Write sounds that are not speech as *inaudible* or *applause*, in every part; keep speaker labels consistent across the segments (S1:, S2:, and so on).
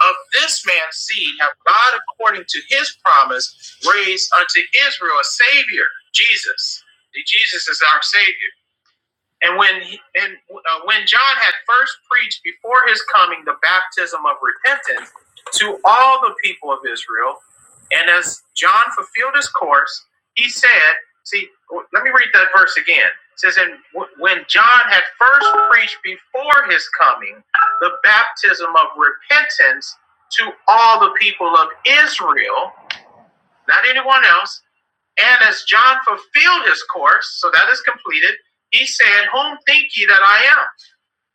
S1: Of this man's seed have God, according to his promise, raised unto Israel a Savior, Jesus. Jesus is our Savior. And when he, and uh, when John had first preached before his coming the baptism of repentance to all the people of Israel, and as John fulfilled his course, he said, "See, let me read that verse again." It says, "And w- when John had first preached before his coming the baptism of repentance to all the people of Israel." not anyone else. And as John fulfilled his course, so that is completed, he said, Whom think ye that I am?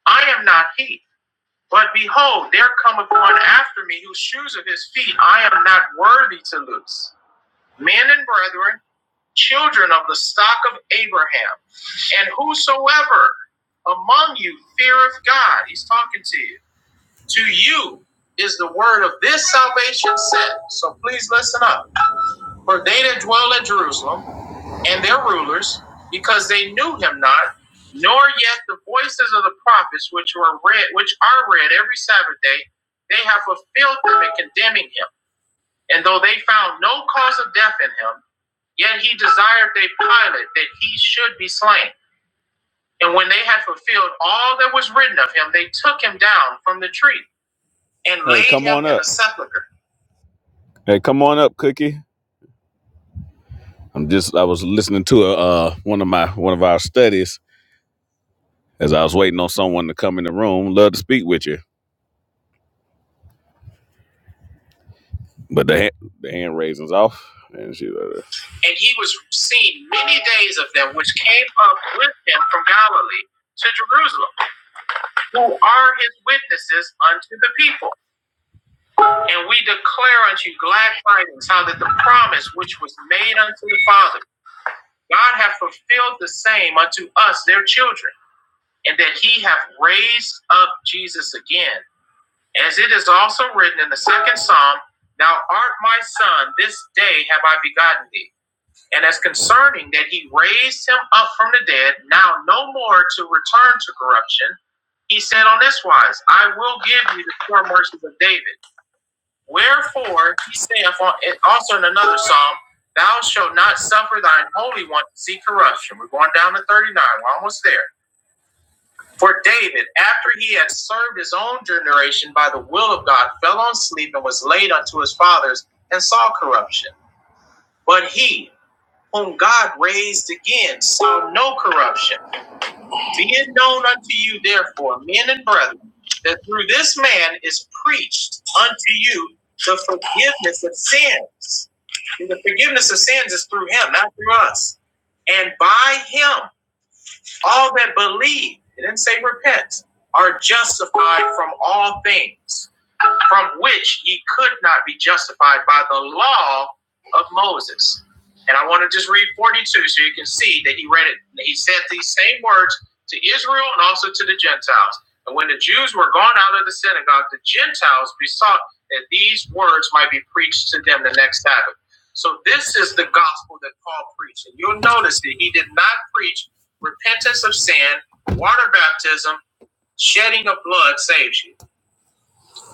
S1: I am not he. But behold, there cometh one after me whose shoes of his feet I am not worthy to loose. Men and brethren, children of the stock of Abraham, and whosoever among you feareth God, he's talking to you, to you is the word of this salvation sent. So please listen up. For they that dwell at Jerusalem and their rulers, because they knew him not, nor yet the voices of the prophets which were read, which are read every Sabbath day, they have fulfilled them in condemning him. And though they found no cause of death in him, yet he desired they Pilate that he should be slain. And when they had fulfilled all that was written of him, they took him down from the tree and Hey, laid him in up. a sepulchre. Hey, come on up, Cookie. I'm just I was listening to uh one of my one of our studies as I was waiting on someone to come in the room. Love to speak with you, but the hand, the hand raising's off, and she. Uh, and he was seen many days of them, which came up with him from Galilee to Jerusalem, who are his witnesses unto the people. And we declare unto you glad tidings, how that the promise which was made unto the father, God hath fulfilled the same unto us, their children and that he hath raised up Jesus again, as it is also written in the second psalm, Thou art my son, this day have I begotten thee. And as concerning that he raised him up from the dead, now no more to return to corruption, he said on this wise, I will give you the poor mercies of David. Wherefore he saith also in another psalm, Thou shalt not suffer thine holy one to see corruption. We're going down to 39, we're almost there. For David, after he had served his own generation by the will of God, fell on sleep and was laid unto his fathers and saw corruption. But he, whom God raised again, saw no corruption. Be it known unto you, therefore, men and brethren, that through this man is preached unto you the forgiveness of sins. And the forgiveness of sins is through him, not through us. And by him, all that believe, it didn't say repent, are justified from all things from which ye could not be justified by the law of Moses. And I want to just read 42 so you can see that he read it. He said these same words to Israel and also to the Gentiles. And when the Jews were gone out of the synagogue, the Gentiles besought that these words might be preached to them the next Sabbath. So this is the gospel that Paul preached. And you'll notice that he did not preach repentance of sin, water baptism, shedding of blood saves you.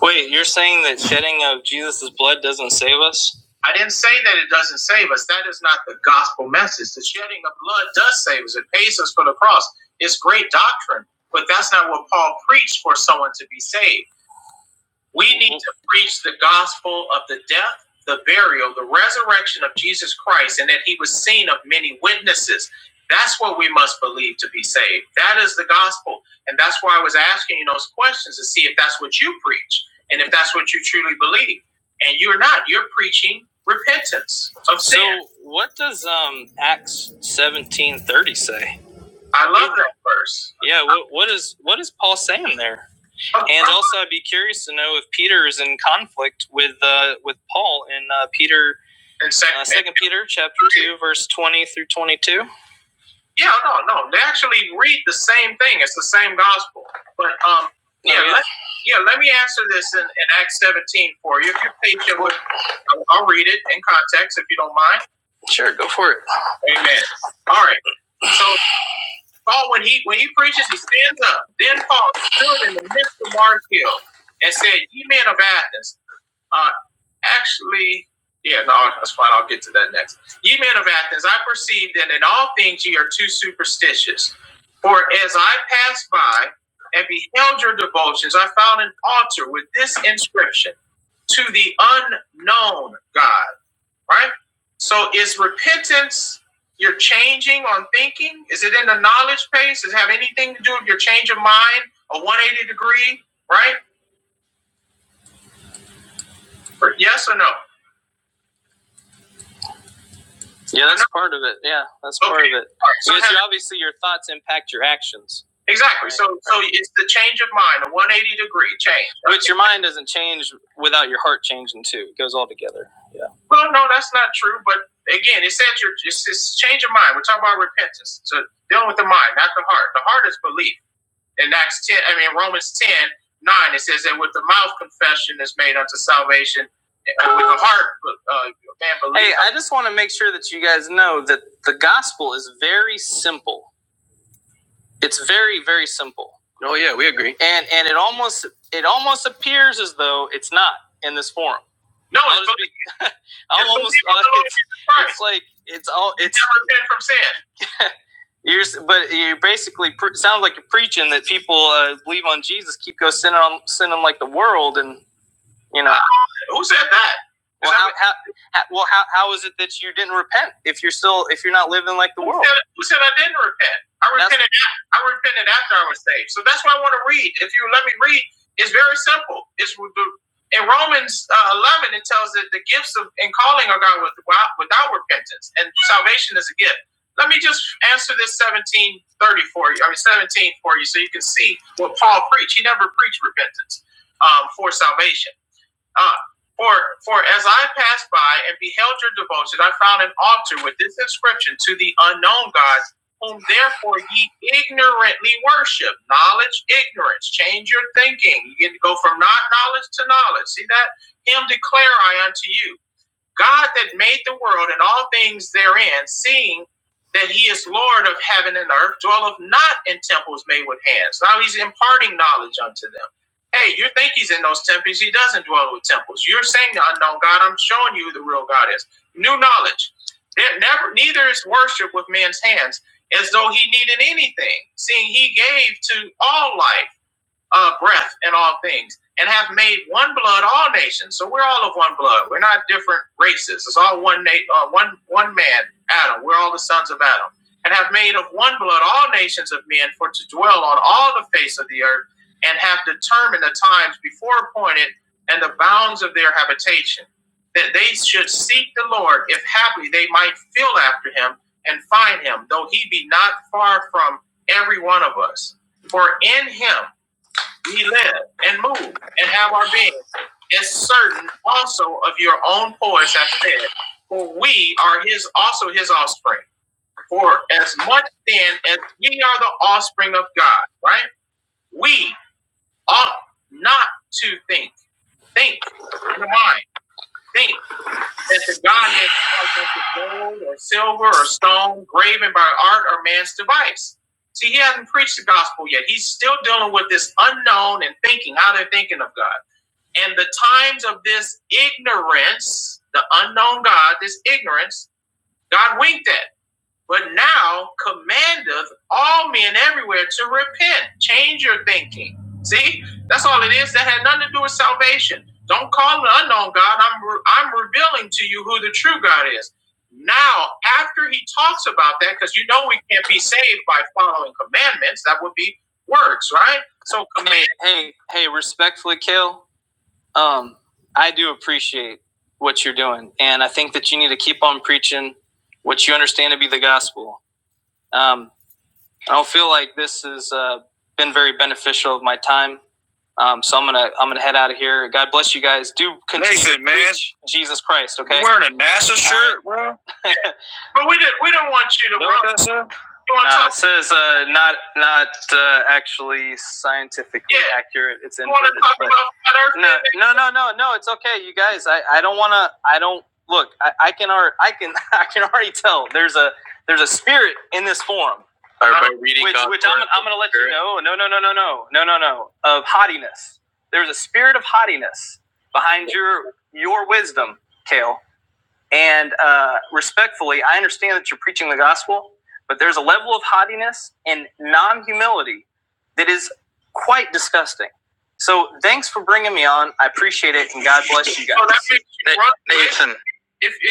S1: Wait, you're saying that shedding of Jesus' blood doesn't save us? I didn't say that it doesn't save us. That is not the gospel message. The shedding of blood does save us. It pays us for the cross. It's great doctrine, but that's not what Paul preached for someone to be saved. We need to preach the gospel of the death, the burial, the resurrection of Jesus Christ, and that he was seen of many witnesses. That's what we must believe to be saved. That is the gospel. And that's why I was asking you those questions to see if that's what you preach and if that's what you truly believe. And you're not. You're preaching repentance of sin. So what does um Acts 17:30 say? I love that verse. Yeah, what, what is what is Paul saying there? And also, I'd be curious to know if Peter is in conflict with uh, with Paul in uh, Peter In second, uh, Second Peter chapter two, verse twenty through twenty two. yeah, no, no, they actually read the same thing. It's the same gospel. But um, yeah, Oh, yeah. Let, yeah. Let me answer this in, in Acts 17 for you. If you're patient with, I'll I'll read it in context if you don't mind. Sure, go for it. Amen. All right. So Paul, when he when he preaches, he stands up. Then Paul stood in the midst of Mars Hill and said, "Ye men of Athens, uh, actually, yeah, no, that's fine. I'll get to that next. Ye men of Athens, I perceive that in all things ye are too superstitious. For as I passed by and beheld your devotions, I found an altar with this inscription: To the unknown God." right? So is repentance your changing on thinking? Is it in the knowledge base? Does it have anything to do with your change of mind, a 180 degree, right? yes or no? Yeah, that's part of it. Yeah, that's okay. part of Okay. it. So because have- you, obviously your thoughts impact your actions, exactly. Right. So so it's the change of mind, a 180 degree change. Right? But your mind doesn't change without your heart changing too. It goes all together. Yeah. Well, no, that's not true. But again, it says your it's, it's change of mind. We're talking about repentance. So dealing with the mind, not the heart. The heart is belief in Acts 10, I mean, Romans 10 9, it says that with the mouth confession is made unto salvation, and with the heart, uh, man believes. Hey, I just want to make sure that you guys know that the gospel is very simple. It's very, very simple. Oh yeah, we agree. And and it almost it almost appears as though it's not in this forum. No, it's, I'll just be- I'll it's almost believe it's, it's like it's all it's repent from sin. You're, but you basically pre- sound like you're preaching that people uh, believe on Jesus, keep go sinning on sinning like the world, and you know, uh, Who said that? Is well, that how, how, how, well, how, how is it that you didn't repent if you're still if you're not living like the Who world? said, who said I didn't repent? I repented. af- I repented after I was saved. So that's why I want to read. If you let me read, it's very simple. It's in Romans uh, eleven. It tells that the gifts of and calling are God without, without repentance and salvation is a gift. Let me just answer this seventeen thirty for you. I mean seventeen for you, so you can see what Paul preached. He never preached repentance um, for salvation. Ah, for for as I passed by and beheld your devotion, I found an altar with this inscription to the unknown God, whom therefore ye ignorantly worship. Knowledge, ignorance. Change your thinking. You get to go from not knowledge to knowledge. See that? Him declare I unto you. God that made the world and all things therein, seeing that he is Lord of heaven and earth, dwelleth not in temples made with hands. Now he's imparting knowledge unto them. Hey, you think he's in those temples? He doesn't dwell with temples. You're saying the unknown God. I'm showing you who the real God is. New knowledge. There never, neither is worship with men's hands, as though he needed anything, seeing he gave to all life uh, breath in all things, and have made one blood all nations. So we're all of one blood. We're not different races. It's all one na- uh, one one man, Adam. We're all the sons of Adam, and have made of one blood all nations of men for to dwell on all the face of the earth, and have determined the times before appointed and the bounds of their habitation, that they should seek the Lord, if haply they might feel after him and find him, though he be not far from every one of us. For in him we live and move and have our being, as certain also of your own voice. have said, for we are his also his offspring. For as much then as we are the offspring of God, right? We ought not to think. Think in the mind. Think that the Godhead is like gold or silver or stone, graven by art or man's device. See, he hasn't preached the gospel yet. He's still dealing with this unknown and thinking, how they're thinking of God. And the times of this ignorance, the unknown God, this ignorance, God winked at, but now commandeth all men everywhere to repent. Change your thinking. See, that's all it is. That had nothing to do with salvation. Don't call the unknown God. I'm re- I'm revealing to you who the true God is. Now, after he talks about that, because you know we can't be saved by following commandments, that would be works, right? So command. Hey, hey, hey, respectfully, Kill. Um, I do appreciate what you're doing, and I think that you need to keep on preaching what you understand to be the gospel. Um, I don't feel like this has uh, been very beneficial of my time. Um, so I'm gonna I'm gonna head out of here. God bless you guys. Do continue Nathan, to man. preach Jesus Christ. Okay. You're wearing a NASA shirt, bro. *laughs* But we did. We don't want you to Know run. that said? No, it says uh, not not uh, actually scientifically Yeah. accurate. It's you no, no, no, no, no. It's okay, you guys. I, I don't want to. I don't look. I, I can already. I can. *laughs* I can already tell. There's a there's a spirit in this forum. Or Uh, by um, reading which, God's which I'm, I'm going to let spirit. you know. No, no, no, no, no, no, no, no. Of haughtiness. There's a spirit of haughtiness behind your your wisdom, Kale. And uh, respectfully, I understand that you're preaching the gospel, but there's a level of haughtiness and non humility that is quite disgusting. So thanks for bringing me on. I appreciate it, and God bless you guys. *laughs* Na- Nathan,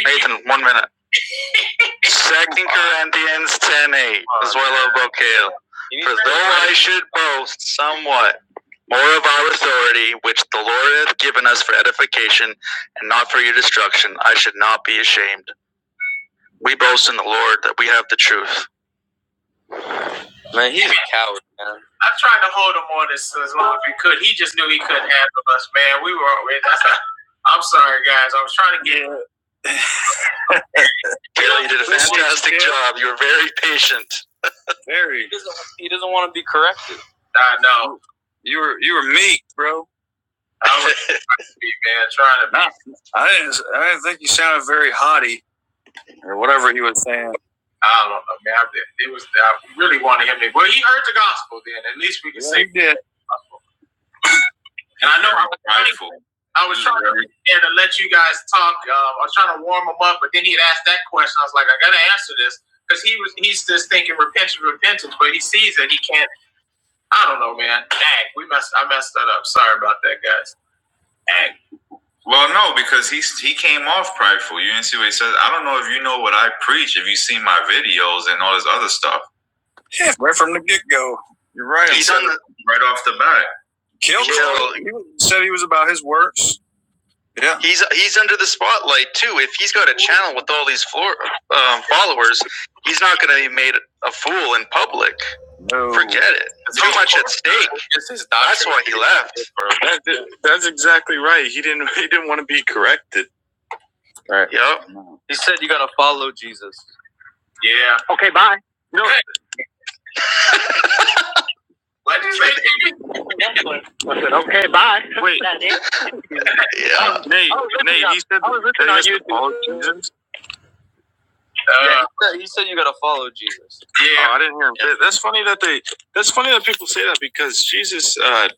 S1: Nathan, one minute. Second Corinthians ten eight is what I love about Kale. For though I should boast somewhat more of our authority, which the Lord hath given us for edification and not for your destruction, I should not be ashamed. We boast in the Lord that we have the truth. I tried to hold him on this as long as we could. He just knew he couldn't handle us, man. We were. That's not, I'm sorry, guys. I was trying to get. Kale, you did a fantastic job. You were very patient. Very. He doesn't, he doesn't I know. You were you were meek, bro. I was *laughs* meek, man, trying to be. I didn't I didn't think you sounded very haughty or whatever he was saying. I don't know, man. I, did- it was I really wanted him to. Well, he heard the gospel then. At least we can Yeah, say. he And I know I was trying to, I was trying to, to let you guys talk. Um, I was trying to warm him up, but then he'd asked that question. I was like, I gotta answer this because he was he's just thinking repentance, repentance, but he sees that he can't. I don't know, man. Dang, we messed. I messed that up. Sorry about that, guys. Dang. Well, no, because he he came off prideful. You didn't see what he says. I don't know if you know what I preach. If you see my videos and all this other stuff, Yeah, right from the get go. You're right. He's Said- on right off the bat. Killed. He said he was about his works. Yeah. he's he's under the spotlight too. If he's got a channel with all these floor, um, followers, he's not going to be made a fool in public. No. Forget it. It's Too much at stake. That's why he left. That, that's exactly right. He didn't. *laughs* He didn't want to be corrected. Right. Yep. He said you gotta follow Jesus. Yeah. No, *laughs* wait, Yeah. Nate, Nate, he said I was that on to follow Jesus. Uh, Yeah, he said- you gotta follow Jesus. yeah. Oh, I didn't hear him. That- That's funny that they. That's funny that people say that because Jesus uh,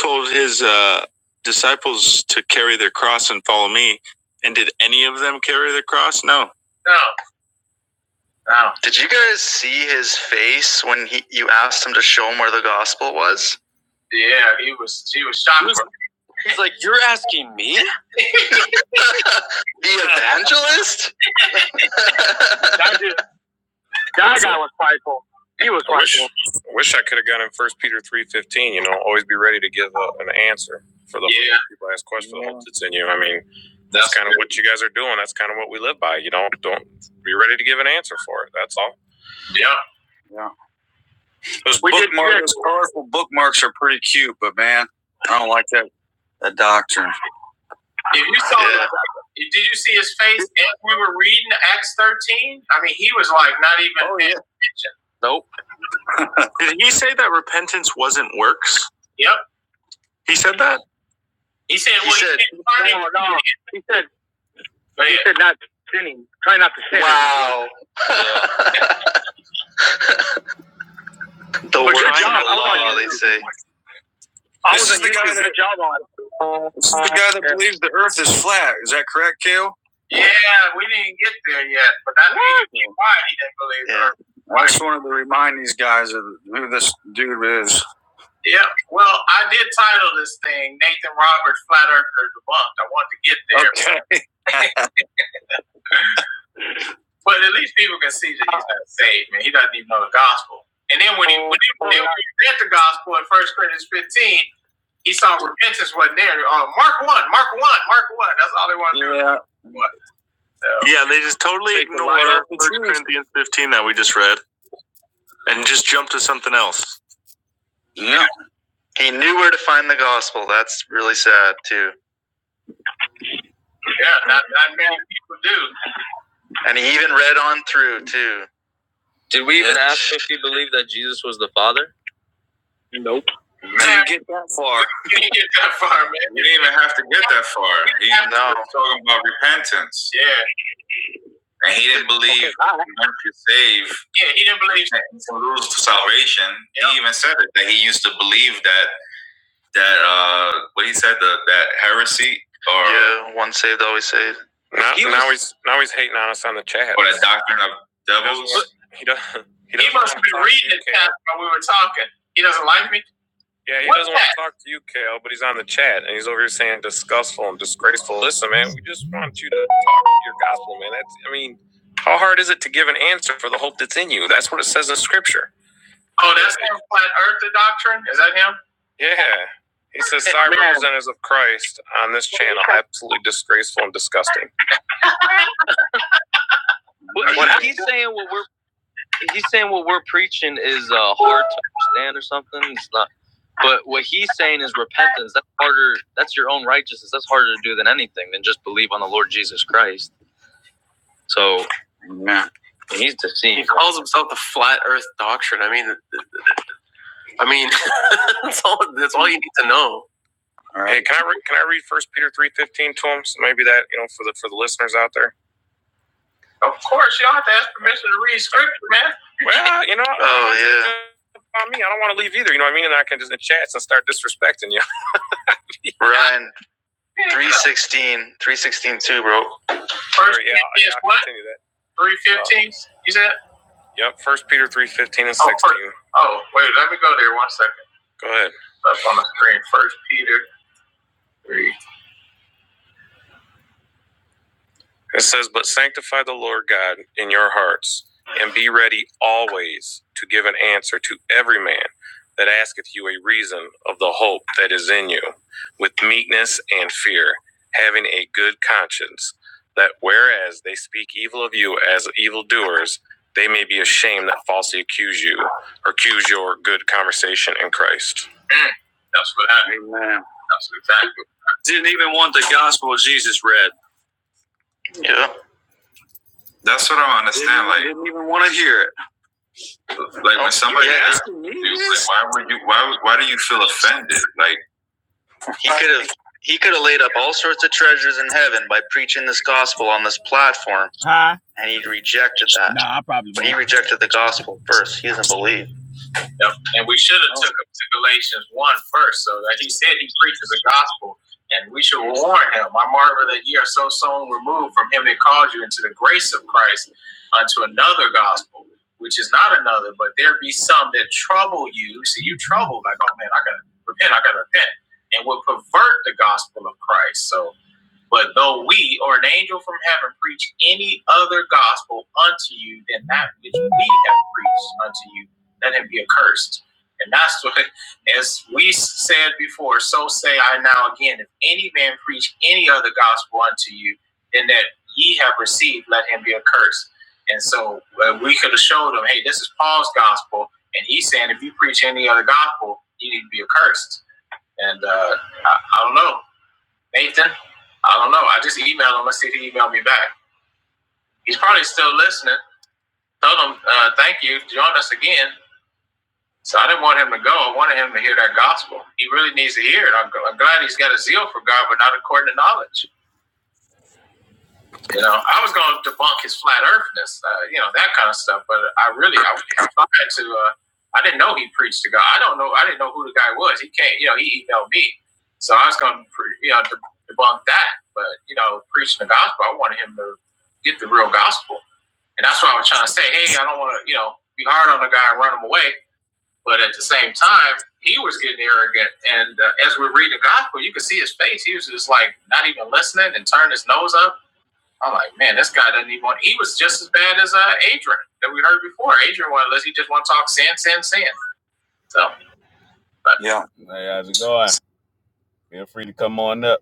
S1: told his uh, disciples to carry their cross and follow me. And did any of them carry their cross? No. No. No. Did you guys see his face when he you asked him to show him where the gospel was? Yeah, he was. He was shocked. He was- He's like, you're asking me? The evangelist? *laughs* That, dude, that guy was prideful. He was prideful. I wish, wish I could have gotten First Peter three fifteen. You know, always be ready to give uh, an answer for the Yeah. people ask question for that's in you. I mean, that's, That's kind of what you guys are doing. That's kind of what we live by. You know, don't be ready to give an answer for it. That's all. Yeah. It We did- If you saw, yeah. did you see his face as we were reading Acts thirteen? I mean, he was like not even. Oh, paying yeah. attention. Nope. Did he say that repentance wasn't works? Yep. He said that. He said. He well, said. He said but he said Wow. *laughs* the works of the law, they say. I was the guy that This is the guy that believes the Earth is flat. Is that correct, Kale? Yeah, we didn't get there yet, but that's why he didn't believe Yeah. her. I just wanted to remind these Yep. Well, I did title this thing Nathan Roberts Flat Earther Debunked. I wanted to get there. Okay. But at least people can see that he's not saved, man. He doesn't even know the gospel. And then when he when he, when he read the gospel in First Corinthians 15, he saw repentance wasn't there. Oh, Mark 1, Mark 1, Mark 1. That's all they want to do. Yeah. What, so. Yeah, they just totally Take ignore First Corinthians 15 that we just read and just jump to something else. Yeah. He knew where to find the gospel. That's really sad too. Yeah, not, not many people do. And he even read on through too. Did we even ask if he believed that Jesus was the Father? Nope. You didn't get far, man. You didn't even have to get that far. He No. was talking about repentance. Yeah. And he didn't believe meant to save. Yeah, he didn't believe to lose salvation. Yep. He even said it that he used to believe that that uh what he said the that heresy or yeah, one saved, always saved. Now, He was, now he's now he's hating on us on the chat. or the doctrine of devils. He does. He, He must be reading the chat while we were talking. He doesn't like me. Yeah, he What doesn't want to talk to you, Kale, but he's on the chat and he's over here saying disgustful and disgraceful. Listen, man, we just want you to talk your gospel, man. That's, I mean, how hard is it to give an answer for the hope that's in you? That's what it says in Scripture. Oh, that's him, flat earther doctrine? Is that him? Yeah. He says cyber representatives of Christ on this channel absolutely disgraceful and disgusting. What, What he's saying what we're he's saying what we're preaching is uh, hard to understand or something. It's not. But what he's saying is repentance. That's harder. That's your own righteousness. That's harder to do than anything than just believe on the Lord Jesus Christ. So Amen. he's deceived. He calls himself the flat Earth doctrine. I mean, I mean, *laughs* that's all. That's all you know. Hey, can I re- can I read First Peter three fifteen to him? So maybe that you know for the for the listeners out there. Of course, you don't have to ask permission to read scripture, man. Well, you know. *laughs* Oh yeah. On me, I don't want to leave either. You know what I mean? And I can just in chats and start disrespecting you. *laughs* Ryan, three sixteen, three sixteen too, bro. First yeah, yeah, what? continue that. Three fifteen. Um, You said. Yep. First Peter three fifteen and Oh, sixteen. Oh, first- oh, wait, let me go there one second. Go ahead. Up on the screen, First Peter three It says, But sanctify the Lord God in your hearts, and be ready always to give an answer to every man that asketh you a reason of the hope that is in you, with meekness and fear, having a good conscience, that whereas they speak evil of you as evildoers, they may be ashamed that falsely accuse you or accuse your good conversation in Christ. Yeah. That's what I understand. did not even want to hear. Like when somebody asks you, like, why would you? Why why do you feel offended? Like He could have he could have laid up all sorts of treasures in heaven by preaching this gospel on this platform, and he rejected that. Nah, I probably But he rejected the gospel first. He doesn't believe. Yep. And we should have oh. took him to Galatians one first, so that he said he preaches the gospel, and we should warn him. I marvel that ye are so soon removed from him that called you into the grace of Christ unto another gospel, which is not another, but there be some that trouble you. See, you trouble like, oh man, I gotta repent, I gotta repent, and will pervert the gospel of Christ. So but though we or an angel from heaven preach any other gospel unto you than that which we have preached unto you, let him be accursed. And that's what, as we said before, so say I now again, if any man preach any other gospel unto you than that ye have received, let him be accursed. And so uh, we could have showed them, hey, this is Paul's gospel. And he's saying, if you preach any other gospel, you need to be accursed. And uh, I, I don't know. Nathan, I don't know. I just emailed him. Let's see if he emailed me back. He's probably still listening. Told him, uh, thank you. Join us again. So I didn't want him to go. I wanted him to hear that gospel. He really needs to hear it. I'm, I'm glad he's got a zeal for God, but not according to knowledge. You know, I was going to debunk his flat earthness, uh, you know, that kind of stuff. But I really, I, I tried to. Uh, I didn't know he preached to God. I don't know. I didn't know who the guy was. He came, you know, he emailed me, so I was going to, you know, debunk that. But you know, preaching the gospel, I wanted him to get the real gospel, and that's why I was trying to say, hey, I don't want to, you know, be hard on the guy and run him away. But at the same time, he was getting arrogant, and uh, as we read the gospel, you could see his face. He was just like not even listening and turned his nose up I'm like, man, this guy doesn't even want. He was just as bad as uh, Adrian that we heard before. Adrian was us he just want to talk sin, sin, sin. So, but yeah. Hey, how's it going? Feel free to come on up.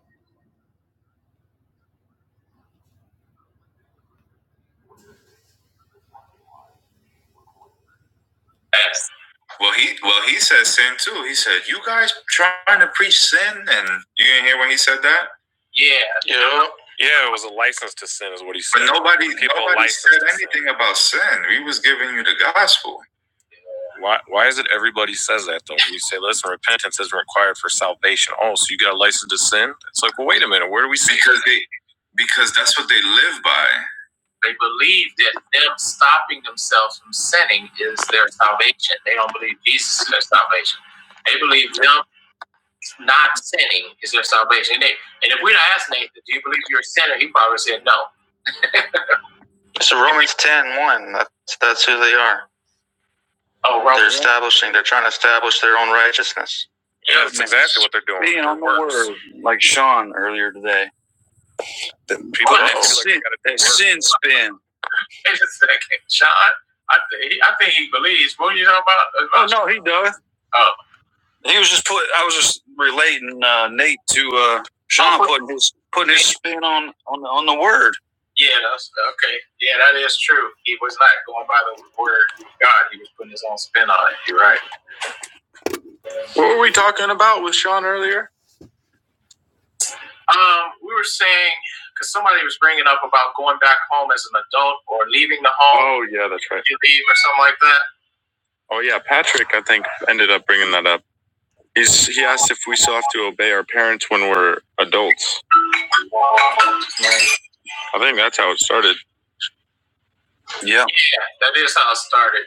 S1: Well, he well he said sin too. He said you guys trying to preach sin, and you didn't hear when he said that. yeah, Yeah, You know? yeah, it was a license to sin, is what he said. But nobody nobody said anything about sin. He was giving you the gospel. Why, why is it everybody says that though? We say, listen, repentance is required for salvation. Oh, so you got a license to sin? It's like, well, wait a minute, where do we see because that? they because that's what they live by. They believe that them stopping themselves from sinning is their salvation. They don't believe Jesus is their salvation. They believe them not sinning is their salvation. And, they, and if we're not asking Nathan, do you believe you're a sinner? He probably said no. It's Romans ten one. That's, that's who they are. Oh, right. They're right. establishing, they're trying to establish their own righteousness. Yeah, that's exactly what they're doing. Being on the word on earlier today. People Oh, like sin, sin spin. Wait a second, Sean. I think I think he believes. What are you talking about? about Oh no, he does. Oh. He was just put. I was just relating uh, Nate to uh, Sean oh, putting his putting his spin on on the, on the word. Yeah, that's okay. Yeah, that is true. He was not going by the word of God. He was putting his own spin on it. You're right. What about with Sean earlier. Um, we were saying because somebody was bringing up about going back home as an adult or leaving the home. Oh yeah, that's right. You leave or something like that. Oh yeah, Patrick, I think ended up bringing that up. He's he asked if we still have to obey our parents when we're adults. Right. I think that's how it started. Yeah. yeah, That is how I started,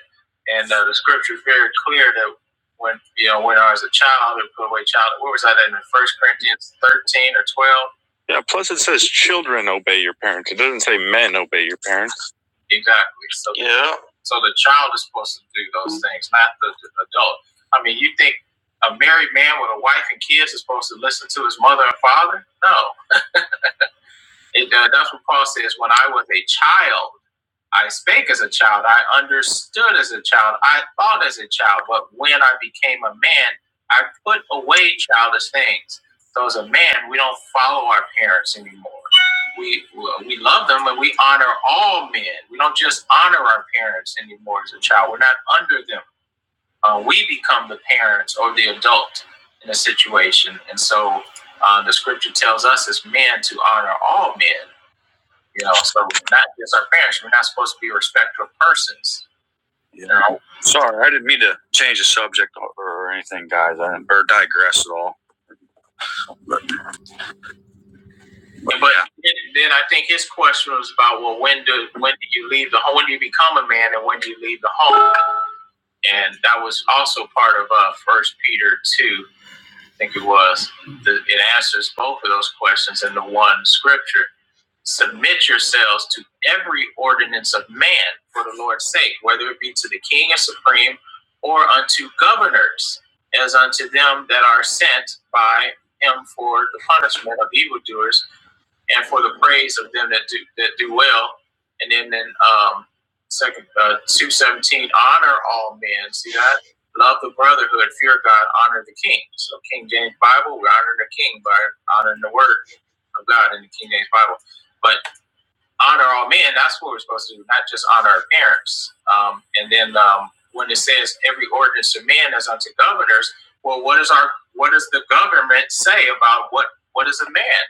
S1: and uh, the scripture is very clear that when you know when I was a child, and put away child. Where was that in First Corinthians thirteen or twelve? Yeah. Plus, it says children obey your parents. It doesn't say men obey your parents. Exactly. So, yeah. so the child is supposed to do those things, not the, the adult. I mean, you think a married man with a wife and kids is supposed to listen to his mother and father? No. It, uh, that's what Paul says. When I was a child, I spake as a child. I understood as a child. I thought as a child. But when I became a man, I put away childish things. So as a man, we don't follow our parents anymore. We we love them, and we honor all men. We don't just honor our parents anymore as a child. We're not under them. Uh, we become the parents or the adult in a situation. And so uh, the scripture tells us as men to honor all men you know, so not just our parents. We're not supposed to be a respecter of persons. Yeah. You know? Sorry, I didn't mean to change the subject or, or anything, guys. I didn't, or digress at all. But then, then I think his question was about well, when do when do you leave the home? When do you become a man, and when do you leave the home? And that was also part of uh, First Peter two. think it was, the, it answers both of those questions in the one scripture. Submit yourselves to every ordinance of man for the Lord's sake, whether it be to the king and supreme or unto governors, as unto them that are sent by him for the punishment of evildoers and for the praise of them that do that do well. And then in um, second uh, two seventeen, honor all men. See that? Love the brotherhood, fear God, honor the king. So King James Bible, we honor the king by honoring the word of God in the King James Bible. But honor all men, that's what we're supposed to do, not just honor our parents. Um, and then um, when it says every ordinance of man is unto governors, well, what is our what does the government say about what what is a man?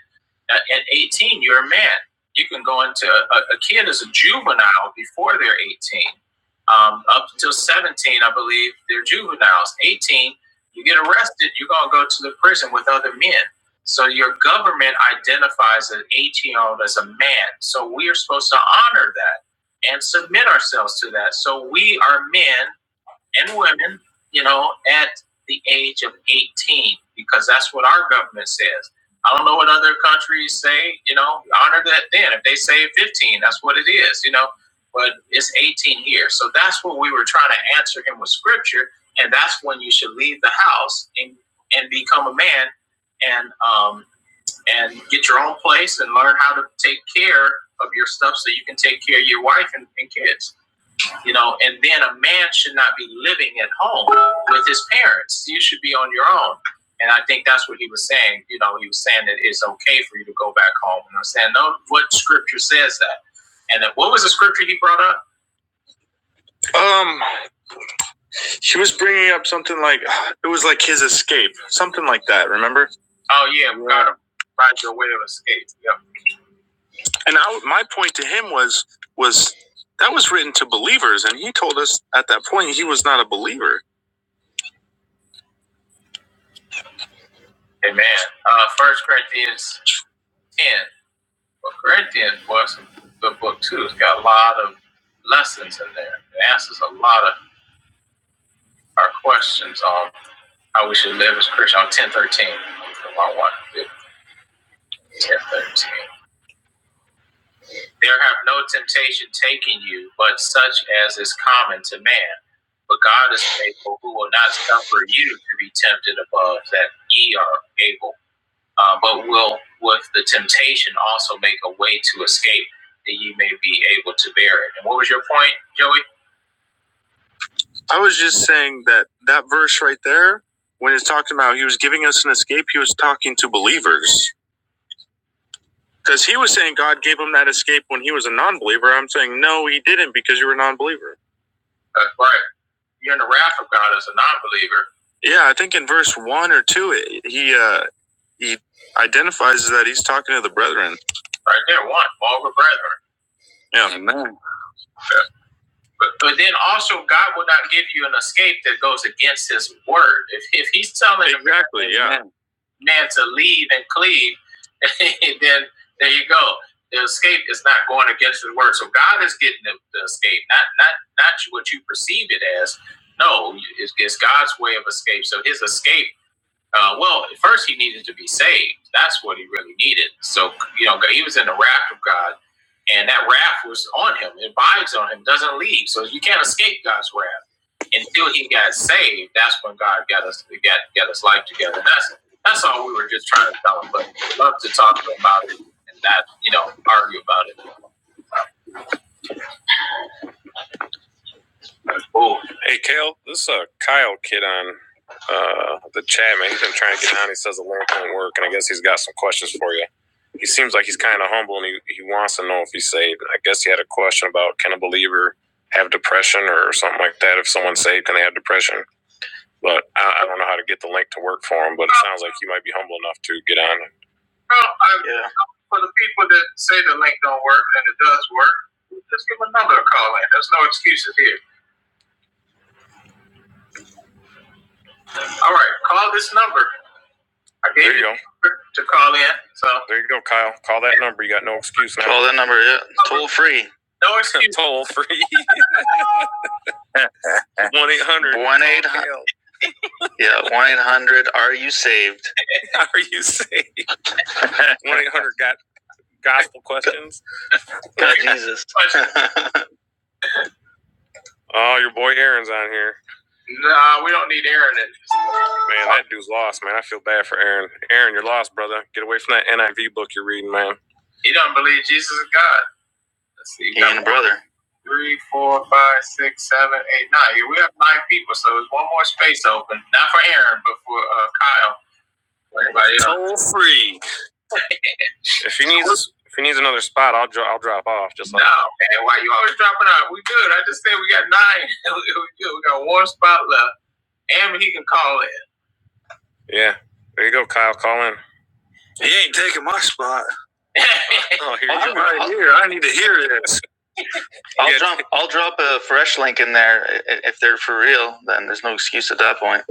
S1: At, 18, you're a man. You can go into a, a kid as a juvenile before they're 18. Um, up until 17, I believe they're juveniles. 18, you get arrested, you're going to go to the prison with other men. So your government identifies an 18 year old as a man. So we are supposed to honor that and submit ourselves to that. So we are men and women, you know, at the age of 18, because that's what our government says. I don't know what other countries say, you know, honor that then. If they say 15, that's what it is, you know, but it's 18 here. So that's what we were trying to answer him with scripture. And that's when you should leave the house and, and become a man and, um, and get your own place and learn how to take care of your stuff so you can take care of your wife and, and kids you know and then a man should not be living at home with his parents you should be on your own and i think that's what he was saying you know he was saying that it's okay for you to go back home and i'm saying no what scripture says that and then what was the scripture he brought up um he was bringing up something like it was like his escape something like that remember oh yeah we got to find your way of escape yep. and I, my point to him was was that was written to believers and he told us at that point he was not a believer Amen. Uh, First Corinthians 10. Well, Corinthians was a good book too. It's got a lot of lessons in there. It answers a lot of our questions on how we should live as Christians. On 1013. I want 1013. There have no temptation taking you, but such as is common to man. But God is faithful, who will not suffer you to be tempted above that ye are able uh, but will with the temptation also make a way to escape that you may be able to bear it. And what was your point, Joey? I was just saying that that verse right there, when it's talking about he was giving us an escape, he was talking to believers. Because he was saying God gave him that escape when he was a non believer. I'm saying, no, he didn't because you were a non believer. That's right. You're in the wrath of God as a non believer. Yeah, I think in verse 1 or 2, it- he. Uh, he identifies that he's talking to the brethren. Right there, one, all the brethren. Yeah. Amen. But, but then also, God will not give you an escape that goes against His word. If, if He's telling the exactly, a yeah, man man to leave and cleave, *laughs* then there you go. The escape is not going against His word. So God is getting the, the escape, not not not what you perceive it as. No, it's, it's God's way of escape. So His escape uh, well, first he needed to be saved. That's what he really needed. So, you know, he was in the wrath of God, and that wrath was on him. It abides on him, doesn't leave. So you can't escape God's wrath until he got saved. That's when God got us got got his life together. And that's that's all we were just trying to tell him. But we love to talk to him about it and that you know argue about it. Oh, hey, Kale, this is uh, Kyle kid on uh, the chat, man. He's been trying to get on. He says the link won't work, and I guess he's got some questions for you. He seems like he's kind of humble, and he, he wants to know if he's saved. I guess he had a question about can a believer have depression or something like that? If someone's saved, can they have depression? But I, I don't know how to get the link to work for him, but it sounds like you might be humble enough to get on. Well, I, yeah. for the people that say the link don't work and it does work, just give another call in. There's no excuses here. All right, call this number. I gave There you go. to call in, so There you go, Kyle. Call that number. You got no excuse now. Call that number, yeah. Toll free. no excuse. *laughs* Toll free. 1 800. 1 800. Yeah, 1 800. Are you saved? *laughs* are you saved? 1 800 got gospel questions? God, *laughs* Jesus. *laughs* Oh, your boy Aaron's on here. Nah, we don't need Aaron. Man, that dude's lost, man. I feel bad for Aaron. Aaron, you're lost, brother. Get away from that NIV book you're reading, man. He don't believe Jesus is God. Let's see. He and the brother. three, four, five, six, seven, eight, nine. Yeah, we have nine people, so there's one more space open. Not for Aaron, but for uh, Kyle. For everybody else. If he needs, if he needs another spot, I'll dro- I'll drop off. Just like No, like man. Why you always dropping out? We good. I just said we got nine. *laughs* we good. We got one spot left. And he can call in. yeah. There you go, Kyle. Call in. He ain't taking my spot. *laughs* Oh, here you I'm go. right here. Here it I'll Yeah. drop. I'll drop a fresh link in there if they're for real. Then there's no excuse at that point.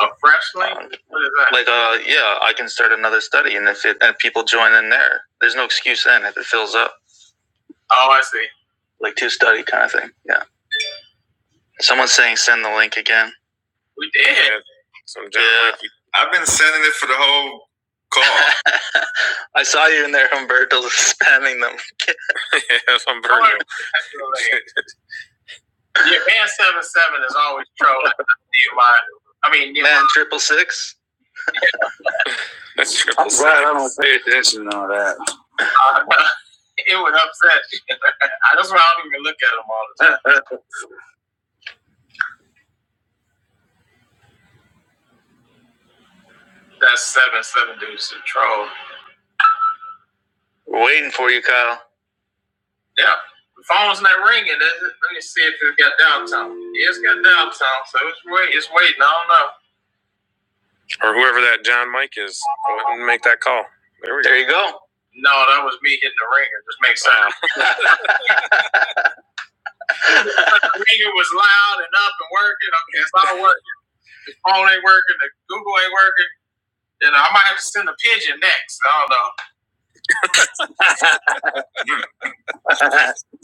S1: A fresh link? Um, What is that? like, uh, yeah, I can start another study, and if it, and people join in there, there's no excuse then if it fills up, Oh, I see. like two study kind of thing. Yeah. Someone's saying send the link again. We did. Yeah. Some Yeah. I've been sending it for the whole call. *laughs* I saw you in there, Humberto, spamming them. *laughs* yeah, Humberto. *laughs* Yeah, and seven seven is always trolling. *laughs* I mean, you know, Man, know, triple six. That's triple six. Right. *laughs* it would upset. *laughs* that's why I don't even look at them all the time. That seven seven dude's a troll. We're Waiting for you, Kyle. Yeah, the phone's not ringing. Let me see if it's got downtown. Yeah, it's got downtown, so it's wait, it's waiting. I don't know. Or whoever that John Mike is. Go ahead and make that call. There we there go. you go. No, that was me hitting the ringer. Just make sense. *laughs* The ringer was loud and up and working. Okay, it's all working. phone ain't working, the Google ain't working. Then I might have to send a pigeon next. I don't know.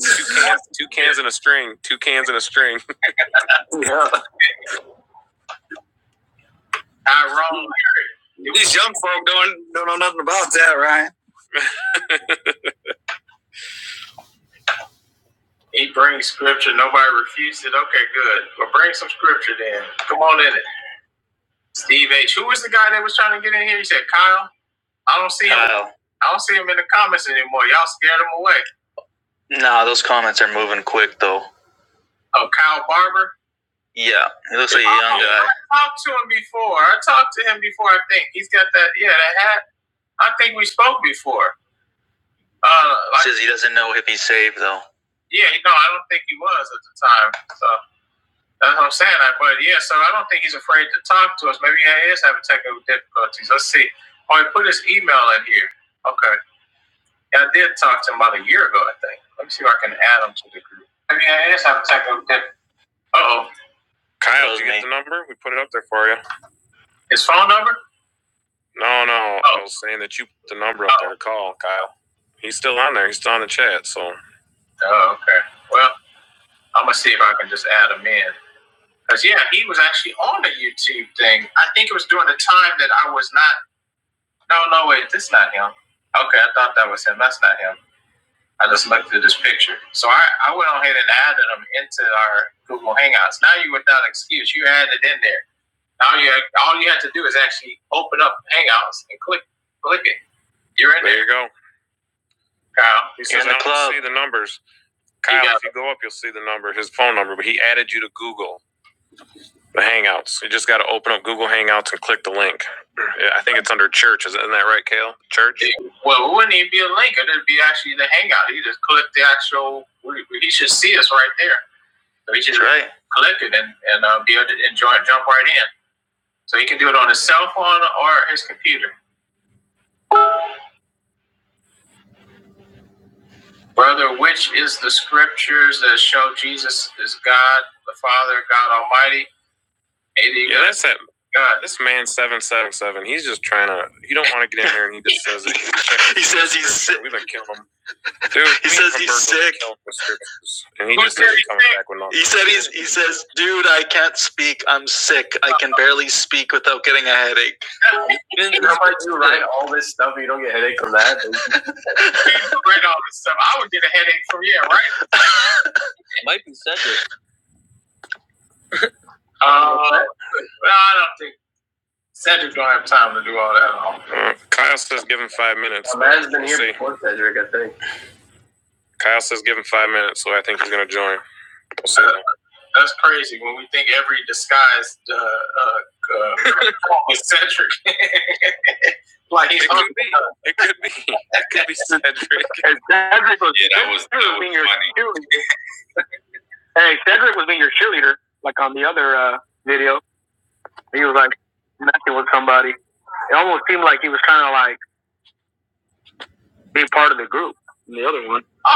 S1: Two cans, *laughs* two cans and a string. Two cans and a string. Ironic. He brings scripture. Nobody refused it. Okay, good. Well, bring some scripture then. Come on in it. Steve H. Who was the guy that was trying to get in here? He said Kyle. I don't see him. Kyle. I don't see him in the comments anymore. Y'all scared him away. No, nah, those comments are moving quick though. Oh, Kyle Barber. Yeah, he looks like a young Oh, guy. I talked to him before. I talked to him before. I think he's got that. Yeah, that hat. I think we spoke before. Uh, like, Says he doesn't know if he's saved though. yeah, no, I don't think he was at the time. So that's what I'm saying. I, but yeah, so I don't think he's afraid to talk to us. Maybe he is having technical difficulties. Let's see. Oh, he put his email in here. Okay, yeah, I did talk to him about a year ago. I think. Let me see if I can add him to the group. Maybe he is having technical difficulties. Uh oh. Kyle, did you get the number? We put it up there for you. His phone number? No, no. Oh. I was saying that you put the number up oh. there to call, Kyle. He's still on there. He's still on the chat. So Oh, okay. Well, I'm gonna see if I can just add him in. Cause yeah, he was actually on the YouTube thing. I think it was during the time that I was not. No, no, wait, this is not him. Okay, I thought that was him. That's not him. I just looked at this picture. So I, I went on ahead and added him into our Google Hangouts. Now you are without excuse. You added in there. Now you all you had to do is actually open up Hangouts and click click it. You're in There there, you go. Kyle. He You're says, in the "I don't see the numbers." Kyle, if you go up, you'll see the number, his phone number. But he added you to Google the Hangouts. You just got to open up Google Hangouts and click the link. Yeah, I think it's under church. Isn't that right, Kale? Church. Well, it wouldn't even be a link. It'd be actually the hangout. He just click the actual. He should see us right there. So he should right. click it and and uh, be able to enjoy jump right in. So he can do it on his cell phone or his computer. Brother, which is the scriptures that show Jesus is God, the Father, God Almighty? AD yeah, that's that. God. This man seven seven seven. He's just trying to. You don't want to get in there, and he just says it. *laughs* he says he's sick. We've been killing him, dude. He says he's sick. And he just says he's coming back with nonsense. He said he's. He says, dude, I can't speak. I'm sick. I can barely speak without getting a headache. Didn't somebody do right all? *laughs* Read all this stuff. I would get a headache from yeah, right? Might be Cedric. Uh, Well, I don't think Cedric don't have time to do all that. at all. Uh, Kyle says give him five minutes. Now, man's been We'll here before. Kyle says give him five minutes, so I think he's gonna join. We'll see. Uh, that's crazy when we think every disguised uh, uh, *laughs* is Cedric. *laughs* like he's It could be. It could be. It could be Cedric. *laughs* Yeah, that was, that was funny. Oh,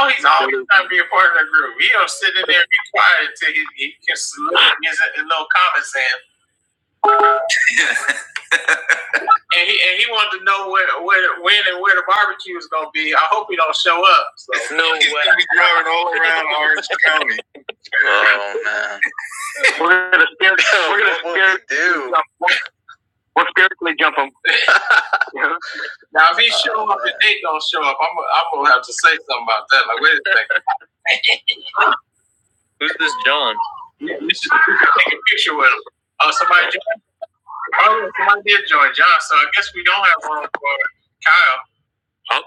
S1: he's always trying to be a part of the group. He don't sit in there and be quiet until he, he can salute his, his little comment saying. and he and he wanted to know where where when and where the barbecue is gonna be. I hope he don't show up. So. No *laughs* He's way. gonna be driving all around Orange *laughs* County. Oh man, *laughs* we're gonna what will we do? Jump. We're spiritually jump him. *laughs* now if he show oh, up man. and they don't show up, I'm I'm gonna have to say something about that. Like wait a second, *laughs* you should take a picture with him. Oh, somebody, oh, somebody did join John, so I guess we don't have room for Kyle. I'll,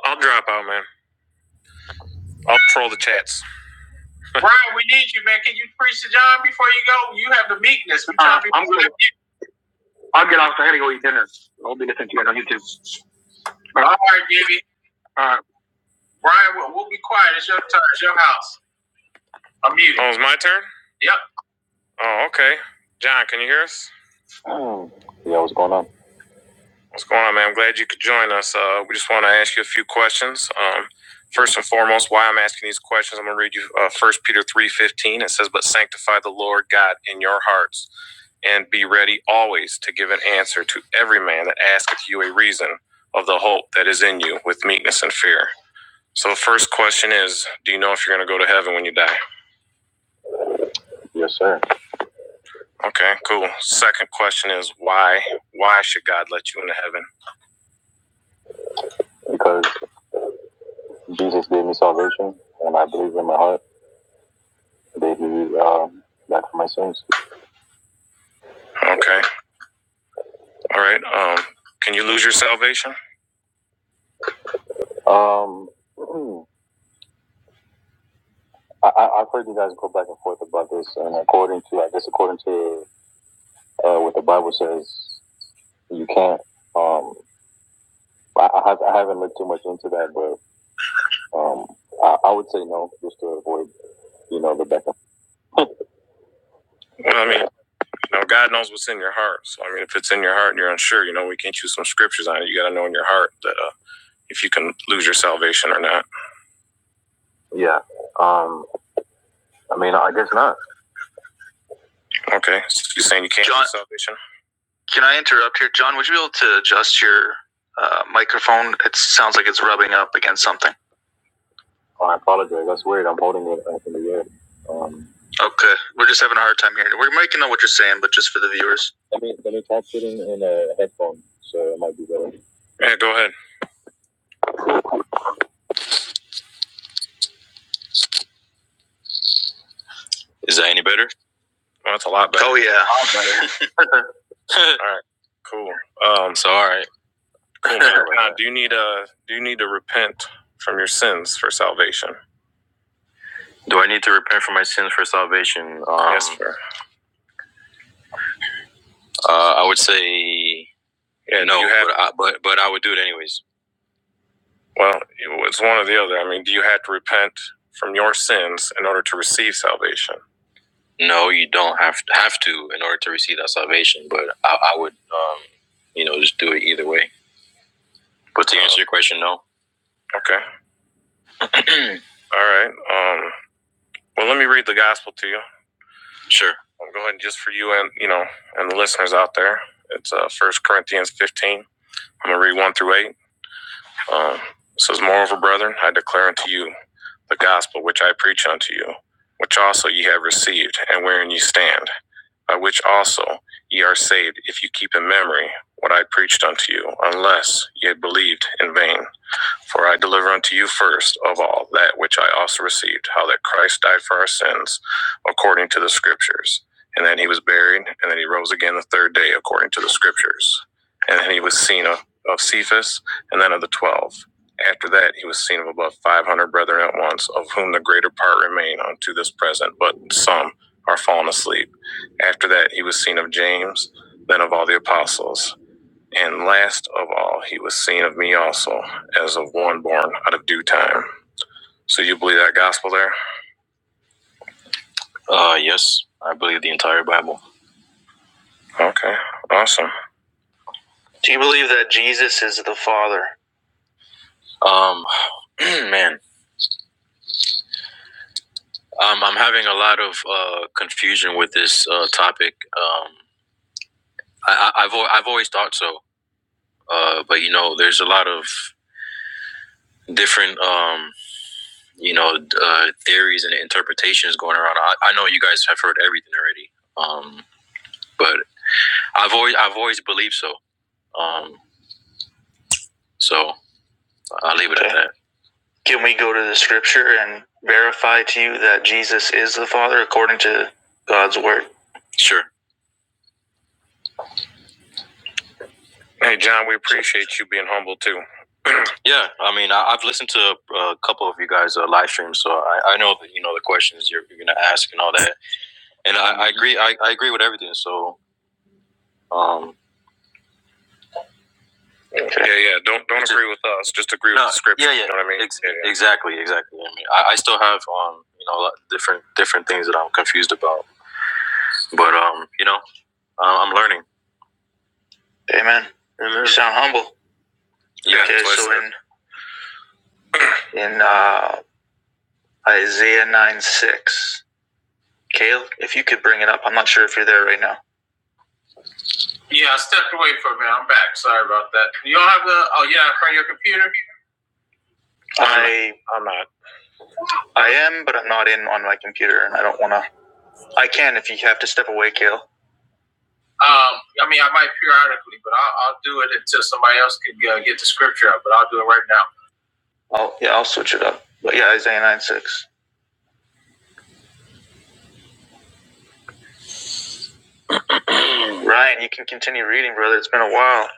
S1: I'll troll the chats. Brian, we need you, man. Can you preach to John before you go? You have the meekness. We trying to be I'm good. All right, baby. All right. Brian, we'll, we'll be quiet. It's your turn. It's your house. I'm muted. Oh, it's my turn? Yep. Oh, okay. John, can you hear us? What's going on, man? I'm glad you could join us. Uh, we just want to ask you a few questions. Um, first and foremost, why I'm asking these questions, I'm going to read you uh, 1 Peter 3.15. It says, But sanctify the Lord God in your hearts, and be ready always to give an answer to every man that asketh you a reason of the hope that is in you with meekness and fear. So the first question is, do you know if you're going to go to heaven when you die? Yes, sir. Okay, cool. Second question is, why? Why should God let you into heaven? Because Jesus gave me salvation, and I believe in my heart that He um, died for my sins. Okay. All right. Um, can you lose your salvation? Um, I, I- have heard you guys go back and forth about this, and according to, I guess, according to uh, what the Bible says, you can't. Um, I, I, have, I haven't looked too much into that, but um, I, I would say no, just to avoid, you know, the back and forth. Well, I mean, you know, God knows what's in your heart. So, I mean, if it's in your heart and you're unsure, you know, we can not choose some scriptures on it. You got to know in your heart that. Uh, if you can lose your salvation or not. Okay, so you're saying you can't John- lose salvation? Can I interrupt here, John? Would you be able to adjust your uh, microphone? It sounds like it's rubbing up against something. Okay, we're just having a hard saying, but just for the viewers. Yeah, go ahead. Well, that's a lot better. Oh yeah. *laughs* All right. Cool. Um, so cool, man. *laughs* Now, do you need a do you need to repent from your sins for salvation? to repent from my sins for salvation. Um, yes, sir. uh, I would say Yeah, no, you have but, I, but but I would do it anyways. Well, it's one or the other. I mean, do you have to repent from your sins in order to receive salvation? Oh, you don't have to, have to in order to receive that salvation, but I, I would, um, you know, just do it either way. But to answer your question, no. Okay. All right. Um, well, let me read the gospel to you. I'm going just for you and you know and the listeners out there. It's uh, 1 Corinthians 15. I'm gonna read one through eight. Um, it says, Moreover, brethren, I declare unto you the gospel which I preach unto you, which also ye have received, and wherein ye stand, by which also ye are saved, if you keep in memory what I preached unto you, unless ye had believed in vain. For I deliver unto you first of all that which I also received, how that Christ died for our sins according to the scriptures. And then he was buried, and then he rose again the third day according to the scriptures. And then he was seen of, of Cephas, and then of the twelve. After that, he was seen of above five hundred brethren at once, of whom the greater part remain unto this present, but some are fallen asleep. After that, he was seen of James, then of all the apostles. And last of all, he was seen of me also, as of one born out of due time. So you believe that gospel there? Okay, awesome. Do you believe that Jesus is the Father? Um, *clears throat* man, um, I'm having a lot of uh, confusion with this uh, topic. Um, I, I, have I've always thought so, uh, but you know, there's a lot of different um, you know uh, theories and interpretations going around. I, I know you guys have heard everything already, um, but I've always I've always believed so. Um, So I'll leave it okay. at Okay. that. Can we go to the scripture and verify to you that Jesus is the Father according to God's word? Sure. Hey, John, we appreciate you being humble too. Yeah, I mean, I, I've listened to a, a couple of you guys' uh, live streams, so I, I know that you know the questions you're, you're going to ask and all that. And I, I agree. I, I agree with everything. So, um, Yeah, Okay. yeah. Don't don't agree with us. Just agree no, with no, the scripture. yeah, yeah, You know what I mean? ex- yeah, yeah. exactly, exactly. I have different different things that I'm confused about, but um, you know, uh, I'm learning. Amen. Amen. You sound humble. Yeah, Okay, so in in uh, Isaiah nine six, Caleb, if you could bring it up, I'm not sure if you're there right now. Yeah, I stepped away for a minute. I'm back. Sorry about that. You don't have the. Oh, yeah, on your computer? I I am, but I'm not in on my computer, and I don't want to. I can if you have to step away, Caleb. Um, I mean, I might periodically, but I'll, I'll do it until somebody else can uh, get the scripture up. But I'll do it right now. Oh yeah, I'll switch it up. But yeah, Isaiah nine six. Ryan, you can continue reading, brother. It's been a while.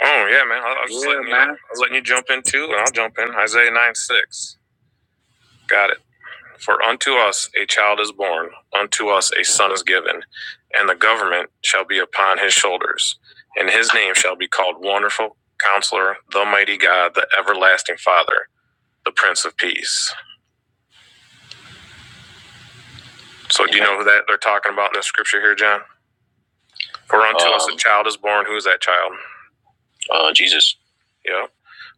S1: Oh yeah, man. I, I was Yeah, letting man. you, I was letting you jump in too, and I'll jump in. Isaiah nine six. Got it. For unto us a child is born, unto us a son is given, and the government shall be upon his shoulders, and his name shall be called Wonderful Counselor, the Mighty God, the Everlasting Father, the Prince of Peace. So, yeah. do you know who that they're talking about in the scripture here, John? For unto um, us a Um, child is born. Who is that child? Uh, Jesus. Yep.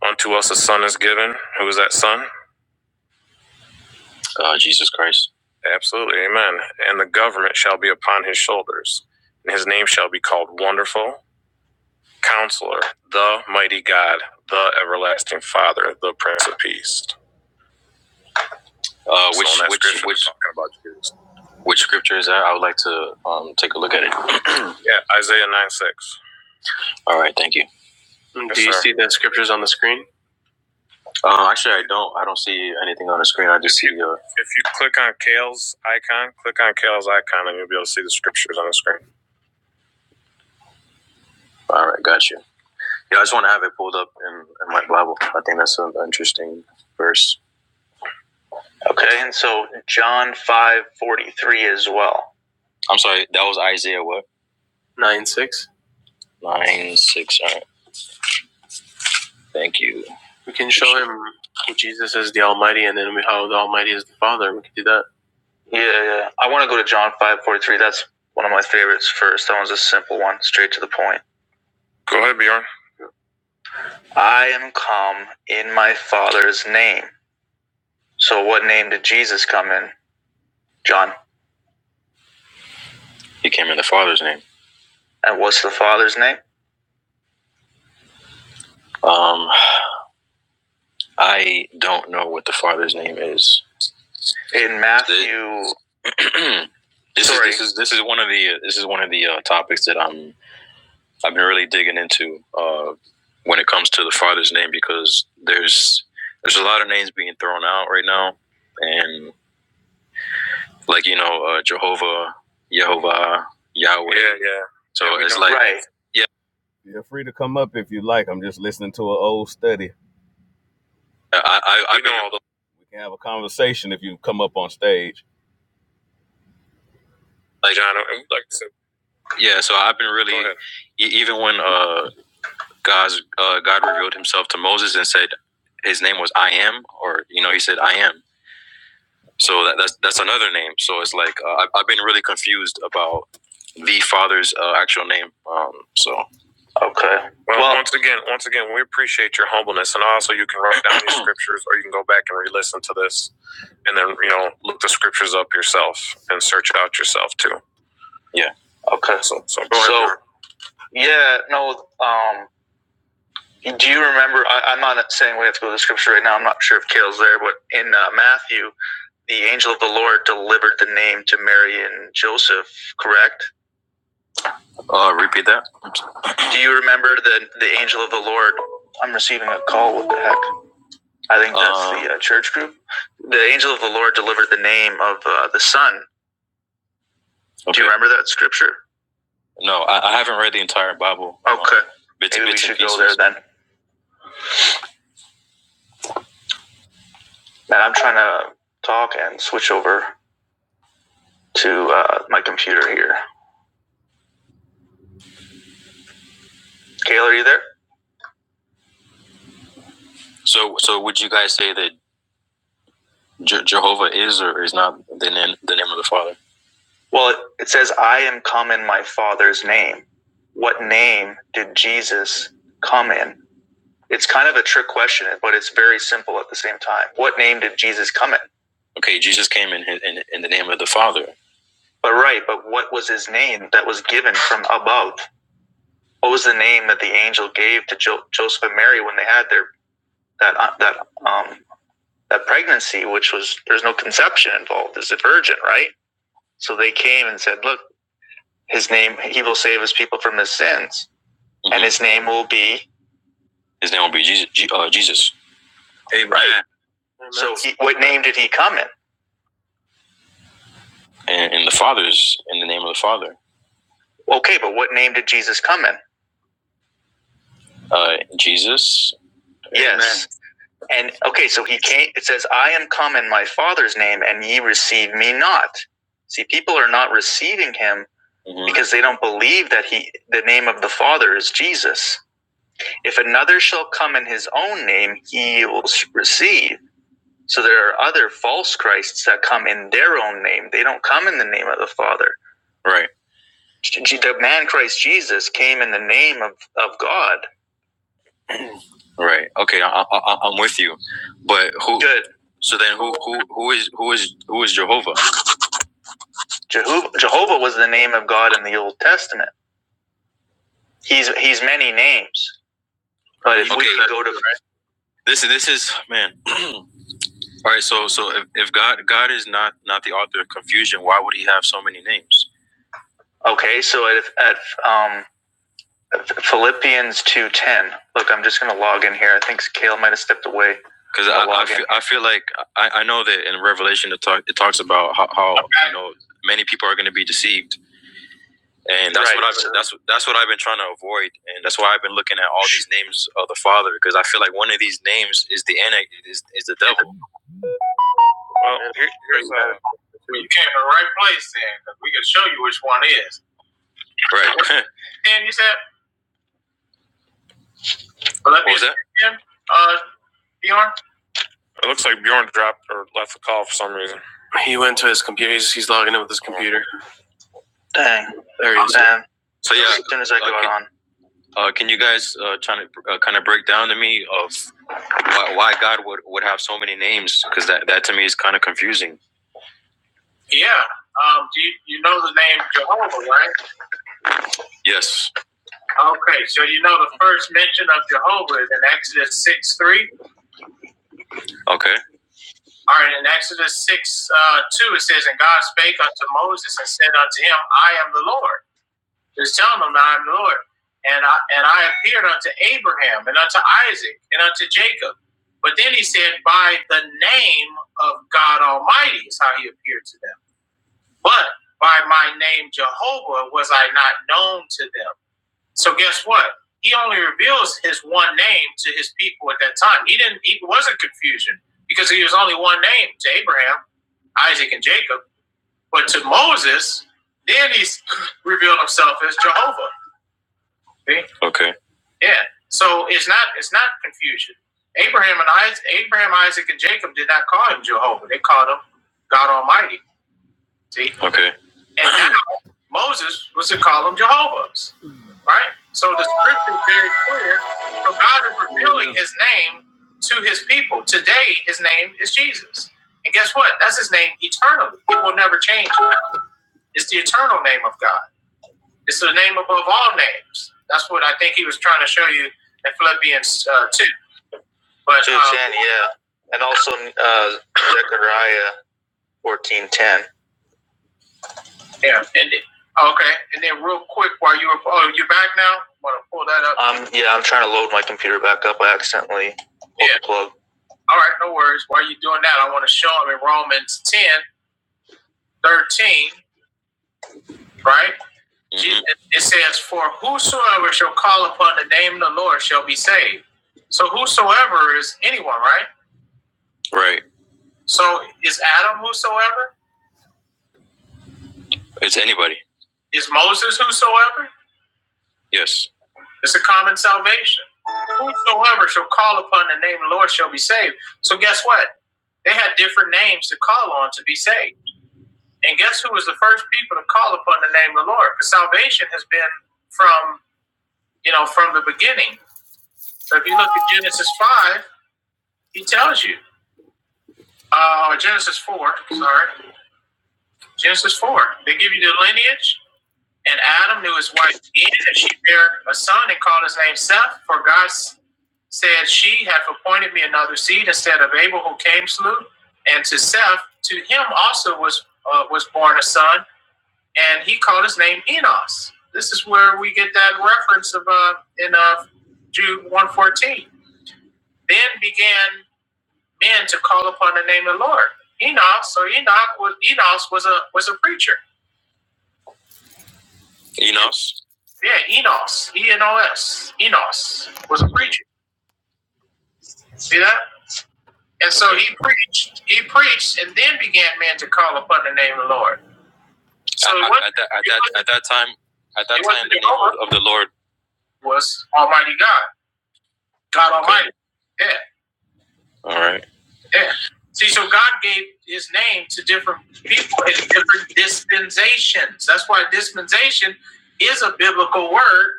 S1: Unto us a son is given. Who is that son? Uh, Jesus Christ. Absolutely. Amen. And the government shall be upon his shoulders. And his name shall be called Wonderful, Counselor, the Mighty God, the Everlasting Father, the Prince of Peace. Uh, So which that which scripture, which they talking about Jesus. which scripture is that? I would like to um, take a look at it. Yeah, Isaiah 9 6. All right, thank you. Yes, do you sir. Uh, actually, I don't. I don't see anything on the screen. I just see the. Uh, If you click on Kale's icon, click on Kale's icon, and you'll be able to see the scriptures on the screen. All right, got you. Yeah, I just want to have it pulled up in, in my Bible. I think that's an interesting verse. Okay, and so John five forty three as well. Yeah, yeah. yeah. I want to go to John five forty three. That's one of my favorites first. That one's a simple one, straight to the point. Go ahead, Bjorn. I am come in my Father's name. So, what name did Jesus come in? John He came in the Father's name. And what's the Father's name? Um, I don't know what the Father's name is. In Matthew, This sorry, is, this is the, when it comes to the Father's name because there's there's a lot of names being thrown out right now, and like you know uh, Jehovah, Yehovah, Yahweh. Yeah, yeah. So yeah, it's like right. yeah, You're free to come up if you like. I'm just listening to an old study. I I, We I know all the We can have a conversation if you come up on stage. like John. Like Yeah, so I've been really, Go ahead. e- even when uh, God's uh, God revealed Himself to Moses and said His name was I am, or you know, He said I am. So that, that's that's another name. So it's like uh, I've, I've been really confused about the Father's uh, actual name. Um, so okay, Well, Well- once again, once again, we appreciate your humbleness, and also you can write down these *clears throat* scriptures, or you can go back and re-listen to this, and then you know look the scriptures up yourself and search it out yourself too. yeah, okay. So, so go ahead. So yeah, no, um, Yeah. Do you remember? I, I'm not saying we have to go to the scripture right now. I'm not sure if Kale's there, but in uh, Matthew, the angel of the Lord delivered the name to Mary and Joseph. Correct? Uh, repeat that. Do you remember the the angel of the Lord? I'm receiving a call. What the heck? I think that's Uh, the uh, church group. The angel of the Lord delivered the name of uh, the Son. Okay. Do you Okay. remember that scripture? Okay, Uh, Bits, maybe we bits and should go there then. Man, I'm trying to talk and switch over to uh, my computer here. Kale, are you there? So, so would you guys say that Je- Jehovah is or is not the name, the name of the Father? Well, it, it says, I am come in my Father's name. What name did Jesus come in? It's kind of a trick question, but it's very simple at the same time. What name did Jesus come in? Okay, Jesus came in his, in, in the name of the Father. But right, but what was his name that was given from above? What was the name that the angel gave to jo- Joseph and Mary when they had their that uh, that um that pregnancy, which was there's no conception involved, is a virgin, right? So they came and said, Look, his name, he will save his people from his sins, Mm-hmm. and Mhm. his name will be. His name will be Jesus. Uh, Jesus. Amen. Right. Amen. So, he, what name did he come in? In and the Father's in the name of the Father. Okay, but what name did Jesus come in? Uh, Jesus. Yes. And okay, so he came, it says, I am come in my Father's name, and ye receive me not. See, people are not receiving him Mhm. because they don't believe that he, the name of the Father is Jesus. If another shall come in his own name, he will receive. So there are other false Christs that come in their own name. They don't come in the name of the Father. Right. The man Christ Jesus came in the name of, of God. Who? Good. Jehovah, Jehovah was the name of God in the Old Testament. He's he's many names, but if okay, we Okay, can go to confusion. Why would he have so many names? okay, so at, at um Philippians two ten. Look, I'm just gonna log in here. I think Kale might have stepped away. Because I login. feel, I feel like I, I know that in Revelation it, talk, it talks about how, how okay. you know many people are going to be deceived, and that's Right. what I've that's that's what I've been trying to avoid, and that's why I've been looking at all these names of the Father because I feel like one of these names is the anti is, is the devil. Well, Well, you came to the right place then, because we can show you which one is. Right. *laughs* And you said, well, let me what was that? again, uh, Bjorn. It looks like Bjorn dropped or left the call for some reason. He went to his computer. He's, he's logging in with his computer. Dang. There he is. Damn. So yeah, as That's exactly what okay. on. uh, can you guys uh, trying to uh, kind of break down to me of why, why God would, would have so many names? Because that, that to me is kind of confusing. Yeah. Um, do you, you know the name Jehovah, right? Okay, so you know the first mention of Jehovah is in Exodus 6 3. Okay. All right, in Exodus 6 uh, 2, it says, And God spake unto Moses and said unto him, I am the Lord. Just telling him, I am the Lord. And I, and I appeared unto Abraham and unto Isaac and unto Jacob. But then he said, By the name of God Almighty is how he appeared to them. But by my name Jehovah was I not known to them. So guess what? He only reveals his one name to his people at that time. He didn't. He wasn't confusion because he was only one name to Abraham, Isaac, and Jacob. But to Moses, then he's *laughs* revealed himself as Jehovah. See? Okay. Yeah. So it's not it's not confusion. Abraham and Isaac, Abraham, Isaac, and Jacob did not call him Jehovah. They called him God Almighty. See? Okay. And now Moses was to call them Jehovah's. Right? So the scripture is very clear. So God is revealing his name to his people. Today, his name is Jesus. And guess what? That's his name eternally. It will never change. It's the eternal name of God. It's the name above all names. That's what I think he was trying to show you in Philippians uh, 2. But, two ten, um, 210, yeah. And also uh, Zechariah 1410. Yeah, and it, okay, and then real quick, while you were, oh, you're back now. Want to pull that up? Um, yeah, I'm trying to load my computer back up. I accidentally pulled Yeah. the plug. All right, no worries. While you're doing that, I want to show them in Romans ten thirteen, 13, right? Jesus, it says, For whosoever shall call upon the name of the Lord shall be saved. So whosoever is anyone, right? So is Adam whosoever? Is Moses whosoever? It's a common salvation. Whosoever shall call upon the name of the Lord shall be saved. So guess what? They had different names to call on to be saved. And guess who was the first people to call upon the name of the Lord? Because salvation has been from, you know, from the beginning. So if you look at Genesis 5, he tells you, uh, Genesis 4, sorry, Genesis 4, they give you the lineage, And Adam knew his wife Eve, and she bare a son and called his name Seth. For God said, She hath appointed me another seed instead of Abel, who came slew. And to Seth, to him also was uh, was born a son, and he called his name Enos. This is where we get that reference of uh, in uh, Jude one fourteen. Then began men to call upon the name of the Lord. Enos, or Enoch was Enos was a was a preacher. Yeah, Enos, E N O S, Enos was a preacher. See that? And so he preached, he preached, and then began men to call upon the name of the Lord. So it at, that, at, that, at that time, at that time, the name of the Lord was Almighty God, God Okay. Almighty. Yeah. All right. Yeah. See, so God gave His name to different people in different dispensations. That's why dispensation is a biblical word.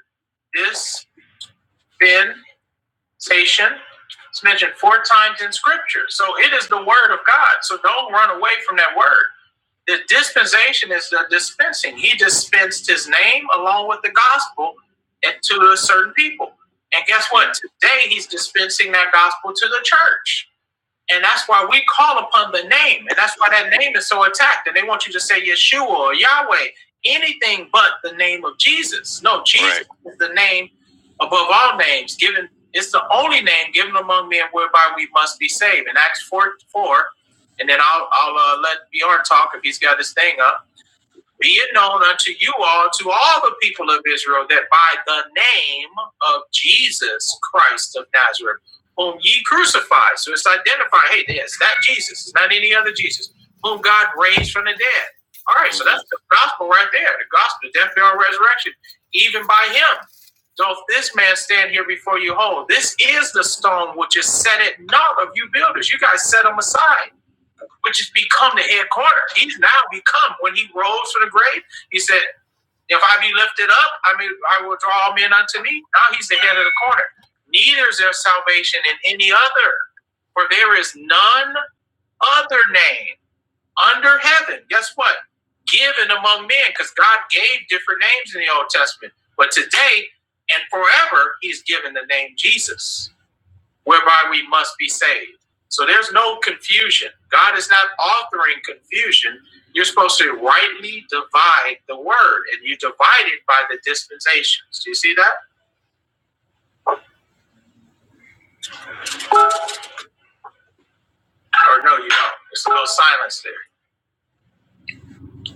S1: Dispensation Station. It's mentioned four times in scripture. So it is the word of God. So don't run away from that word. The dispensation is the dispensing. He dispensed his name along with the gospel and to a certain people. And guess what? Today he's dispensing that gospel to the church. And that's why we call upon the name. And that's why that name is so attacked. And they want you to say Yeshua or Yahweh, anything but the name of Jesus. No, Jesus right. is the name above all names given. It's the only name given among men whereby we must be saved. In Acts 4, 4 and then I'll, I'll uh, let Bjorn talk if he's got his thing up. Be it known unto you all, to all the people of Israel, that by the name of Jesus Christ of Nazareth, whom ye crucified. So it's identifying, hey, yeah, it's that Jesus, it's not any other Jesus, whom God raised from the dead. All right, so that's the gospel right there the gospel, the death, burial, resurrection, even by him. Doth this man stand here before you whole? This is the stone which is set at naught of you builders. You guys set them aside which has become the head corner. He's now become when he rose from the grave. He said, "If I be lifted up, I mean, I will draw all men unto me." Now he's the head of the corner. Neither is there salvation in any other, for there is none other name under heaven. Guess what? Given among men, because God gave different names in the Old Testament, but today and forever, He's given the name Jesus whereby we must be saved. So there's no confusion. God is not authoring confusion. You're supposed to rightly divide the word, and you divide it by the dispensations. Do you see that? Or no, you don't. There's no silence there.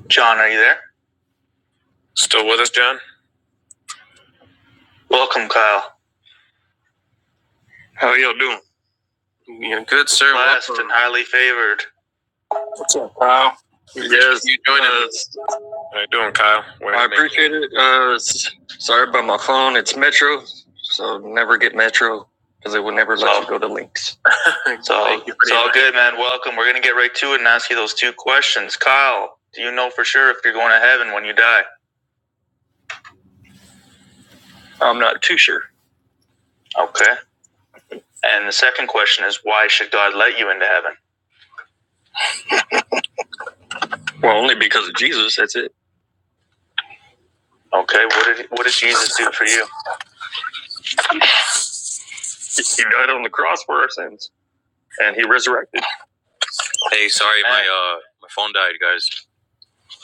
S1: John, are you there? Still with us, John? Welcome, Kyle. How are y'all doing? Yeah, good, sir. Blessed and highly favored. Yes. You joining us? How you doing, Kyle? Where I appreciate it. Uh, Sorry about my It's all, Thank you it's all good, man. Welcome. We're going to get right to it and ask you those two questions. Kyle, do you know for sure if you're going to heaven when you die? Okay. And the second question is, why should God let you into heaven? Jesus, that's it. Okay. What did What did Jesus do for you? He died on the cross for our sins, and he resurrected. Hey, sorry, man. my uh, my phone died, guys.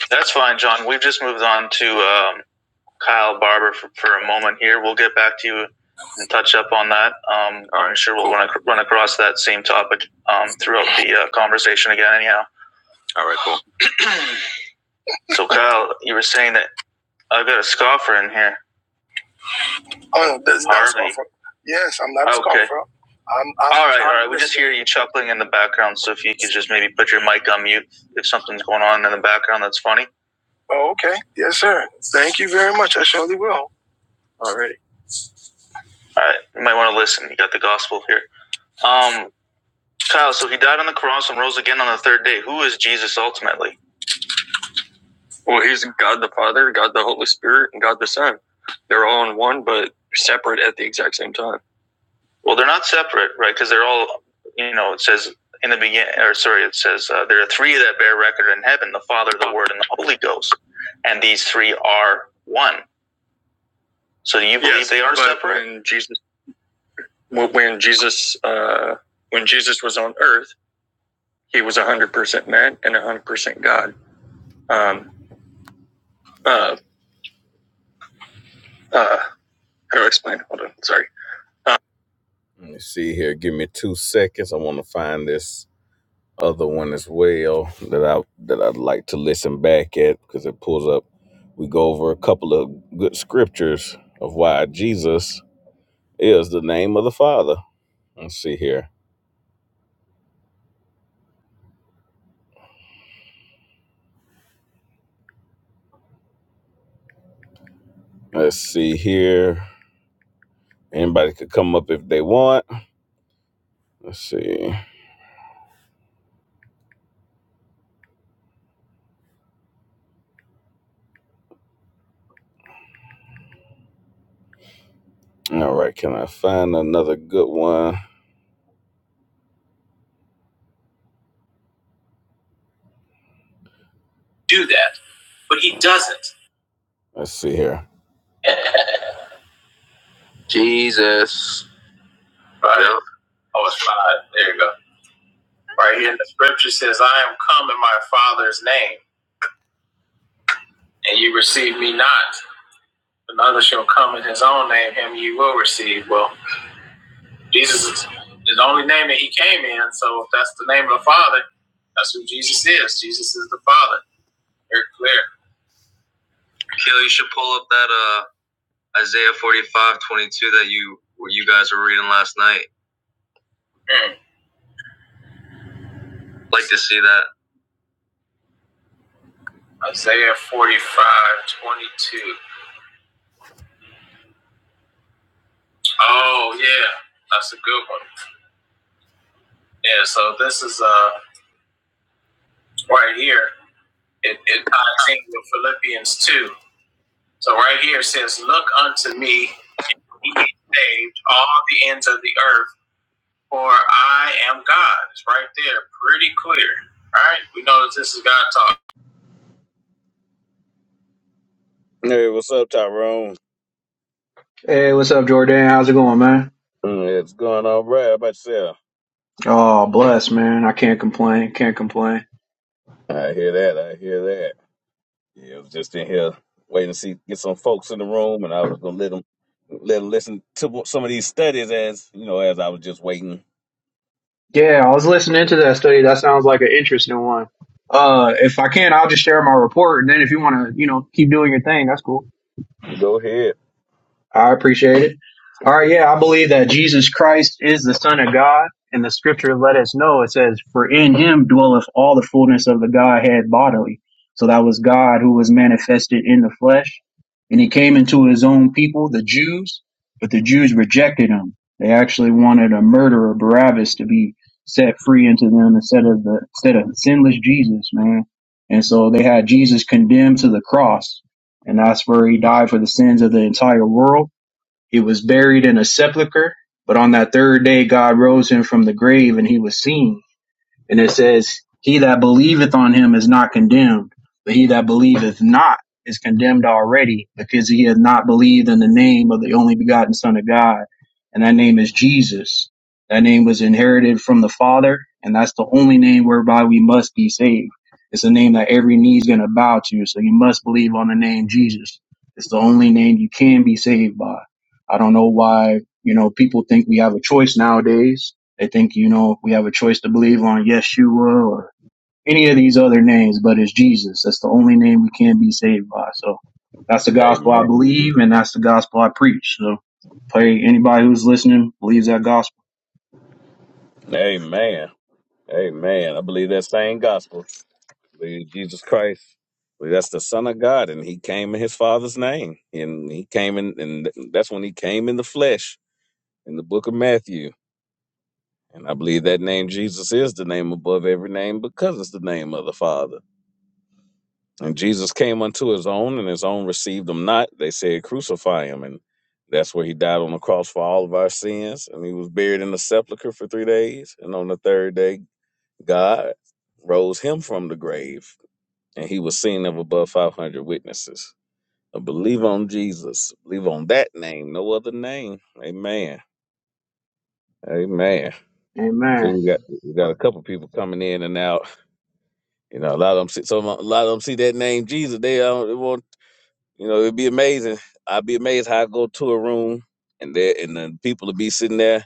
S1: That's fine, John. We've just moved on to um, Kyle Barber for, for a moment here. We'll get back to you and touch up on that. Um, I'm sure we'll cool. run, ac- run across that same topic um, throughout the uh, conversation again, anyhow. All right, cool. So, Kyle, you were saying that I've got a scoffer in here. Oh no, that's not Harvey. Scoffer. Yeah, not a Okay. Scoffer. I'm, I'm All right, all right. We just hear you chuckling in the background. So, if you could just maybe put your mic on mute if something's going on in the background that's funny. Okay, sure, totally will. All right, you might want to listen. You got the gospel here. Um, Kyle, so he died on the cross and rose again on the third day. Who is Jesus ultimately? Well, he's God the Father, God the Holy Spirit, and God the Son. They're all in one, but separate at the exact same time. Well, they're not separate, right? Because they're all, you know, it says in the beginning, or sorry, it says uh, there are three that bear record in heaven: the Father, the Word, and the Holy Ghost. And these three are one. So do you believe Yes, they are separate? When Jesus, when Jesus, uh, when Jesus was on Earth, he was one hundred percent man and one hundred percent God. Um, Uh, uh, how do I explain? Hold on. Sorry. Uh, Let me see here. Give me two seconds. I want to find this other one as well that I that I'd like to listen back at because it pulls up. We go over a couple of good scriptures of why Jesus is the name of the Father. Let's see here. Let's see here. Anybody could come up if they want. Let's see. All right, can I find another good one? do that, but he doesn't. Let's see here. Uh, Oh, it's five. There you go. Right here, in the scripture says, I am come in my Father's name, and you receive me not. Another shall come in his own name, him you will receive. Well, Jesus is the only name that he came in, so if that's the name of the Father, that's who Jesus is. Jesus is the Father. Very clear. Kill, you should pull up that uh Isaiah 45:22 that you you guys were reading last night. Hmm. Isaiah 45:22. Oh, yeah. That's a good one. Yeah, so this is uh right here. It, it ties in with Philippians two. So right here it says, "Look unto me, ye saved all the ends of the earth, for I am God." It's right there, pretty clear. All right, we know that this is God talk. Hey, what's up, Tyrone?
S2: Hey, what's up, Jordan? How's it going, man?
S1: Mm, it's going all right. How about yourself?
S2: Oh, bless, man. I can't complain. Can't complain.
S1: I hear that. I hear that. Yeah, I was just in here waiting to see get some folks in the room, and I was gonna let them let them listen to some of these studies as you know as I was just waiting
S2: Yeah, I was listening to that study. That sounds like an interesting one. Uh, if I can, I'll just share my report, and then if you want to, you know, keep doing your thing, that's cool.
S1: Go ahead.
S2: I appreciate it. All right, yeah, I believe that Jesus Christ is the Son of God, and the Scripture let us know. It says, "For in Him dwelleth all the fullness of the Godhead bodily." So that was God who was manifested in the flesh, and He came into His own people, the Jews, but the Jews rejected Him. They actually wanted a murderer, Barabbas, to be set free into them instead of the instead of sinless Jesus, man. And so they had Jesus condemned to the cross, and that's where He died for the sins of the entire world he was buried in a sepulchre, but on that third day God rose him from the grave, and he was seen. And it says, He that believeth on him is not condemned, but he that believeth not is condemned already, because he hath not believed in the name of the only begotten Son of God. And that name is Jesus. That name was inherited from the Father, and that's the only name whereby we must be saved. It's a name that every knee is going to bow to, so you must believe on the name Jesus. It's the only name you can be saved by. I don't know why, you know, people think we have a choice nowadays they think, you know, we have a choice to believe on Yeshua or any of these other names, but it's Jesus. That's the only name we can be saved by. So that's the gospel I
S1: Amen.
S2: believe and that's the gospel I preach. So pray anybody who's listening believes that gospel.
S1: Amen. Amen. I believe that same gospel. I believe Jesus Christ. I believe that's the Son of God, and He came in His Father's name, and He came in, and that's when He came in the flesh in the Book of Matthew. And I believe that name Jesus is the name above every name because it's the name of the Father. And Jesus came unto His own, and His own received Him not. They said, "Crucify Him," and that's where he died on the cross for all of our sins, and he was buried in the sepulchre for three days. And on the third day, God rose him from the grave, and he was seen of above 500 witnesses. Uh, Believe on Jesus. Believe on that name, no other name. Amen. Amen.
S2: Amen.
S1: So we got we got a couple people coming in and out. You know, a lot of them see some a lot of them see that name Jesus. They don't they want you know it'd be amazing. I'd be amazed how I go to a room and there and then people will be sitting there.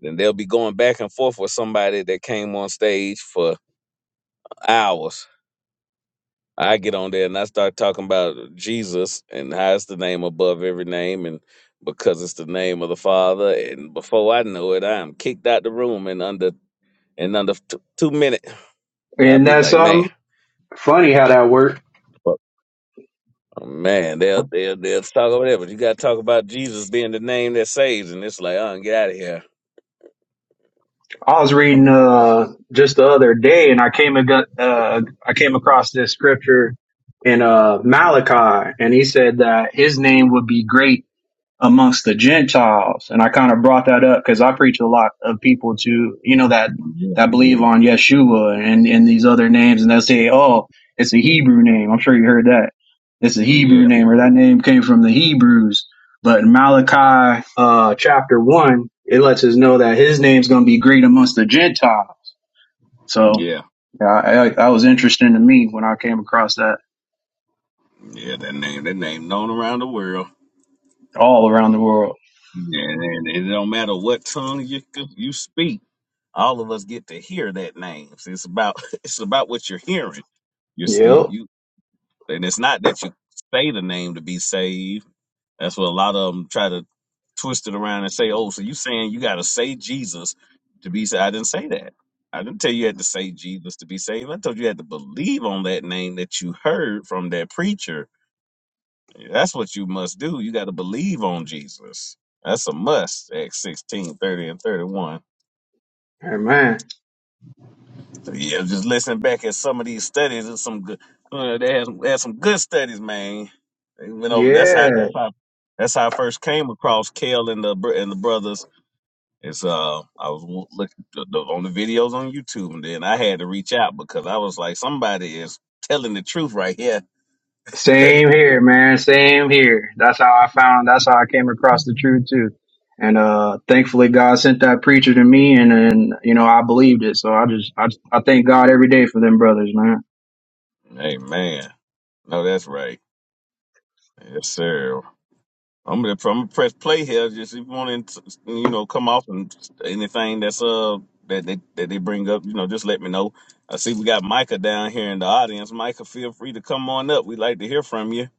S1: Then they'll be going back and forth with somebody that came on stage for hours I get on there and I start talking about Jesus and how it's the name above every name and because it's the name of the Father and before I know it I'm kicked out the room in under in under two, two minutes. I'd
S2: And
S1: be
S2: that's
S1: like, man,
S2: something funny how that worked.
S1: fuck, man, they'll they'll they'll talk over there, but you gotta talk about Jesus being the name that saves and it's like, oh get out of here.
S2: I was reading uh just the other day and I came ag- uh I came across this scripture in uh Malachi and he said that his name would be great amongst the Gentiles. And I kind of brought that up because I preach a lot of people to, you know, that, that believe on Yeshua and, and these other names. And they'll say, oh, it's a Hebrew name. I'm sure you heard that. It's a Hebrew name or that name came from the Hebrews. But in Malachi, uh, chapter one, it lets us know that his name's going to be great amongst the Gentiles. So
S1: Yeah,
S2: yeah, I, I, that was interesting to me when I came across that all around the world.
S1: and, and it don't matter what tongue you you speak. All of us get to hear that name. So It's about *laughs* it's about what you're hearing. You
S2: Yep.
S1: you. And it's not that you say the name to be saved. That's what a lot of them try to twist it around and say, oh, so you saying you got to say Jesus to be saved. I didn't say that. I didn't tell you you had to say Jesus to be saved. I told you you had to believe on that name that you heard from that preacher. That's what you must do. You got to believe on Jesus. That's a must, Acts 16 30 and 31.
S2: Amen.
S1: Yeah, just listen back at some of these studies. It's some good. Uh, they had some, they had some good studies, man. They went over. That's how.
S2: Yeah.
S1: That's how. That's how I first came across Kale and the br- and the brothers. It's uh, I was w- looking th- th- on the videos on YouTube, and then I had to reach out because I was like, somebody is telling the truth right here.
S2: Same here, man. Same here. That's how I found. That's how I came across the truth too. And uh, thankfully, God sent that preacher to me, and and you know I believed it. So I just I I thank God every day for them brothers, man.
S1: Hey, man. No, that's right. Yes, sir. I'm gonna, I'm gonna press play here. Just if you want to, you know, come off and anything that's uh that they that they bring up, you know, just let me know. I see we got Micah down here in the audience. Micah, feel free to come on up. We'd like to hear from you.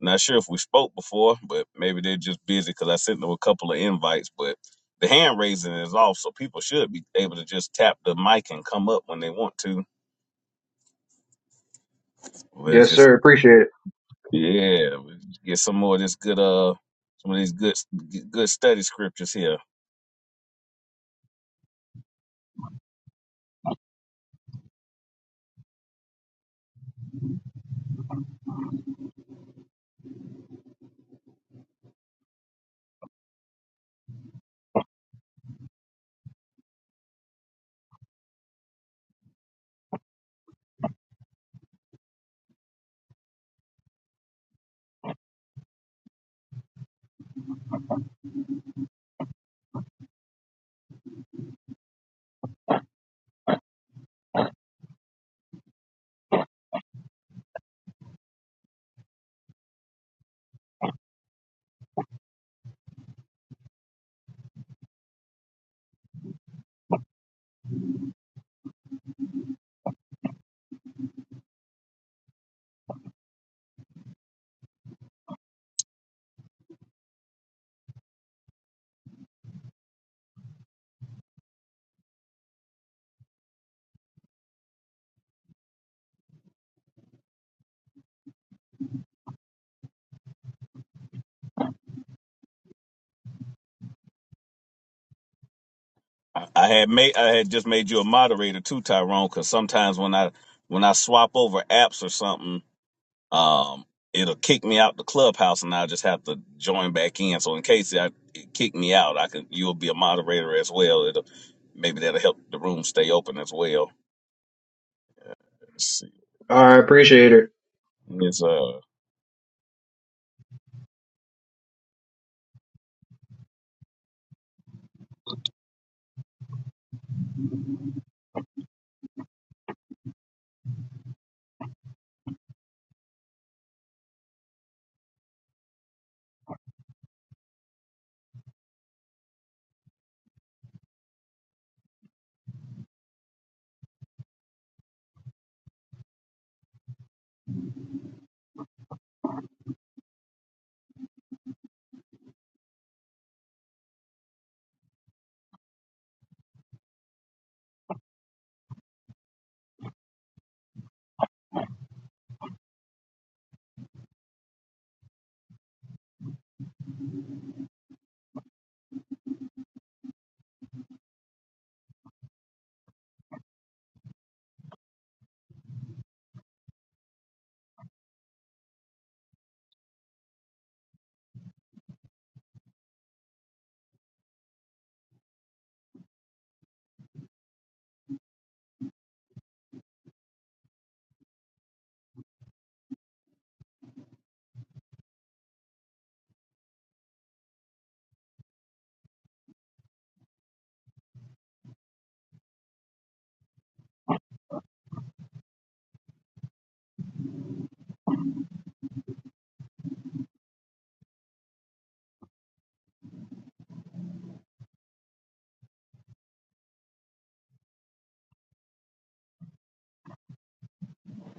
S1: Not sure if we spoke before, but maybe they're just busy because I sent them a couple of invites. But the hand raising is off, so people should be able to just tap the mic and come up when they want to. We'll
S2: Yes,
S1: just
S2: sir. Appreciate it.
S1: yeah, get uh, some of these good good study scriptures here. I I had made I had just made you a moderator too, Tyrone, because sometimes when I when I swap over apps or something, um, it'll kick me out the clubhouse, and I'll just have to join back in. So in case I, it kick me out, I can you'll be a moderator as well. It'll maybe that'll help the room stay open as well. Let's see.
S2: All right, appreciate it.
S1: It's, uh,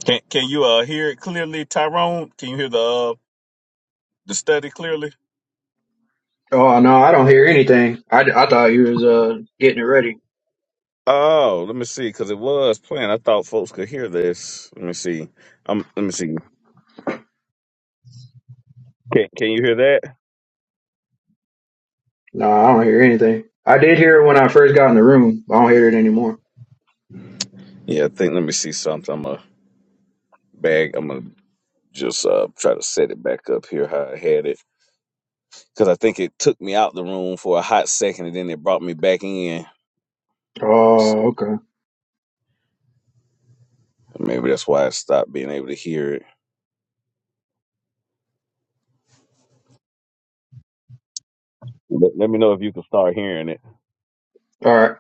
S1: can can you uh hear it clearly, Tyrone? Can you hear the uh, the study clearly?
S2: Oh no, I don't hear anything. I I thought you was uh getting it ready.
S1: Oh, let me see, because it was playing. I thought folks could hear this. Let me see. Um, let me see. Can Can you hear that?
S2: No, I don't hear anything. I did hear it when I first got in the room. I don't hear it anymore.
S1: Yeah, I think let me see something. I'm a bag. I'm gonna just uh try to set it back up here how I had it because I think it took me out the room for a hot second and then it brought me back in. Let's
S2: Oh,
S1: see,
S2: okay.
S1: maybe that's why I stopped being able to hear it. Let, let me know if you can start hearing it.
S2: All right.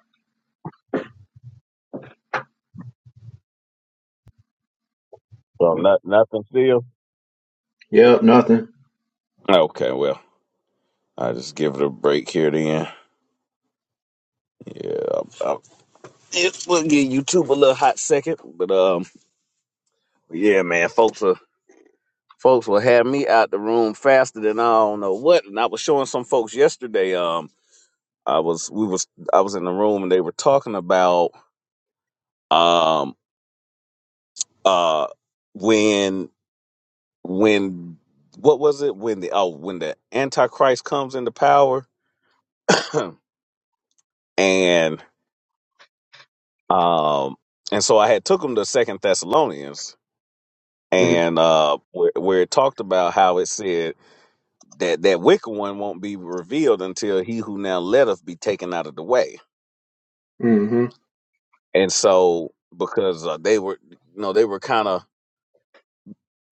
S1: So not nothing still.
S2: Yep. Nothing.
S1: Okay, well, I, yeah, I, I was oh, uh, uh when when what was it when the oh when the Antichrist comes into power *clears throat* and um and so I had took him to Second Thessalonians
S2: Mm-hmm.
S1: and uh, where, where it talked about how it said that that wicked one won't be revealed until he who now letteth be taken out of the way.
S2: Mm-hmm.
S1: And so, because uh, they were, you know, they were kind of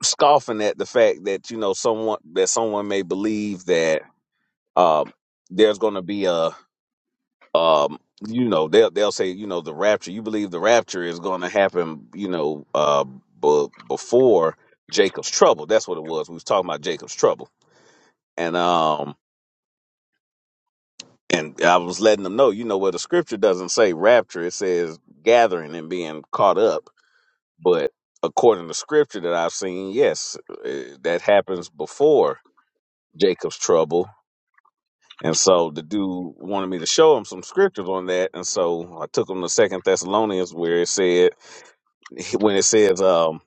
S1: scoffing at the fact that you know someone that someone may believe that um, there's going to be a um, you know they'll they'll say you know the rapture you believe the rapture is going to happen you know uh, b- before Jacob's trouble that's what it was we was talking about Jacob's trouble and um And I was letting them know, you know, where the scripture doesn't say rapture, it says gathering and being caught up. But according to scripture that I've seen, yes, eh, that happens before Jacob's trouble. And so the dude wanted me to show him some scriptures on that. And so I took him to Second Thessalonians where it said *laughs* when it says, um,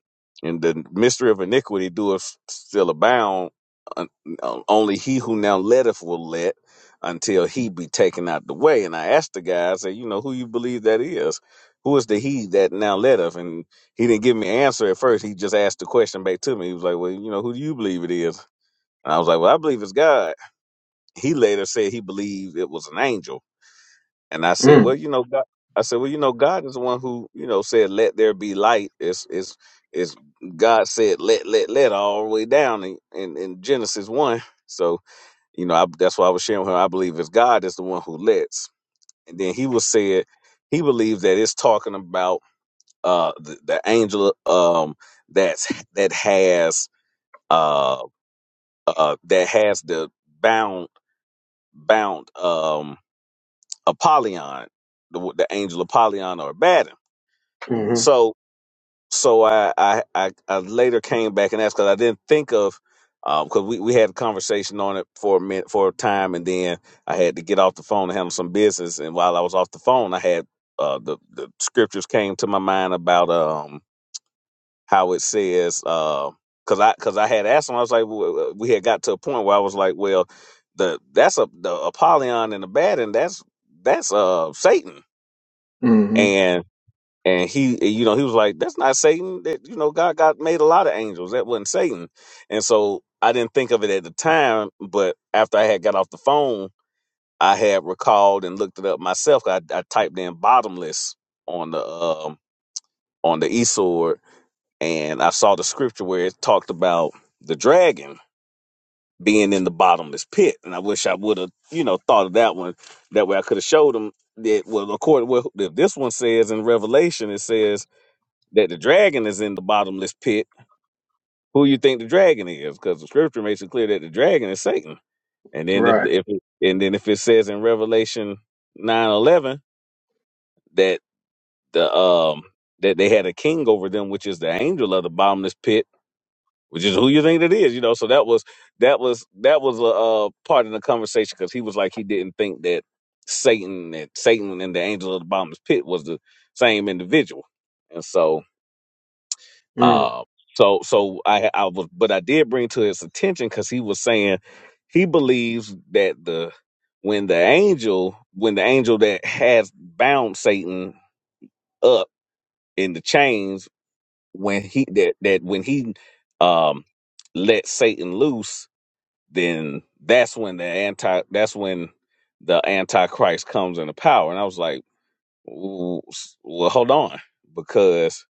S1: and the mystery of iniquity doeth still abound, un- uh, only he who now letteth will let until he be taken out the way. And I asked the guy, I said, you know, who you believe that is? Who is the he that now letteth? And he didn't give me an answer at first. He just asked the question back to me. He was like, well, you know, who do you believe it is? And I was like, well, I believe it's God. He later said he believed it was an angel. And I said, well, you know, God, I said, well, you know, God is the one who, you know, said, let there be light. It's, it's, it's God said, let, let, let all the way down in, in, in Genesis one. So, you know, I, that's why I was sharing with her. I believe it's God is the one who lets. And then he was said, he believes that it's talking about, uh, the, the angel, um, that's, that has, uh, uh, that has the bound, bound, um, Apollyon, the, the angel Apollyon or Abaddon
S2: Mm-hmm.
S1: So so I I I, I later came back and asked because I didn't think of because we we had a conversation on it for a minute for a time and then I had to get off the phone to handle some business and while I was off the phone I had uh, the the scriptures came to my mind about um how it says uh 'cause because I because I had asked him I was like well, uh, we had got to a point where I was like well the that's a the Apollyon and the bad and that's that's uh Satan
S2: Mm-hmm.
S1: and he, you know, he was like, "That's not Satan. That you know, God got made a lot of angels. That wasn't Satan." And so I didn't think of it at the time, but after I had got off the phone, I had recalled and looked it up myself. I, I typed in "bottomless" on the um, on the eSword, and I saw the scripture where it talked about the dragon being in the bottomless pit. And I wish I would have, you know, thought of that one. That way, I could have showed him that. Well, according to what this one says in Revelation, it says that the dragon is in the bottomless pit, who you think the dragon is? Because the scripture makes it clear that the dragon is Satan. And then if
S2: Right.
S1: if it, and then if it says in Revelation nine eleven that the um that they had a king over them, which is the angel of the bottomless pit, which is who you think it is, you know. So that was that was that was a uh, part of the conversation because he was like he didn't think that Satan that Satan and the angel of the bottomless pit was the same individual, and so
S2: Mm,
S1: Um, so so I I was but I did bring to his attention because he was saying he believes that the when the angel when the angel that has bound Satan up in the chains when he that that when he um let Satan loose then that's when the anti that's when the antichrist comes into power and I was like "Ooh, s- well hold on because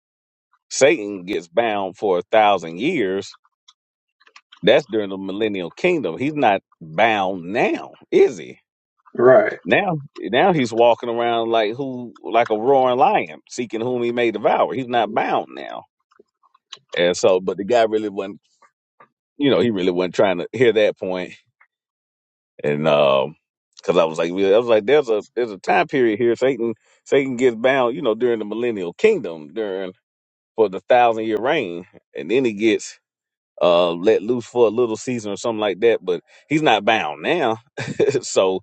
S1: Satan gets bound for a thousand years That's during the millennial kingdom. He's not bound now, is he?
S2: right.
S1: Now, now he's walking around like who, like a roaring lion, seeking whom he may devour. He's not bound now, and so, but the guy really wasn't. You know, he really wasn't trying to hear that point, and um, because I was like, well, I was like, there's a there's a time period here. Satan, Satan gets bound, you know, during the millennial kingdom, during for the thousand year reign, and then he gets uh let loose for a little season or something like that but he's not bound now *laughs* so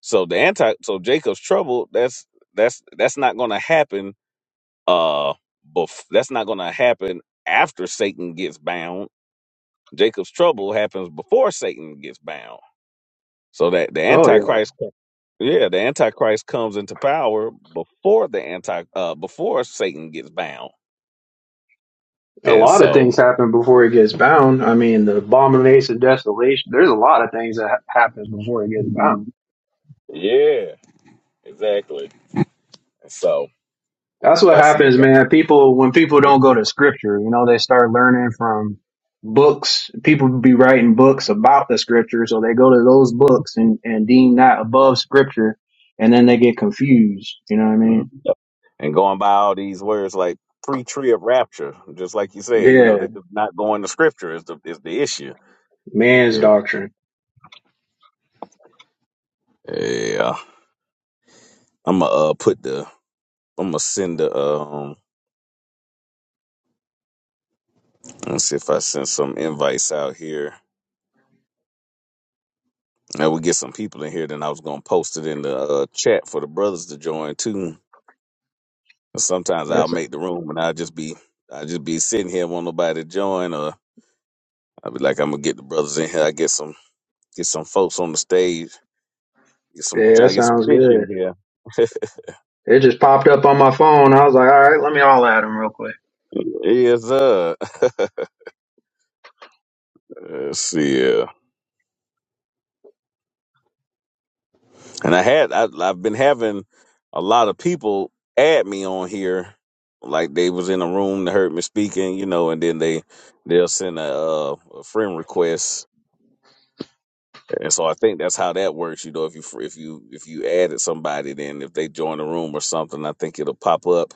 S1: so the anti so jacob's trouble that's that's that's not gonna happen uh bef- that's not gonna happen after satan gets bound jacob's trouble happens before satan gets bound so that the
S2: Oh yeah.
S1: antichrist yeah the antichrist comes into power before the anti uh before satan gets bound
S2: A
S1: and
S2: lot of
S1: so
S2: things happen before it gets bound. I mean, the abomination of desolation. There's a lot of things that ha- happens before it gets bound.
S1: yeah exactly And so
S2: That's what
S1: if i see the
S2: happens,
S1: guy
S2: man. People when people don't go to scripture, you know, they start learning from books. People be writing books about the scripture, so they go to those books and and deem that above scripture, and then they get confused. You know what I mean?
S1: and going by all these words like pre-tree of rapture, just like you said, you know,
S2: Yeah,
S1: they're just not going to scripture is the is the issue.
S2: man's
S1: Yeah.
S2: doctrine.
S1: Yeah. I'm gonna uh, put the I'm gonna send the um let's see if I send some invites out here. And we get some people in here, then I was gonna post it in the uh, chat for the brothers to join too. And sometimes I'll
S2: Yes.
S1: make the room and I'll just be I just be sitting here, want nobody to join, or I'll be like, I'm gonna get the brothers in here. I get some get some folks on the stage, get some
S2: Yeah,
S1: try
S2: that
S1: to get some
S2: sounds
S1: fish
S2: good.
S1: in here
S2: It just popped up on my phone. I was like, all right, let me all at him real quick.
S1: Hey, Yes, sir. Let's see. uh, And I had I, I've been having a lot of people add me on here, like they was in a room that heard me speaking, you know, and then they they'll send a, uh, a friend request, and so I think that's how that works. You know, if you fr- if you if you added somebody, then if they join the room or something, I think it'll pop up.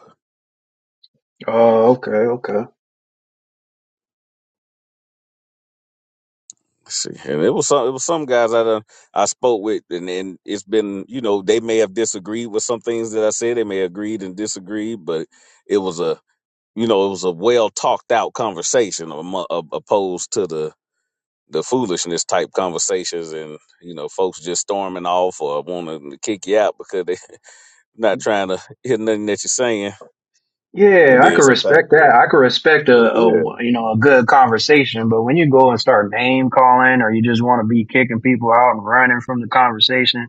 S2: Oh, okay, okay.
S1: Let's see, and it was some it was some guys I done, I spoke with, and and it's been you know they may have disagreed with some things that I said, they may have agreed and disagreed, but it was a you know, it was a well talked out conversation amo- a- opposed to the the foolishness type conversations and you know folks just storming off or wanting to kick you out because they *laughs* not trying to hear nothing that you're saying and
S2: Yeah, I
S1: then
S2: could
S1: sometimes
S2: respect that. I could respect a,
S1: yeah
S2: a you know a good conversation, but when you go and start name calling or you just want to be kicking people out and running from the conversation,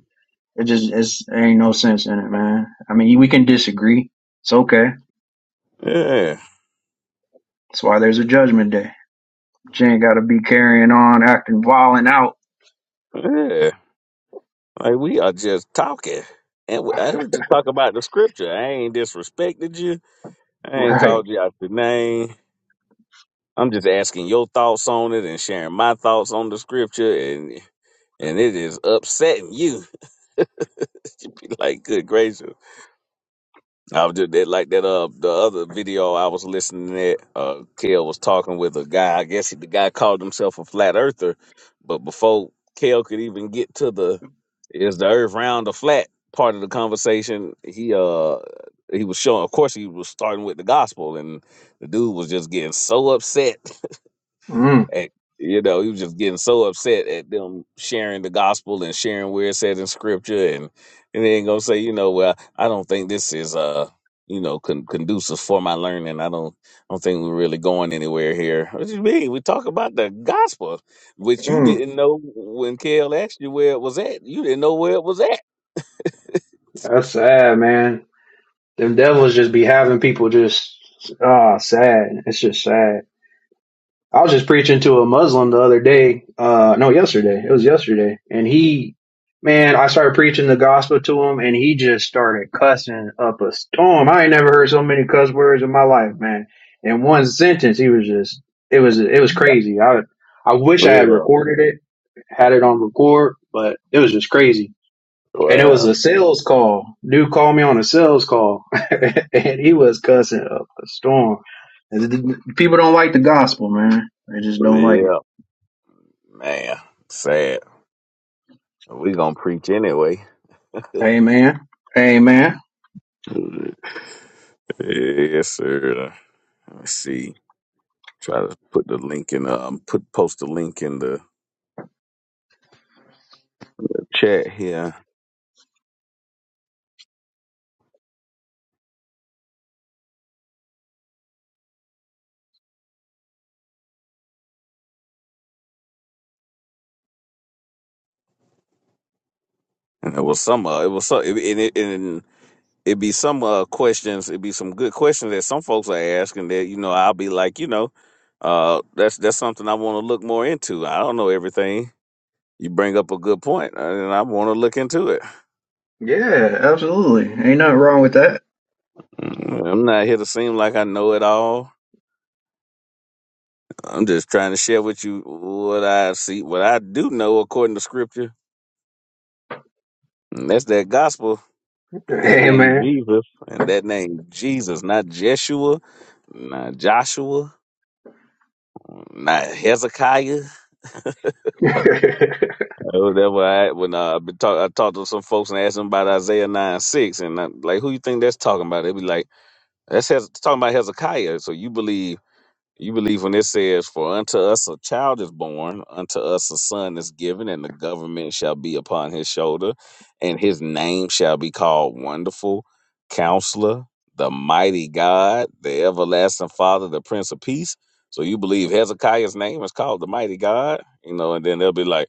S2: it just it's there ain't no sense in it, man. I mean, we can disagree. It's okay.
S1: yeah
S2: That's why there's a judgment day. But you ain't got to be carrying on acting violent out.
S1: and I
S2: Right.
S1: ain't- I'm your thoughts on it and on the scripture and and it is uh the other video I was listening at, uh Kel was talking with a guy. I guess the guy called himself a flat earther, but before Kel could even get to the is the earth round or flat part of the conversation, he uh he was showing of course he was starting with the gospel and the dude was just getting so upset
S2: Mm,
S1: and, you know, he was just getting so upset at them sharing the gospel and sharing where it said in scripture, and and then gonna say, you know, well, I don't think this is uh, you know, con- conducive for my learning. I don't, I don't think we're really going anywhere here. What do you mean? We talk about the gospel, which you
S2: mm.
S1: didn't know when Kale asked you where it was at. You didn't know where it was at. *laughs*
S2: That's sad, man. Them devils just be having people just ah sad. It's just sad. I was just preaching to a Muslim the other day. Uh, no, yesterday. It was yesterday, and he, man, I started preaching the gospel to him, and he just started cussing up a storm. I ain't never heard so many cuss words in my life, man. In one sentence, he was just it was it was crazy. I I wish I had
S1: Yeah.
S2: recorded it, had it on record, but it was just crazy and it was
S1: Wow.
S2: a sales call. Dude called me on a sales call, *laughs* and he was cussing up a storm. And the- People don't like the gospel, man. They just don't like it.
S1: Yeah. Man.
S2: Amen. Amen.
S1: Try to put the link in. Um, put post the link in the chat. Yeah. And it was some. Uh, it was some. It, it, it, and it'd be some uh questions. It'd be some good questions that some folks are asking. That you know, I'll be like, you know, uh, that's that's something I want to look more into. I don't know everything. You bring up a good point, uh, and I want to look into it.
S2: Yeah, absolutely. Ain't nothing wrong with that.
S1: Mm, I'm not here to seem like I know it all. I'm just trying to share with you what I see, what I do know according to Scripture. And that's that gospel And that name
S2: Amen.
S1: Jesus, and that name Jesus, not Jeshua, not Joshua, not Hezekiah. *laughs*
S2: *laughs*
S1: Oh, that's why I, when uh, I been talk, I talked to some folks and asked them about Isaiah nine six, and I'm like, who you think that's talking about? They be like, that's Hez- talking about Hezekiah. So you believe You believe when it says, For unto us a child is born, unto us a son is given, and the government shall be upon his shoulder, and his name shall be called Wonderful, Counselor, the Mighty God, the Everlasting Father, the Prince of Peace. So you believe Hezekiah's name is called the Mighty God, you know, and then they'll be like,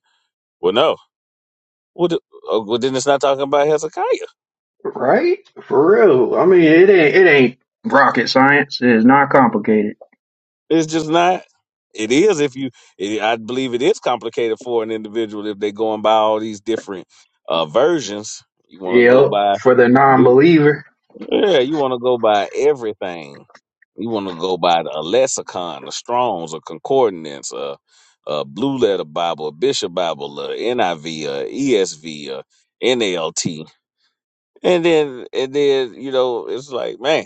S1: Well, no, what? the- oh, well, then it's not talking about Hezekiah.
S2: right? For real. I mean, it ain't it ain't rocket science. It is not complicated.
S1: It's just not. It is if you. It, I believe it is complicated for an individual if they're going by all these different uh, versions. You want to go
S2: Yep.
S1: by.
S2: For the
S1: do-
S2: non-believer,
S1: Yeah, you want to go by everything. You want to go by the, a lexicon, a Strong's, a concordance, a, a blue letter Bible, a Bishop Bible, a NIV, ESV, NLT, and then and then you know it's like man,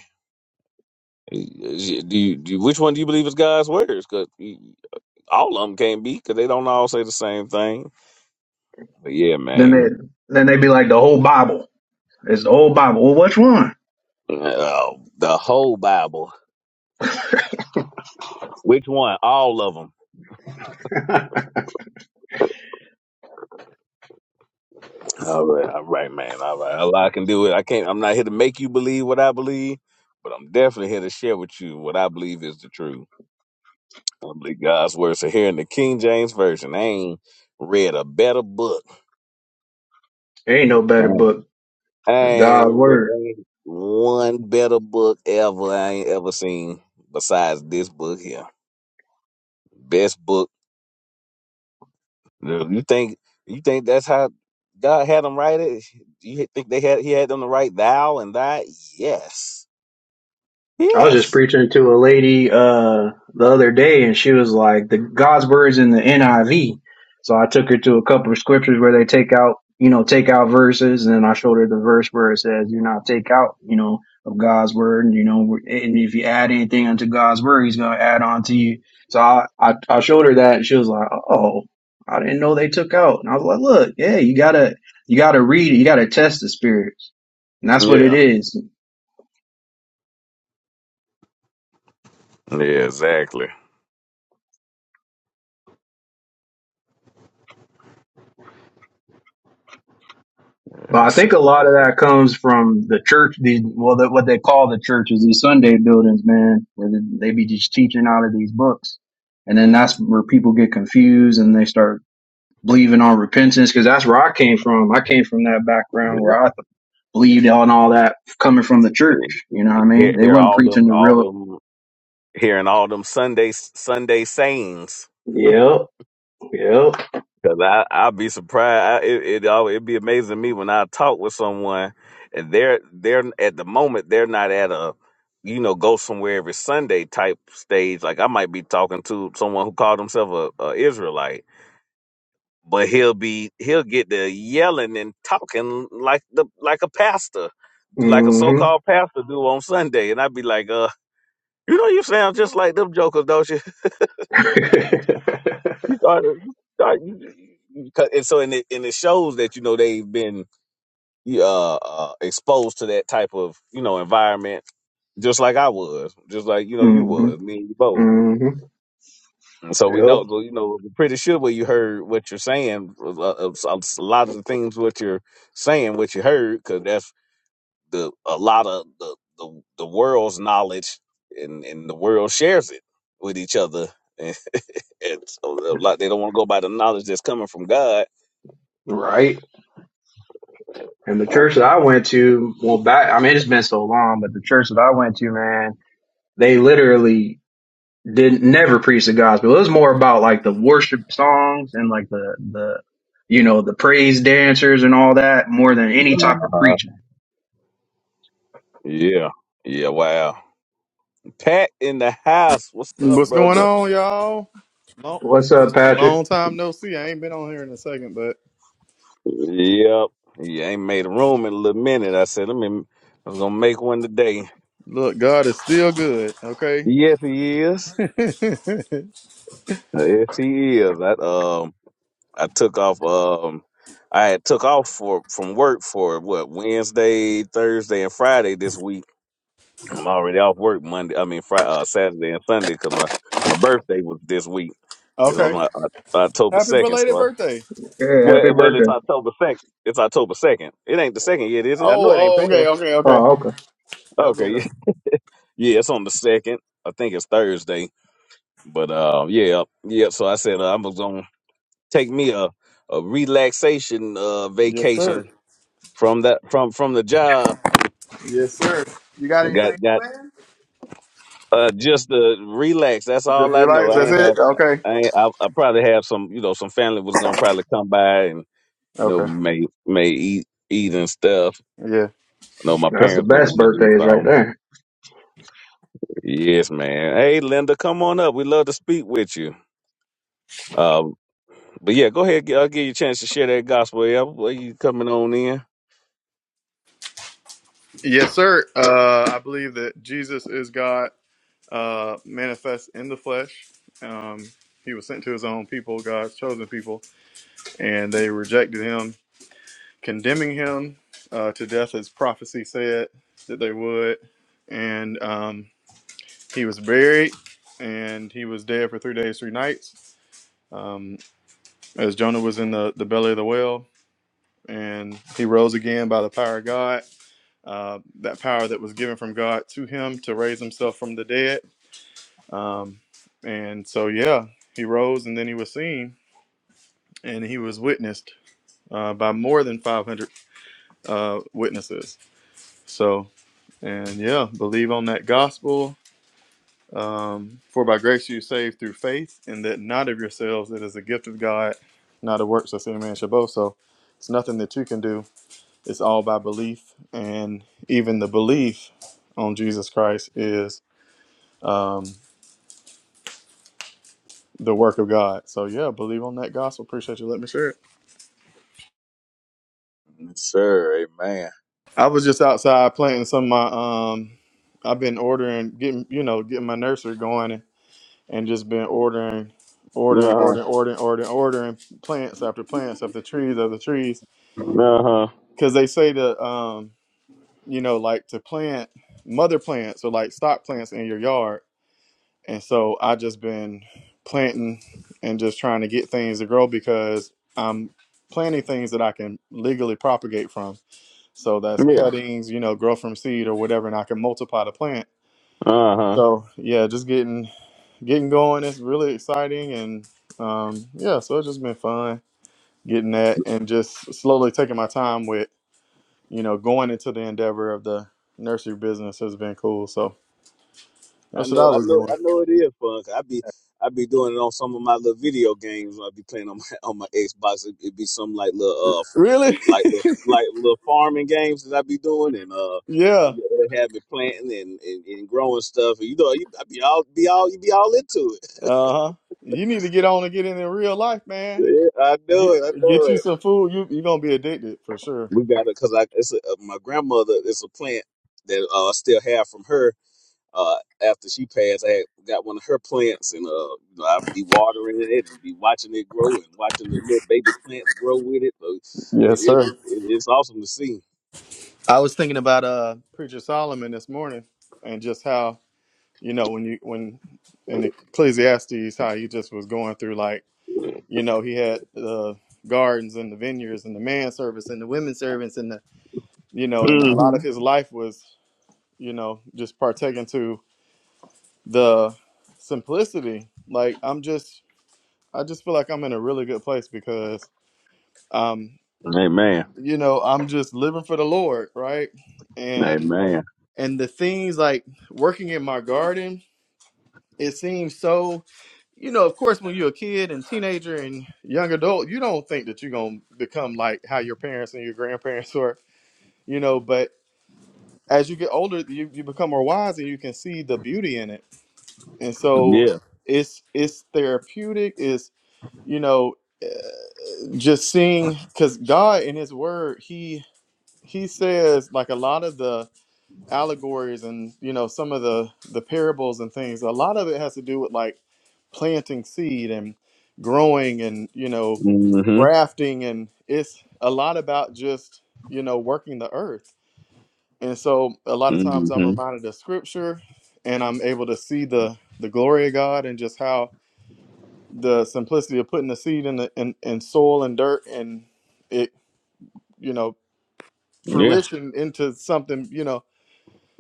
S1: is- is- do you, do you- which one do you believe is God's words? 'Cause all of them can't be because they don't all say the same thing. But yeah,
S2: then
S1: man.
S2: they then they be like the whole Bible. It's the whole Bible. Well, which one?
S1: Uh, with- all right, all right, man. All right, all I can do it. I can't. I'm not here to make you believe what I believe, but I'm definitely here to share with you what I believe is the truth. I believe God's word. So here in the King James version, I ain't read a better book.
S2: *laughs* ain't no better
S1: Man.
S2: book.
S1: I
S2: It's
S1: ain't
S2: God's
S1: read
S2: word.
S1: one better book ever. I ain't ever seen besides this book here. Best book No, You think you think that's how God had them write it? You think they had he had them to write thou and thy? Yes.
S2: I was just
S1: Yes.
S2: preaching to a lady uh the other day and she was like the God's words in the NIV. So I took her to a couple of scriptures where they take out, you know, take out verses and then I showed her the verse where it says, "Do not take out, you know, of God's word, and you know, and if you add anything unto God's word, he's going to add on to you." So I, I I showed her that and she was like, "Oh, I didn't know they took out." And I was like, "Look, yeah, you got to you got to read it. You got to test the spirits." And that's what it
S1: Yeah.
S2: is.
S1: Yeah, exactly.
S2: But I
S1: That's
S2: think a
S1: it.
S2: lot of that comes from the church. These well, the, what they call the church is these Sunday buildings, man, where they be just teaching out of these books, and then that's where people get confused and they start believing on repentance because that's where I came from. I came from that background where
S1: Yep.
S2: I th- believed on all that coming from the church. You know what I mean?
S1: Hear,
S2: They
S1: hear
S2: wasn't
S1: all them
S2: preaching the
S1: all
S2: real.
S1: them hearing all them Sunday Sunday sayings.
S2: Yep, yep.
S1: Cause I I'll be surprised. I, it it al- it'd be amazing to me when I talk with someone and they're they're at the moment they're not at a you know go somewhere every Sunday type stage. Like I might be talking to someone who called himself a, a Israelite, but he'll be he'll get the yelling and talking like the like a pastor, like a so
S2: hmm
S1: called pastor do on Sunday, and I'd be like, uh, you know, you sound just like them jokers, don't you?
S2: *laughs*
S1: *laughs*
S2: yep,
S1: you start, you start you, you, 'cause- and so and it and it shows that you know they've been yeah, uh, uh exposed to that type of you know environment just like I was, just like you know you
S2: hmm
S1: was, me and you both.
S2: hmm
S1: And so we know, so, you know, we're pretty sure what you heard, what you're saying, a, a, a lot of the things what you're saying, what you heard, because that's the a lot of the the, the world's knowledge and and the world shares it with each other *laughs* and, and so a lot, they don't want to go by the knowledge that's coming from god
S2: right. And the church that I went to, well, back, I mean, it's been so long, but the church that I went to, man, they literally didn't never preach the gospel. It was more about like the worship songs and like the, the, you know, the praise dancers and all that more than any type of preaching.
S1: yeah yeah wow Pat in the house. What's up,
S3: What's going
S1: brother?
S3: on, y'all? Long,
S2: What's up, Patrick?
S3: long time no see. I ain't been on here in a second, but
S1: Yep. He ain't made a room in a little minute. I said, let me. I was gonna make one today.
S3: look, God is still good. Okay.
S1: Yes, he is.
S3: *laughs*
S1: Yes, he is. I um, I took off. Um, I had took off for from work for what Wednesday, Thursday, and Friday this week. I'm already off work Monday. I mean, Friday, uh, Saturday, and Sunday because my my birthday was this week. It's on
S3: okay.
S1: my, uh, October
S3: Happy
S1: second,
S3: belated
S1: so I
S3: birthday.
S2: Hey, happy
S1: Well, well, it's
S2: birthday.
S1: October second. It's October second. It ain't the second yet, is it? I
S3: Oh,
S1: know it ain't
S3: oh, okay,
S1: past.
S3: okay, okay.
S2: Oh, okay.
S3: Y'all go
S1: Okay, *laughs*
S3: over
S1: yeah,
S3: there.
S1: yeah, it's on the second. I think it's Thursday. But uh, yeah, yeah. So I said uh, I'm gonna take me a a relaxation uh
S3: Yes, sir.
S1: vacation from that from from the job.
S3: Yes, sir. You got anything
S1: Got got
S3: planned?
S1: uh just to relax. That's
S3: Just
S1: all I know.
S3: relax.
S1: I
S3: That's
S1: ain't have.
S3: it. Okay.
S1: I, ain't, I I probably have some you know some family was gonna probably come by and you know
S3: Okay.
S1: may may eat eat and stuff.
S3: Yeah.
S1: I know my
S2: That's the
S1: parents gonna
S2: best
S1: want to do
S2: birthdays right
S1: so.
S2: there.
S1: Yes, man. Hey, Linda, come on up. We love to speak with you. Uh, but yeah, go ahead. I'll give you a chance to share that gospel. Yeah, Well, you coming on in?
S3: Yes, sir. Uh, I believe that Jesus is God uh, manifest in the flesh. Um, he was sent to his own people, God's chosen people, and they rejected him condemning him uh, to death, as prophecy said that they would. And um, he was buried, and he was dead for three days, three nights, um, as Jonah was in the, the belly of the whale. And he rose again by the power of God, uh, that power that was given from God to him to raise himself from the dead. Um, and so, yeah, he rose, and then he was seen, and he was witnessed uh, by more than 500 uh, witnesses. So And yeah, believe on that gospel. Um, For by grace you saved through faith, and that not of yourselves, it is a gift of God, not of works, lest any man should boast. So it's nothing that you can do. It's all by belief, and even the belief on Jesus Christ is um, the work of God. So yeah, believe on that gospel. Appreciate you letting me share it.
S1: Yes, sir. Amen.
S3: I was just outside planting some of my. Um, I've been ordering, getting you know, getting my nursery going, and just been ordering,
S1: Uh
S3: ordering,
S1: huh.
S3: ordering, ordering, ordering, ordering plants after plants after trees after trees.
S1: Uh huh.
S3: Because they say to, um, you know, like to plant mother plants or like stock plants in your yard. And so I just been planting and just trying to get things to grow because I'm planting things that I can legally propagate from. So that's cuttings, you know, grow from seed or whatever, and I can multiply the plant. So yeah, just getting getting going. It's really exciting, and um, yeah, so it's just been fun getting that and just slowly taking my time with you know going into the endeavor of the nursery business has been cool. So
S1: I
S3: that's what I was doing.
S1: be. I be. like little uh
S3: Really?
S1: like little like little farming games that I be doing and uh
S3: *laughs* yeah.
S1: you know, they have me planting and, and, and growing stuff and you know you I be all be all you be all into it. *laughs*
S3: Uh huh. You need to get on and get in in real life, man.
S1: Yeah, I know
S3: Get
S1: it, I know
S3: get you
S1: it.
S3: some food. You you gonna be addicted for sure.
S1: We got it because I it's a, my grandmother it's a plant that uh, I still have from her. Uh, after she passed, I had got one of her plants, and uh, you know, I'd be watering it and be watching it grow and watching the little baby plants grow with it. So it
S3: Yes,
S1: is
S3: sir.
S1: it is awesome to see.
S3: I was thinking about uh preacher Solomon this morning and just how you know when you when in Ecclesiastes how he just was going through like you know he had the gardens and the vineyards and the man service and the women servants and the you know and a lot of his life was you know just partaking to the simplicity like i'm just i just feel like i'm in a really good place because um you know i'm just living for the lord right and and the things like working in my garden it seems so you know, of course, when you're a kid and teenager and young adult, you don't think that you're gonna become like how your parents and your grandparents *laughs* were, you know. But as you get older, you, you become more wise and you can see the beauty in it. And so it's it's therapeutic. Is you know just seeing because God in His Word, He He says like a lot of the allegories and you know some of the the parables and things a lot of it has to do with like planting seed and growing and you know grafting and it's a lot about just you know working the earth and so a lot of
S1: hmm
S3: times i'm reminded of scripture and i'm able to see the the glory of god and just how the simplicity of putting the seed in the in, in soil and dirt and it you know
S1: Yeah.
S3: fruition into something you know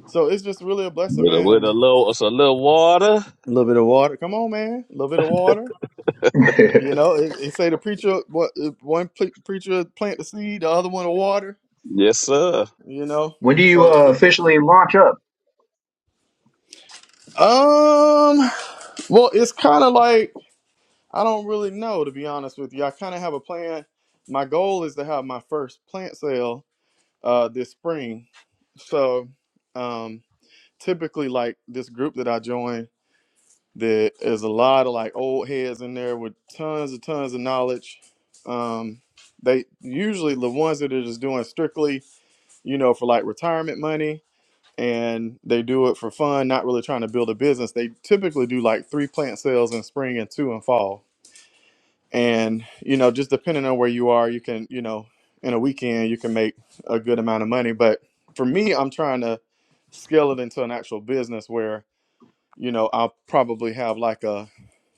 S3: so it's just really a blessing
S1: With a,
S3: man
S1: with
S3: and
S1: a little, it's a little water.
S3: A little bit of water. Come on, man. A little bit of water. You
S2: *laughs*
S3: know, it, it say the preacher what if one pre- preacher plant the seed, the other one will water.
S1: Yes, sir.
S3: You know,
S2: when do you
S3: so
S2: uh, officially launch up?
S3: um, well, it's kind of like I don't really know to be honest with you. I kind of have a plan. My goal is to have my first plant sale uh this spring. So um, typically like this group that I joined. There is a lot of like old heads in there with tons and tons of knowledge. Um, they usually the ones that are just doing strictly, you know, for like retirement money and they do it for fun, not really trying to build a business. They typically do like three plant sales in spring and two in fall. And, you know, just depending on where you are, you can, you know, in a weekend, you can make a good amount of money. But for me, I'm trying to scale it into an actual business where you know, I'll probably have like a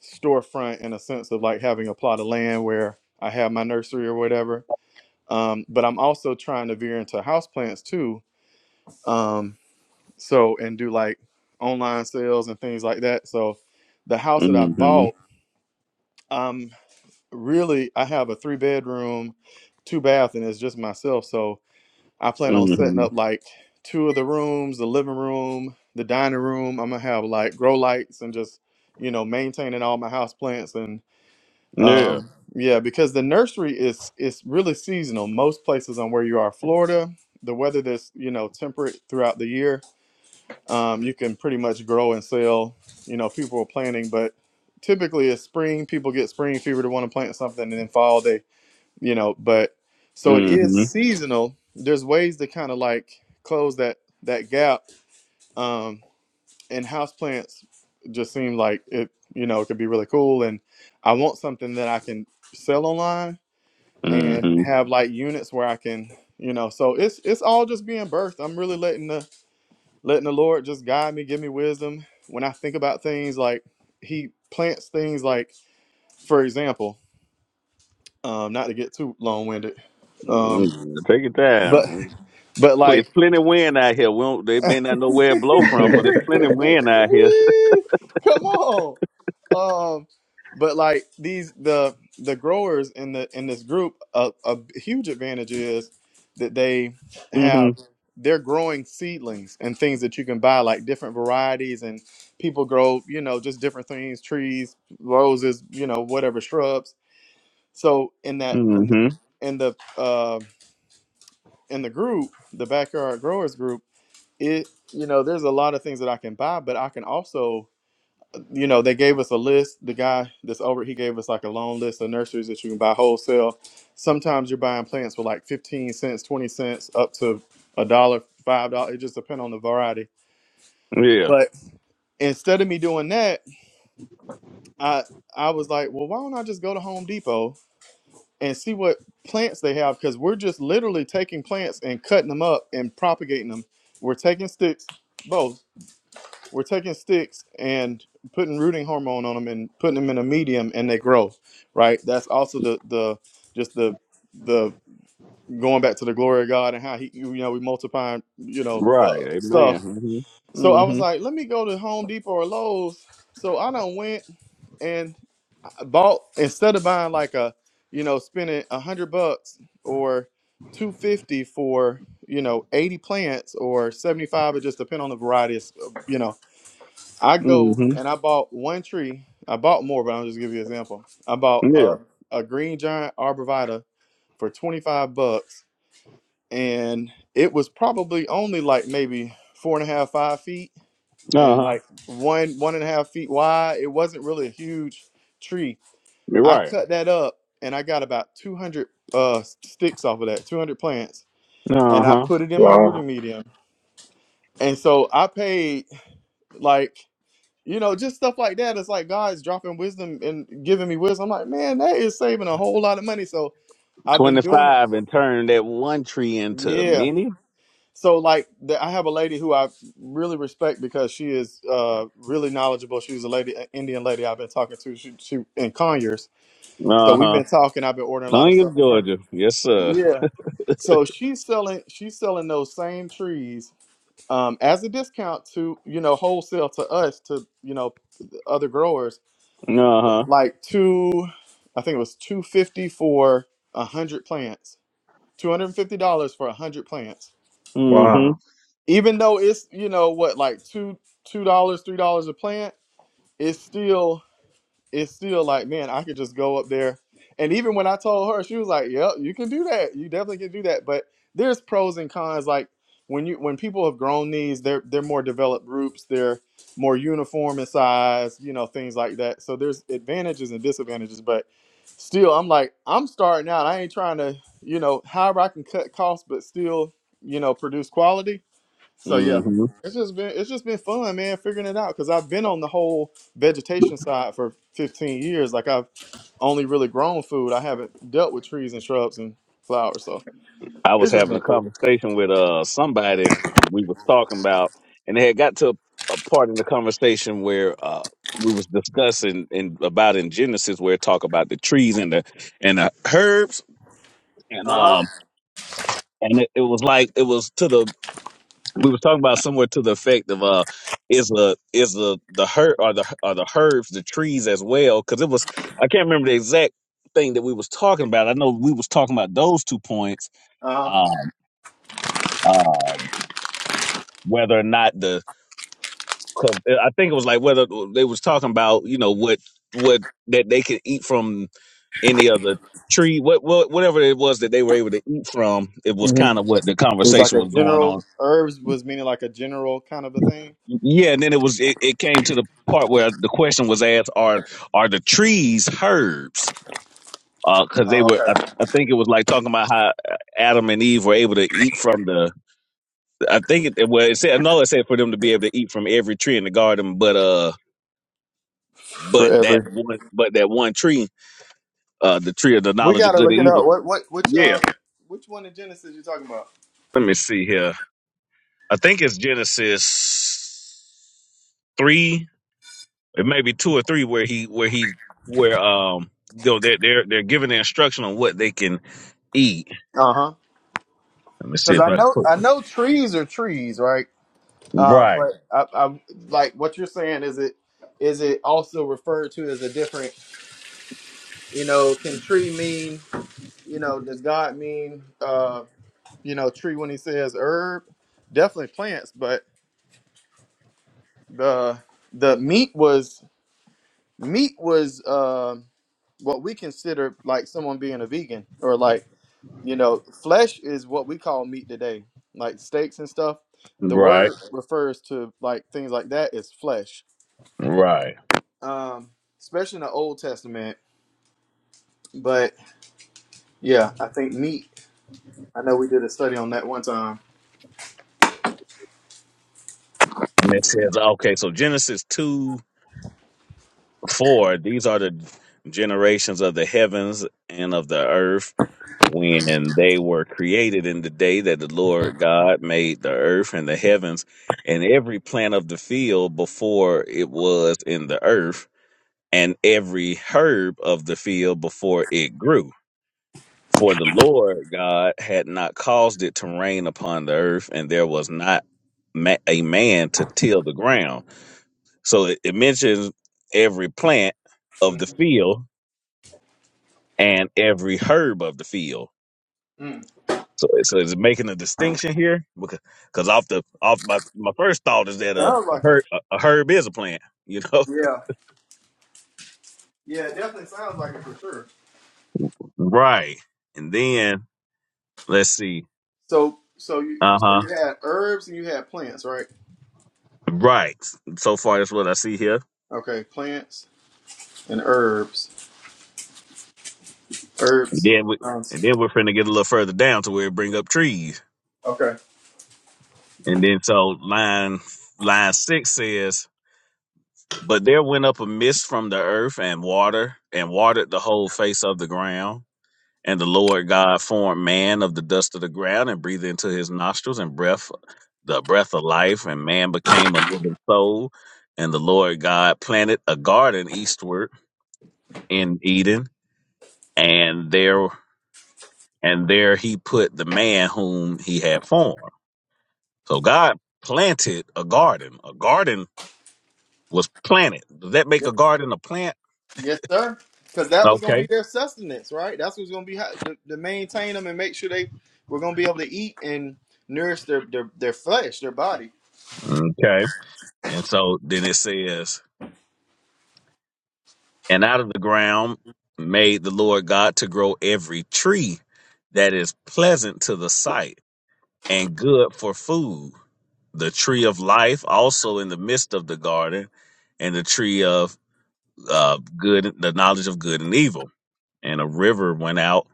S3: storefront in a sense of like having a plot of land where I have my nursery or whatever. Um, but I'm also trying to veer into houseplants too. Um, so and do like online sales and things like that. So the house that I bought, um, really I have a three bedroom, two bath, and it's just myself. So I plan on setting up like two of the rooms, the living room, the dining room. I'm gonna have like grow lights and just, you know, maintaining all my house plants and um yeah, because the nursery is is really seasonal. Most places on where you are, Florida, the weather that's, you know, temperate throughout the year, um, you can pretty much grow and sell, you know, people are planting, but typically it's spring, people get spring fever to want to plant something and then fall they you know but so it is
S1: Mm-hmm.
S3: seasonal there's ways to kind of like close that that gap um and house plants just seem like it you know it could be really cool and i want something that i can sell online and
S1: Mm-hmm.
S3: have like units where i can you know so it's it's all just being birthed i'm really letting the letting the lord just guide me give me wisdom when i think about things like he plants things like for example um not to get too long-winded um
S1: Take it
S3: but *laughs*
S1: down.
S3: But
S1: Pl-
S3: like,
S1: plenty wind out here. We don't, they may not
S3: *laughs*
S1: know where it
S3: come
S1: blow from, but there's
S2: *laughs*
S1: plenty wind out here.
S3: on. Um, but like these the the growers in the in this group, a, a huge advantage is that they have they're growing seedlings and things that you can buy, like different varieties, and people grow, you know, just different things, trees, roses, you know, whatever shrubs. So in that
S1: hmm
S3: in the in the uh, in the group, the backyard growers group it you know there's a lot of things that i can buy but i can also you know they gave us a list the guy that's over he gave us like a long list of nurseries that you can buy wholesale sometimes you're buying plants for like 15 cents 20 cents up to a dollar five dollars it just depends on the variety
S1: Yeah.
S3: but instead of me doing that i i was like well why don't i just go to home depot and see what plants they have because we're just literally taking plants and cutting them up and propagating them we're taking sticks both we're taking sticks and putting rooting hormone on them and putting them in a medium and they grow right that's also the the just the the going back to the glory of god and how he you know we multiplying you know uh,
S1: Right.
S3: stuff
S1: Amen.
S3: so i was
S1: Mm-hmm.
S3: like let me go to home depot or lowes so i done went and I bought instead of buying like a you know spending a hundred bucks or 250 for you know 80 plants or 75 it just depends on the variety of you know I go
S1: Mm-hmm.
S3: and I bought one tree. I bought more, but I'll just give you an example. I bought
S1: hmm Yeah.
S3: a, a green giant arborvitae for 25 bucks, and it was probably only like maybe four and a half, five feet, and like one, one and a half feet wide. It wasn't really a huge tree. I cut that up and I got about 200 uh, sticks off of that, 200 plants, and I
S1: Uh-huh.
S3: put it in my
S2: Wow.
S3: rooting medium. And so I paid like you know, just stuff like that. It's like God's dropping wisdom and giving me wisdom. I'm like, man, that is saving a whole lot of money. So I've been doing it. Yeah. So like, the, I have a lady who I really respect because she is uh, really knowledgeable. She was a lady, an Indian lady I've been talking to. She, she in Conyers, so we've
S1: Uh-huh.
S3: been talking. I've been ordering a lot of
S1: Tongue is
S3: stuff from her.
S1: Georgia. Yes, sir.
S3: Yeah. So she's selling she's selling those same trees um, as a discount to you know wholesale to us to you know other growers
S1: Uh-huh.
S3: like two, I think it was two fifty for a hundred plants, two hundred and fifty dollars for a hundred plants.
S1: Mm-hmm.
S2: Wow.
S3: Even though it's you know what like two two dollars three dollars a plant, it's still it's still like, man, I could just go up there. And even when I told her, she was like, "Yep, you can do that. You definitely can do that." But there's pros and cons. Like when you when people have grown knees, they're they're more developed groups. They're more uniform in size. You know things like that. So there's advantages and disadvantages. But still, I'm like, I'm starting out. I ain't trying to, you know, however I can cut costs, but still, you know, produce quality so yeah,
S1: Mm-hmm.
S3: it's just been it's just been fun, man, figuring it out because I've been on the whole vegetation side for 15 years. Like I've only really grown food. I haven't dealt with trees and shrubs and flowers. So
S1: I was
S3: it's just
S1: having
S3: been
S1: a
S3: cool.
S1: conversation with uh somebody, and we was talking about, and they had got to a, a part in the conversation where uh we was discussing in about in Genesis where it talk about the trees and the and the herbs, and
S3: Uh huh.
S1: um and it, it was like it was to the we was talking about somewhere to the effect of uh is the is the the herb or the or the herbs the trees as well because it was I can't remember the exact thing that we was talking about. I know we was talking about those two points.
S3: Uh huh.
S1: Um um, whether or not the 'cause I think it was like whether they was talking about you know what what that they could eat from any other tree what, what whatever it was that they were able to eat from it was
S3: hmm
S1: kind of what the
S3: It was like
S1: conversation
S3: a
S1: was going
S3: general
S1: on
S3: herbs was meaning like a general kind of a thing.
S1: yeah and then it was it, it came to the part where the question was asked are are the trees herbs because they
S3: Oh,
S1: were
S3: okay.
S1: I, I think it was like talking about how adam and eve were able to eat from the i think it well it said no it said for them to be able to eat from every tree in the garden but uh
S3: For
S1: But that
S3: every,
S1: one, but that one tree, uh, the tree of the
S3: we
S1: knowledge of
S3: gotta
S1: good
S3: look
S1: and
S3: it
S1: evil.
S3: up. What what which
S1: Yeah.
S3: uh which one in Genesis you talking about?
S1: Let me see here. I think it's Genesis three, it may be two or three, where he, where he, where um, you know, they're they're they're giving the instruction on what they can eat.
S3: Uh huh.
S1: Let me see
S3: Because
S1: if
S3: I
S1: I can
S3: know
S1: put
S3: I know trees are trees, right? Um,
S1: right,
S3: but I, I like what you're saying. Is it is it also referred to as a different? You know, can tree mean? You know, does God mean? Uh, you know, tree when He says herb, definitely plants. But the the meat was meat was um what we consider like someone being a vegan or like you know flesh is what we call meat today, like steaks and stuff. The
S1: right,
S3: word refers to like things like that is flesh
S1: right.
S3: um, especially in the Old Testament. But yeah, I think meat. I know we did a study on that one time.
S1: And it says, okay, so Genesis 2 4, these are the generations of the heavens and earth created in the day that the Lord the earth and the heavens. and of the field before it was the earth, and every herb of the field before it grew. For the Lord God called it to not man. So it, it mentions every plant of the field and every herb of the field.
S3: Mm-hmm.
S1: So, so is it making a distinction here? Because cause off the off my, my first thought is that a,
S3: Sounds
S1: a
S3: like it.
S1: herb a, a herb is a plant, you know? *laughs*
S3: Yeah, yeah, it definitely sounds like it for sure.
S1: Right. And then let's see.
S3: So, so you,
S1: Uh
S3: so
S1: huh.
S3: you had herbs and you had plants, right?
S1: Right. So far, that's what I see here.
S3: Okay, plants and herbs, herbs.
S1: Then we, and
S3: Sounds
S1: then we're finna get a little further down to where it bring up trees.
S3: okay.
S1: And then so line line six says, But there went up a mist from the earth and water, and watered the whole face of the ground. And the Lord God formed man of the dust of the ground and breathed into his nostrils and breath the breath of life, and man became a living soul. And the Lord God planted a garden eastward in Eden, and there and there he put the man whom he had formed. So God planted a garden. A garden was planted. Does that make a
S3: Yep.
S1: garden a plant?
S3: Yes, sir. Because that was going to be
S1: Okay.
S3: their sustenance, right? That's what's going to be how, to, to maintain them and make sure they were going to be able to eat and nourish their their, their flesh, their body.
S1: Okay. And so then it says, and out of the ground made the Lord God to grow every tree that is pleasant to the sight and good for food. The tree of life also in the midst of the garden, and the tree of uh, good, the knowledge of good and evil. And a river went out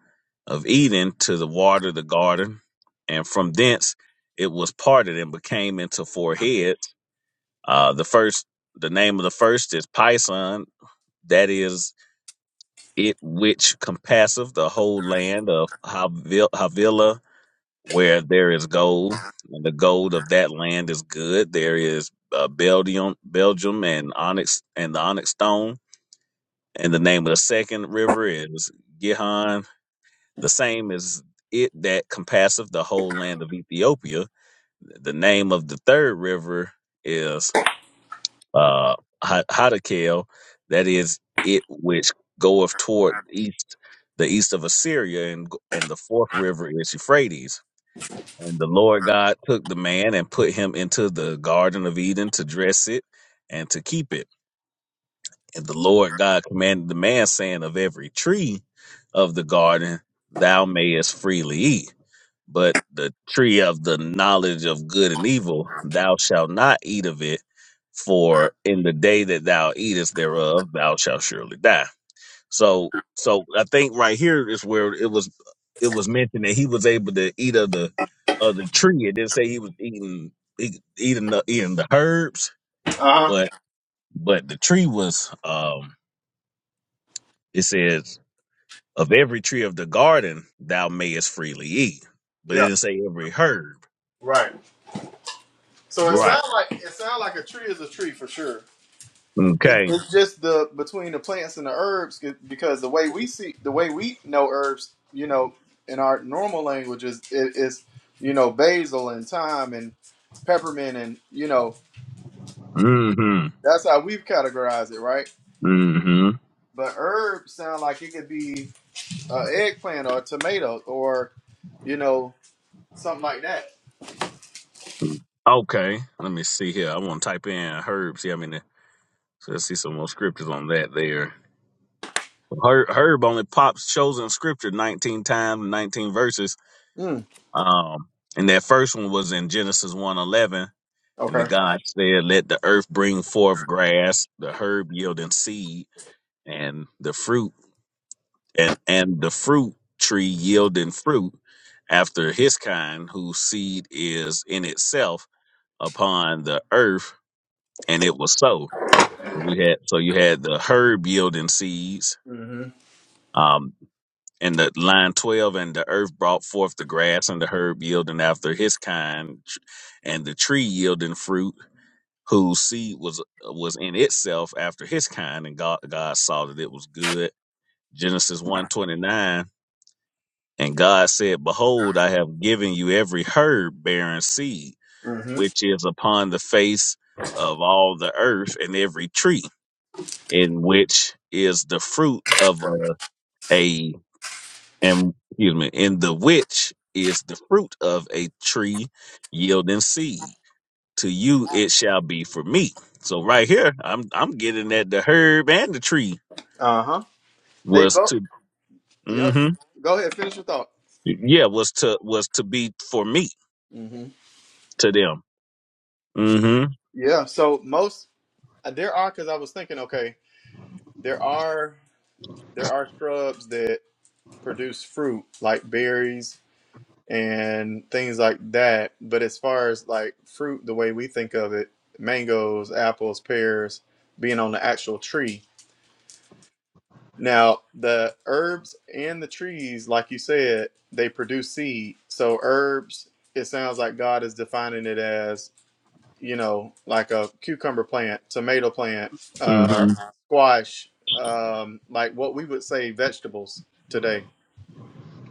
S1: of Eden to the water the garden, and from thence it was parted and became into four heads. Uh, the first, the name of the first is Pison, that is it which compasseth the whole land of Havi- Havilah, where there is gold, and the gold of that land is good. There is uh, Belgium, Belgium, and onyx, and the onyx stone and the name of the second river is Gihon, the same as it that compasseth the whole land of Ethiopia. The name of the third river is uh, Ha- Hadakel, that is it which goeth toward east, the east of Assyria, and and the fourth river is Euphrates. And the Lord God took the man and put him into the garden of Eden to dress it and to keep it. And the Lord God commanded the man, saying, Of every tree of the garden thou mayest freely eat, but the tree of the knowledge of good and evil thou shalt not eat of it, for in the day that thou eatest thereof thou shalt surely die. So so I think right here is where it was it was mentioned that he was able to eat of the of the tree. It didn't say he was eating eat- eating the eating the herbs,
S3: Uh huh.
S1: but but the tree was um it says, Of every tree of the garden thou mayest freely eat. But it
S3: Yeah,
S1: didn't say every herb.
S3: right. So it
S1: Right.
S3: sounds like it sounds like a tree is a tree for sure. It,
S1: Okay.
S3: it's just the between the plants and the herbs c- because the way we see the way we know herbs, you know, in our normal language is it is you know basil and thyme and peppermint and you know
S1: Mm-hmm.
S3: that's how we've categorized it, right?
S1: Mm-hmm.
S3: But herbs sound like it could be an eggplant or a tomato or you know something like that.
S1: Okay. Let me see here. I want to type in herb. See how many so let's see some more scriptures on that there. Herb, herb only pops shows in scripture 19 times, 19 verses.
S3: Mm,
S1: Um, and that first one was in Genesis one 11, And the
S3: okay.
S1: God said, Let the earth bring forth grass, the herb yielding seed, and the fruit. and and the fruit tree yielding fruit after his kind whose seed is in itself upon the earth and it was so we had so you had the herb yielding seeds
S3: Mm-hmm.
S1: um and the line 12 and the earth brought forth the grass and the herb yielding after his kind tr- and the tree yielding fruit whose seed was was in itself after his kind and god god saw that it was good genesis one twenty nine. And God said, Behold, I have given you every herb bearing seed,
S3: Mm-hmm.
S1: which is upon the face of all the earth, and every tree, in which is the fruit of a, a and excuse me, in the which is the fruit of a tree yielding seed. To you it shall be for me. So right here, I'm I'm getting that the herb and the tree
S3: Uh huh. They
S1: was
S3: both.
S1: to
S3: Yep.
S1: hmm
S3: Go ahead. Finish your thought.
S1: yeah, was to was to be for me
S3: hmm
S1: to them. Mm-hmm.
S3: Yeah. So most uh, there are because I was thinking, okay, there are there are shrubs that produce fruit like berries and things like that. But as far as like fruit, the way we think of it, mangoes, apples, pears, being on the actual tree. Now the herbs and the trees, like you said, they produce seed. So herbs, it sounds like God is defining it as you know, like a cucumber plant, tomato plant, uh,
S1: hmm
S3: squash, um, like what we would say vegetables today.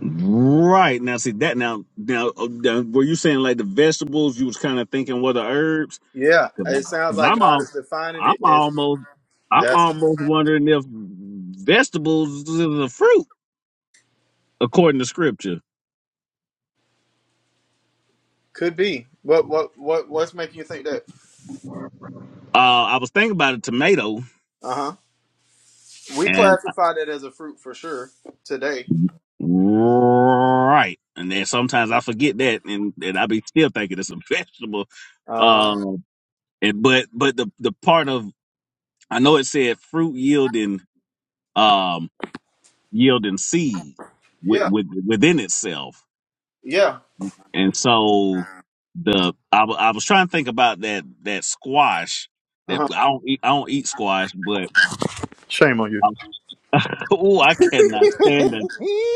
S1: Right now, see that now now, uh, now were you saying like the vegetables? You was kind of thinking what the herbs?
S3: Yeah,
S1: Because
S3: it sounds like
S1: I'm
S3: God
S1: all,
S3: is defining
S1: I'm
S3: it as
S1: almost, I'm
S3: that
S1: almost wondering if vegetables is a fruit according to scripture.
S3: could be. What what what what's making you think that?
S1: Uh, I was thinking about a tomato,
S3: Uh huh. We
S1: and
S3: classify that as a fruit for sure today.
S1: right, and then sometimes I forget that, and and I be still thinking it's a vegetable.
S3: Uh huh.
S1: Um, and but but the the part of I know it said fruit yielding. Um, yielding seed with,
S3: Yeah.
S1: with, within itself.
S3: Yeah.
S1: And so the I wa- I was trying to think about that that squash
S3: Uh
S1: that
S3: huh.
S1: I don't eat I don't eat squash, but
S3: Shame on you.
S1: I oh *laughs* I cannot stand it.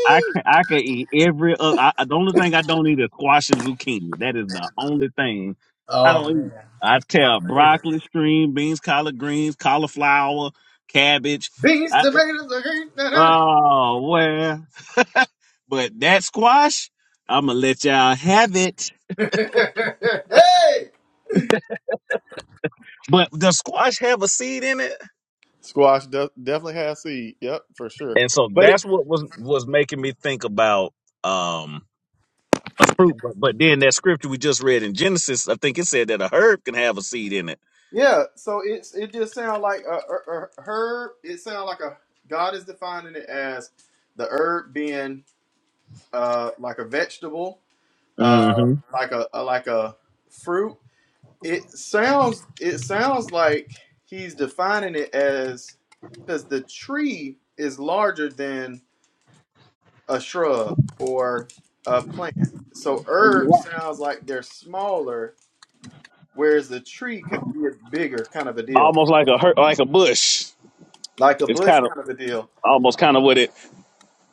S1: I can I can eat every other. I, I- the only thing I don't eat is squash and zucchini. That is the only thing I don't eat. I tear broccoli, string beans, collard greens, cauliflower, cabbage.
S3: These tomatoes are
S1: Oh well, *laughs* but that squash, I'm gonna let y'all have it.
S3: great. *laughs* hey!
S1: But does squash have a seed in it?
S3: Squash de- definitely has seed. Yep, for sure.
S1: And so
S3: But it,
S1: that's what was was making me think about um a fruit. But but then that scripture we just read in Genesis, I think it said that a herb can have a seed in it.
S3: yeah, so it's it just sounds like a, a, a herb. It sounds like a God is defining it as the herb being uh, like a vegetable, uh,
S1: hmm
S3: like a, a like a fruit. It sounds it sounds like he's defining it as because the tree is larger than a shrub or a plant. So herb sounds like they're smaller whereas a tree could be a bigger kind of a deal,
S1: Almost like a herb, like a bush.
S3: like a
S1: It's
S3: bush
S1: kind of
S3: kind of a deal.
S1: almost what it,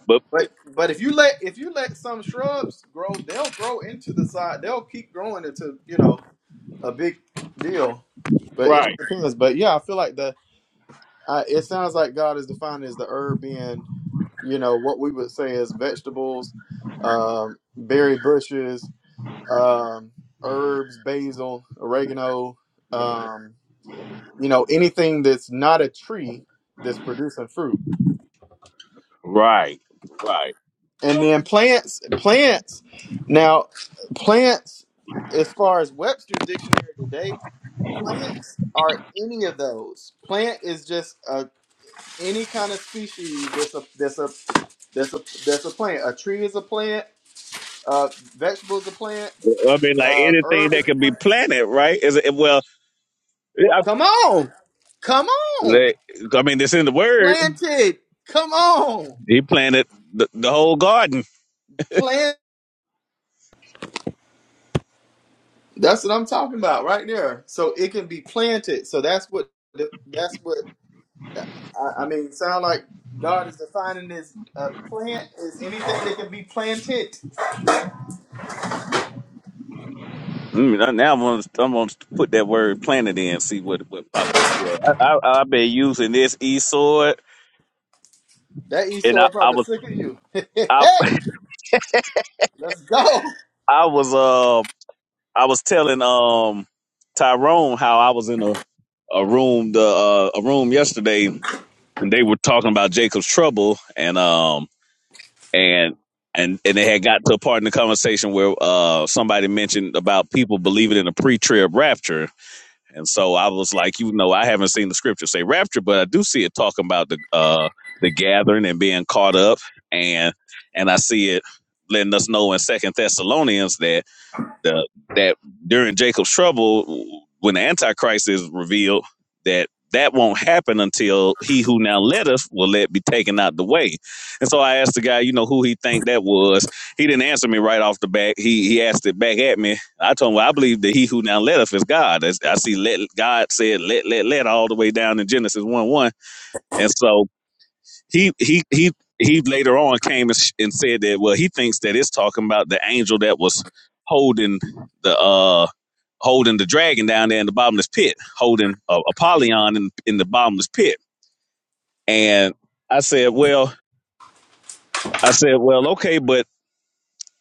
S1: but
S3: But
S1: it,
S3: but if you let if you let some shrubs grow, they'll grow into the side. They'll keep growing into you know a big deal. But it depends. But yeah, I feel like the I, it sounds like God is defined as the herb being you know what we would say as vegetables, um, berry bushes, um, herbs, basil, oregano. Um, you know anything that's not a tree that's producing fruit and then plants plants now plants as far as webster's dictionary today plants are any of those plant is just a, any kind of species that's a that's a that's a that's a plant a tree is a plant uh vegetable is a plant
S1: I mean, like
S3: uh
S1: anything
S3: herb
S1: that
S3: is a
S1: can be
S3: plant
S1: planted, right? Is it well? I,
S3: come on come on
S1: like, I mean, it's in the word.
S3: planted come on
S1: He planted the, the whole garden.
S3: That's what I'm talking about right there. So it can be planted. So that's what that's what uh, I, I mean. Sound like God is defining this A plant is anything that can be planted.
S1: Mm, now I'm gonna, I'm gonna put that word "planted" in, see what what pop up here. I, I I've been using this e sword,
S3: That
S1: and I,
S3: Esau
S1: I
S3: probably
S1: was
S3: sick of you. *laughs*
S1: I
S3: hey, let's go.
S1: *laughs* I was uh I was telling um Tyrone how I was in a a room the uh, a room yesterday, and they were talking about Jacob's trouble, and um and and and they had got to a part in the conversation where uh somebody mentioned about people believing in a pre-trib rapture And so I was like, you know, I haven't seen the scripture say rapture, but I do see it talking about the uh the gathering and being caught up and and I see it letting us know in Second Thessalonians that the that during Jacob's trouble, when the Antichrist is revealed, that that won't happen until he who now let us will let be taken out the way. And so I asked the guy, you know, who he think that was. He didn't answer me right off the bat. He he asked it back at me. I told him, well, I believe that he who now let us is God. As I see let God said let let let all the way down in Genesis one one. And so he he he he later on came and, sh- and said that well he thinks that it's talking about the angel that was holding the uh holding the dragon down there in the bottomless pit holding uh, apollyon in, in the bottomless pit and i said well i said well okay but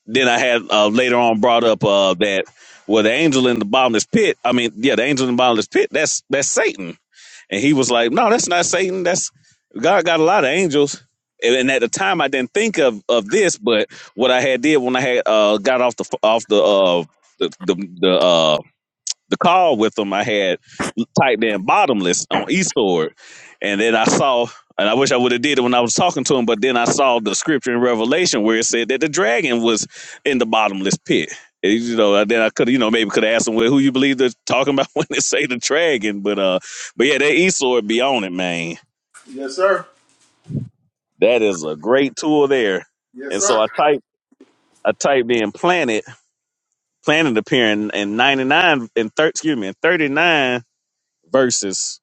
S1: then i had uh, later on brought up uh that well the angel in the bottomless pit i mean yeah the angel in the bottomless pit that's that's satan And he was like, No, that's not Satan. That's God got a lot of angels. And and at the time, I didn't think of of this, but what I had did when I had uh, got off the off the uh, the the, the uh, the call with them, I had typed in bottomless on eSword. And then I saw, and I wish I would have did it when I was talking to him, but then I saw the scripture in Revelation where it said that the dragon was in the bottomless pit. And, You know, then I could, you know, maybe could have asked him, well, who you believe they're talking about *laughs* when they say the dragon, but uh, but yeah, that eSword be on it, man.
S3: Yes, sir.
S1: That is a great tool there.
S3: Yes,
S1: And so
S3: sir.
S1: I typed, I typed in planet, planet appearing in 99 and thir- excuse me, in 39 verses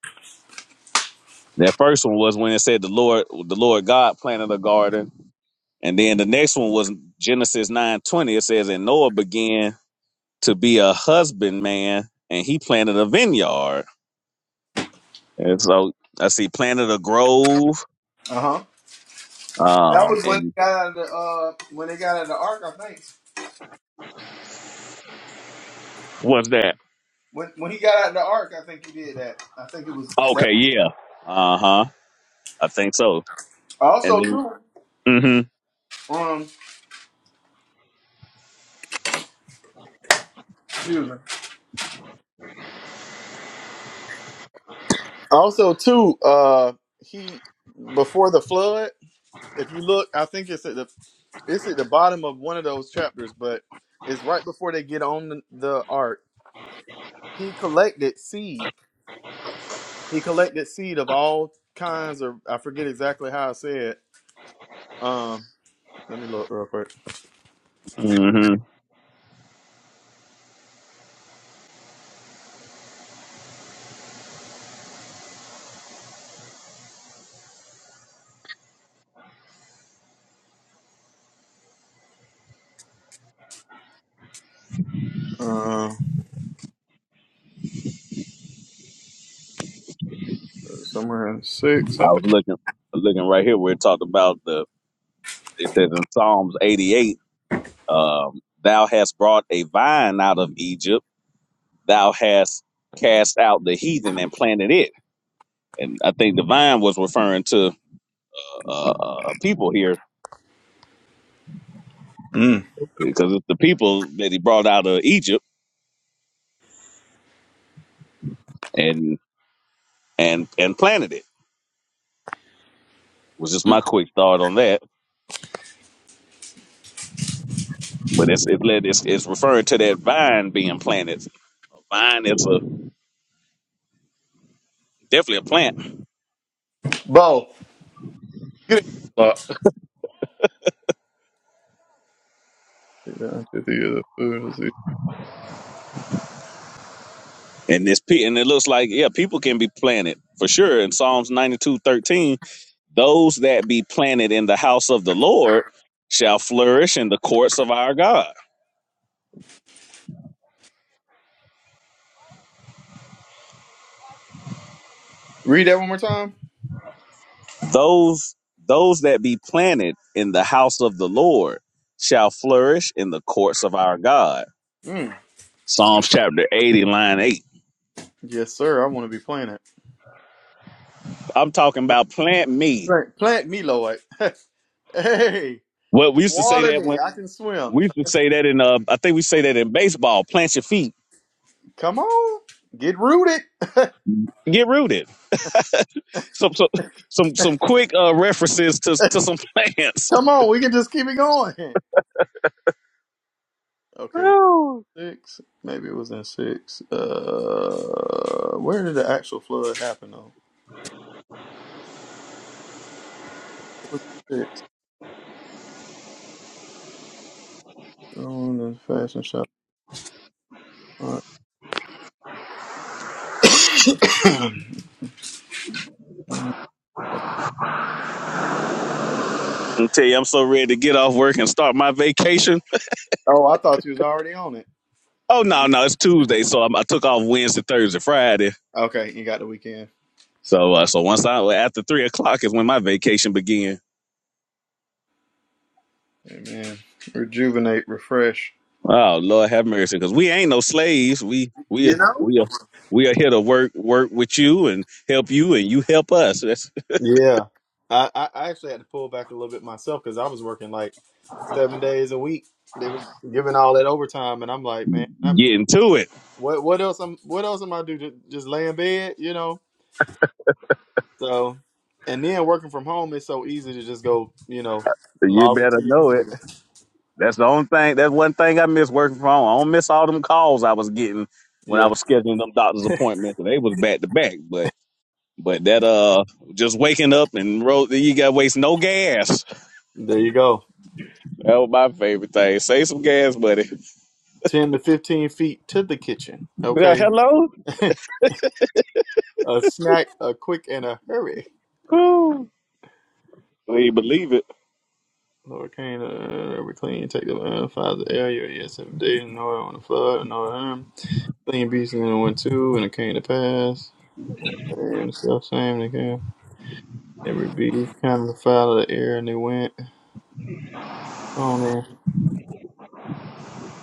S1: That first one was when it said the Lord, the Lord God planted a garden, and then the next one was Genesis nine twenty. It says, "And Noah began to be a husbandman, and he planted a vineyard." And so I see planted a grove.
S3: Uh huh. That
S1: Um,
S3: was when
S1: and
S3: they got out of the uh, when they got out of the ark. I think
S1: what's that?
S3: when when he got out of the ark, I think he did that. I think it was that.
S1: Okay, yeah, uh huh. I think so. And
S3: Also,
S1: then
S3: too, um, excuse me. Also, too, uh, he before the flood. If you look, I think it's at the it's at the bottom of one of those chapters, but it's right before they get on the, the ark. He collected seed. He collected seed of all kinds, or I forget exactly how I said. Um, let me look real quick.
S1: mm,
S3: Uh, somewhere in
S1: I
S3: six, I think.
S1: was looking, looking right here where it talked about the. It says in Psalms eighty eight, um, "Thou hast brought a vine out of Egypt." thou hast cast out the heathen and planted it. And I think the vine was referring to uh, uh, people here
S3: Mm.
S1: because it's the that he brought out of Egypt and and and planted it. Result on that, but it's it led it's, it's referring to that vine being planted. Vine is a definitely a plant,
S3: Bo, get it. Look. Take that into the other food. of the sea.
S1: and this pe- and it looks like yeah, people can be planted for sure. In Psalms ninety two thirteen, those that be planted in the house of the Lord shall flourish in the courts of our God
S3: Read that one more time.
S1: those those that be planted in the house of the Lord shall flourish in the courts of our God.
S3: Mm.
S1: Psalms chapter 80, line 8.
S3: Yes, sir. I want to be playing it.
S1: I'm talking about plant me.
S3: Plant, plant me, Lord. *laughs* hey,
S1: Well, we used to say
S3: water
S1: that
S3: me.
S1: when
S3: I can swim.
S1: we used to say that in uh I think we say that in baseball, plant your feet,
S3: Come on, get rooted.
S1: get rooted. Some some some some quick uh references to to some
S3: *laughs*
S1: plants.
S3: Come
S1: *laughs*
S3: on, we can just keep it going. Okay, well, six. Maybe it was in six. Uh, where did the actual flood happen though? It was six. On the fashion shop. All right. *coughs*
S1: I tell you, I'm so ready to get off work and start my vacation.
S3: oh, I thought you was already on it.
S1: Oh no, no, it's Tuesday, so I'm, I took off Wednesday, Thursday, Friday
S3: Okay, you got the weekend.
S1: So uh, so once I after three o'clock is when my vacation began.
S3: Amen. Rejuvenate, refresh.
S1: Oh Lord have mercy, because we ain't no slaves. We we
S3: You know?
S1: we are we are here to work work with you and help you, and you help us. That's
S3: Yeah, I, I I actually had to pull back a little bit myself because I was working like seven days a week. They was giving all that overtime, and I'm like, man,
S1: *laughs*
S3: I'm
S1: getting to it.
S3: what what else I'm what else am I do? Just, just lay in bed, you know? So, and then working from home is so easy to just go, you know,
S1: You
S3: log
S1: better
S3: into your
S1: know it.
S3: computer.
S1: That's the only thing. That's one thing I miss working from home. I don't miss all them calls I was getting when I
S3: Yeah,
S1: was scheduling them doctor's appointments. They was back to back, but but that uh just waking up and road you got to waste no gas.
S3: there you go.
S1: That was my favorite thing. Save some gas, buddy. *laughs*
S3: Ten to fifteen feet to the kitchen.
S1: Yeah,
S3: Okay,
S1: Hello.
S3: *laughs* a snack, a quick, and a hurry.
S1: Whew. He believe it.
S3: Lord Cain, uh, every clean, take the uh, of the area, yes, seven days, and Noah on the flood, and Noah arm. Clean beast, and then one, two, and it came to pass. And the self same again. Every beast kind of the fowl of the air, and they went on there.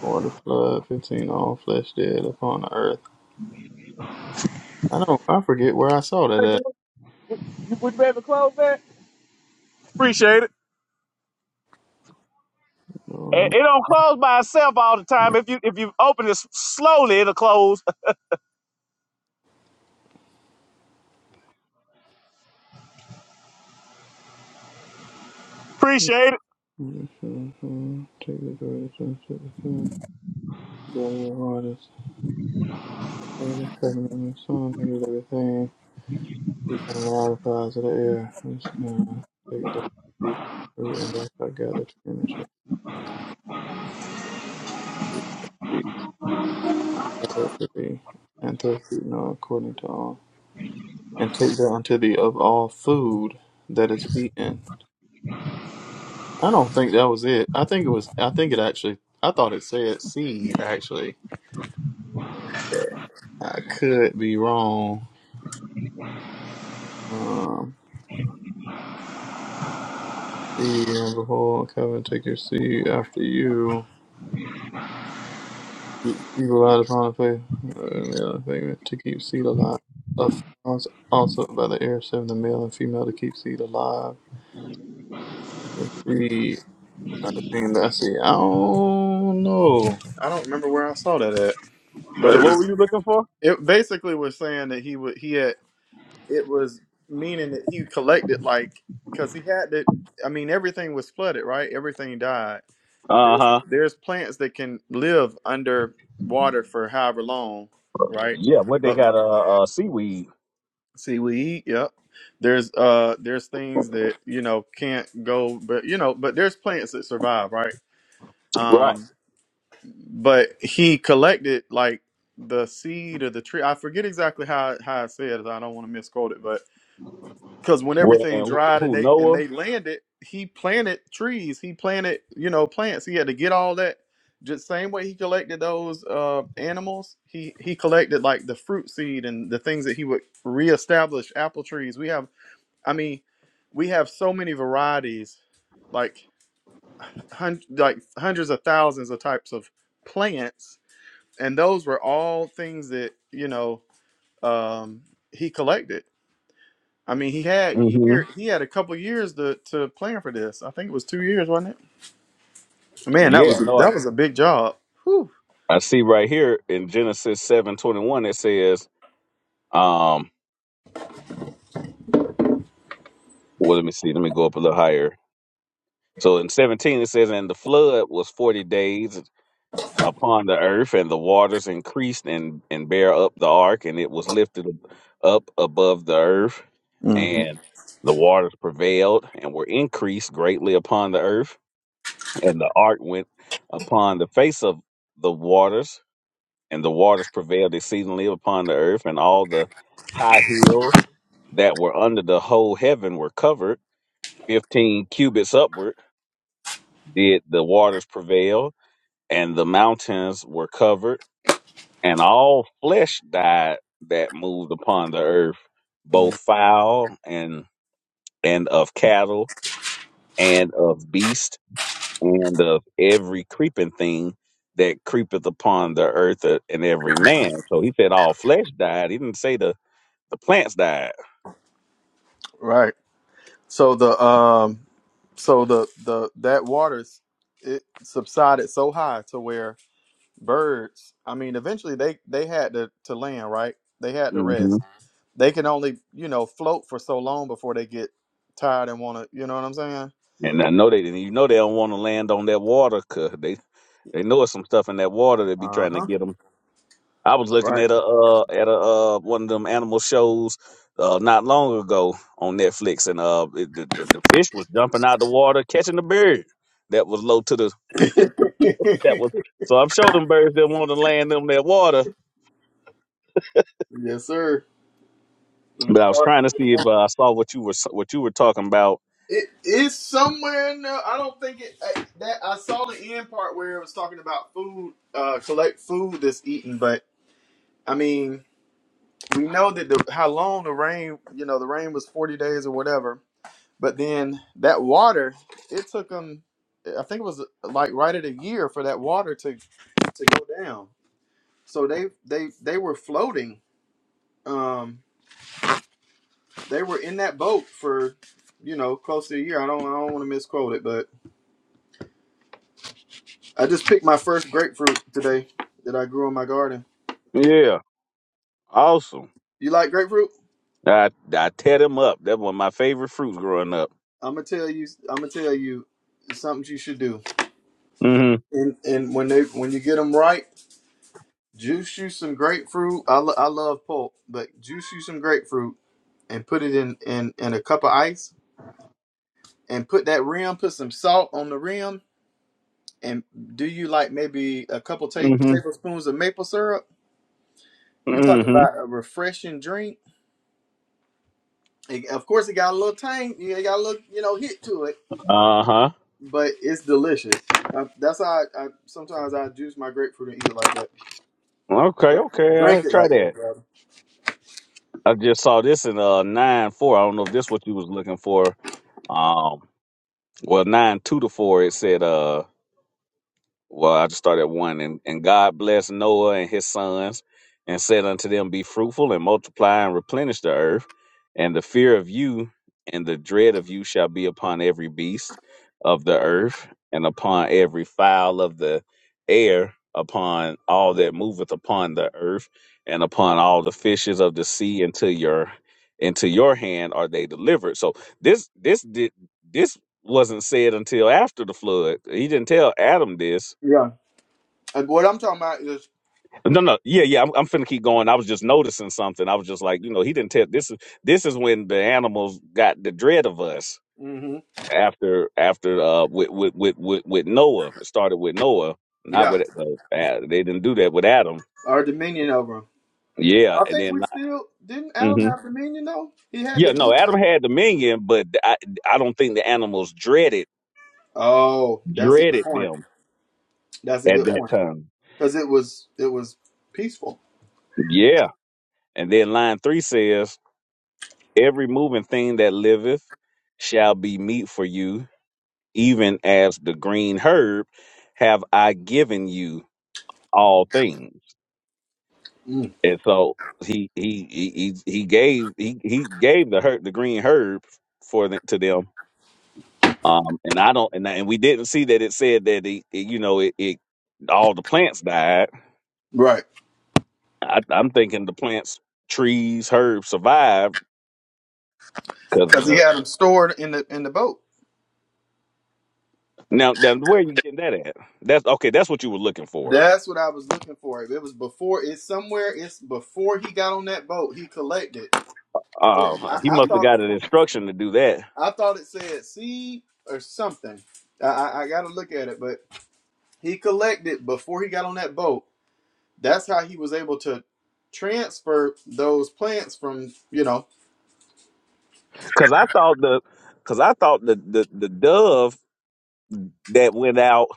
S3: Or the flood, 15, all flesh dead upon the earth. I don't, I forget where I saw that at. *laughs* Take the Keep my modifiers of the air. Let's now take that beat through and that's I gather to image of the beat gathered to be and to feed no according to all. And take that unto thee of all food that is eaten. I don't think that was it. I think it was I think it actually I thought it said seed actually. I could be wrong. Um seed and behold covenant take your seed after you. You you relied upon the faith and the other thing to keep seed alive. Of flowers also by the air seven the male and female to keep seed alive. See, I think that's it. I don't know. I don't remember where I saw that at, but it was. It basically was saying that he would. He had. it was meaning that he collected like because he had to i mean everything was flooded right everything died
S1: Uh
S3: there's
S1: huh.
S3: there's plants that can live under water for however long right
S1: Yeah, What they
S3: but m-
S1: got uh, uh seaweed.
S3: seaweed yep there's uh there's things that you know can't go but you know but there's plants that survive right
S1: Right.
S3: um but he collected like the seed of the tree i forget exactly how how it said i don't want to misquote it because when
S1: Well,
S3: everything
S1: and
S3: dried and
S1: who
S3: they and
S1: Noah?
S3: they landed, he planted trees. He planted, you know, plants. He had to get all that. Just same way he collected those uh, animals, he he collected like the fruit seed and the things that he would reestablish apple trees. We have, I mean, we have so many varieties, like hun- like hundreds of thousands of types of plants, and those were all things that you know um, he collected I mean, he had
S1: hmm
S3: year he had a couple years to to plan for this. I think it was two years, wasn't it? Man, that was
S1: Yeah,
S3: a,
S1: no, I,
S3: that was a big job. Whew.
S1: I see right here in Genesis seven twenty one it says, um, well, let me see, let me go up a little higher. So in seventeen it says, and the flood was forty days upon the earth, and the waters increased and and bare up the ark, and it was lifted up above the earth,
S3: hmm
S1: and the waters prevailed and were increased greatly upon the earth And the ark went upon the face of the waters, and the waters prevailed exceedingly upon the earth, and all the high hills that were under the whole heaven were covered. Fifteen cubits upward did the waters prevail, and and all flesh died that earth, both and and of cattle and of, and of every creeping thing that creepeth upon the earth, uh, and every man flesh died. He didn't say the the plant. died.
S3: Right. So the um, so the the that waters it subsided so high to where birds. I mean, eventually they they had to to land. Right. They had to
S1: Mm-hmm.
S3: rest. They can only you know float for so long before they get tired and want to. You know what I'm saying?
S1: And I know they didn't. You know they don't want to land on that water 'cause they they know it's some stuff in that water that be
S3: Uh
S1: trying to
S3: huh.
S1: get them. I was looking
S3: Right.
S1: at a uh, at a uh, one of them animal shows uh, not long ago on Netflix, and uh, it, the, the the fish was jumping out the water catching the bird that was low to the *laughs*
S3: *laughs*
S1: that was.
S3: yes,
S1: So I'm sure them birds that want to land them that water.
S3: sir. Them
S1: But I
S3: sharks.
S1: was trying to see if uh, I saw what you were what you were talking about.
S3: It is somewhere in there. I don't think it. I, that I saw the end part where it was talking about food, uh, collect food that's eaten. But I mean, we know that the how long the rain, you know, the rain was forty days or whatever. But then that water, it took them. I think it was like right at a year for that water to to go down. So they they they were floating. Um, they were in that boat for you know close to a year. I don't I don't want to misquote it, but. I just picked my first grapefruit today that I grew in my garden.
S1: Yeah, awesome.
S3: You like grapefruit?
S1: I I tear them up. That was my favorite fruits growing up.
S3: I'm gonna tell you. I'm gonna tell you it's something you should do.
S1: hmm
S3: And and when they when you get them right, juice you some grapefruit. I, lo- I love pulp, but juice you some grapefruit and put it in in in a cup of ice and put that rim. Put some salt on the rim and do you like maybe a couple ta-
S1: hmm
S3: tablespoons of maple syrup? You talking
S1: hmm
S3: about a refreshing drink? It- of course, it got a little tang. It got a little you know hit to it
S1: Uh huh.
S3: but it's delicious. I, that's how I, I sometimes I juice my grapefruit and eat it like that.
S1: Okay,
S3: Drink,
S1: okay. I
S3: drink it
S1: try
S3: like that,
S1: that.
S3: rather.
S1: I just saw this in uh nine four. I don't know if this what you was looking for. Um, well nine two to four. It said uh Well, I just started at one, and, and God blessed Noah and his sons, and said unto them, Be fruitful and multiply and replenish the earth, and the fear of you and the dread of you shall be upon every beast of the earth, and upon every fowl of the air, upon all that moveth upon the earth, and upon all the fishes of the sea. Into your into your hand are they delivered. So this this did this wasn't said until after the flood. He didn't tell Adam this
S3: Yeah. Like what I'm talking about is,
S1: no, no, yeah, yeah. I'm, I'm finna keep going. I was just noticing something. I was just like, you know, he didn't tell. This is this is when the animals got the dread of us
S3: hmm
S1: after after uh with with with with, with Noah. It started with Noah, not
S3: yeah,
S1: with uh, Ad- they didn't do that with Adam.
S3: our dominion over him.
S1: Yeah,
S3: I
S1: and
S3: think
S1: then
S3: we still didn't Adam
S1: hmm
S3: have dominion though. He had
S1: yeah, no,
S3: dominion.
S1: Adam had dominion, but I I don't think the animals dreaded
S3: Oh, that's a good
S1: dreaded
S3: point.
S1: them
S3: That's a
S1: at
S3: good
S1: that
S3: point
S1: time.
S3: because it was it was peaceful.
S1: Yeah, and then line three says, "Every moving thing that liveth shall be meat for you." even as the green herb have I given you all things.
S3: Mm.
S1: And so he he he he he gave he he gave the herb the green herb for the, to them. Um, and I don't and, I- and we didn't see that it said that it, it, you know it, it all the plants died.
S3: Right,
S1: I, I'm thinking the plants, trees, herbs survived because
S3: because he
S1: the
S3: had them stored in the in the boat.
S1: now now where you getting that at? That's okay. That's what you were looking for.
S3: That's what I was looking for. If it was before, it's somewhere. It's before he got on that boat. He collected. It,
S1: Uh, he
S3: I, I
S1: must have
S3: thought
S1: got an instruction to do that
S3: I thought it said seed or something. I, I, I got to look at it, but he collected before he got on that boat. That's how he was able to transfer those plants from you know.
S1: Cause I thought the, cause I thought the the, the dove that went out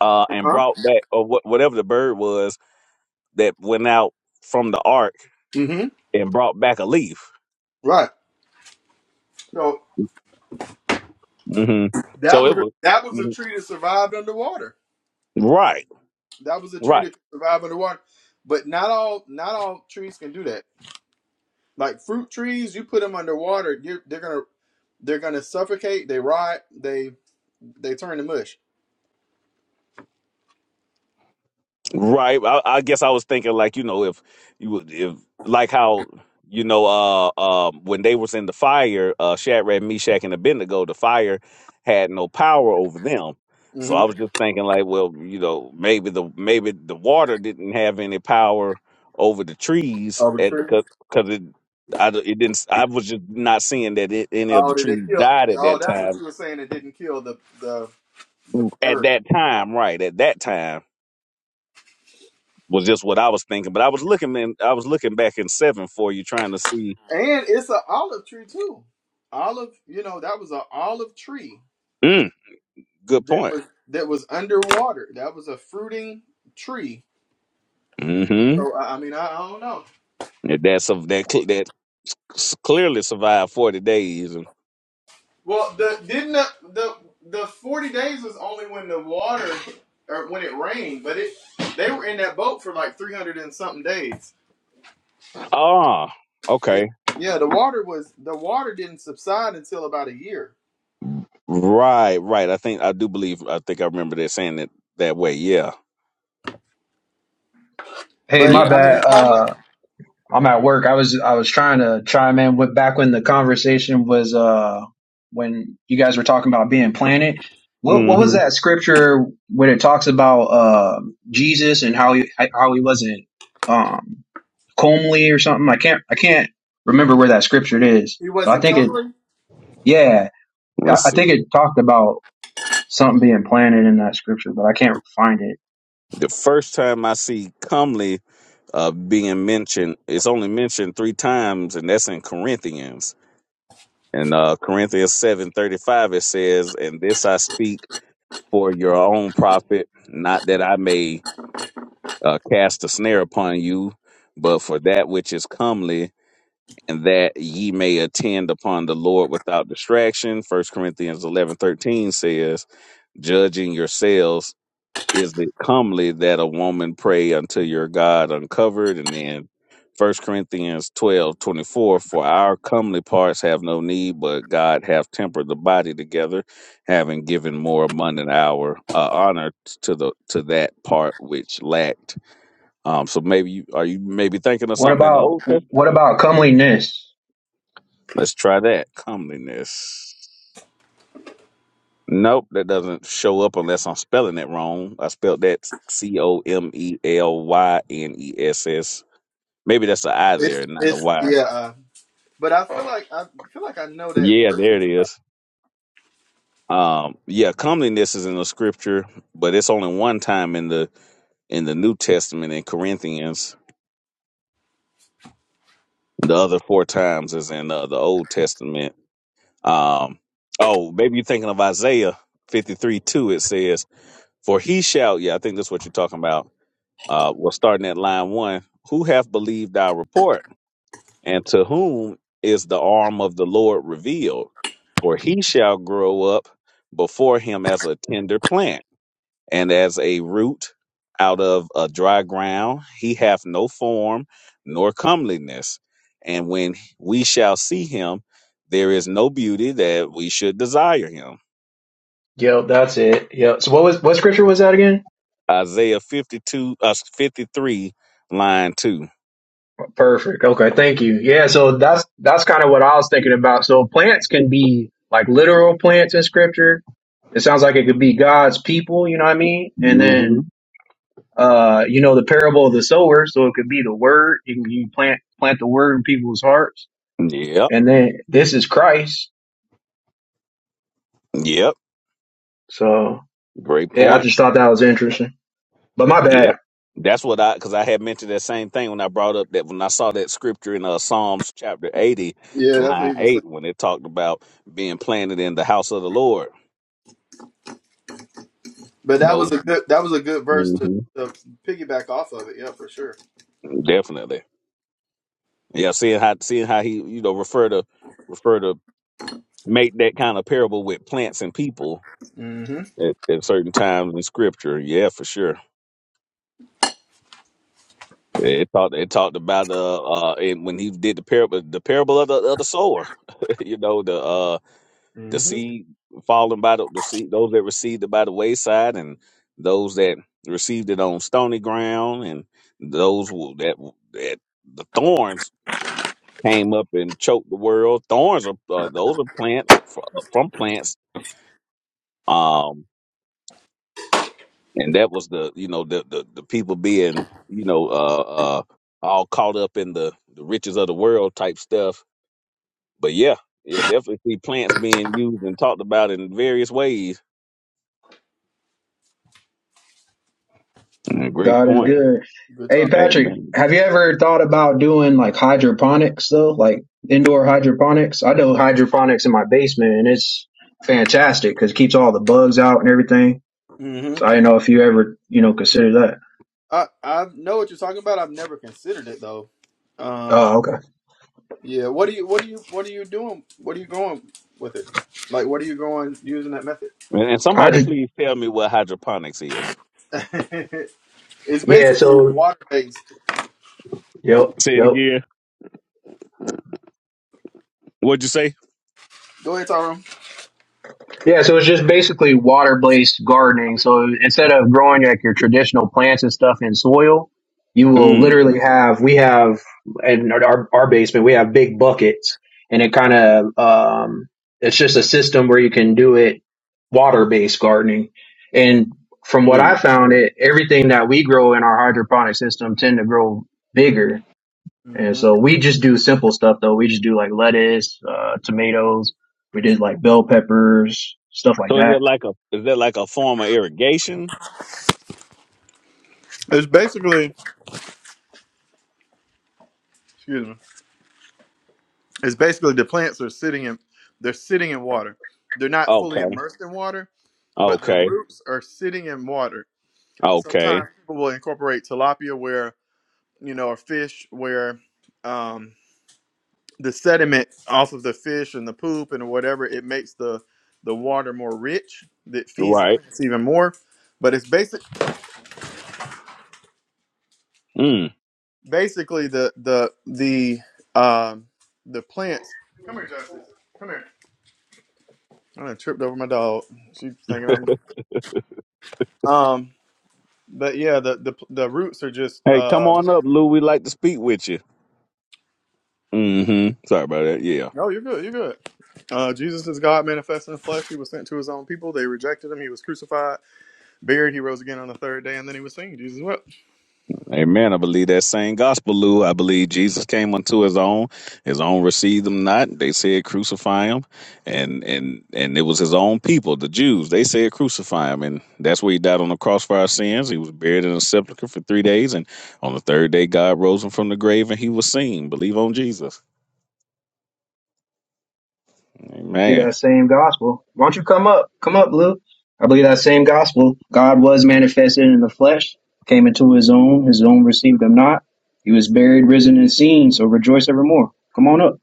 S1: uh,
S3: Uh
S1: and
S3: Huh?
S1: brought back or what whatever the bird was that went out from the ark
S3: hmm
S1: and brought back a leaf.
S3: Right. So
S1: hmm
S3: that
S1: So it
S3: was
S1: was
S3: that was a
S1: mhm.
S3: tree that survived underwater.
S1: right,
S3: That was a
S1: right.
S3: tree that survived underwater, but not all not all trees can do that. Like fruit trees, you put them underwater, you're, they're gonna they're gonna suffocate. They rot. They they turn to mush.
S1: Right. I, I guess I was thinking like you know if you would- if like how you know uh um when they was in the fire uh Shadrach, Meshach, and Abednego the fire had no power over them. So
S3: Mm-hmm.
S1: I was just thinking like well you know maybe the maybe the water didn't have any power over the trees
S3: Oh, the
S1: and
S3: tree.
S1: because because it I d- it didn't I was just not seeing that it, any of the
S3: Oh, did it
S1: trees
S3: kill?
S1: died at
S3: Oh,
S1: that
S3: that's what
S1: time
S3: you were saying. It didn't kill the the the
S1: at
S3: bird.
S1: that time right at that time was just what I was thinking. But I was looking in, I was looking back in seven for you, trying to see.
S3: And it's an olive tree too. Olive, you know, that was an olive tree
S1: Mm, good
S3: that
S1: point.
S3: was that was underwater. That was a fruiting tree.
S1: Mm-hmm.
S3: So I I mean, I, I don't know.
S1: That That's of that cl- that s- clearly survived forty days. And,
S3: Well, the didn't the, the the forty days was only when the water or when it rained, but it they were in that boat for like three hundred and something days.
S1: ah, okay.
S3: Yeah, the water was the water didn't subside until about a year.
S1: Right, right. I think I do believe. I think I remember that saying it that way. Yeah,
S2: Hey,
S3: But
S2: my
S1: yeah.
S3: I mean,
S2: bad.
S3: how much
S2: Uh, I'm at work. I was I was trying to chime in with back when the conversation was uh when you guys were talking about being planted. What what was
S1: Mm-hmm.
S2: that scripture when it talks about uh Jesus and how he how he wasn't um comely or something? I can't I can't remember where that scripture is,
S3: he
S2: but I
S3: wasn't
S2: think it
S3: Cumberland?
S2: yeah I,
S1: Let's
S2: I
S1: see.
S2: think it talked about something being planted in that scripture, but I can't find it.
S1: The first time I see comely uh, being mentioned, it's only mentioned three times, and that's in Corinthians. and uh, Corinthians seven thirty five, it says, "And this I speak." for your own profit, not that I may uh, cast a snare upon you, but for that which is comely, and that ye may attend upon the Lord without distraction. First Corinthians eleven thirteen says, judging yourselves is it comely that a woman pray unto your God uncovered? And then First Corinthians twelve twenty four, for our comely parts have no need, but God hath tempered the body together, having given more abundant hour uh, honor to the to that part which lacked. Um, so maybe you are you maybe thinking of
S2: What
S1: something in the
S2: about
S1: Old Testament?
S2: what about comeliness?
S1: Let's try that comeliness. Nope, that doesn't show up unless I'm spelling it wrong. I spelled that C O M E L Y N E S S. Maybe that's an I
S3: It's
S1: there, not a
S3: it's
S1: Y.
S3: yeah. Uh, but I feel like I feel like I know that
S1: Yeah,
S3: verse.
S1: there
S3: that you-
S1: it is. Um, yeah, comeliness is in the scripture, but it's only one time in the in the New Testament in Corinthians. The other four times is in uh, the Old Testament. Um, oh, maybe you're thinking of Isaiah 53 2. It says, For he shall, yeah, I think that's what you're talking about. Uh, well, starting at line one, who hath believed our report? And to whom is the arm of the Lord revealed? For he shall grow up before him as a tender plant, and as a root out of a dry ground. He hath no form nor comeliness. And when we shall see him, there is no beauty that we should desire him.
S2: Yep, that's it. Yep. so what was what scripture was that again?
S1: Isaiah 52, uh, 53, line 2.
S2: Perfect. Okay, thank you. Yeah, so that's that's kind of what I was thinking about. So plants can be like literal plants in scripture. It sounds like it could be God's people, you know what I mean? And
S1: hmm
S2: then uh, you know, the parable of the sower, so it could be the word. You can you plant plant the word in people's hearts.
S1: Yep,
S2: And then this is Christ.
S1: yep.
S2: So
S1: Great
S2: yeah,
S1: point.
S2: I just thought that was interesting. But my bad.
S1: Yep. That's what I because I had mentioned that same thing when I brought up that when I saw that scripture in uh, Psalms chapter eighty,
S3: Yeah, that's what he
S1: line
S3: was saying.
S1: eight, when it talked about being planted in the house of the Lord.
S3: But that was
S1: No,
S3: a good that was a good verse to,
S1: hmm
S3: to piggyback off of it. Yeah, for sure.
S1: definitely. Yeah, seeing how seeing how he you know refer to refer to make that kind of parable with plants and people
S3: Mm-hmm.
S1: at, at certain times in scripture. Yeah, for sure. It talked it talked about uh uh and when he did the parable the parable of the of the sower, *laughs* you know the uh the
S3: Mm-hmm.
S1: seed falling by the, the seed those that received it by the wayside and those that received it on stony ground and those who- that that the thorns came up and choked the world. Thorns are uh, those are plants fr- from plants um, and that was the you know the the, the people being you know uh uh all caught up in the the riches of the world type stuff but yeah yeah definitely see plants being used and talked about in various ways Mm, great
S2: God is
S1: point
S2: good.
S3: Good
S2: Hey
S3: talk.
S2: Patrick,
S1: amen
S2: have you ever thought about doing like hydroponics though? Like indoor hydroponics? I do hydroponics in my basement and it's fantastic because it keeps all the bugs out and everything.
S3: Mm-hmm.
S2: So I didn't know if you ever, you know, consider that.
S3: I I know what you're talking about. I've never considered it though. Um.
S2: Oh, okay.
S3: Yeah. What do you What do you What are you doing? What are you going with it? Like, what are you going using that method?
S1: and, and
S2: I
S1: somebody
S2: just,
S1: please tell me what hydroponics is
S3: *laughs* it's
S2: yeah,
S3: basically
S2: so,
S3: water based.
S2: yep,
S1: say it
S2: yep.
S1: again what'd you say
S3: Go ahead, Tyrone.
S2: Yeah, so it's just basically water based gardening. So instead of growing like your traditional plants and stuff in soil, you will
S1: mm,
S2: literally have we have in our our basement we have big buckets, and it kind of um, it's just a system where you can do it water based gardening. And from what I
S1: mm.
S2: found, it everything that we grow in our hydroponic system tend to grow bigger and so we just do simple stuff though. We just do like lettuce, uh, tomatoes. We did like bell peppers, stuff like
S1: so is
S2: that.
S1: that like a is that like a form of irrigation
S3: It's basically, excuse me. It's basically the plants are sitting in, they're sitting in water. They're not fully
S1: okay
S3: immersed in water, but their
S1: okay
S3: roots are sitting in water.
S1: okay
S3: Sometimes people will incorporate tilapia, where you know, or fish, where um, the sediment off of the fish and the poop and whatever it makes the the water more rich. That feeds the
S1: right
S3: plants even more. But it's basic,
S1: mm.
S3: basically the the the um, the plants. Come here, Justice. Come here. I done tripped over my dog. She's thinking I'm. Um, but yeah, the the the roots are just.
S1: hey come
S3: Uh,
S1: on up lou we like to speak with you Mm-hmm. Sorry about that. Yeah.
S3: no, you're good. You're good. Uh, Jesus is God manifest in the flesh. He was sent to his own people. They rejected him. He was crucified, buried. He rose again on the third day, and then he was seen. Jesus wept.
S1: Amen. I believe that same gospel, Lou. I believe Jesus came unto his own. His own received him not. They said crucify him. And and and it was his own people, the Jews. They said crucify him. And that's where he died on the cross for our sins. He was buried in a sepulchre for three days. And on the third day, God rose him from the grave and he was seen. Believe on Jesus.
S2: See
S1: Amen.
S2: that same gospel. Why don't you come up? Come up, Blue. I believe that same gospel. God was manifested in the flesh, came into his own, his own received him not. He was buried, risen, and seen. So rejoice evermore. Come on up.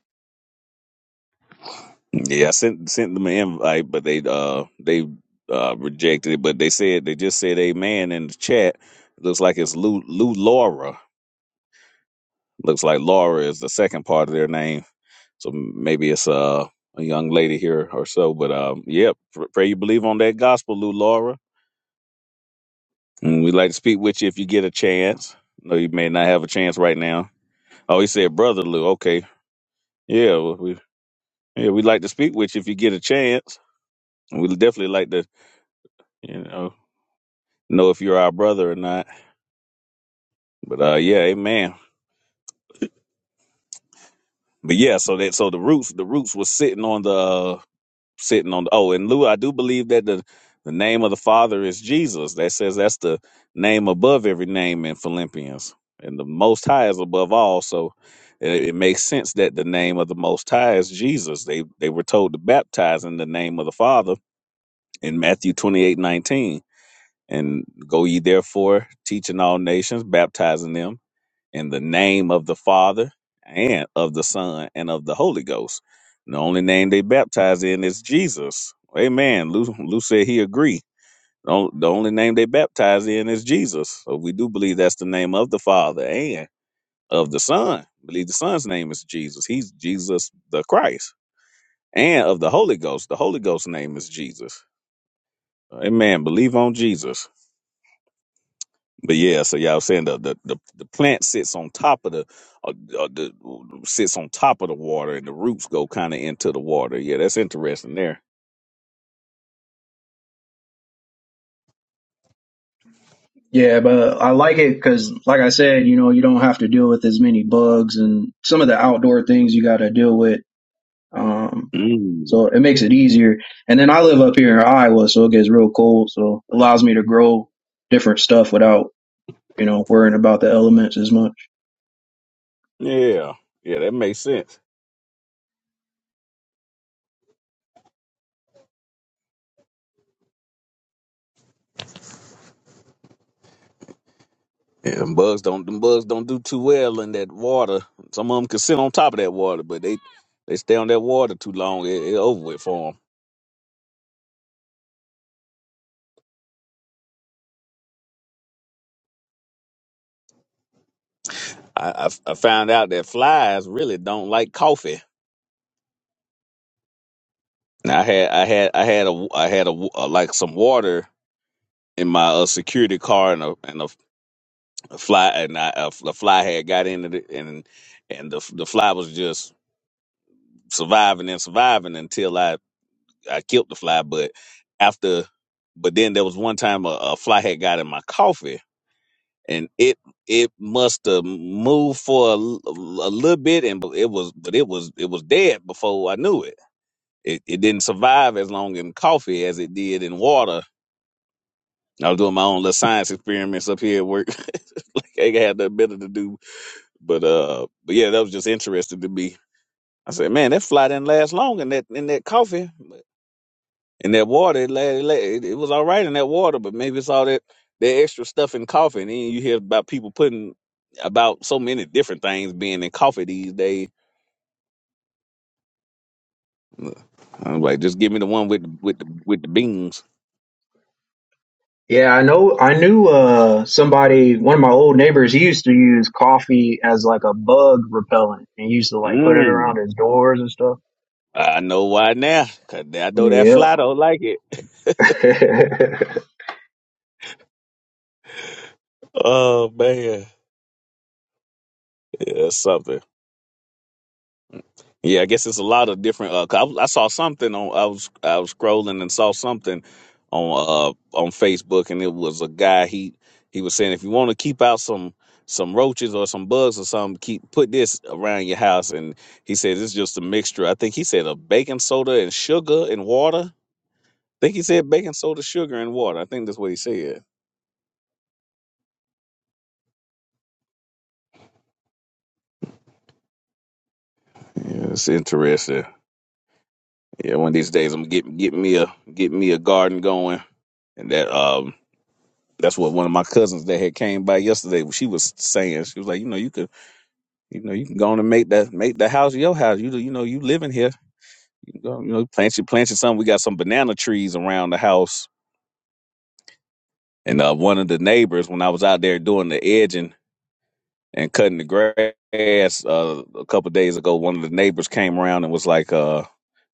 S1: Yeah, I sent sent them an invite, but they uh they uh rejected it. But they said they just said amen in the chat. Looks like it's Lou Lou Laura. Looks like Laura is the second part of their name. So maybe it's uh, a young lady here or so. But um, yep, pr- pray you believe on that gospel, Lou Laura. And we'd like to speak with you if you get a chance. No, you may not have a chance right now. Oh, he said, brother Lou. Okay, yeah, well, we yeah we'd like to speak with you if you get a chance. And we'd definitely like to. You know. know if you're our brother or not. But uh, yeah, amen. But yeah, so that so the roots the roots was sitting on the uh, sitting on the, oh and Lou, I do believe that the the name of the Father is Jesus. That says that's the name above every name in Philippians, and the Most High is above all. So it, it makes sense that the name of the Most High is Jesus. They they were told to baptize in the name of the Father in Matthew twenty eight nineteen, and go ye therefore teaching all nations, baptizing them in the name of the Father and of the Son and of the Holy Ghost. And the only name they baptize in is Jesus. Amen. Lou, Lou said he agreed. The on- the only name they baptize in is Jesus. So we do believe that's the name of the Father and of the Son. Believe the Son's name is Jesus. He's Jesus the Christ. And of the Holy Ghost. The Holy Ghost's name is Jesus. Amen. Believe on Jesus. But yeah, so yeah, I was saying the the, the, the plant sits on top of the uh, uh, the sits on top of the water, and the roots go kind of into the water. Yeah, that's interesting there.
S2: Yeah, but I like it because, like I said, you know, you don't have to deal with as many bugs and some of the outdoor things you got to deal with Um,
S1: Mm.
S2: so it makes it easier. And then I live up here in Iowa, so it gets real cold. So it allows me to grow different stuff without, you know, worrying about the elements as much.
S1: Yeah, yeah, that makes sense. Yeah, them bugs don't them bugs don't do too well in that water. Some of them can sit on top of that water, but they they stay on that water too long. It, it over with for them. I, I I found out that flies really don't like coffee. Now I had I had I had a I had a, a like some water in my uh, security car and a and a, a fly and I, a, a fly had got into it and and the the fly was just surviving and surviving until I I killed the fly but after but then there was one time a, a fly had got in my coffee and it it must have moved for a, l- a little bit and it was but it was it was dead before I knew it. it it didn't survive as long in coffee as it did in water I was doing my own little science experiments up here at work *laughs* like I ain't had nothing better to do But uh, but yeah, that was just interesting to me. I said, man, that fly didn't last long in that in that coffee in that water. It, la it, la- it, it was all right in that water, but maybe it's all that that extra stuff in coffee. And then you hear about people putting about so many different things being in coffee these days. I'm like, just give me the one with the, with the, with the beans.
S2: Yeah, I know. I knew uh, somebody, one of my old neighbors, he used to use coffee as like a bug repellent and used to like put it around
S1: Mm,
S2: his doors and stuff.
S1: I know why now. Cause I know that
S2: Yep.
S1: fly don't like it. *laughs*
S2: *laughs*
S1: Oh man, yeah, that's something. Yeah, I guess it's a lot of different. Uh, 'cause I, I saw something on. I was I was scrolling and saw something on uh on Facebook, and it was a guy. He he was saying if you want to keep out some some roaches or some bugs or something, keep put this around your house. And he says it's just a mixture. I think he said of baking soda and sugar and water. I think he said baking soda, sugar, and water. I think that's what he said. Yeah, it's interesting. Yeah, one of these days I'm get get me a get me a garden going, and that um That's what one of my cousins that had came by yesterday. She was saying she was like, you know, you could, you know, you can go on and make that make the house your house. You you know, you living here. You, can go, you know, plant your plant your something. We got some banana trees around the house, and uh, one of the neighbors when I was out there doing the edging and cutting the grass uh, a couple days ago, one of the neighbors came around and was like, uh,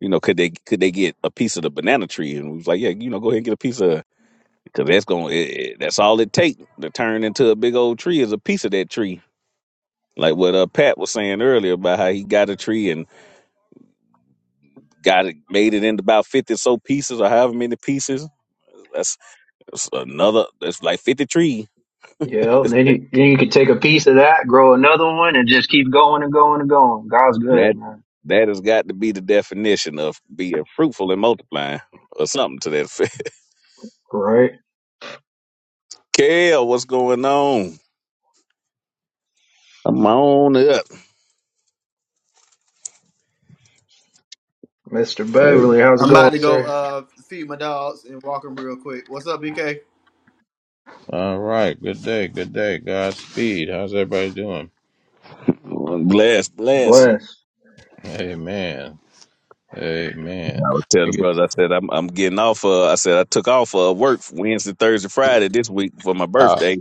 S1: you know, could they could they get a piece of the banana tree? And we was like, yeah, you know, go ahead and get a piece of because that's going to that's all it take to turn into a big old tree is a piece of that tree like what uh, Pat was saying earlier about how he got a tree and got it made it into about fifty or so pieces or however many pieces. That's, that's another. That's like fifty trees.
S2: yep. Then
S1: *laughs*
S2: you, then you could take a piece of that, grow another one, and just keep going and going and going. God's good,
S1: that
S2: man.
S1: that has got to be the definition of being fruitful and multiplying or something to that effect.
S2: Great.
S1: *laughs* Kale, what's going on? Come on up.
S2: Mr.
S1: Hey,
S2: Beverly, how's it
S3: I'm about
S2: going,
S3: to go
S2: sir?
S3: uh feed my dogs and walk them real quick. What's up, BK?
S4: All right. Good day. Good day. Godspeed. How's everybody doing?
S1: bless, bless. I
S2: Bless.
S4: Amen. Amen.
S1: was telling
S4: You
S1: the
S4: get-
S1: brothers, I said I'm I'm getting off. Uh, I said I took off uh, work Wednesday, Thursday, Friday this week for my
S4: Oh,
S1: birthday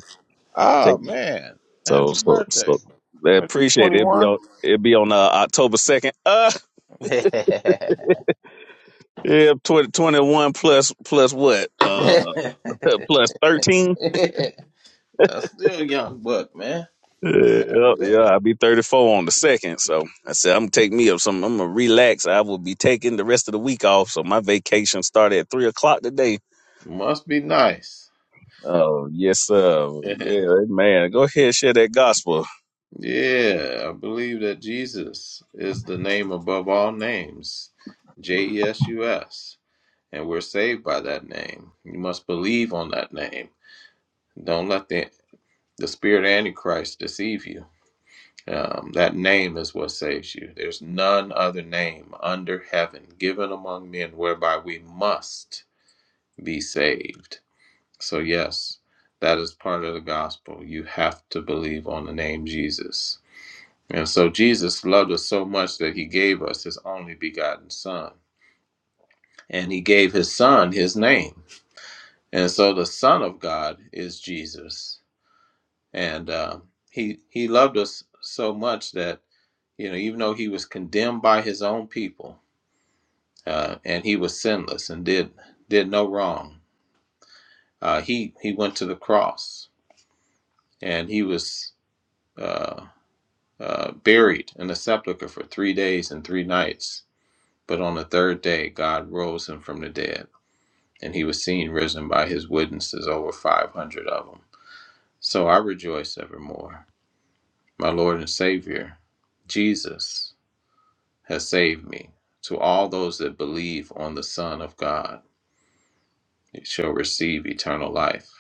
S4: oh man. Happy
S1: So so
S4: birthday.
S1: so they
S4: What are you,
S1: appreciate it. It'll be
S4: 21?
S1: on it'll be on uh, October second. Uh yeah, twenty twenty one plus plus what? Uh *laughs* plus
S4: *laughs*
S1: thirteen.
S4: That's still a young buck, man.
S1: Yeah, yup, yeah, I'll be thirty four on the second. So I said I'm gonna take me up some I'm gonna relax. I will be taking the rest of the week off. So my vacation started at three o'clock today.
S4: Must be nice.
S1: Oh yes, sir.
S4: *laughs* yeah,
S1: Yeah, man. Go ahead, share that gospel.
S4: Yeah, I believe that Jesus is the name above all names, J E S U S, and we're saved by that name. You must believe on that name. Don't let the the spirit antichrist deceive you. Um, that name is what saves you. There's none other name under heaven given among men whereby we must be saved. So yes, that is part of the gospel. You have to believe on the name Jesus. And so Jesus loved us so much that he gave us his only begotten son. And he gave his son his name. And so the son of God is Jesus. and uh, he he loved us so much that you know even though he was condemned by his own people uh, and he was sinless and did did no wrong uh, he he went to the cross and he was uh, uh, buried in a sepulcher for three days and three nights but on the third day God rose him from the dead and he was seen risen by his witnesses over 500 of them so I rejoice evermore my Lord and Savior Jesus has saved me. To all those that believe on the Son of God it shall receive eternal life.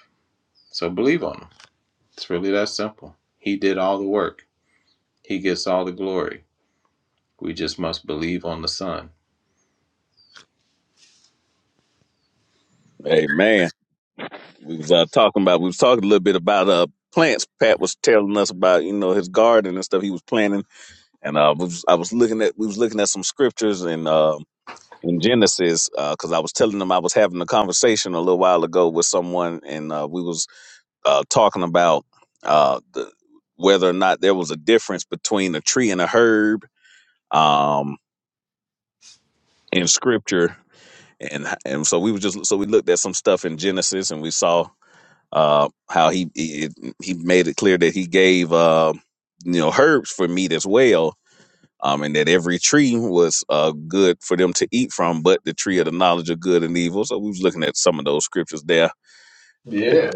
S4: So believe on him. It's really that simple. He did all the work, he gets all the glory. We just must believe on the Son.
S1: Amen. we was uh, talking about. We was talking a little bit about uh plants. Pat was telling us about you know his garden and stuff he was planting, and uh, was, I was looking at we was looking at some scriptures in um in Genesis because I was telling him I was having a conversation a little while ago with someone, and uh, we was uh, talking about uh the, whether or not there was a difference between a tree and a herb um in scripture. And, and so we was just so we looked at some stuff in Genesis and we saw uh, how he, he he made it clear that he gave uh, you know herbs for meat as well, um, and that every tree was uh, good for them to eat from, but the tree of the knowledge of good and evil. So we was looking at some of those scriptures there,
S4: Yeah.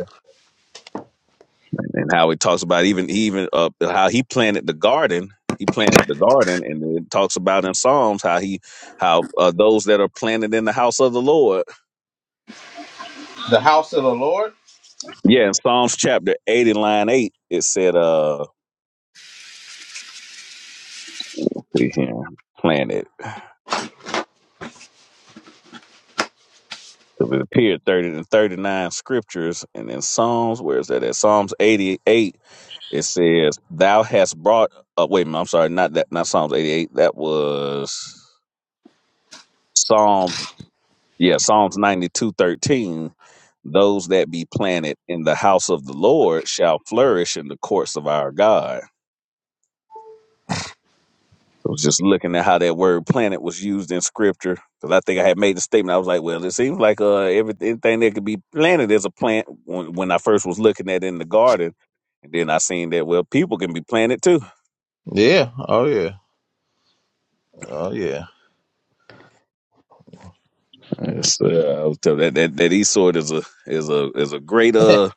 S1: and, and how it talks about even even uh, how he planted the garden. He planted the garden, and it talks about in Psalms how he how uh, those that are planted in the house of the Lord.
S4: The house of the Lord.
S1: Yeah, in Psalms chapter eighty, line eight, it said, uh, let's see here, planted. So it appeared 30 to 39 scriptures. And in Psalms, where is that at? Psalms 88, it says, Thou hast brought, uh, wait a minute, I'm sorry, not that, not Psalms 88. That was Psalms, yeah, Psalms 92 13. Those that be planted in the house of the Lord shall flourish in the courts of our God. I was just looking at how that word planet was used in scripture because I think I had made the statement. I was like, well, it seems like uh, every- everything that could be planted is a plant when, when I first was looking at it in the garden. And then I seen that, well, people can be planted too.
S4: Yeah. Oh, yeah. Oh, yeah.
S1: Yes, uh, I was telling that, that, that Esau is a, is a, is a great,
S4: *laughs*
S1: uh,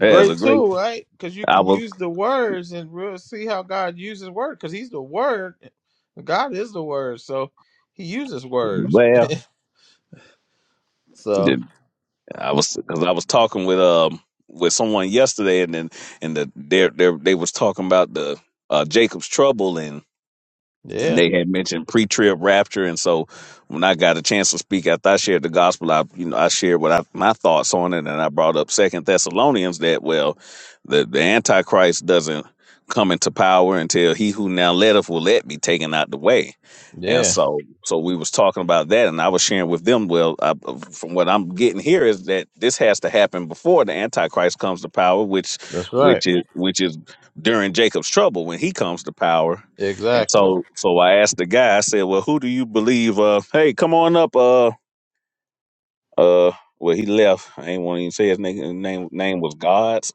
S1: yeah, is
S4: Great
S1: a great,
S4: tool, right? Because you
S1: I
S4: can
S1: was,
S4: use the words and we see how God uses word. Because He's the Word. God is the Word, so He uses words. *laughs*
S1: well,
S4: man. so
S1: yeah, I was, cause I was talking with, um, with someone yesterday and then, and the, they they they was talking about the, uh, Jacob's trouble and. and
S4: yeah,
S1: they had mentioned pre-trib rapture and so when i got a chance to speak after i shared the gospel i you know i shared what I, my thoughts on it and i brought up second thessalonians that well the, the antichrist doesn't come into power until he who now letteth will let be taken out the way and
S4: yeah.
S1: so so we was talking about that and i was sharing with them well I, from what i'm getting here is that this has to happen before the antichrist comes to power which
S4: That's right.
S1: which is which is during jacob's trouble when he comes to power and
S4: Exactly.
S1: so, so I asked the guy. I said, "Well, who do you believe?" Uh, hey, come on up. Uh, uh. Well, he left. I ain't want to even say his name. His name name was God's, *laughs*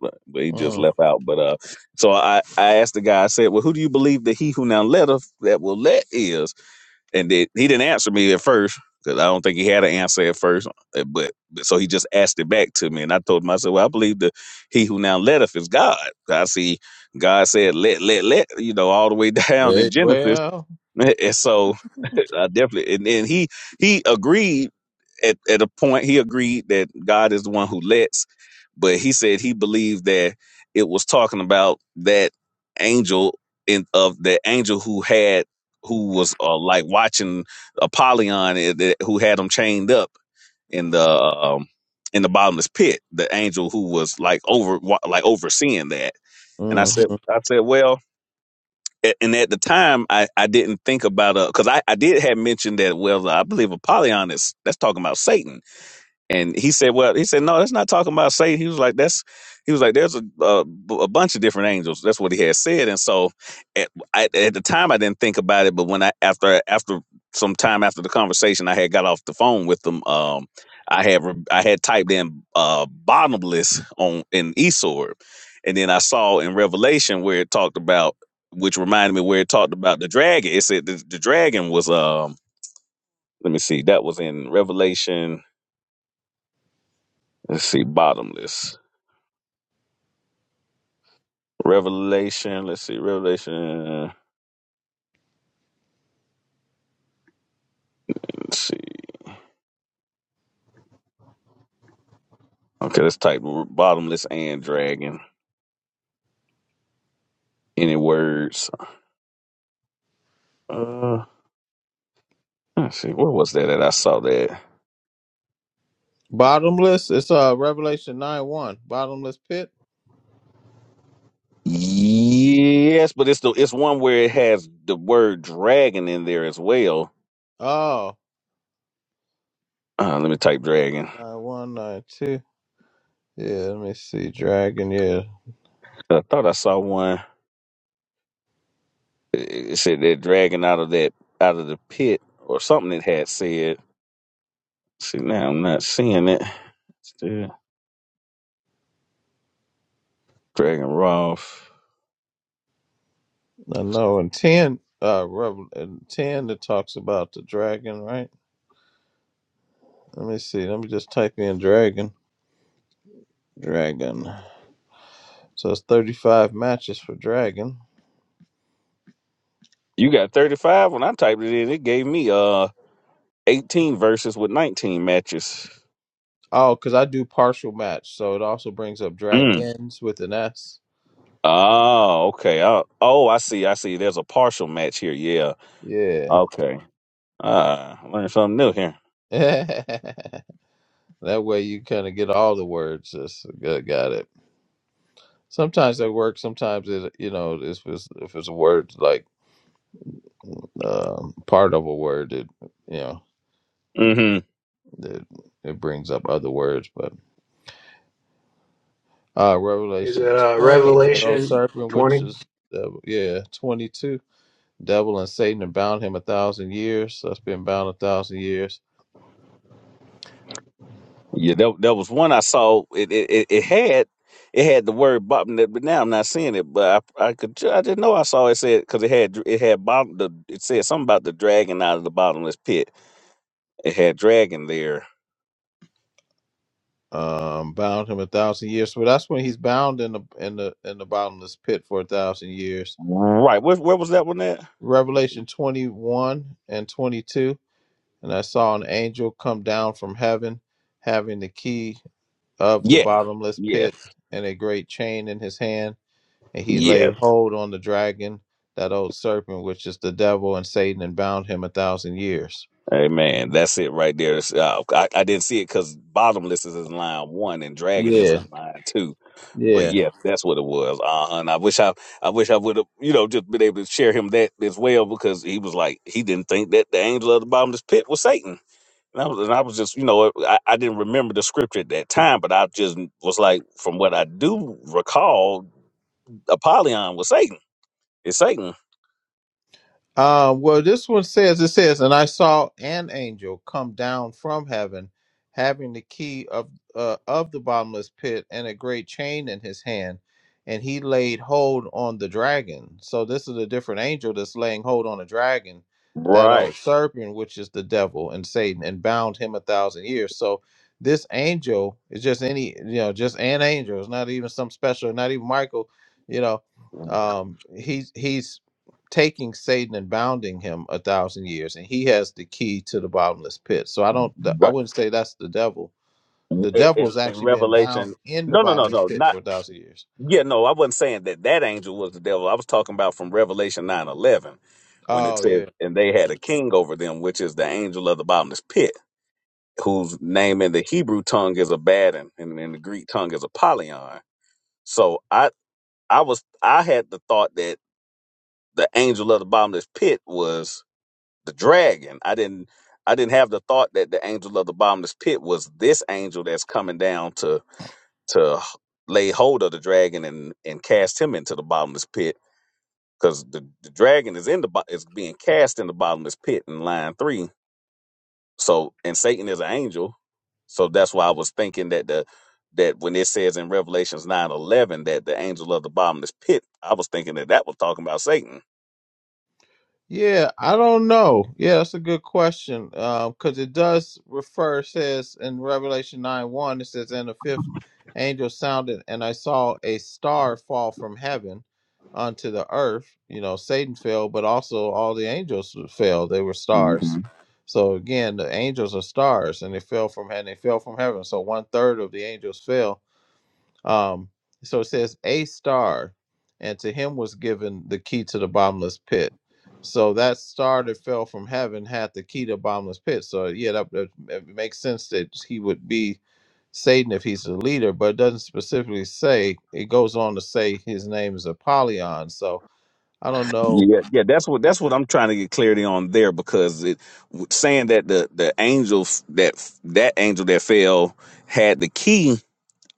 S1: but but he just
S4: Mm.
S1: left out. But uh, so I I asked the guy. I said, "Well, who do you believe that he who now let us that will let is?" And then he didn't answer me at first because I don't think he had an answer at first. uh, But, but so he just asked it back to me, and I told him, I said, "Well, I believe that he who now letteth is God. I see God said, let, let, let, you know, all the way *laughs* down in
S4: They,
S1: Genesis.
S4: well,
S1: *laughs* And so *laughs* I definitely and then he he agreed at, at a point he agreed that God is the one who lets, but he said he believed that it was talking about that angel in of the angel who had who was uh, like watching Apollyon and that- who had him chained up in the um, in the bottomless pit, the angel who was like over wa- like overseeing that. And I said
S4: mhm.
S1: I said, well, a- and at the time I, I didn't think about uh because I, I did have mentioned that well I believe Apollyon is that's talking about Satan and he said, "Well, he said no, that's not talking about Satan." He was like, "That's," he was like, "There's a a, a bunch of different angels." That's what he had said. And so, at, I, at the time, I didn't think about it, but when I after after some time after the conversation, I had got off the phone with them. Um, I had re- I had typed in uh, bottomless on in Esor, and then I saw in Revelation where it talked about, which reminded me where it talked about the dragon. It said the, the dragon was um. Let me see. That was in Revelation. Let's see. Bottomless. Revelation. Let's see. Revelation. Let's see. Okay, let's type bottomless and dragon. Any words? Uh, let's see. Where was that at? I saw that.
S4: bottomless. It's uh Revelation nine one. Bottomless pit.
S1: Yes, but it's the it's one where it has the word dragon in there as well.
S4: Oh,
S1: Uh, let me type dragon.
S4: nine one nine two. Yeah, let me see. Dragon. Yeah,
S1: I thought I saw one. It it said that dragon out of that out of the pit or something. It had said. See now I'm not seeing it. Still dragon Roth.
S4: I know. And ten. Uh, Revel in ten. It talks about the dragon, right? Let me see. Let me just type in dragon. Dragon. So it's thirty five matches for dragon.
S1: You got 35. When I typed it in, it gave me uh 18 verses with 19 matches.
S4: Oh, because I do partial match, so it also brings up
S1: Mm.
S4: dragons with an S.
S1: Oh, okay. Oh, oh, I see. I see. There's a partial match here. Yeah.
S4: Yeah.
S1: Okay. Uh, learned something new here.
S4: *laughs* that way you kind of get all the words. That's good. Got it. Sometimes that works. Sometimes it, you know, if it's if it's a word like um, part of a word, it you know,
S1: hmm
S4: it it brings up other words. But uh,
S2: Is
S4: Revelation
S2: it uh,
S4: twenty, that old
S2: Revelation
S4: serpent, which
S2: 20?
S4: is uh, yeah, twenty two, devil and Satan, and bound him a thousand years. So That's been bound a thousand years.
S1: Yeah, that, that was one I saw. It it, it, it had it had the word Bob, n- but now I'm not seeing it. But I I could ju- I didn't know I saw it said because it had it had bottom the it said something about the dragon out of the bottomless pit. It had dragon there.
S4: Um, bound him a thousand years. So that's when he's bound in the in the in the bottomless pit for a thousand years
S1: Right. Where where was that one at?
S4: Revelation 21 and 22. And I saw an angel come down from heaven, having the key of the bottomless pit and a great chain in his hand. And he laid hold on the dragon, that old serpent, which is the devil and Satan, and bound him a thousand years.
S1: Hey man, that's it right there. It's, uh, I, I didn't see it because bottomless is in line one and dragon is
S4: Yeah,
S1: in line two. But
S4: yeah.
S1: yeah, that's what it was. Uh, and I wish I, I wish I would have, you know, just been able to share him that as well because he was like he didn't think that the angel of the bottomless pit was Satan. And I was, and I was just, you know, uh, I, I didn't remember the scripture at that time, but I just was like, from what I do recall, Apollyon was Satan. It's Satan.
S4: Uh, well, this one says, it says, and I saw an angel come down from heaven, having the key of uh, of the bottomless pit and a great chain in his hand, and he laid hold on the dragon. So this is a different angel that's laying hold on a dragon, that old serpent, which is the devil and Satan, and bound him a thousand years. So this angel is just any, you know, just an angel. It's not even some special, not even Michael, you know um he's he's taking Satan and bounding him a thousand years, and he has the key to the bottomless pit. So I don't, th- I wouldn't say that's the devil.
S1: in,
S4: The devil has
S1: in in
S4: actually been bound
S1: Revelation.
S4: in the
S1: No, no, no,
S4: bottomless
S1: no,
S4: pit
S1: not.
S4: for a thousand years.
S1: Yeah, no, I wasn't saying that that angel was the devil. I was talking about from Revelation nine eleven when it
S4: Oh yeah.
S1: says, "And they had a king over them, which is the angel of the bottomless pit, whose name in the Hebrew tongue is Abaddon, and in the Greek tongue is Apollyon." So I, I was, I had the thought that the angel of the bottomless pit was the dragon. I didn't, I didn't have the thought that the angel of the bottomless pit was this angel that's coming down to to h- lay hold of the dragon and and cast him into the bottomless pit because the, the dragon is in the bo- is being cast in the bottomless pit in line three. So and Satan is an angel, so that's why I was thinking that the that when it says in Revelations nine eleven that the angel of the bottomless pit, I was thinking that that was talking about Satan.
S4: Yeah, I don't know. Yeah, that's a good question. Um, because it does refer, says in Revelation 9 1, it says, And the fifth angel sounded, and I saw a star fall from heaven unto the earth. You know, Satan fell, but also all the angels fell. They were stars. So again, the angels are stars, and they fell from heaven. They fell from heaven. So one third of the angels fell um, so it says a star, and to him was given the key to the bottomless pit. So that star that fell from heaven had the key to the bottomless pit. So yeah, that, that it makes sense that he would be Satan if he's the leader, but it doesn't specifically say. It goes on to say his name is Apollyon. So I don't know.
S1: Yeah, yeah, that's what that's what I'm trying to get clarity on there because it saying that the the angels that that angel that fell had the key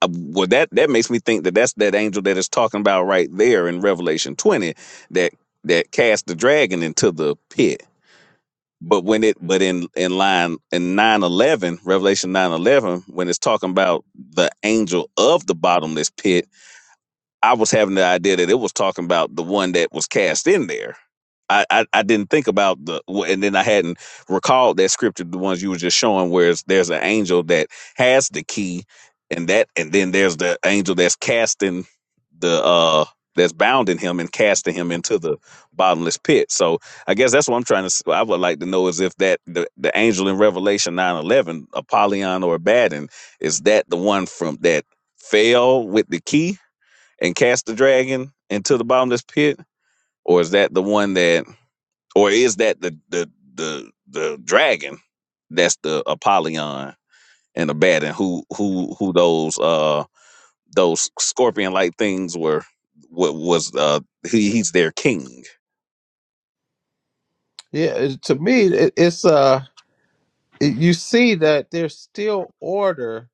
S1: Uh, well that that makes me think that that's that angel that is talking about right there in revelation 20 that that cast the dragon into the pit but when it but in in line in 911 revelation 911 when it's talking about the angel of the bottomless pit I was having the idea that it was talking about the one that was cast in there. I, I, I didn't think about the, and then I hadn't recalled that scripture, the ones you were just showing, where it's- there's an angel that has the key, and that, and then there's the angel that's casting the, uh, that's bounding him and casting him into the bottomless pit. So I guess that's what I'm trying to. s- I would like to know is if that the, the angel in Revelation 9:11, Apollyon or Abaddon, is that the one from that fell with the key and cast the dragon into the bottomless pit, or is that the one that, or is that the the the the dragon that's the Apollyon and the bat, and who who who those uh those scorpion like things were? What was uh he, he's their king?
S4: Yeah, it, to me, it, it's uh, it- you see that there's still order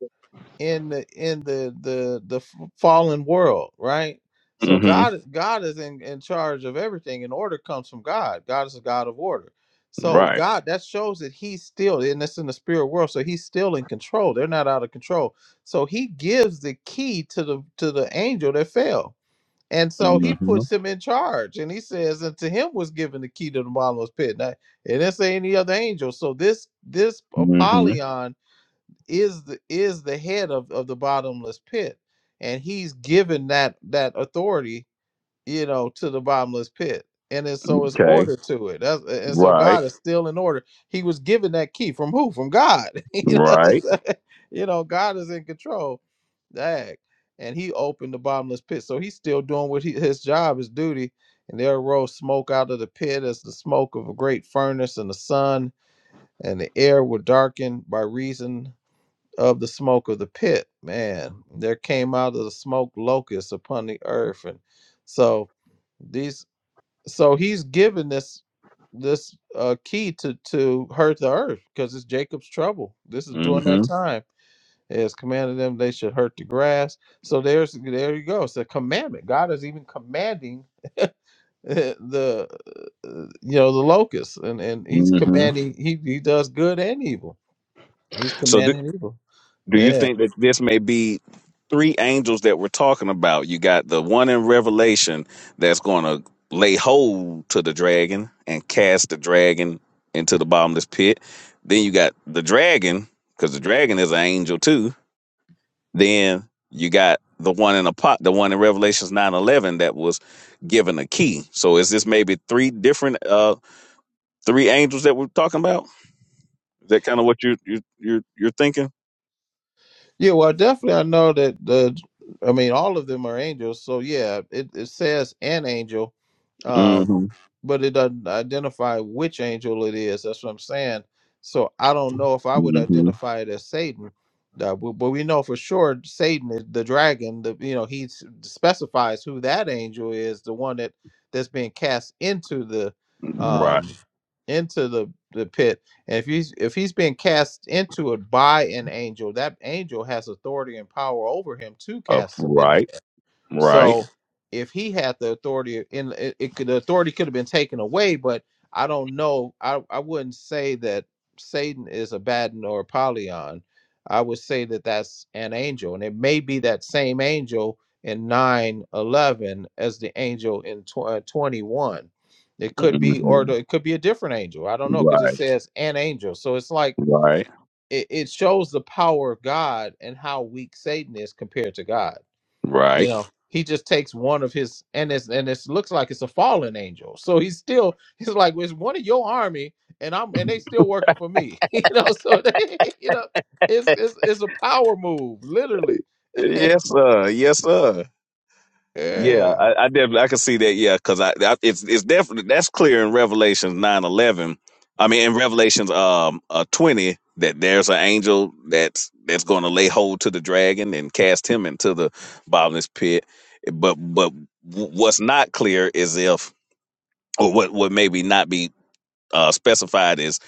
S4: in the in the the the f- fallen world, right? So
S1: Mm-hmm.
S4: God is God is in, in charge of everything, and order comes from God. God is a God of order. So
S1: Right.
S4: God that shows that He's still, and that's in the spirit world. So He's still in control. They're not out of control. So He gives the key to the to the angel that fell, and so He
S1: Mm-hmm.
S4: puts him in charge. And He says, and to him was given the key to the bottomless pit. Now, it didn't say any other angel. So this this
S1: Mm-hmm.
S4: Apollyon is the is the head of, of the bottomless pit and he's given that that authority you know to the bottomless pit and then so it's
S1: Okay.
S4: order to it That's, a- and so
S1: Right.
S4: god is still in order he was given that key from who from god *laughs* you know
S1: Right.
S4: it's- *laughs* you know, god is in control Dag. and he opened the bottomless pit so he's still doing what he, his job his duty and there arose smoke out of the pit as the smoke of a great furnace and the sun and the air were darkened by reason of the smoke of the pit, man, there came out of the smoke locusts upon the earth, and so these, so he's given this this uh, key to to hurt the earth because it's Jacob's trouble. This is during that
S1: Mm-hmm.
S4: time. It has commanded them they should hurt the grass. So there's there you go. It's a commandment. God is even commanding *laughs* the uh, you know the locusts, and and he's
S1: Mm-hmm.
S4: commanding. He he does good and evil. He's
S1: So, do,
S4: commanding evil.
S1: do you
S4: Yeah.
S1: think that this may be three angels that we're talking about. You got the one in Revelation that's going to lay hold to the dragon and cast the dragon into the bottomless pit. Then you got the dragon because the dragon is an angel too. Then you got the one in a pot, the one in Revelations 9:11 that was given a key. So is this maybe three different uh three angels that we're talking about? Is that kind of what you you you're, you're thinking?
S4: Yeah, well, definitely, I know that the, I mean, all of them are angels. So yeah, it, it says an angel,
S1: hmm
S4: um, but it doesn't identify which angel it is. That's what I'm saying. So I don't know if I would
S1: hmm
S4: identify it as Satan, uh, but, but we know for sure Satan is the dragon. The you know he s- specifies who that angel is, the one that that's being cast into the
S1: Right.
S4: um into the, the pit and if he's if he's being cast into it by an angel that angel has authority and power over him to
S1: Okay.
S4: cast him in there
S1: Right.
S4: so if he had the authority, in it, it could, the authority could have been taken away, but I don't know. I, I wouldn't say that Satan is a Abaddon or Apollyon. I would say that that's an angel, and it may be that same angel in nine eleven as the angel in tw- uh, 21. It could
S1: Mhm.
S4: be, or the- it could be a different angel. I don't know because it says an angel. So it's like
S1: Right.
S4: it, it shows the power of God and how weak Satan is compared to God you know he just takes one of his and it's and it's looks like it's a fallen angel so he's still *laughs* he's like well, it's one of your army and i'm and they still working for me *laughs* you know so they, *laughs* you know it's, it's it's a power move literally *laughs*
S1: Yes, sir. Yes, sir. Yeah,
S4: yeah
S1: I, I definitely I can see that. Yeah, because I, I it's it's definitely that's clear in Revelations nine eleven. I mean, in Revelations um uh, twenty that there's an angel that's that's going to lay hold to the dragon and cast him into the bottomless pit. But but what's not clear is if or what what maybe not be uh, specified as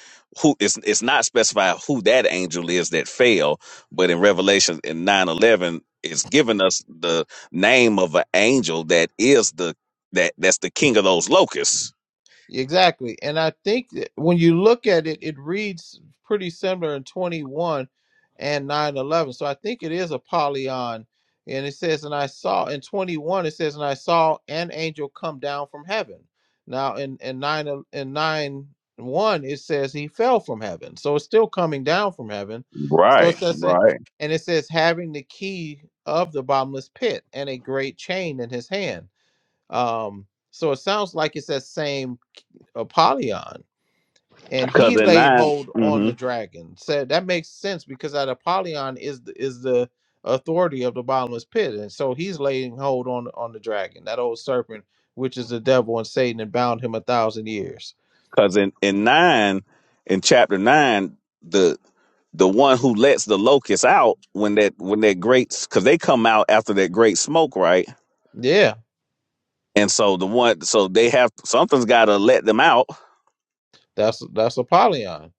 S1: who it's it's not specified who that angel is that fell, but in Revelation in nine eleven, it's given us the name of an angel that is the that that's the king of those locusts.
S4: Exactly. And I think that when you look at it, it reads pretty similar in 21 and 9 11. So I think it is a polyon. And it says, and I saw in 21, it says, and I saw an angel come down from heaven. Now in, in 9 el- in 9 1, it says he fell from heaven. So it's still coming down from heaven. So it says, and and it says, having the key of the bottomless pit and a great chain in his hand. Um, so it sounds like it's that same Apollyon, and he laid hold on the dragon. Said that makes sense because that Apollyon is the, is the authority of the bottomless pit, and so he's laying hold on on the dragon, that old serpent, which is the devil and Satan, and bound him a thousand years.
S1: Because in, in nine, in chapter nine, the the one who lets the locusts out when that when that great because they come out after that great smoke, right?
S4: Yeah,
S1: And so the one so they have something's got to let them out,
S4: that's that's Apollyon.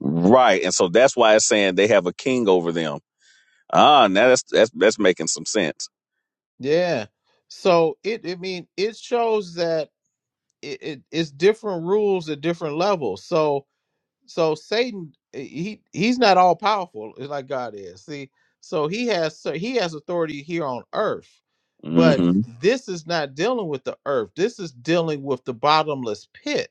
S1: right? And so that's why it's saying they have a king over them. Ah, now that's that's that's making some sense.
S4: Yeah, so it I mean it shows that it, it it's different rules at different levels. So so Satan eh, he he's not all powerful like God is. See, so he has so he has authority here on earth, but
S1: hmm
S4: this is not dealing with the earth. This is dealing with the bottomless pit.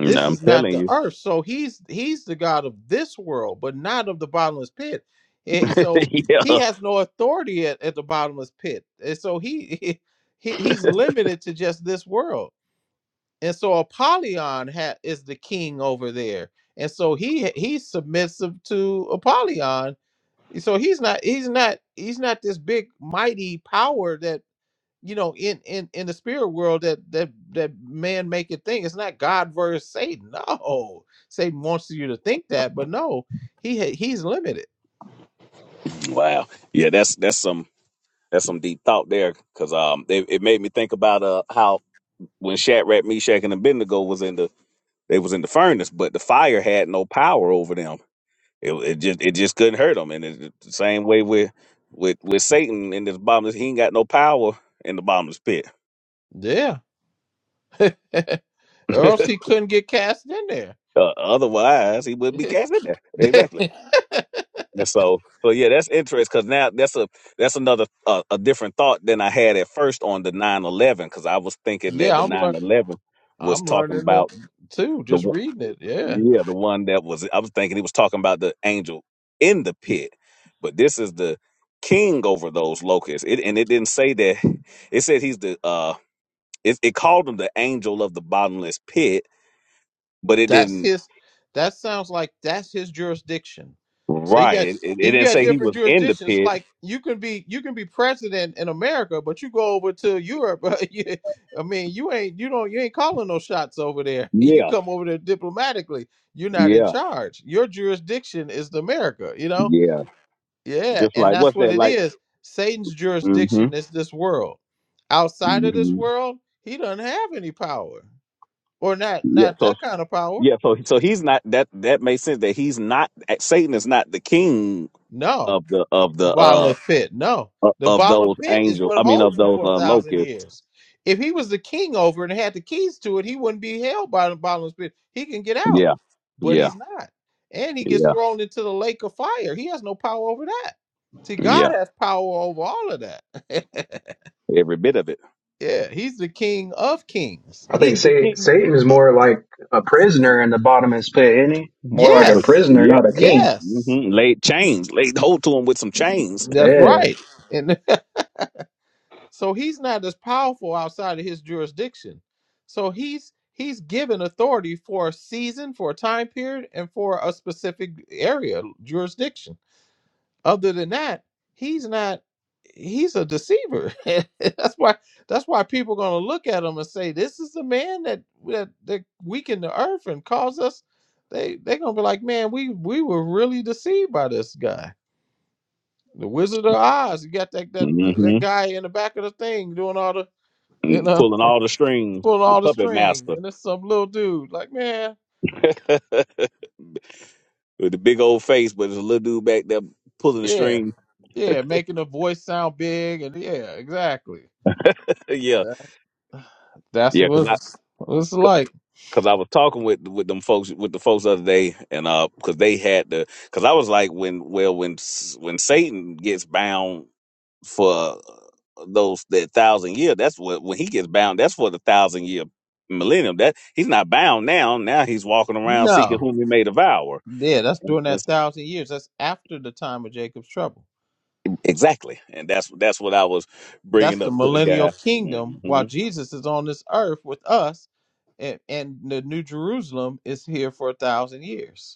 S4: This is not
S1: telling
S4: the
S1: you.
S4: earth. So he's he's the God of this world, but not of the bottomless pit. Eh, so he has no authority at, at the bottomless pit. And so he, *laughs* he he's limited to just this world and so Apollyon ha- is the king over there, and so he he's submissive to Apollyon. So he's not he's not he's not this big mighty power that you know in in in the spirit world that that that man make it think. It's not God versus Satan. No, Satan wants you to think that, but no, he ha- he's limited.
S1: Wow. Yeah, that's that's some That's some deep thought there, cause um, it, it made me think about uh how when Shadrach, Meshach, and Abednego was in the they was in the furnace, but the fire had no power over them. It, it just it just couldn't hurt them, and it's the same way with with with Satan in this bottomless, he ain't got no power in the bottomless pit.
S4: Yeah, *laughs* or
S1: *laughs*
S4: else he couldn't get cast in there.
S1: Uh, otherwise, he would be cast in there. Exactly. And so, so yeah, that's interesting because now that's a that's another uh, a different thought than I had at first on the nine eleven, because I was
S4: *laughs*
S1: thinking that
S4: yeah,
S1: the
S4: I'm
S1: nine
S4: learning.
S1: eleven was
S4: I'm
S1: talking
S4: learning
S1: about
S4: it too.
S1: The
S4: Just
S1: one,
S4: reading it. Yeah.
S1: yeah, the one that was I was thinking he was talking about the angel in the pit, but this is the king over those locusts. It and it didn't say that. *laughs* It said he's the uh. It, it called, but
S4: That's his. That sounds like that's his jurisdiction. So you
S1: right.
S4: got
S1: It, it, it
S4: you
S1: didn't
S4: got
S1: say he
S4: different
S1: was in the
S4: jurisdictions.
S1: pit.
S4: Like you can be you can be president in America, but you go over to Europe. *laughs* you, I mean, you ain't you don't you ain't calling no shots over there. *laughs* You
S1: Yeah,
S4: come over there diplomatically. You're not in
S1: yeah,
S4: charge. Your jurisdiction is the America. You know.
S1: yeah.
S4: Yeah,
S1: Just
S4: and
S1: like
S4: that's
S1: what's
S4: what
S1: that
S4: it
S1: like?
S4: is. Satan's
S1: Mm-hmm.
S4: jurisdiction is this world. Outside of this
S1: hmm
S4: world, he doesn't have any power, or not
S1: Yeah.
S4: not
S1: So
S4: that kind of power.
S1: yeah. So so he's not that. That makes sense. That he's not. Satan is not the king
S4: No.
S1: of the of the uh
S4: bottomless pit. No, the
S1: of
S4: bottomless
S1: those
S4: pit is
S1: angels.
S4: what
S1: I mean of
S4: holds him
S1: those
S4: for a
S1: uh
S4: thousand
S1: locusts
S4: years. If he was the king over and had the keys to it, he wouldn't be held by the bottomless pit. He can get out,
S1: Yeah.
S4: but
S1: Yeah.
S4: he's not. And he gets
S1: Yeah.
S4: thrown into the lake of fire. He has no power over that. See,
S1: Yeah.
S4: God has power over all of that. *laughs* yeah, he's the king of kings.
S2: I
S4: *laughs*
S2: think
S4: He's the
S2: Sa-
S4: king.
S2: Satan is more like a prisoner in the bottomless pit, isn't he? More like a
S4: Yes.
S2: prisoner,
S1: Yeah.
S2: not a king.
S4: Yes.
S1: hmm Laid hold to him with some chains.
S4: That's
S2: Yeah.
S4: right. And *laughs* So he's not as powerful outside of his jurisdiction. So he's he's given authority for a season, for a time period, and for a specific area jurisdiction. Other than that, he's not. He's a deceiver. *laughs* that's why. That's why people are going to look at him and say, "This is the man that that that weakened the earth and caused us." They they're going to be like, "Man, we we were really deceived by this guy, the Wizard of Oz." You got that that
S1: hmm
S4: that guy in the back of the thing doing all the you know,
S1: Pulling all the strings.
S4: pulling
S1: The
S4: all the
S1: puppet
S4: strings,
S1: master.
S4: and it's some little dude. Like, man,
S1: *laughs* with the big old face, but there's a little dude back there pulling the
S4: yeah,
S1: string.
S4: yeah, making the voice sound big, and yeah, exactly.
S1: *laughs* yeah.
S4: That, that's
S1: Yeah. Cause
S4: what
S1: I,
S4: it's what it's like.
S1: cause I was talking with, with them folks, with the folks the other day and, uh, cause they had the, cause I was like, when, well, when, s- when Satan gets bound for those that thousand year. That's what when he gets bound. That's for the thousand year millennium. That he's not bound now. Now he's walking around seeking
S4: No,
S1: whom he may devour.
S4: yeah, that's
S1: And,
S4: during
S1: and
S4: that thousand years. That's after the time of Jacob's trouble.
S1: exactly, and that's that's what I was
S4: That's
S1: bringing
S4: the
S1: up to the
S4: millennial
S1: guy.
S4: kingdom, while
S1: Mm-hmm,
S4: Jesus is on this earth with us, and, and the New Jerusalem is here for a thousand years.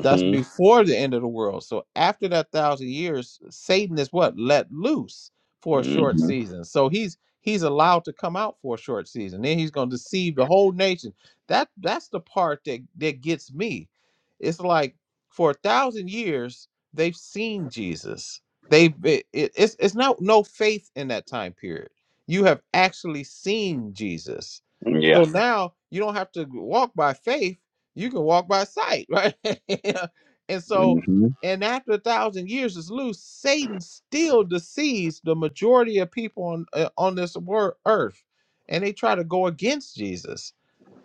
S4: That's before the end of the world. So after that thousand years, Satan is what let loose for a short
S1: mm-hmm.
S4: season. So he's he's allowed to come out for a short season. Then he's going to deceive the whole nation. That that's the part that that gets me. It's like for a thousand years they've seen Jesus. They've it, it- it's it's not no faith in that time period. You have actually seen Jesus.
S1: Mm,
S4: So
S1: Yeah,
S4: now you don't have to walk by faith you can walk by sight, right? *laughs* and so,
S1: mm-hmm.
S4: and after a thousand years is loose, Satan still deceives the majority of people on uh, on this wor- earth, and they try to go against Jesus.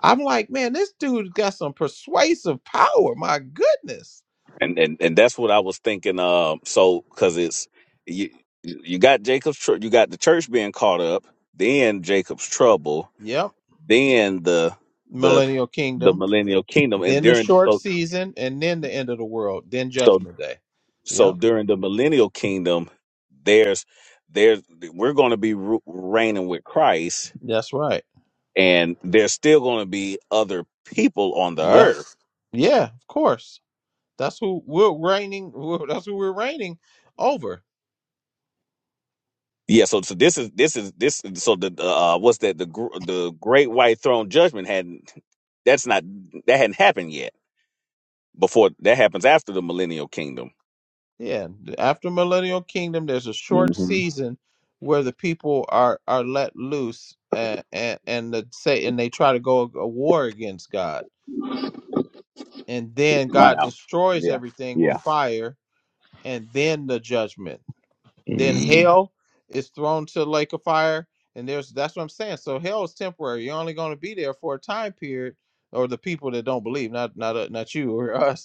S4: I'm like, man, this dude got some persuasive power. My goodness.
S1: and and and that's what I was thinking. Um, so because it's you, you got Jacob's, tr- you got the church being caught up, then Jacob's trouble,
S4: Yep.
S1: then the the
S4: Millennial
S1: the
S4: kingdom,
S1: millennial kingdom and
S4: then the
S1: during
S4: short
S1: so
S4: season, and then the end of the world, then
S1: so
S4: judgment day.
S1: so
S4: Yep.
S1: during the millennium they were
S4: That's right.
S1: and they're
S4: Yep. Yeah, of course. That's who we're reigning. who- That's who we're reigning over.
S1: yeah so so this is this is this so the uh what's that the gr- the great white throne judgment hadn't that's not that hadn't happened yet
S4: Yeah. After millennial kingdom, there's a short
S1: hmm
S4: season where the people are are let loose, and and, and the Satan they try to go a a war against God, and then God
S1: wow
S4: destroys
S1: yeah
S4: everything with
S1: yeah
S4: fire, and then the judgment. Then hell is thrown to the lake of fire, and there's that's what I'm saying. So hell is temporary. You're only going to be there for a time period, or the people that don't believe, not not uh, not you or *laughs* us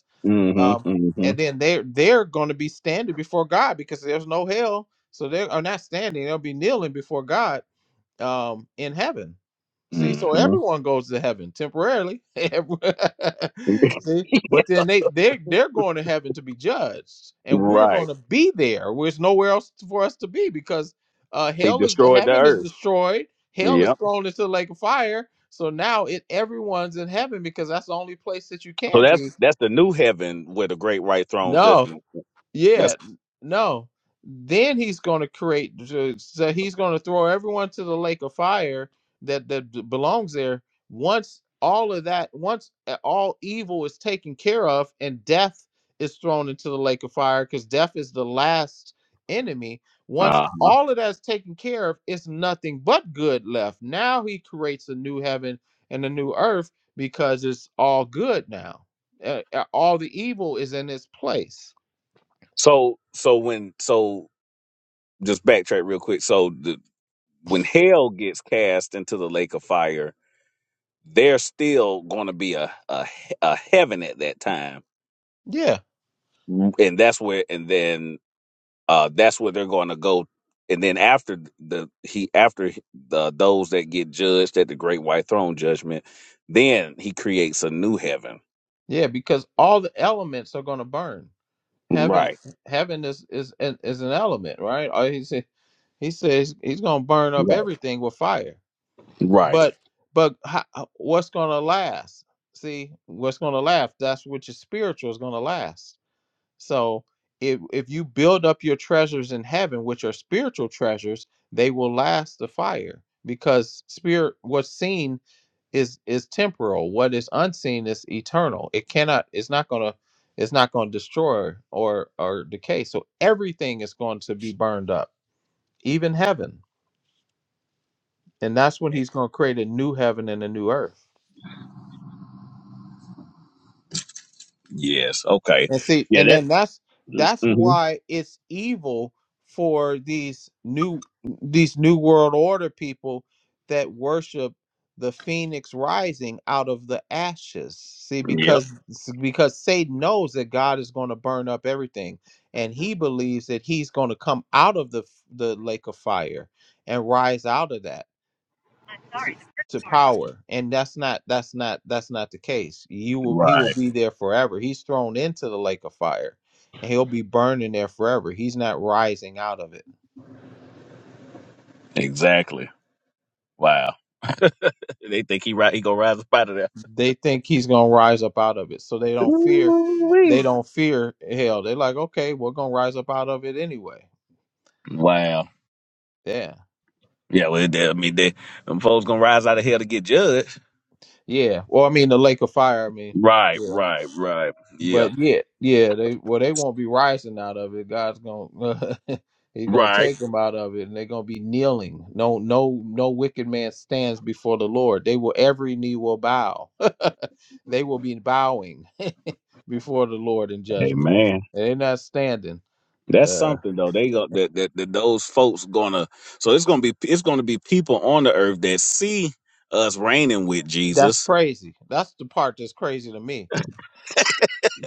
S4: um,
S1: mm-hmm
S4: and
S1: mm-hmm
S4: then they they're they're going to be standing before God because there's no hell, so they are not standing; they'll be kneeling before God um, in heaven. See, so
S1: mm-hmm
S4: everyone goes to heaven temporarily. *laughs* Every- *laughs* See, but then they they they're going to heaven to be judged,
S1: *laughs*
S4: and we're going
S1: right
S4: to be there. There's nowhere else for us to be because uh,
S1: he
S4: hell is
S1: destroyed the
S4: heaven is
S1: earth
S4: destroyed. Hell is
S1: Yep.
S4: thrown into the lake of fire. So now it everyone's in heaven because that's the only place that you
S1: so
S4: can
S1: that's
S4: be.
S1: that's the new heaven where the great white throne
S4: No,
S1: judgment
S4: yeah,
S1: that's
S4: no. Then he's going to create. So so he's going to throw everyone to the lake of fire that that b- belongs there. Once all of that, once a- all evil is taken care of, and death is thrown into the lake of fire, because death is the last enemy. Once
S1: uh
S4: all of that's taken care of, it's nothing but good left. Now he creates a new heaven and a new earth because it's all good now. Uh, uh, all the evil is in its place.
S1: so so when so just backtrack real quick. So the, when hell gets cast into the lake of fire, there's still going to be a, a a heaven at that time,
S4: Yeah.
S1: and that's where and then uh that's where they're going to go. And then after the he after the those that get judged at the great white throne judgment, then he creates a new heaven.
S4: Yeah, because all the elements are going to burn. Heaven, heaven is is an- is an element, right? Uh, He said, he says he's going to burn up everything with fire.
S1: Right.
S4: But but how, what's going to last? See, what's going to last? That's what your spiritual is going to last. So if if you build up your treasures in heaven, which are spiritual treasures, they will last the fire because spirit what's seen is is temporal what is unseen is eternal it cannot it's not going to it's not going to destroy or or decay so everything is going to be burned up even heaven and that's when he's going to create a new heaven and a new earth
S1: Yes. Okay.
S4: And see,
S1: Yeah.
S4: and
S1: That.
S4: then that's that's
S1: mhm.
S4: why it's evil for these new these new world order people that worship the phoenix rising out of the ashes. See,
S1: Yeah.
S4: because because Satan knows that God is going to burn up everything, and he believes that he's going to come out of the the lake of fire and rise out of that to, to power and that's not that's not that's not the case you will he will be there forever he's thrown into the lake of fire and he'll be burning there forever he's not rising out of it
S1: Exactly. Wow. *laughs* they think he right. He gonna rise up out of there.
S4: they think he's going to rise up out of it so they don't fear they don't fear hell they're like okay we're going to rise up out of it anyway
S1: Wow.
S4: yeah
S1: Yeah, well, they, I mean, they, them folks gonna rise out of hell to get judged.
S4: yeah well i mean the lake of fire i mean
S1: Right,
S4: yeah.
S1: right, right. Yeah,
S4: But yeah, yeah, they well they won't be rising out of it. God's gonna *laughs* he's gonna
S1: right.
S4: take them out of it, and they're gonna be kneeling. No, no, no wicked man stands before the Lord. They will every knee will bow. *laughs* they will be bowing *laughs* before the Lord in
S1: Hey,
S4: judgment.
S1: man,
S4: And they're not standing.
S1: that's
S4: Uh,
S1: something though. They go that, that that those folks gonna. So it's gonna be it's gonna be people on the earth that see us reigning with
S4: that's
S1: Jesus.
S4: crazy. That's the part that's crazy to me.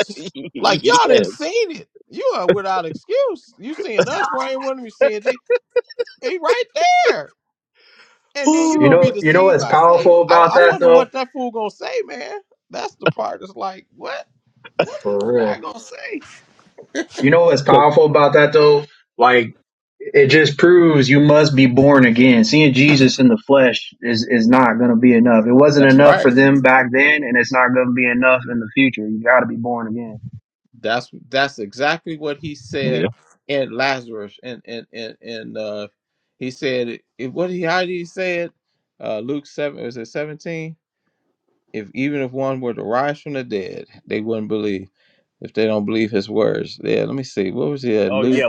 S4: Just- like y'all didn't seen it. You are without excuse. You seeing us rain? What are you. seeing? He, he right there. and then you're
S2: You
S4: gonna be
S2: know, you know
S4: deceived
S2: what's
S4: by Satan.
S2: powerful
S4: I,
S2: about
S4: I
S2: that
S4: wonder
S2: though?
S4: what that fool gonna say, man. That's the part that's like, what? What is this
S2: For
S4: guy
S2: real.
S4: gonna say?
S2: You know what's powerful about that though? Like, it just proves you must be born again. Seeing Jesus in the flesh is, is not going to be enough. It wasn't
S4: That's
S2: enough for
S4: right.
S2: them back then, and it's not going to be enough in the future. You got to be born again.
S4: That's that's exactly what he
S1: Yeah.
S4: said in Lazarus and and and and uh, he said it, it- what he how did he say it? Uh, Luke seven was it seventeen? If even if one were to rise from the dead, they wouldn't believe. If they don't believe his words, yeah. Let me see. What was it?
S1: Oh,
S4: Luke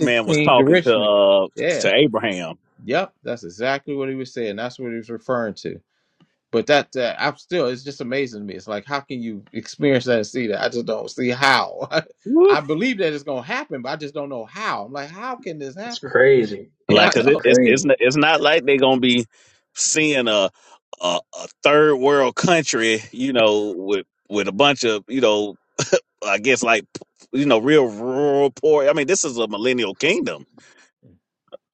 S4: sixteen, the rich man.
S1: uh,
S4: Yeah.
S1: you know,
S4: Yep, that's exactly what he was saying. That's what he was referring to. But that, uh, I'm still, it's just amazing to me. It's like, how can you experience that and see that? I just don't see how. *laughs* I believe that it's going to happen, but I just don't know how. I'm like, how can this
S2: It's
S4: happen? *laughs*
S2: crazy.
S4: And I know.
S2: Crazy.
S1: see, uh, a, a third world country, you know, with with a bunch of you know, I guess like you know, real rural poor. I mean, this is a millennial kingdom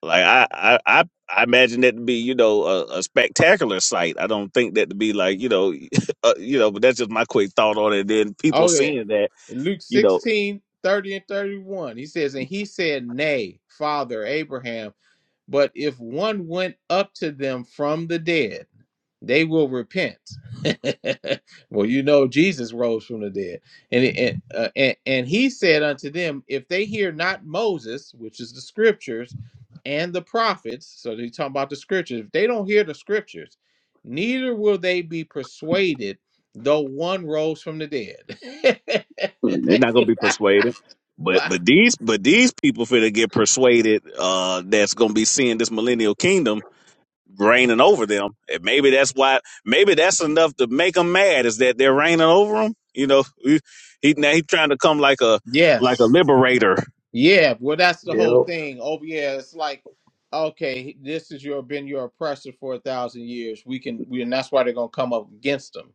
S1: Like I, I, I, I imagine that to be, you know, a, a spectacular sight. I don't think that to be like, you know, *laughs* uh, you know, but that's just my quick thought on it. Then people
S4: Okay.
S1: seeing that,
S4: Luke
S1: you know,
S4: sixteen 30 and 31, he says, And he said, Nay, Father Abraham. But if one went up to them from the dead, they will repent. *laughs* well, you know, Jesus rose from the dead, and and, uh, and and he said unto them, If they hear not Moses, which is the scriptures, and the prophets, so he's talking about the scriptures. If they don't hear the scriptures, neither will they be persuaded, though one rose from the dead.
S1: mm, they're not gonna be persuaded.
S4: *laughs*
S1: But
S4: wow.
S1: but these but these people finna get persuaded. Uh, that's gonna be seeing this millennial kingdom reigning over them, and maybe that's why. Maybe that's enough to make them mad. Is that they're reigning over them? You know, *laughs* he, he now he's trying to come like a like a
S4: Yes.
S1: liberator.
S4: Yeah, well, that's the whole
S2: Yep.
S4: thing. Oh, yeah, it's like, okay, this is your been your oppressor for a thousand years. We can, we, and that's why they're gonna come up against them.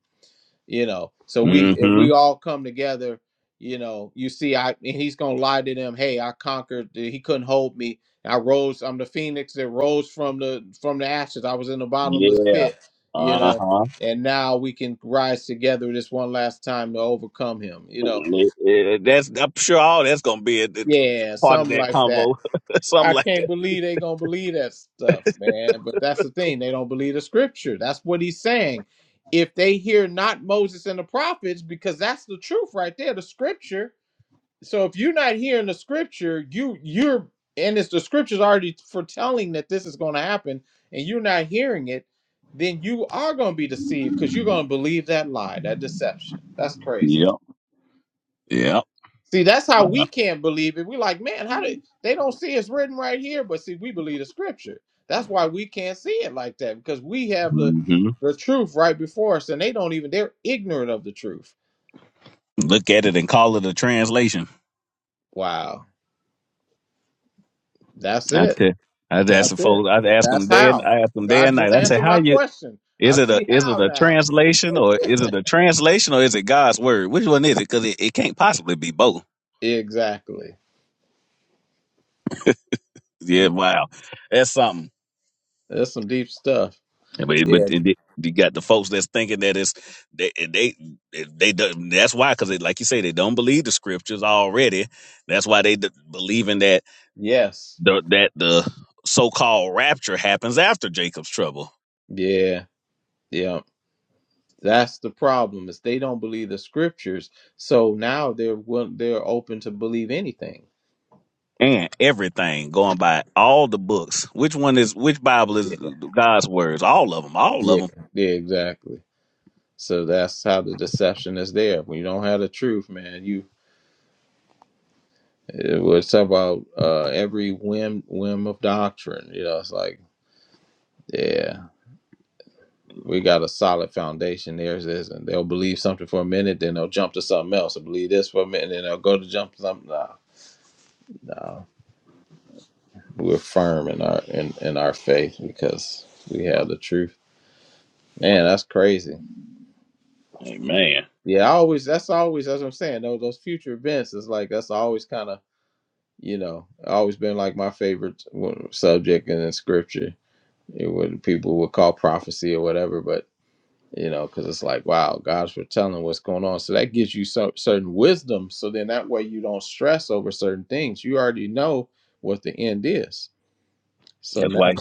S4: You know, so we if
S1: Mm-hmm.
S4: we all come together, you know, you see, I and he's gonna lie to them. Hey, I conquered. He couldn't hold me. I rose. I'm the phoenix that rose from the from the ashes. I was in the bottomless pit. You know, and now we can rise together this one last time to overcome him. You know,
S1: Yeah, that's I'm sure all that's gonna be a, a
S4: yeah,
S1: part of
S4: something
S1: that
S4: like that
S1: convo, *laughs* something
S4: I
S1: like
S4: can't
S1: that.
S4: believe they gonna believe that stuff, man. But that's the thing; they don't believe the scripture. That's what he's saying. If they hear not Moses and the prophets, because that's the truth right there, the scripture. So if you're not hearing the scripture, you you're and it's the scripture's already foretelling that this is gonna happen, and you're not hearing it, then you are gonna be deceived because you're gonna believe that lie, that deception. That's crazy.
S1: Yep.
S4: See, that's how we can't believe it. We're like, man, how did they don't see it's written right here? But see, we believe the scripture. That's why we can't see it like that because we have the
S1: hmm
S4: the truth right before us, and they don't even they're ignorant of the truth.
S1: Look at it and call it a translation.
S4: Wow, that's
S1: I
S4: it.
S1: tell, I'd ask the
S4: That's it.
S1: folks. I'd ask
S4: That's
S1: them day. and-
S4: how
S1: I ask them day
S4: God
S1: and
S4: just
S1: night. I say,
S4: answered
S1: how
S4: my
S1: you?
S4: question. I
S1: Is it a
S4: see
S1: is it
S4: how
S1: a
S4: now.
S1: translation or is it a translation or is it God's word? Which one is it? Because it, it can't possibly be both.
S4: Exactly.
S1: Yeah. Wow. That's something.
S4: That's some deep stuff.
S1: But
S4: Yeah.
S1: but it- it- you got the folks that's thinking that it's they they they, don't- that's why because like you say they don't believe the scriptures already. That's why they d- believing that
S4: Yes.
S1: the that the so called rapture happens after Jacob's trouble
S4: Yeah. Yeah. That's the problem is they don't believe the scriptures, so now they're will- they're open to believe anything.
S1: and everything going by all the books. Which one is which Bible
S4: Yeah,
S1: is God's words? All of them. All of
S4: yeah,
S1: them.
S4: yeah, exactly. So that's how the deception is there. When you don't have the truth, man, you it was about uh, every whim whim of doctrine. You know, it's like yeah, we got a solid foundation. Theirs isn't. They'll believe something for a minute, then they'll jump to something else. They'll believe this for a minute, then they'll go to jump to something. No, no. we're firm in our in, in our faith because we have the truth. Man, that's crazy.
S1: Amen.
S4: Yeah, I always that's always that's what I'm saying. Those those future events is like that's always kind of you know always been like my favorite w- subject in the scripture. It would people would call prophecy or whatever, but you know because it's like wow, God's foretelling what's going on. So that gives you some certain wisdom. So then that way you don't stress over certain things. You already know what the end is. So now,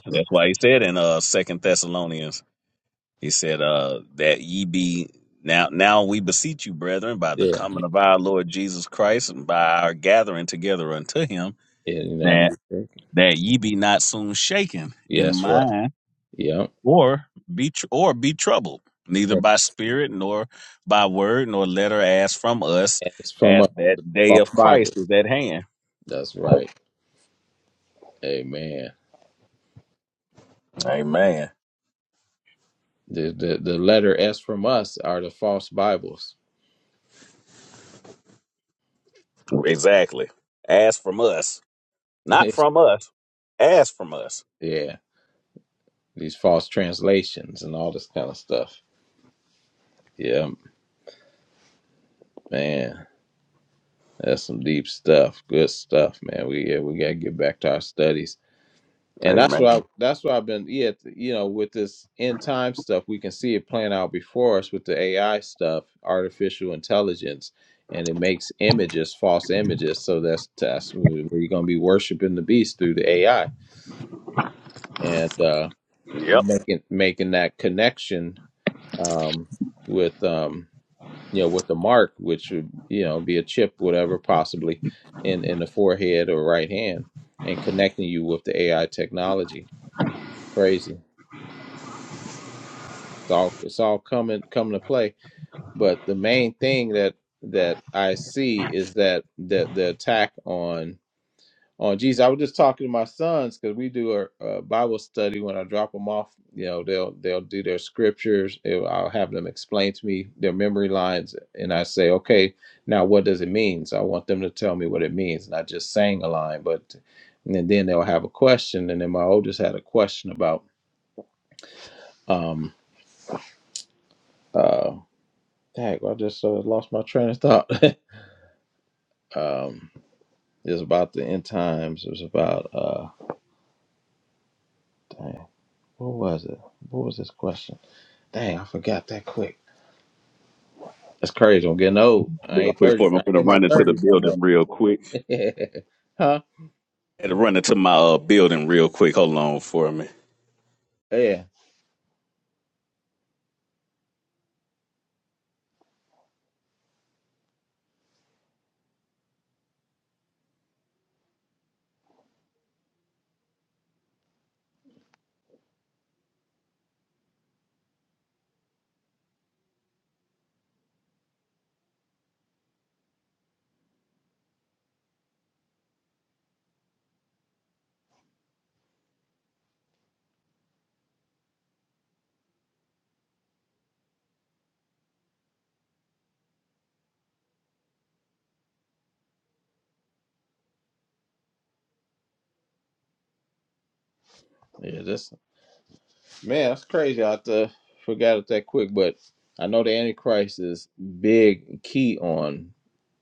S1: Yes. He see,
S4: yeah,
S1: it's run to him
S4: yeah, you know.
S1: that can in
S4: Yes, right. Yep.
S1: or be bold.
S4: And
S1: by word nor letter as from us
S4: it's from
S1: at
S4: a
S1: that
S4: false Bible.
S1: day.
S4: That's right. Amen.
S1: Amen.
S4: The, the the letter S from us are the false Bibles.
S1: Exactly. As from us. Not
S4: *laughs*
S1: from us. As from us.
S4: yeah. These false translations and all this kind of stuff. Yeah, man. That's some deep stuff. Good stuff, man. We yeah, we gotta get back to our studies. and that's what
S1: Amen.
S4: I, that's what I've been yeah you know with this end time stuff we can see it playing out before us with the AI stuff artificial intelligence and it makes images false images so that's that's where where you're gonna be worshiping the beast through the AI and uh, making making that connection um, with um, you know with the mark which would you know be a chip whatever possibly in in the forehead or right hand and connecting you with the AI technology crazy. It's all it's all coming coming to play. But the main thing that that I see is that the the attack on on Jesus. I was just talking to my sons because we do a, a Bible study when I drop them off. You know, they'll they'll do their scriptures. It- I'll have them explain to me their memory lines, and I say, okay, now what does it mean? So I want them to tell me what it means, not just saying a line, but and then they'll have a question. And then my oldest had a question about um uh, Heck, I just uh, lost my train of thought. *laughs* um, it was about the end times. It was about uh, dang, what was it? What was this question? Dang, I forgot that quick. That's crazy. I'm getting old. I
S1: Real
S4: ain't
S1: quick
S4: thirty.
S1: for me,
S4: I
S1: I'm
S4: ain't
S1: gonna
S4: in my
S1: run into the
S4: thirties no more.
S1: building real quick.
S4: *laughs* huh?
S1: had to run into my uh, building real quick. Hold on for me.
S4: Yeah. Yeah. This. Man, that's crazy. I uh, forgot it that quick, but I know the Antichrist is big and key on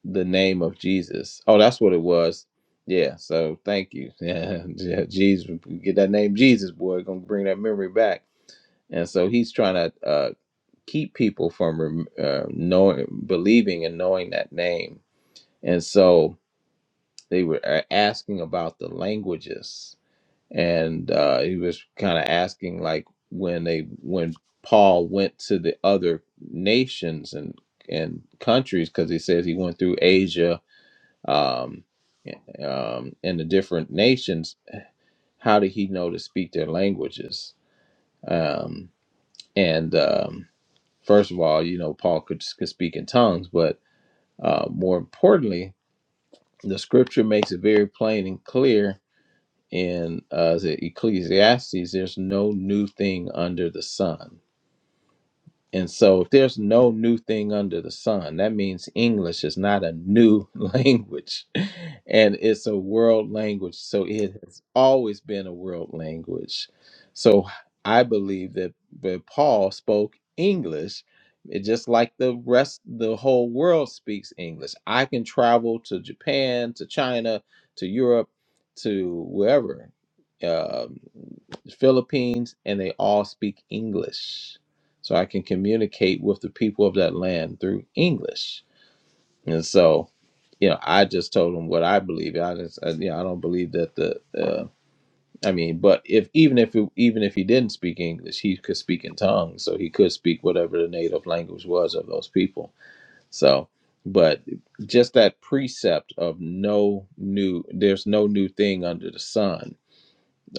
S4: the name of Jesus. Oh, that's what it was. Yeah. So thank you. *laughs* Yeah, yeah, Jesus, get that name Jesus, boy. Gonna bring that memory back. And so he's trying to uh, keep people from rem- uh, knowing, believing, and knowing that name. And so they were uh, asking about the languages and uh, he was kind of asking like when they when Paul went to the other nations and and countries because he says he went through Asia um, um, and the different nations. How did he know to speak their languages? Um, and um, first of all, you know Paul could could speak in tongues, but uh, more importantly, the Scripture makes it very plain and clear in uh, is it Ecclesiastes, there's no new thing under the sun. And so, if there's no new thing under the sun, that means English is not a new *laughs* language. And it's a world language. So, it has always been a world language. So, I believe that, that Paul spoke English it, just like the rest, the whole world speaks English. I can travel to Japan, to China, to Europe, to wherever, um, Philippines, and they all speak English so I can communicate with the people of that land through English. And so, you know, I just told them what I believe. I just, I, you know, I don't believe that the, uh, I mean, but if even if it, even if he didn't speak English, he could speak in tongues, so he could speak whatever the native language was of those people. So, but just that precept of no new, there's no new thing under the sun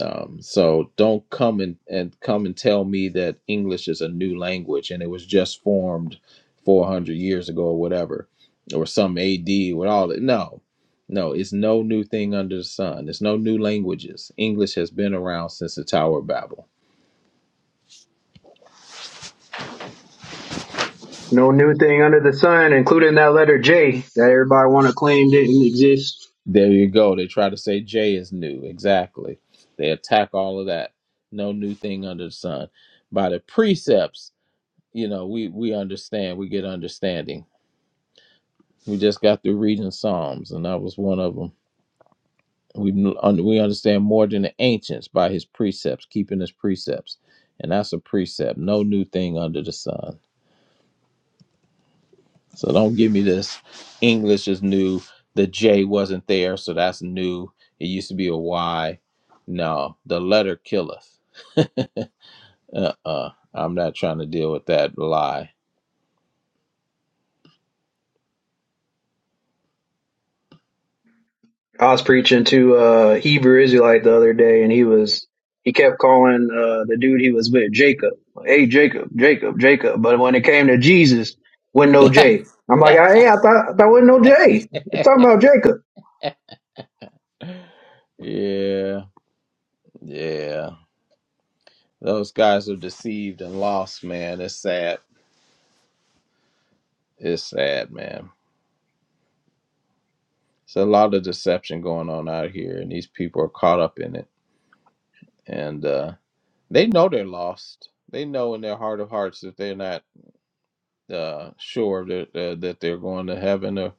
S4: um, so don't come and, and come and tell me that English is a new language and it was just formed 400 years ago or whatever, or some AD with all that. No, no, it's no new thing under the sun. There's no new languages. English has been around since the Tower of Babel.
S2: No new thing under the sun, including that letter J that everybody want to claim didn't exist.
S4: There you go. They try to say J is new. Exactly. They attack all of that. No new thing under the sun. By the precepts, you know, we we understand. We get understanding We just got through reading Psalms, and that was one of them. We un- we understand more than the ancients by his precepts, keeping his precepts, and that's a precept. No new thing under the sun. So don't give me this. English is new. The J wasn't there, so that's new. It used to be a Y. No, the letter killeth. Uh uh-uh. uh. i am not trying to deal with that lie.
S2: I was preaching to a Hebrew Israelite the other day, and he was he kept calling uh, the dude he was with Jacob. Hey, Jacob, Jacob, Jacob. But when it came to Jesus, wasn't no
S4: *laughs*
S2: J. I'm like,
S4: yeah,
S2: hey, I thought I thought wasn't no J. You're talking about Jacob.
S4: yeah. Those guys are deceived and lost, man. It's sad. It's sad, man. It's a lot of deception going on out here, and these people are caught up in it. And uh, they know they're lost. They know in their heart of hearts that they're not uh, sure that uh, that they're going to heaven, or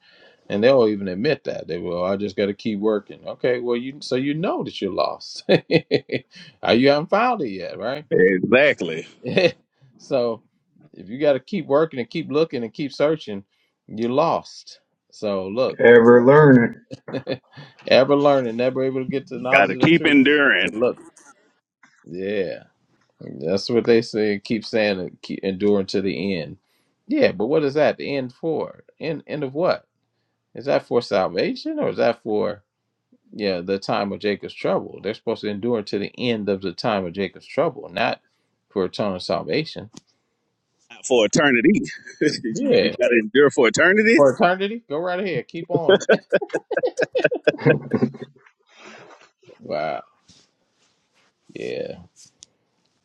S4: and they'll even admit that they will. I just got to keep working. Okay, well you so you know that you're lost. *laughs* Uh, you haven't found it yet, right? *laughs* so if you got to keep working and keep looking and keep searching, you're lost. So look.
S2: Ever learning.
S4: *laughs* ever learning, never able to get to the
S1: Got
S4: knowledge
S1: to
S4: of the
S1: keep
S4: truth. So
S1: enduring.
S4: look, yeah, that's what they say. Keep saying it, keep enduring to the end. Yeah, but what is that? The end for? End end of what? Is that for salvation or is that for yeah the time of Jacob's trouble? They're supposed to endure to the end of the time of Jacob's trouble, not for eternal salvation.
S1: For eternity. *laughs* you, you
S4: Yeah,
S1: got to endure for eternity?
S4: for eternity. Go right ahead. Keep on. Wow. Yeah.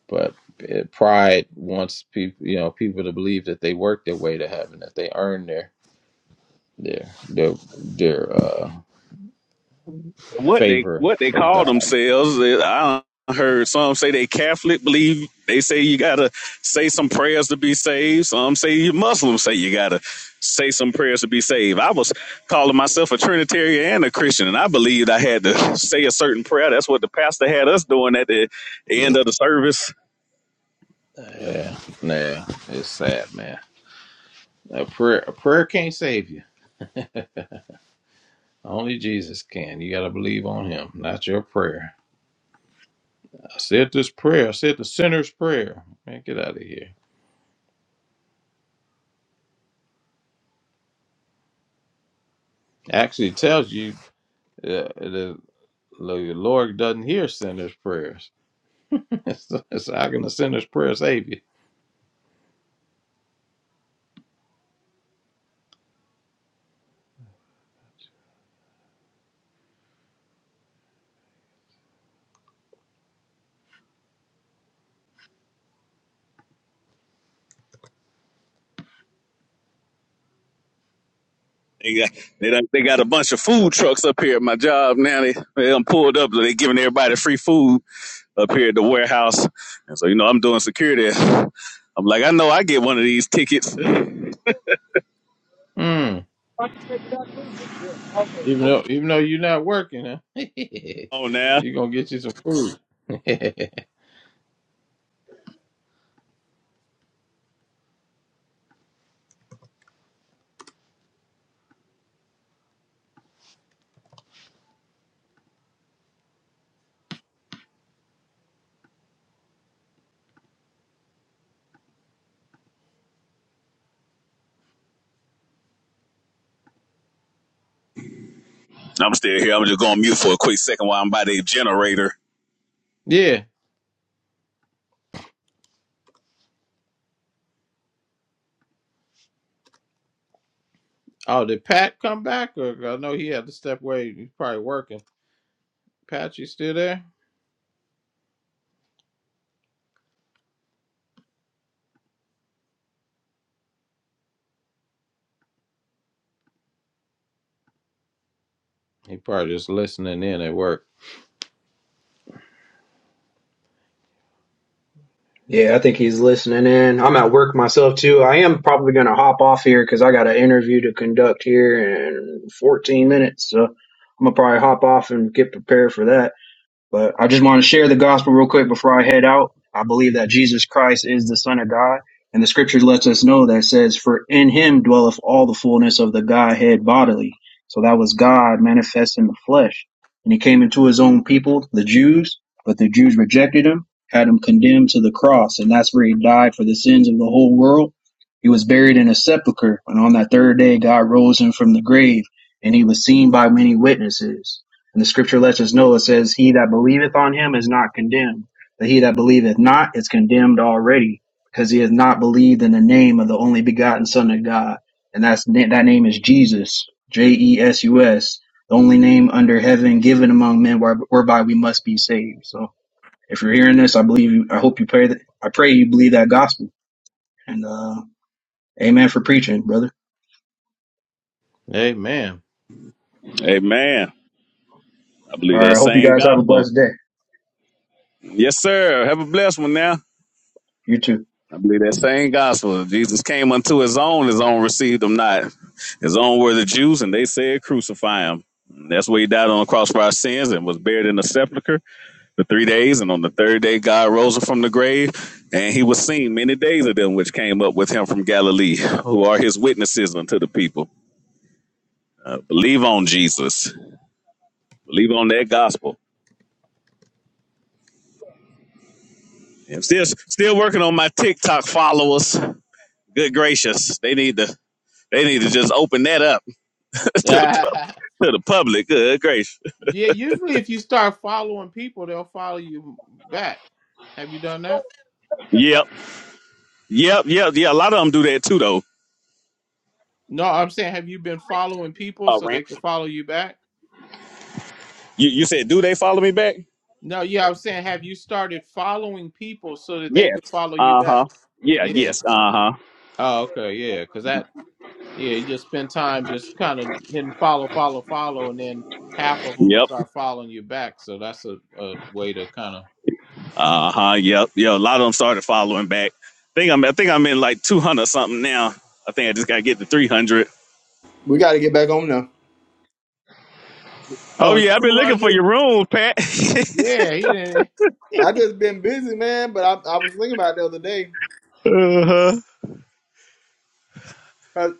S4: But eh, pride wants people, you know, people to believe that they work their way to heaven, that they earn their their their their uh,
S1: what they
S4: favor
S1: what they
S4: of
S1: call
S4: God.
S1: themselves. eh, I heard some say they Catholic believe they say you gotta say some prayers to be saved. Some say you Muslims say you gotta say some prayers to be saved. I was calling myself a Trinitarian and a Christian, and I believed I had to *laughs* say a certain prayer. That's what the pastor had us doing at the
S4: Yeah,
S1: End of the service.
S4: yeah, yeah. It's sad, man. A prayer, a prayer can't save you. Only Jesus can. You got to believe on Him, not your prayer. I said this prayer. I said the sinner's prayer. Man, get out of here. Actually, tells you uh, the, the Lord doesn't hear sinners' prayers. *laughs* so how can a sinner's prayer save you?
S1: They got they done, they got a bunch of food trucks up here at my job now. They they done pulled up. They giving everybody free food up here at the warehouse. And so you know I'm doing security. I'm like I know I get one of these tickets.
S4: Hmm. Even though even though you're not working, huh? *laughs*
S1: Oh now.
S4: you're gonna get you some food. *laughs*
S1: I'm still here. I'm just going to mute for a quick second while I'm by the generator.
S4: yeah. Oh, did Pat come back? Or I know he had to step away. He's probably working. Pat, you still there? He probably just listening in at work.
S2: Yeah, I think he's listening in. I'm at work myself too. I am probably going to hop off here because I got an interview to conduct here in 14 minutes. So I'm going to probably hop off and get prepared for that. But I just want to share the gospel real quick before I head out. I believe that Jesus Christ is the Son of God, and the scripture lets us know that says, For in him dwelleth all the fullness of the Godhead bodily. So that was God manifest in the flesh. And he came into his own people, the Jews, but the Jews rejected him, had him condemned to the cross, and that's where he died for the sins of the whole world. He was buried in a sepulchre, and on that third day God rose him from the grave, and he was seen by many witnesses. And the scripture lets us know it says, He that believeth on him is not condemned, but he that believeth not is condemned already, because he has not believed in the name of the only begotten Son of God. And that's that name is Jesus, J E S U S, the only name under heaven given among men where- whereby we must be saved. So if you're hearing this, I believe you, I hope you pray that, I pray you believe that gospel. And uh, amen for preaching, brother.
S4: Hey, man.
S1: Amen. I
S2: All
S1: believe
S2: right,
S1: that
S2: I hope you
S1: same
S2: guys have a
S1: gospel.
S2: blessed day.
S1: Yes, sir. Have a blessed one now.
S2: You too.
S1: I believe that same gospel. Jesus came unto his own, his own received him not. His own were the Jews, and they said, Crucify him. That's where he died on the cross for our sins and was buried in the sepulchre for three days. And on the third day, God rose him from the grave, and he was seen many days of them which came up with him from Galilee, who are his witnesses unto the people. Uh, believe on Jesus. Believe on that gospel. And still still working on my TikTok followers. Good gracious. They need to they need to just open that up *laughs*
S4: *laughs*
S1: to the pub,
S4: yeah.
S1: to the public. Good gracious.
S4: Usually, if you start following people, they'll follow you back. Have you done that?
S1: Yep. Yep. Yep. Yeah. A lot of them do that too though.
S4: No, I'm saying, have you been following people so they could follow you back?
S1: You you said do they follow me back?
S4: No, yeah, I'm saying, have you started following people so that they could follow you back?
S1: Uh-huh. Yeah,
S4: Yeah.
S1: yes. Uh-huh.
S4: Oh, okay, yeah, because that, yeah, you just spend time just kind of hitting follow, follow, follow, and then half of them will
S1: Yep.
S4: start following you back. So that's a, a way to kind of.
S1: Uh-huh. Yep. Yeah. A lot of them started following back. I think I'm I think I'm in like two hundred something now. I think I just gotta get to three hundred.
S3: We got to get back on now.
S1: Oh
S4: Oh, it's
S1: yeah, I've been
S4: two
S1: looking for
S4: hundred.
S1: your room, Pat. *laughs*
S4: Yeah, he didn't.
S3: I just been busy, man. But I, I was thinking about it the other day. 'Cause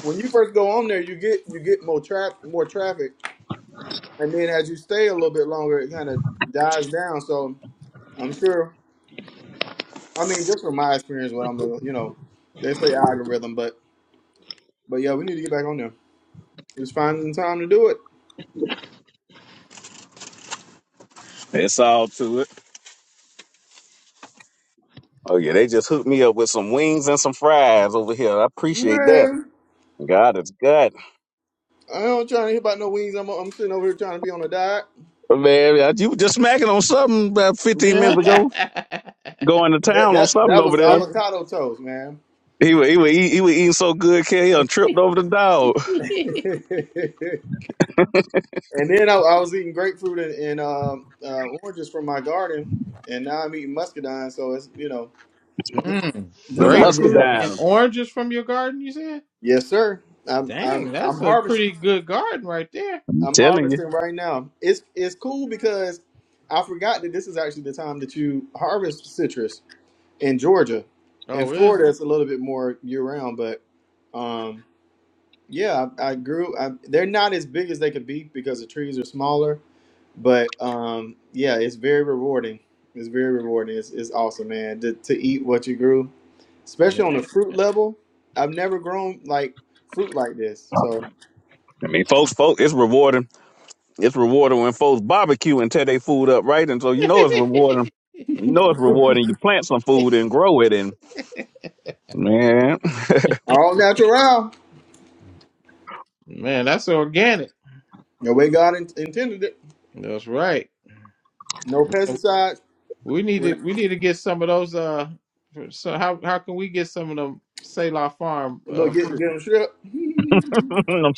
S3: When you first go on there, you get you get more trap more traffic. and then as you stay a little bit longer, it kind of dies down. So I'm sure. I mean, just from my experience, what I'm doing, you know, they say algorithm, but but yeah, we need to get back on there. Just finding the time to do it,
S1: It's all too. Oh yeah, they just hooked me up with some wings and some fries over here. I appreciate that.
S3: man.
S1: God is good.
S3: I don't trying to hear about no wings. I'm, I'm sitting over here trying to be on a diet.
S1: Man, I- you were just smacking on something about 15 minutes ago,
S4: *laughs*
S1: going to
S3: That
S1: town on
S3: that
S1: something
S3: that was
S1: over there.
S4: Yeah,
S3: avocado toast, man.
S1: He was, he was, eat- he was eating so good, K, he done tripped over the dog.
S4: yeah.
S3: *laughs* and then I, I was eating grapefruit and, and um, uh, oranges from my garden, and now I'm eating muscadine. So it's you know just
S4: mm,
S1: The
S3: just trying to get
S4: grapefruit and
S3: healthy.
S1: muscadine,
S4: oranges from your garden. You said,
S3: Yes, sir. I'm
S4: "Dang,
S3: I'm I'm
S4: that's a
S3: harvest
S4: pretty good garden right there."
S1: I'm
S3: I'm
S1: telling you.
S3: harvesting right now. It's it's cool because I forgot that this is actually the time that you harvest citrus in Georgia. In
S4: Oh, is it,
S3: Florida, it's a little bit more year round, but um, yeah, I, I grew. I, they're not as big as they could be because the trees are smaller. But um, yeah, it's very rewarding. It's very rewarding. It's, it's awesome, man. To, to eat what you grew, especially on the
S4: man?
S3: fruit level. I've never grown like fruit like this, so.
S1: I mean, folks, folks, it's rewarding. It's rewarding when folks barbecue and tear their food up, right? And so you know it's rewarding. You know it's
S3: *laughs*
S1: rewarding. You plant some food and grow it, and
S3: All natural.
S4: *laughs* man, that's organic.
S3: The way God in- intended it.
S4: That's right.
S3: No pesticides.
S4: We need
S3: When
S4: to we need to get some of those. Uh, for- so how how can we get some of them Selah Farm uh
S3: look, get
S4: fruit?
S3: get them strip.
S1: *laughs*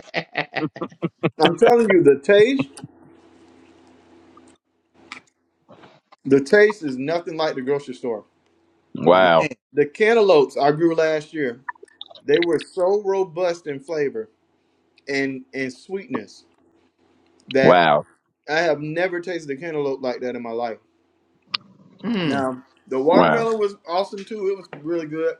S4: *laughs*
S3: I'm telling you, the taste, the taste is nothing like the grocery store.
S1: wow,
S4: Man,
S3: The cantaloupes I grew last year, they were so robust in flavor and and sweetness that
S1: wow,
S3: I have never tasted a cantaloupe like that in my life.
S4: mm.
S3: Now, the
S1: wow.
S3: watermelon was awesome too. It was really good,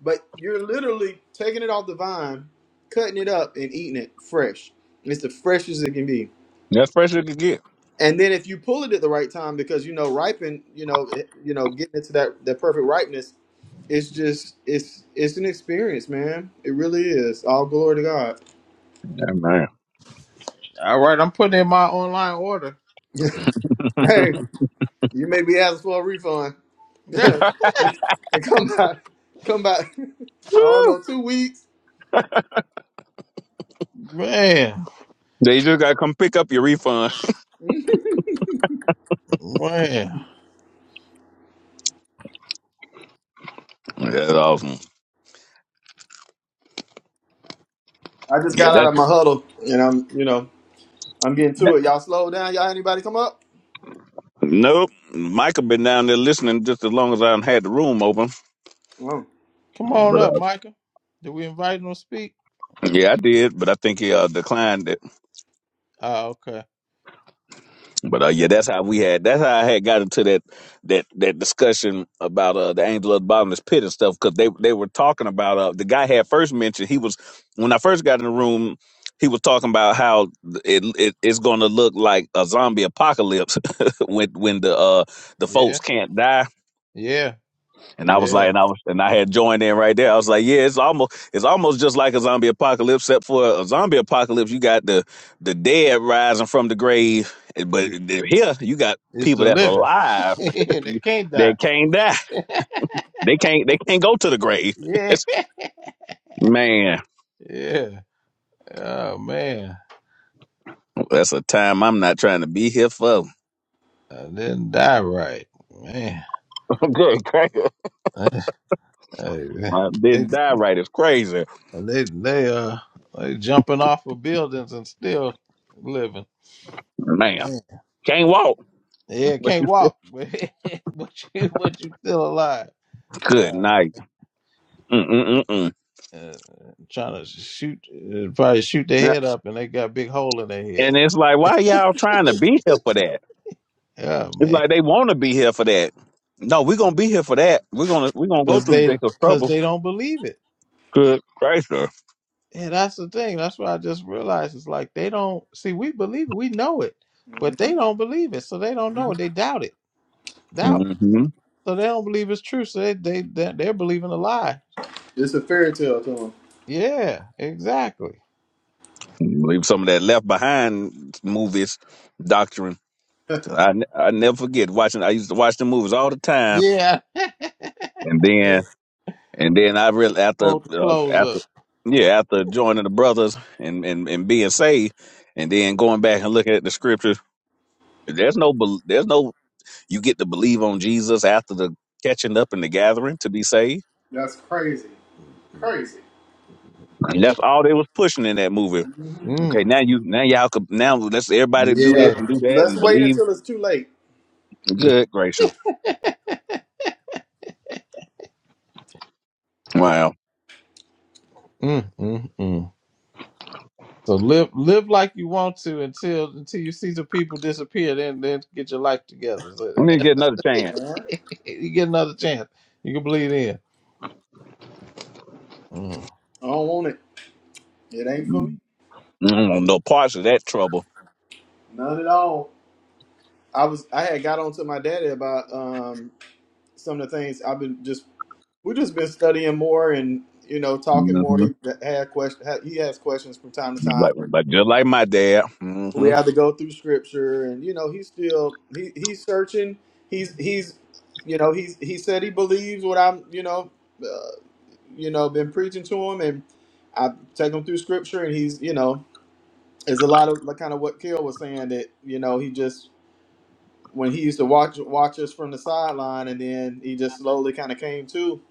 S3: but you're literally taking it off the vine, cutting it up, and eating it fresh. It's the freshest it can be.
S1: That's fresh you could get.
S3: And then if you pull it at the right time, because you know ripen, you know, it, you know, getting into that that perfect ripeness, it's just it's it's an experience, man. It really is. All glory to God.
S4: all right, I'm putting in my online order.
S3: Hey, you may be asking for a refund.
S4: *laughs*
S3: *laughs* and come back, come back. *laughs* I don't know, two weeks.
S4: man,
S1: They just gotta come pick up your refund.
S3: *laughs* I
S4: man,
S1: That's awesome.
S3: just
S1: Yeah,
S3: got out
S1: that,
S3: of my huddle, and I'm you know I'm getting to
S1: that.
S3: it. Y'all slow down. Y'all anybody come up?
S1: Nope. Michael been down there listening just as long as I done had the room open.
S3: Oh.
S4: come on
S1: But
S4: up,
S1: uh,
S4: Micah. Did we invite him to speak?
S1: yeah, I did. But I think he uh, declined it.
S4: Oh, okay.
S1: But uh, yeah, that's how we had. That's how I had got into that that that discussion about uh, the angel of the bottomless pit and stuff because they they were talking about uh, the guy had first mentioned he was when I first got in the room. He was talking about how it, it it's going to look like a zombie apocalypse *laughs* when when the uh the
S4: Yeah,
S1: folks can't die
S4: yeah,
S1: And I was like,
S4: yeah.
S1: and I was, and I had joined in right there. I was like, yeah, it's almost, it's almost just like a zombie apocalypse, except for a zombie apocalypse, you got the the dead rising from the grave, but here you got
S4: It's
S1: people
S4: the
S1: that's
S4: living. *laughs*
S1: alive
S4: they can't
S1: *laughs* that
S4: die.
S1: can't die. They can't, they can't go to the grave. *laughs*
S4: Yeah,
S1: man,
S4: yeah. Oh man,
S1: that's a time I'm not trying to be here for.
S4: I didn't die right, man. *laughs* Hey, man. And they they uh they jumping off of buildings and still living.
S1: Man,
S4: Man, Yeah, can't walk, *laughs* but but you but you still alive.
S1: good
S4: Um,
S1: night. Mm-mm-mm-mm.
S4: uh, trying to shoot, uh, probably shoot their head up, and they got a big hole in their
S1: And
S4: head.
S1: it's like, why y'all trying to be here for that?
S4: Yeah,
S1: It's
S4: man,
S1: like they want to be here for that. No, we're gonna be here for that. We're gonna we're gonna go
S4: because
S1: through
S4: they
S1: days of
S4: because
S1: trouble.
S4: they don't believe it.
S1: Good Christ, sir.
S4: Yeah, that's the thing. That's why I just realized it's like they don't see. We believe it, we know it, but they
S3: Mhm.
S4: don't believe it, so they don't know it. They doubt it,
S3: Yeah,
S4: doubt.
S1: hmm
S4: So they don't believe it's true. So they they they- they're believing a lie.
S3: it's a fairy tale to 'em.
S4: Yeah, exactly.
S1: Some of that Latin movies doctrine. I, n- I never forget watching. I used to watch the movies all the time,
S4: Yeah,
S1: and
S4: yeah.
S1: then and then I really after
S4: Hold the
S1: uh,
S4: clothes
S1: after
S4: up.
S1: yeah after joining the brothers and, and and being saved, and then going back and looking at the scriptures. There's no bel- there's no you get to believe on Jesus after the catching up and the gathering to be saved
S3: That's crazy. Crazy.
S1: And
S4: Yeah.
S1: that's all they was pushing in that movie. Okay,
S4: Mm.
S1: now you now y'all could now let's everybody do this
S4: Yeah.
S3: Yeah.
S1: and do that and
S3: Let's wait
S1: believe.
S3: until it's too late.
S4: Yeah.
S1: Good gracious. Wow.
S4: Mm, mm, mm. So live live like you want to until until you see the people disappear. Then then get your life together. So
S1: We need to get another chance.
S3: Man,
S4: *laughs* you get another chance. You can believe in. Mm.
S3: I don't want it. It ain't for me.
S1: I don't want no parts of that trouble.
S3: None at all. I was I had got on to my daddy about um some of the things I've been just we just been studying more and you know talking more.
S1: Mm-hmm.
S3: He had question had- he has questions from time to time.
S1: Like, like just like my dad.
S3: We
S1: Mm-hmm.
S3: have to go through scripture and you know he's still he he's searching. He's he's you know he's he said he believes what I'm you know uh, you know been preaching to him and I take him through scripture and he's you know It's a lot of like kind of what Kale was saying that you know he just when he used to watch watch us from the sideline and then he just slowly kind of came to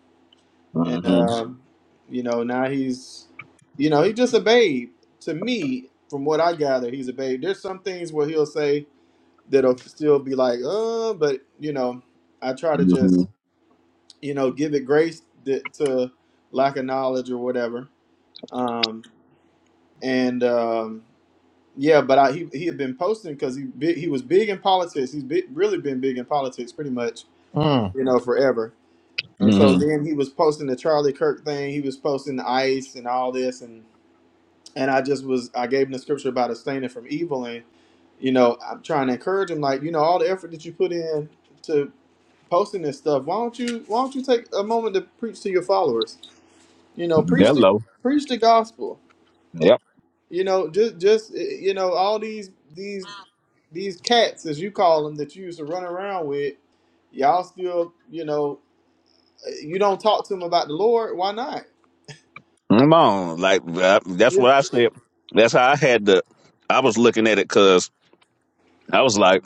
S3: and
S1: Mm-hmm.
S3: um, you know now he's you know he's just a babe to me from what I gather he's a babe. There's some things where he'll say that'll still be like uh but you know I try to just
S1: Mm-hmm.
S3: you know give it grace that, to lack of knowledge or whatever um, and. um, Yeah, but I, he he had been posting because he big, he was big in politics. He's big, really been big in politics, pretty much,
S4: Mm.
S3: you know, forever. And so
S1: Mm-hmm.
S3: then he was posting the Charlie Kirk thing. He was posting the ICE and all this, and and I just was I gave him the scripture about abstaining from evil, and you know I'm trying to encourage him, like you know all the effort that you put in to posting this stuff. Why don't you Why don't you take a moment to preach to your followers? You know, preach the
S1: Hello.
S3: preach the gospel.
S1: Yep.
S3: You know, just just eh, you know all these these these cats, as you call them, that you used to run around with, y'all still, you know, you don't talk to them about the Lord. Why not?
S1: Come on. Like uh, that's what
S3: You-
S1: I said. That's how I had the I was looking at it because I was like,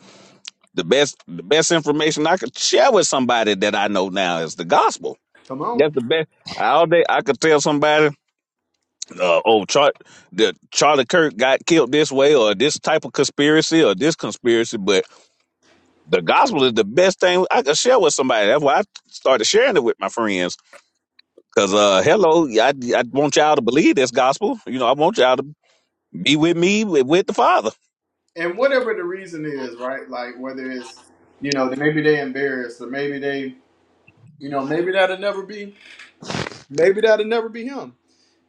S1: the best the best information I could share with somebody that I know now is the gospel
S3: Come on.
S1: That's the best. All day I could tell somebody, uh, oh, Char- the Charlie Kirk got killed this way, or this type of conspiracy, or this conspiracy. But the gospel is the best thing I could share with somebody. That's why I started sharing it with my friends. Cause uh, hello, I, I want y'all to believe this gospel. You know, I want y'all to be with me with, with the Father.
S3: And whatever the reason is, right? Like whether it's, you know, maybe they embarrassed or maybe they, you know, maybe that'll never be, maybe that'll never be him.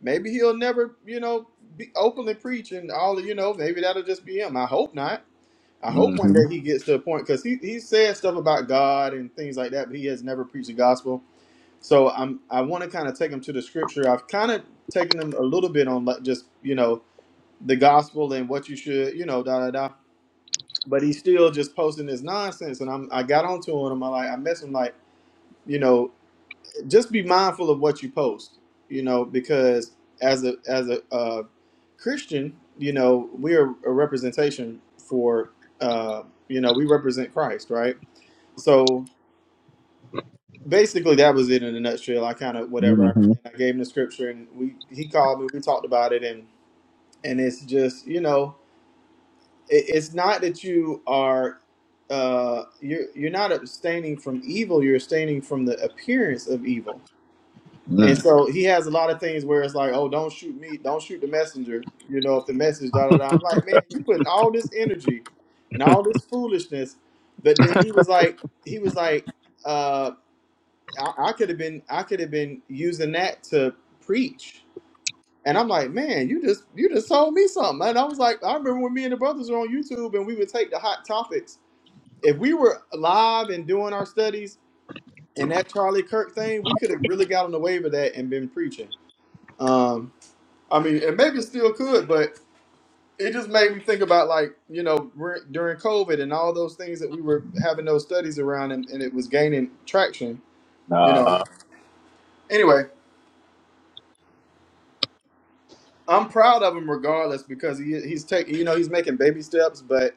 S3: Maybe he'll never, you know, be openly preach and all, you know, maybe that'll just be him. I hope not. I hope one
S1: Mm-hmm.
S3: day he gets to a point because he, he says stuff about God and things like that, but he has never preached the gospel So I'm I want to kind of take them to the scripture. I've kind of taken them a little bit on like just you know the gospel and what you should you know da da da. But he's still just posting this nonsense, and I'm I got onto him. I like I messaged him like you know just be mindful of what you post, you know, because as a as a uh, Christian, you know, we are a representation for uh, you know we represent Christ, right? So basically that was it in a nutshell. I kind of whatever.
S1: Mm-hmm.
S3: I, I gave him the scripture, and we he called me. We talked about it, and and it's just you know it, it's not that you are uh you're you're not abstaining from evil. You're abstaining from the appearance of evil. And
S1: Mm.
S3: so he has a lot of things where it's like, oh, don't shoot me, don't shoot the messenger. You know, if the message da da da. I'm like, man, you putting all this energy and all this foolishness, but then he was like, he was like uh, I, I could have been I could have been using that to preach. And I'm like, man, you just you just told me something. And I was like, I remember when me and the brothers were on YouTube and we would take the hot topics. If we were live and doing our studies and that Charlie Kirk thing, we could have really got on the wave of that and been preaching. Um, I mean, and maybe still could, but it just made me think about like you know we're- during COVID and all those things that we were having those studies around and, and it was gaining traction. You know. Anyway, I'm proud of him regardless because he he's taking you know he's making baby steps, but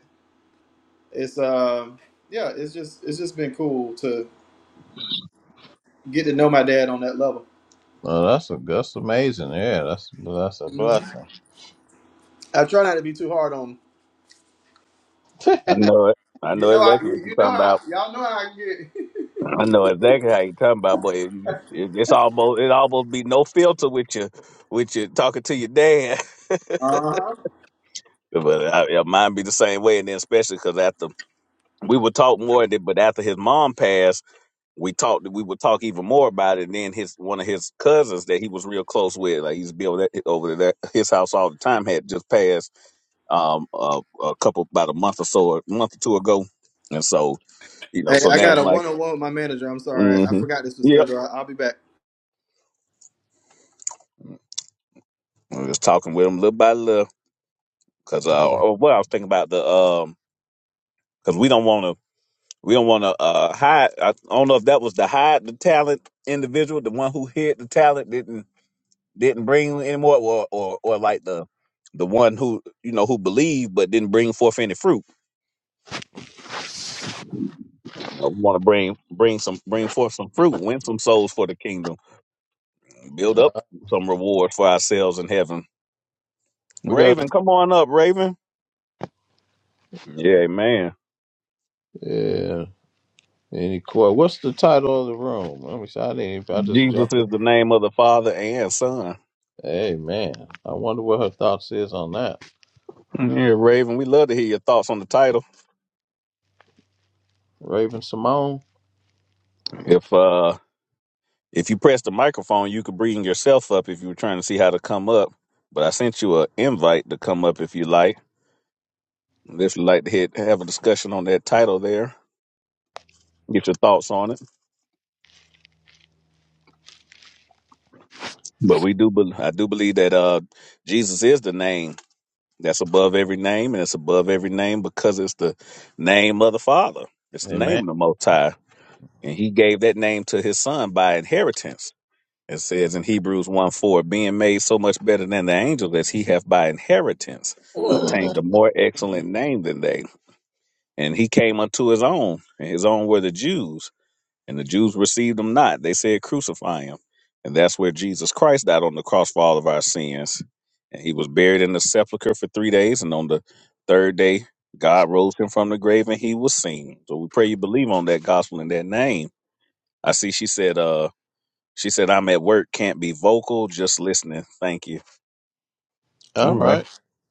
S3: it's um yeah it's just it's just been cool to get to know my dad on that level.
S4: Well, that's a, that's amazing. Yeah, that's that's a
S3: Mhm.
S4: blessing.
S3: I try not to be too hard on
S1: I know it. I
S3: you
S1: know
S3: know I
S1: exactly
S3: you
S1: what you're
S3: you know
S1: talking about.
S3: how y'all know how I get.
S1: I know exactly how you talking about, but it, it, it's almost it almost be no filter with you with you talking to your dad. *laughs*
S3: *laughs* uh-huh.
S1: But I, yeah, mine be the same way, and then especially because after we would talk more, and but after his mom passed, we talked. We would talk even more about it. And then his one of his cousins that he was real close with, like he's be over there, over there his house all the time, had just passed um a, a couple about a month or so, a month or two ago, and so you know,
S3: Hey,
S1: so
S3: I
S1: now
S3: got
S1: it's
S3: a
S1: like,
S3: one on one with my manager. I'm sorry, I
S1: mm-hmm,
S3: forgot this was
S1: yep,
S3: scheduled. I, I'll be back.
S1: I'm just talking with him little by little. Cause uh, oh, what I was thinking about the um, cause we don't want to, we don't want to uh hide. I don't know if that was the hide the talent individual, the one who hid the talent didn't didn't bring anymore, or or or like the the one who you know who believed but didn't bring forth any fruit. You know, we want to bring bring some bring forth some fruit, win some souls for the kingdom, build up some reward for ourselves in heaven.
S4: We got
S1: Raven, come on up, Raven. Yeah, man.
S4: yeah. Any court? What's the title of the room? Let me see. I didn't. even- I just
S1: Jesus
S4: jumped in.
S1: is the name of the Father and Son.
S4: Hey man, I wonder what her thoughts is on that.
S1: Yeah, Raven, we love to hear your thoughts on the title.
S4: Raven Simone.
S1: If uh if you press the microphone, you could bring yourself up if you were trying to see how to come up. But I sent you an invite to come up if you like. If you'd like to hit, have a discussion on that title there, get your thoughts on it. But we do, bel I do believe that uh Jesus is the name that's above every name, and it's above every name because it's the name of the Father. It's the
S4: Hey
S1: name
S4: man.
S1: of the Most High, and He gave that name to His Son by inheritance. It says in Hebrews 1 4, being made so much better than the angels as he hath by inheritance obtained a
S4: All
S1: more excellent name than they. And he came unto his own, and his own were the Jews, and the Jews received him not. They said, Crucify him. And that's where Jesus Christ died on the cross for all of our sins. And he was buried in the sepulchre for three days, and on the third day, God rose him from the grave and he was seen. So we pray you believe on that gospel in that name. I see she said, uh, she said, I'm at work, can't be vocal, just listening. Thank you. All right.
S4: right.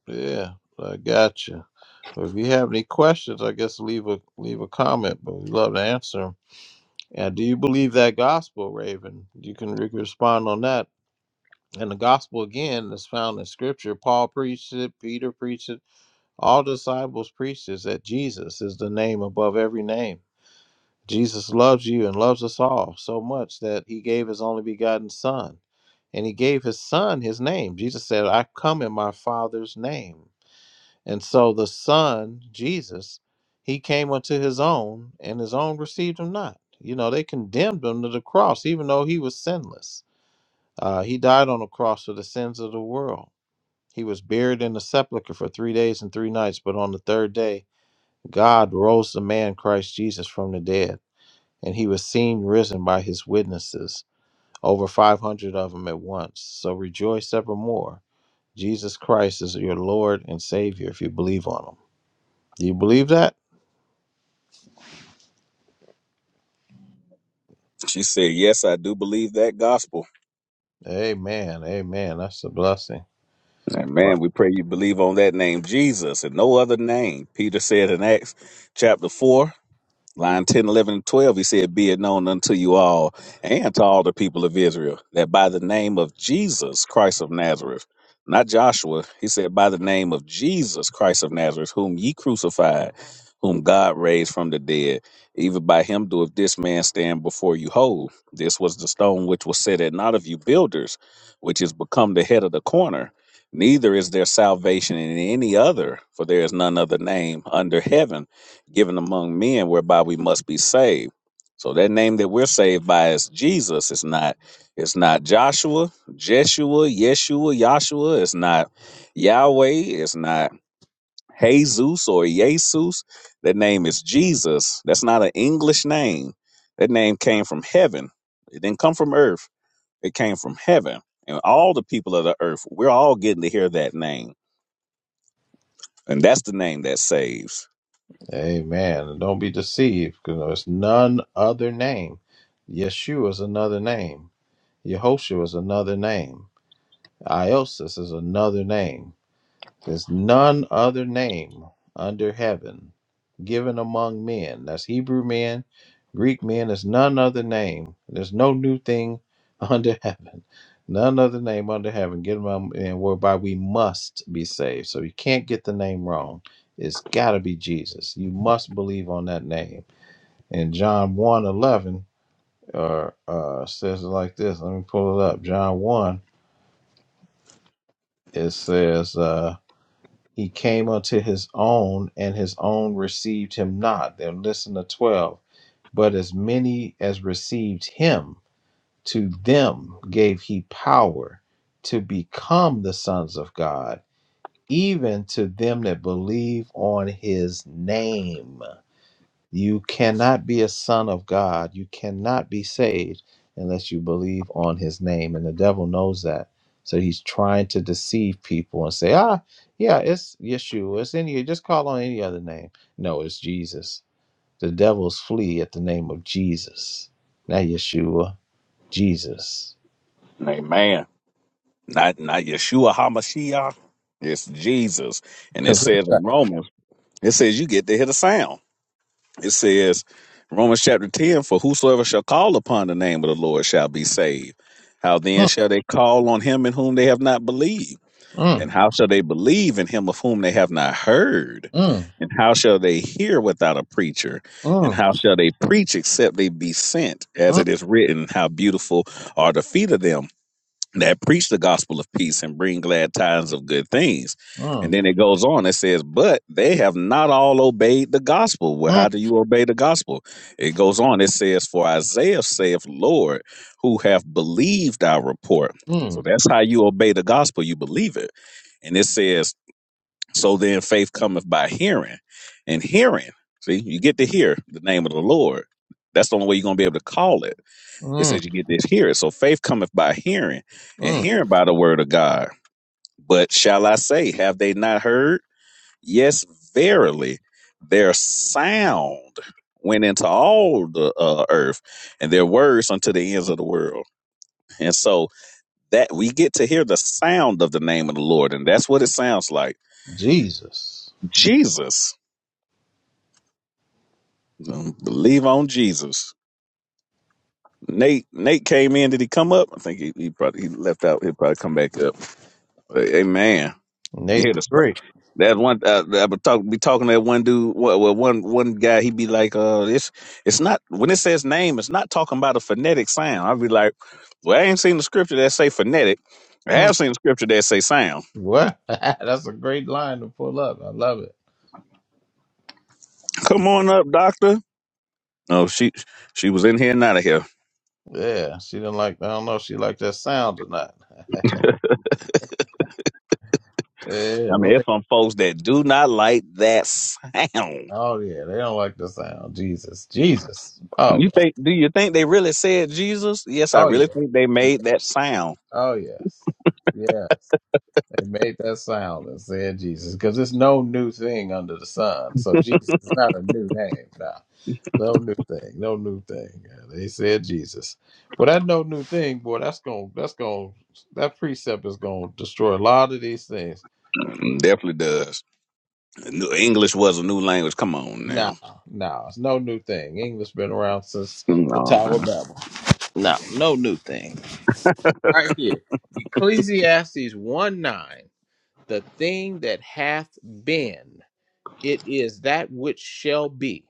S4: Yeah, I got you. Well, if you have any questions, I guess leave a leave a comment, but we love to answer 'em. And do you believe that gospel, Raven? You can re- respond on that. And the gospel again is found in Scripture. Paul preached it. Peter preached it. All disciples preached it. That Jesus is the name above every name. Jesus loves you and loves us all so much that he gave his only begotten son. And he gave his son his name. Jesus said, I come in my father's name. And so the son, Jesus, he came unto his own, and his own received him not. You know, they condemned him to the cross, even though he was sinless. Uh, he died on the cross for the sins of the world. He was buried in the sepulchre for three days and three nights, but on the third day, God rose the man Christ Jesus from the dead and he was seen risen by his witnesses, over 500 of them at once. So rejoice evermore. Jesus Christ is your Lord and Savior if you believe on him. Do you believe that?
S1: She said, Yes, I do believe that gospel.
S4: Amen. Amen. That's a blessing.
S1: And
S4: Right.
S1: man, we pray you believe on that name, Jesus, and no other name. Peter said in Acts chapter 4 line 10, eleven, and 12, he said, Be it known unto you all and to all the people of Israel that by the name of Jesus Christ of Nazareth, not Joshua, he said, By the name of Jesus Christ of Nazareth, whom ye crucified, whom God raised from the dead, even by him doeth this man stand before you whole. This was the stone which was set at not of you builders, which is become the head of the corner. Neither is there salvation in any other, for there is none other name under heaven given among men whereby we must be saved. So that name that we're saved by is Jesus. It's not it's not Joshua, Jeshua, Yeshua, Yahshua. It's not Yahweh. It's not Jesus or Jesus. That name is Jesus. That's not an English name. That name came from heaven. It didn't come from earth. It came from heaven. And all the people of the earth, we're all getting to hear that name and that's the name that saves.
S4: Amen. And don't be deceived because there's none other name. Yeshua is another name. Yehoshua is another name. Iosis is another name. There's none other name under heaven given among men. That's Hebrew men, Greek men. There's none other name. There's no new thing *laughs* under heaven. None other name under heaven given among men whereby we must be saved. So you can't get the name wrong. It's got to be Jesus. You must believe on that name. And John one 11 uh, uh, says it like this. Let me pull it up. John 1, it says, uh, He came unto his own, and his own received him not. Then listen to 12. But as many as received him, to them gave he power to become the sons of God, even to them that believe on his name. You cannot be a son of God. You cannot be saved unless you believe on his name. And the devil knows that. So he's trying to deceive people and say, ah, yeah, it's Yeshua. It's any, just call on any other name. No, it's Jesus. The devils flee at the name of Jesus. Not Yeshua, Jesus.
S1: Amen. Not not Yeshua Hamashiach. It's Jesus. And it
S4: Because it's
S1: says
S4: like,
S1: in Romans It says you get to hear the sound. It says Romans chapter 10 For whosoever shall call upon the name of the Lord shall be saved. How then
S4: mm,
S1: shall they call on him in whom they have not believed?
S4: mm,
S1: And how shall they believe in him of whom they have not heard?
S4: mm,
S1: And how shall they hear without a preacher? And
S4: mm,
S1: how shall they preach except they be sent? As
S4: mm,
S1: it is written, How beautiful are the feet of them that preach the gospel of peace and bring glad tidings of good things. And
S4: mm,
S1: then it goes on, it says, But they have not all obeyed the gospel. Well,
S4: mm,
S1: how do you obey the gospel? It goes on, it says, For Isaiah saith, Lord, who have believed our report. So
S4: mm,
S1: that's how you obey the gospel, you believe it. And it says, So then faith cometh by hearing, and hearing. See, you get to hear the name of the Lord. That's the only way you're going to be able to call it. It
S4: mm,
S1: says you get this hearing. So faith cometh by hearing, and
S4: mm,
S1: hearing by the word of God. But shall I say, have they not heard? Yes, verily, their sound went into all the uh, earth, and their words unto the ends of the world. And so that we get to hear the sound of the name of the Lord, and that's what it sounds like.
S4: Jesus.
S1: Jesus, Um, believe on Jesus. Nate, Nate came in. Did he come up? I think he, he probably he left out. He'll probably come back up. But, Amen.
S4: Nate
S1: Yeah,
S4: the
S1: that's right.
S4: Great.
S1: That one uh, I would talk be talking to that one dude. Well, well, one one guy, he be like, "Uh, it's it's not when it says name, it's not talking about a phonetic sound." I'd be like, "Well, I ain't seen the scripture that say phonetic. I have seen the scripture that say sound.
S4: What? *laughs* That's a great line to pull up. I love it.
S1: *laughs* Come on up, doctor." No, she she was in here and out of here.
S4: Yeah, she didn't like. I don't know if she liked that sound or not. *laughs* yeah.
S1: I
S4: we
S1: mean, it's
S4: make-
S1: some folks that do not like that sound.
S4: Oh yeah, they don't like the sound. Jesus, Jesus. Oh
S1: You
S4: man.
S1: think? Do you think they really said Jesus? Yes, I
S4: Oh yeah.
S1: really think they made that sound.
S4: Oh yes. Yes. They made that sound and said Jesus because it's no new thing under the sun. So Jesus is not a new name now. No new thing. No new thing. Yeah, They said Jesus. But that no new thing, boy, that's gonna that's gonna that precept is gonna destroy a lot of these things.
S1: Mm, Definitely does. New- English was a new language. Come on now.
S4: Nah, nah, it's no new thing. English been around since the
S1: No, I
S4: Tower of
S1: do
S4: Babel. No, no new thing. Right here. Ecclesiastes one nine. The thing that hath been, it is that which shall be.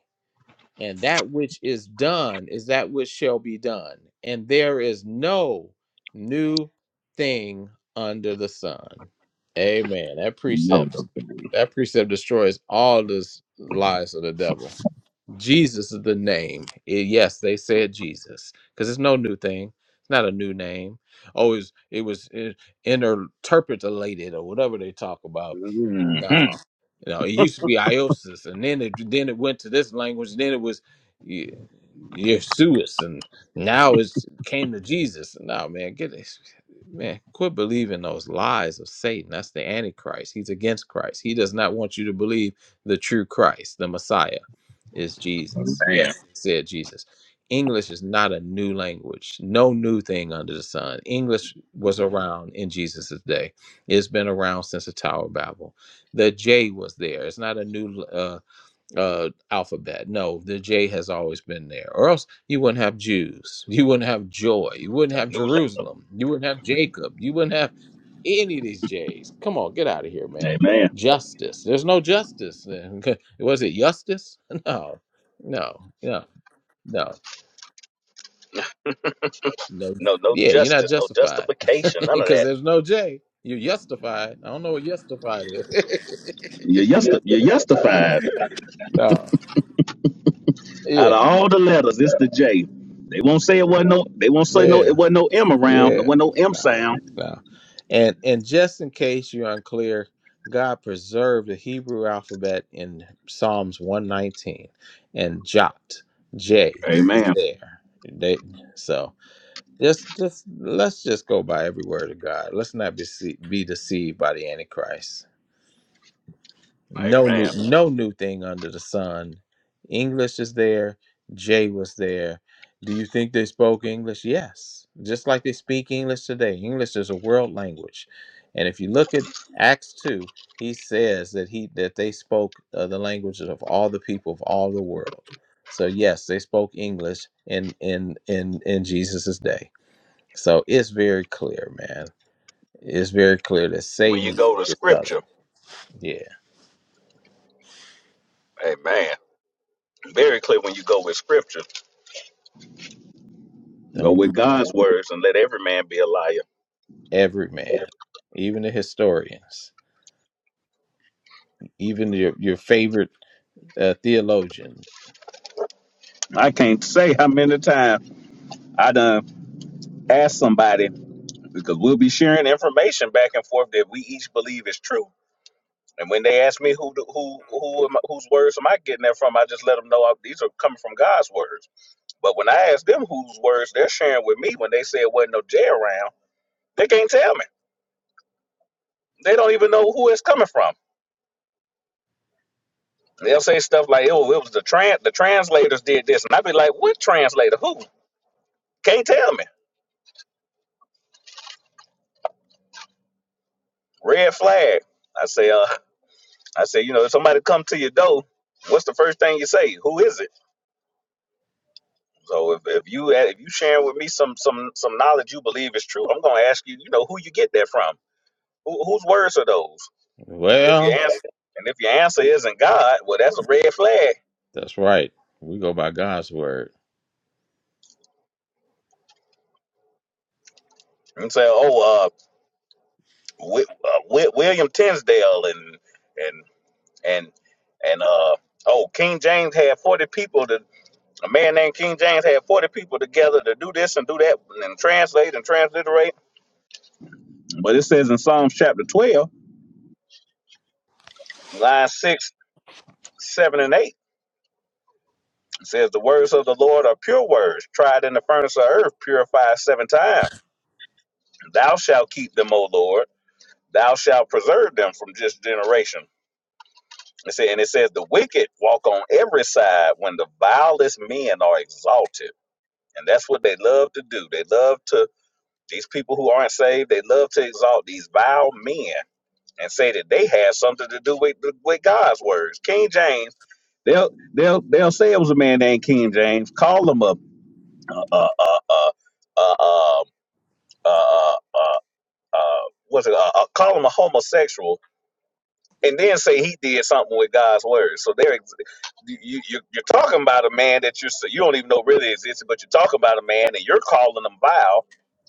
S4: and that which is done is that which shall be done and there is no new thing under the sun amen that
S1: know
S4: precept
S1: those things.
S4: that precept destroys all the lies of the devil Jesus is the name. Eh, yes, they said Jesus because it's no new thing. It's not a new name. Oh, it's, it was eh, interpolated or whatever they talk about. No,
S1: hmm
S4: no, it used to be Iosis, and then it then it went to this language. Then it was Ye- Yeshuas, and now it's came to Jesus. No, man, get this. Man, quit believing those lies of Satan. That's the Antichrist. He's against Christ. He does not want you to believe the true Christ, the Messiah is Jesus.
S1: Damn.
S4: Yes, he said Jesus. English is not a new language, no new thing under the sun. English was around in Jesus' day. It's been around since the Tower of Babel. The J was there. It's not a new uh, uh, alphabet. No, the J has always been there. Or else you wouldn't have Jews. You wouldn't have joy. You wouldn't
S1: A
S4: have
S1: new la-
S4: Jerusalem. You wouldn't have Jacob. You wouldn't have any of these J's. Come on, get out of here,
S1: hey,
S4: man.
S1: man.
S4: Justice. There's no justice. *laughs* Was it justice? *laughs* No, no, no, no, no.
S1: No, no
S4: Yeah, you're not
S1: justice, no
S4: justified
S1: justification,
S4: *laughs*
S1: none of
S4: because
S1: that.
S4: there's no J. You're justified. I don't know what justified is.
S1: You're, justi- you're justified.
S4: *laughs* no.
S1: Out
S4: Yeah.
S1: of all the letters, it's the J. They won't say it wasn't no. They won't say no.
S4: Yeah.
S1: It wasn't no M around. There
S4: Yeah,
S1: wasn't no M
S4: no,
S1: sound.
S4: no. And and just in case you're unclear, God preserved the Hebrew alphabet in Psalms 119 and jot J is
S1: Amen.
S4: there. They, so just just let's just go by every word of God. Let's not be se- be deceived by the Antichrist. No
S1: Amen.
S4: new, no new thing under the sun. English is there. Jay was there. Do you think they spoke English? Yes, just like they speak English today. English is a world language, and if you look at Acts two, he says that he that they spoke uh, the languages of all the people of all the world. So yes, they spoke English in in in in Jesus's day. So it's very clear, man. It's very clear that
S1: When you
S4: Satan
S1: go to
S4: is subtle.
S1: Scripture,
S4: Yeah,
S1: Amen. Very clear when you go with Scripture. Go
S4: don't.
S1: with God's words and let every man be a liar.
S4: Every man, even the historians, even your your favorite uh, theologian.
S1: I can't say how many times I done asked somebody. because we'll be sharing information back and forth that we each believe is true. And when they ask me who do- who who am, whose words am I getting that from, I just let them know I, these are coming from God's words. But when I ask them whose words they're sharing with me, when they say it wasn't no J around, they can't tell me. They don't even know who it's coming from. They'll say stuff like, "Oh, it was the trans the translators did this," and I'd be like, "What translator? Who? Can't tell me." Red flag. I say, uh, I say, you know, if somebody come to your door, what's the first thing you say? Who is it? So if, if you if you sharing with me some some some knowledge you believe is true, I'm gonna ask you, you know, who you get that from? Who, whose words are those? And if your
S4: Well,
S1: answer and if your answer isn't God, well, that's a red flag.
S4: that's right. We go by God's word.
S1: And say, oh, uh, Wi- uh Wi- William Tinsdale and and and and uh, oh, King James had 40 people. To, a man named King James had 40 people together to do this and do that and translate and transliterate. But it says in Psalms chapter 12, line six, seven, and eight. It says, The words of the Lord are pure words, tried in the furnace of earth, purified seven times. Thou shalt keep them, O Lord. Thou shalt preserve them from this generation. It said, and it says, The wicked walk on every side when the vilest men are exalted. And that's what they love to do. They love to, these people who aren't saved, they love to exalt these vile men and say that they had something to do with, with God's words. King James, they'll, they'll, they'll say it was a man named King James, call him up. uh, uh, uh, uh, um, uh, uh, uh, uh, what's it, uh, uh, call him a homosexual, and then say he did something with God's word. So there, ex- you, you you're talking about a man that you you don't even know really existed, but you're talking about a man and you're calling him vile,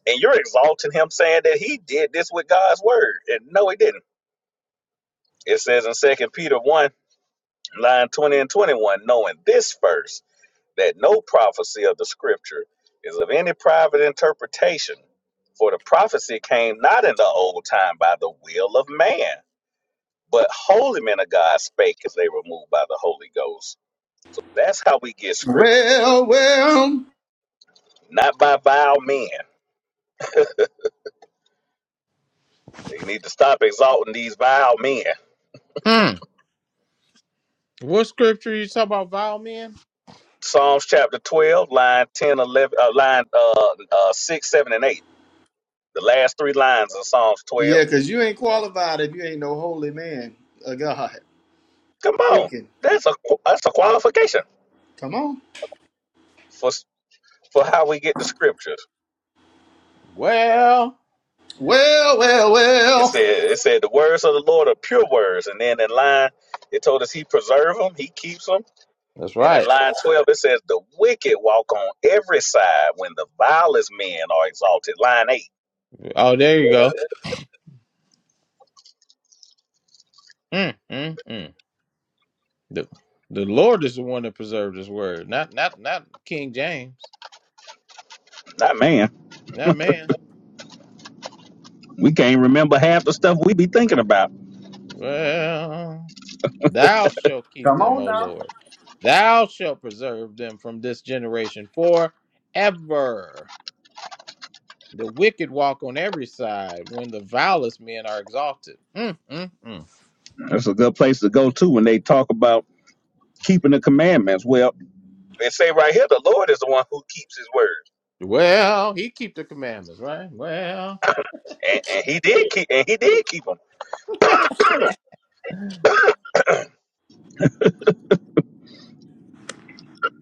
S1: and you're exalting him, saying that he did this with God's word, and no, he didn't. It says in Second Peter one, line twenty and twenty one, knowing this first. that no prophecy of the scripture is of any private interpretation, for the prophecy came not in the old time by the will of man, but holy men of God spake as they were moved by the Holy Ghost. So that's how we get scripture,
S3: Well, well,
S1: not by vile men. They need to stop exalting these vile men.
S4: Mm. What scripture you talk about vile men?
S1: Psalms chapter 12, line 10, 11, uh, line uh, uh, 6, 7, and 8. The last three lines of Psalms 12.
S3: yeah, because you ain't
S4: Uh,
S3: qualified if you ain't no holy man, a God
S1: Come on.
S3: speaking.
S1: That's a, that's a qualification
S3: Come on.
S1: for. for how we get the scriptures.
S4: well,
S3: Well, well,
S1: It
S3: well.
S1: said, it said the words of the Lord are pure words, and then in line it told us He preserves them, He keeps them,
S4: that's
S1: and in
S4: right.
S1: line twelve it says the wicked walk on every side when the vilest men are exalted. Line eight,
S4: Oh, there you go. Mm, mm, mm. The the Lord is the one that preserved His word, not not not King James,
S1: not man.
S4: not man.
S1: We can't remember half the stuff we be thinking about.
S4: Well. Thou shalt keep
S3: Come
S4: them,
S3: on
S4: O
S3: now.
S4: Lord. Thou shalt preserve them from this generation forever. The wicked walk on every side when the vilest men are exalted. Mm, mm, mm.
S1: That's a good place to go to when they talk about keeping the commandments. Well, they say right here the Lord is the one who keeps His word,
S4: Well, he keep the commandments, right? Well,
S1: and, and He did keep, and He did keep them. *coughs*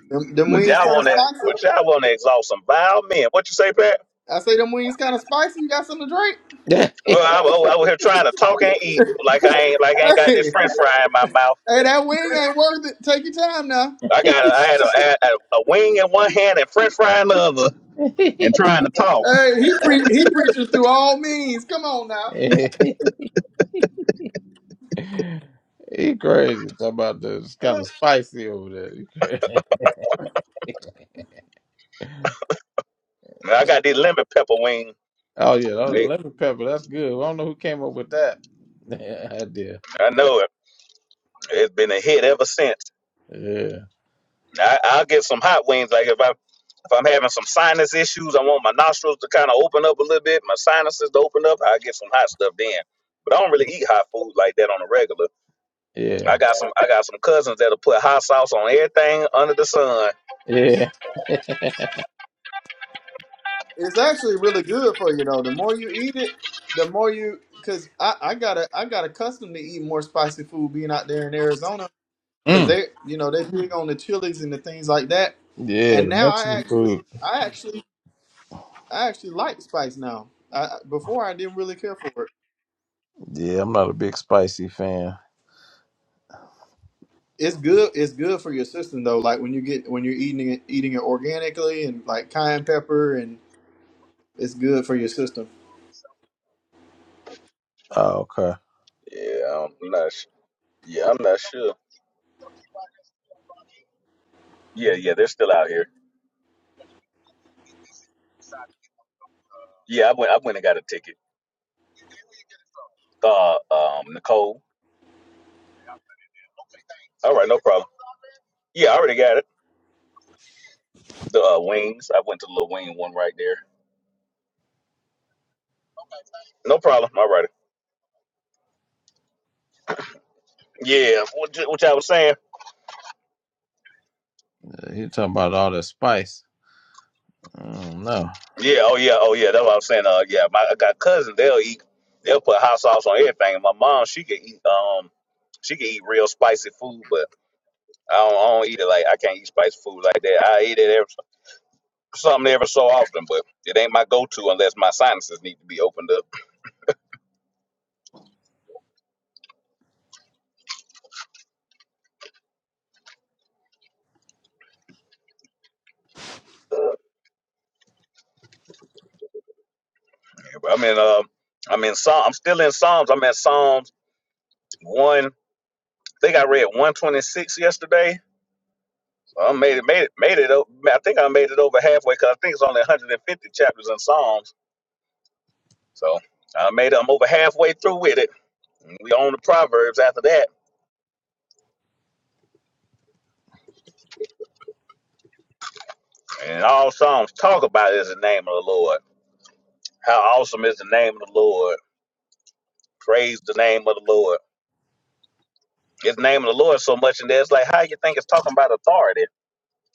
S3: Them, them
S1: But
S3: wings
S1: y'all
S3: kind of
S1: want to, but
S3: spicy.
S1: y'all want to exalt some vile men. What you say, Pat?
S3: I say them wings kind of spicy. You got something to drink?
S4: *laughs* he
S1: Well, I, was- I was here trying to talk and eat like I ain't like I ain't
S3: *laughs*
S1: got
S3: Hey, hey, that wing ain't worth it. Take your time now.
S1: this, and trying to talk.
S3: Hey, he pre- he preaches through all means. Come on now.
S4: crazy. Talk about this. kind of spicy over there. He crazy. *laughs* Oh yeah, that was
S1: Hey,
S4: lemon pepper. That's good. I don't know who came up with that *laughs* idea.
S1: I know it. It's been a hit ever since.
S4: Yeah,
S1: I, I'll get some hot wings. Like if I if I'm having some sinus issues, I want my nostrils to kind of open up a little bit, my sinuses to open up. I get some hot stuff then. But I don't really eat hot food like that on a regular.
S4: yeah.
S1: I got some I got some cousins that'll put hot sauce on everything under the sun.
S4: Yeah. *laughs*
S3: It's actually really good for you though. The more you eat it, the more you because I I got a I got accustomed to eating more spicy food being out there in Arizona because
S4: Mm.
S3: they you know they big on the chilies and the things like that.
S4: Yeah,
S3: And
S4: the
S3: now I
S4: Mexican
S3: actually
S4: food.
S3: I actually I actually like spice now. I, before I didn't really care for it.
S4: Yeah, I'm not a big spicy fan.
S3: it's good it's good for your system though like when you get when you're eating it eating it organically and like cayenne pepper and it's good for your system
S4: Oh, okay.
S1: Yeah, I'm not sure. Yeah, yeah, they're still out here. Yeah, I went I went and got a ticket. uh, um, Nicole. All right, no problem. Yeah, I already got it. The uh, wings. I went to the little wing one right there. No problem. All right. Man.
S4: You're talking about all that spice. Oh, no.
S1: Yeah. Oh yeah. Oh yeah. That's what I'm saying. Uh, yeah. My I got cousins. They'll eat. They'll put hot sauce on everything. And my mom, she can eat. Um, she can eat real spicy food, but I don't, I don't eat it like I can't eat spicy food like that. I eat it every, something every so often, but it ain't my go-to unless my sinuses need to be opened up. Um, I'm in Psalm, Psalms one. I think I read 126 yesterday I made it, made it, made it. o- I think I made it over halfway because I think it's only 150 chapters in Psalms. So I made. it. I'm over halfway through with it. We own the Proverbs after that, and all Psalms talk about is the name of the Lord. How awesome is the name of the Lord? Praise the name of the Lord. It's the name of the Lord so much in there. It's like how you think it's talking about authority.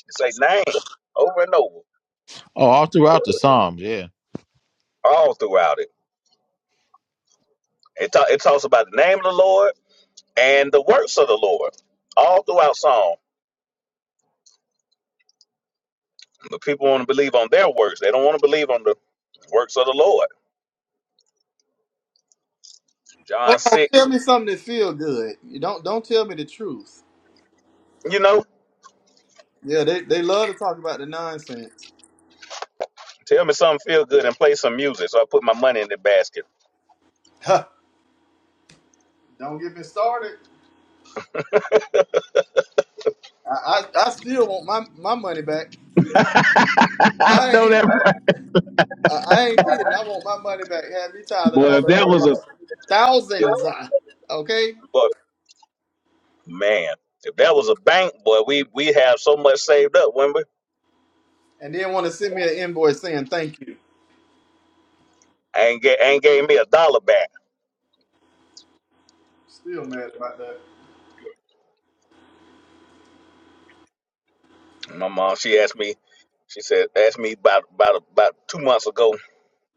S1: It's a name over and over,
S4: Oh, all throughout the Psalms, yeah.
S1: all throughout it. It, ta- it talks about the name of the Lord and the works of the Lord, all throughout Psalm. But people want to believe on their works. They don't want to believe on the works of the Lord.
S3: oh
S1: John
S3: no,
S1: 6.
S3: tell me something that feel good you don't don't tell me the truth
S1: You know,
S3: yeah they, they love to talk about the nonsense *laughs*
S1: tell me something feel good and play some music. So I put my money in the basket.
S3: Huh, don't get me started I, I i still want my my money back i ain't I, I ain't kidding i want my money back have me tired in all them years thousands uh, okay
S1: But man, if that was a bank, boy, we we have so much saved up, wouldn't we?
S3: and then want to send me an invoice saying thank you
S1: Ain't get, ain't gave me a dollar back.
S3: still mad about that
S1: And My mom, she asked me, she said, asked me about about about two months ago,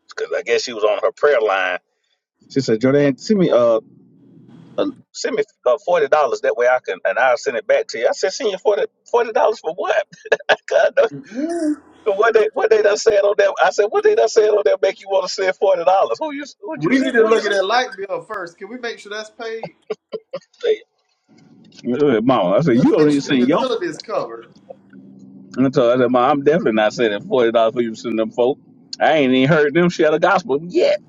S1: because I guess she was on her prayer line. She said, Jordan, send me uh, uh send me uh, forty dollars. That way I can and I'll send it back to you. I said, send you forty forty dollars for what? *laughs* God.
S3: Mm-hmm.
S1: What they what they done said on that? I said what they done said on that make you want to send forty dollars? Who you who you
S3: We need
S1: send
S3: to
S1: who you
S3: look at
S1: send?
S3: that light bill first. Can we make sure that's paid?
S1: Hey, Mom, I said
S3: Let's
S1: you don't
S3: make
S1: even
S3: sure the
S1: send yo.
S3: utility is covered.
S1: And I told her, I said, Mom, I'm definitely not sending forty dollars for you to send them folk. I ain't even heard them share the gospel yet.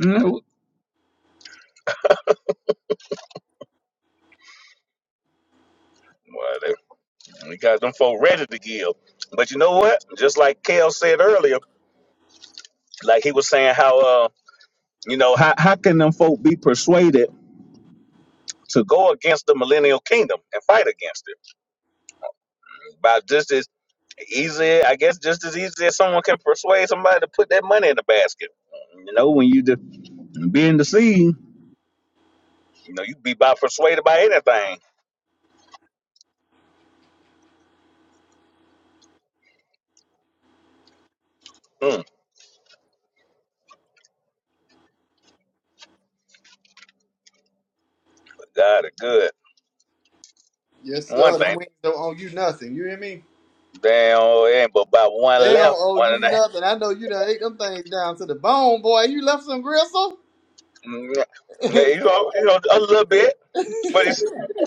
S1: Mm, Well, they, because them folk ready to give. But you know what? Just like Kel said earlier, like he was saying how uh you know how how can them folk be persuaded to go against the millennial kingdom and fight against it? By this. easy, I guess, just as easy as someone can persuade somebody to put that money in the basket. You know, when you just be in the seed, you know, you be about persuaded by anything. Mm, but God is good.
S3: Yes,
S1: One
S3: sir. Them
S1: thing,
S3: wings don't owe you nothing. You hear me?
S1: damn, it ain't but about
S3: They
S1: one
S3: don't
S1: left,
S3: owe
S1: one
S3: you
S1: and a half.
S3: nothing. I know you done ate them things down to the bone, boy. You left some gristle.
S1: Mm, yeah.
S3: *laughs*
S1: Yeah, You know, you know, a little bit. But it's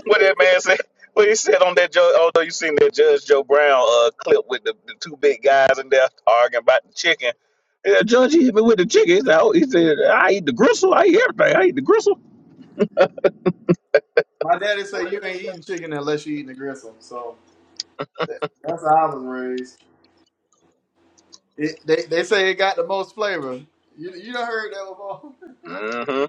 S1: what that man said. What he said on that Joe, although you seen that Judge Joe Brown uh, clip with the, the two big guys in there arguing about the chicken. Yeah, Judge, he hit me with the chicken. He said, oh, he said, I eat the gristle. I eat everything. I eat the gristle.
S3: My daddy say you ain't eating chicken unless you eating the gristle. So that, that's how I was raised. It, they they say it got the most flavor. You you done heard that before? *laughs*
S1: hmm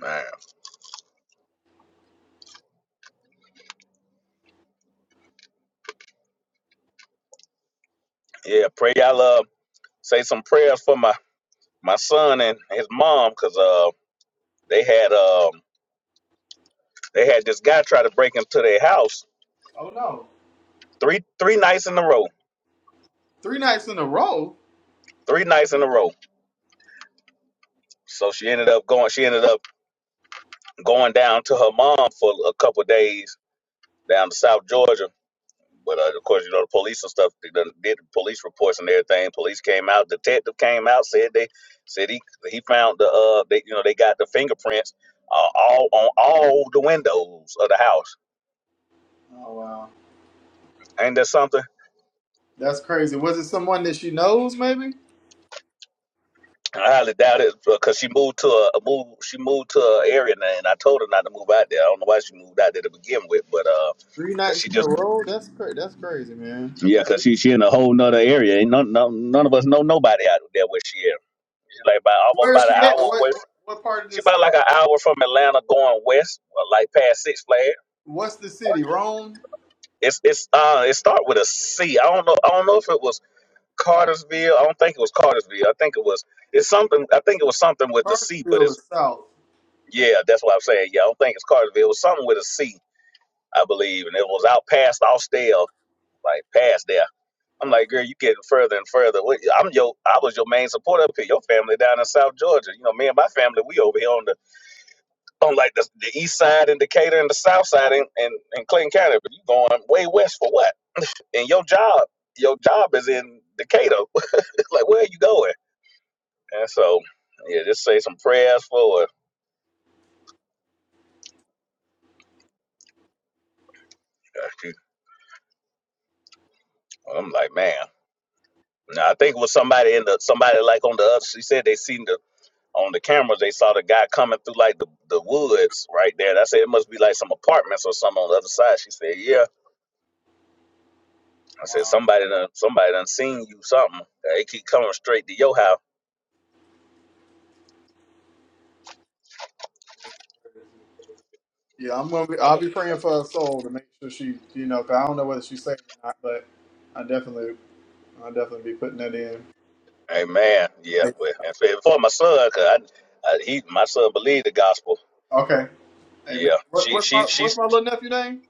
S1: Man. Yeah, pray y'all uh, say some prayers for my my son and his mom, cause uh they had um they had this guy try to break into their house
S3: oh no,
S1: three three nights in a row.
S3: three nights in a row.
S1: Three nights in a row. So she ended up going she ended up going down to her mom for a couple days down to South Georgia But uh, of course, you know the police and stuff. They done did police reports and everything. Police came out. Detective came out. Said they said he he found the uh they you know they got the fingerprints uh, all on all the windows of the house.
S3: Oh wow,
S1: Ain't that something?
S3: that's crazy. Was it someone that she knows? Maybe.
S1: I highly doubt it because she moved to a, a move. She moved to an area now, and I told her not to move out there. I don't know why she moved out there to begin with, but uh,
S3: Three
S1: cause
S3: nights
S1: she
S3: in a
S1: just
S3: row? That's cra- that's crazy, man.
S1: yeah, cause she she in a whole nother area. Ain't none none, none of us know nobody out there where she is. She's like about almost
S3: Where is
S1: about an
S3: she at?
S1: hour
S3: What
S1: away
S3: what, what part of
S1: She
S3: this?
S1: about like an hour from Atlanta, going west, uh, like past Six Flags.
S3: What's the city? Rome,
S1: It's it's uh it start with a C. I don't know. I don't know if it was Cartersville. I don't think it was Cartersville. I think it was it's something. I think it was something with the C. But
S3: Cartersville,
S1: it's
S3: is south.
S1: yeah, that's what I'm saying. Yeah, I don't think it's Cartersville. It was something with a C, I believe, and it was out past Austell, like past there. I'm
S3: Oh,
S1: like, girl, you getting further and further. What- I'm your, I was your main supporter up here. Your family down in South Georgia. You know, me and my family, we over here on the on like the, the east side in Decatur and the south side in, in, in Clinton County, but you going way west for what? And your job, your job is in Decatur. *laughs* like, where are you going? And so, yeah, just say some prayers for her. I'm like, man. Now I think it was somebody in the somebody like on the other. She said they seen the on the cameras. They saw the guy coming through like the, the woods right there. And I said it must be like some apartments or something on the other side. She said, yeah. I said
S3: God.
S1: somebody done somebody done seen you something. They keep coming straight to your house.
S3: Yeah, I'm gonna be. I'll be praying for her soul to make sure she, you know, 'cause I don't know whether she's saved or not, but I definitely, I'll definitely be putting that in.
S1: Amen. Yeah.
S3: Hey,
S1: Well, and for, for my son, 'cause I, I, he, my son believed the gospel.
S3: Okay, hey man,
S1: Yeah.
S3: what,
S1: She,
S3: what's my
S1: she,
S3: what's
S1: she's,
S3: my little nephew name?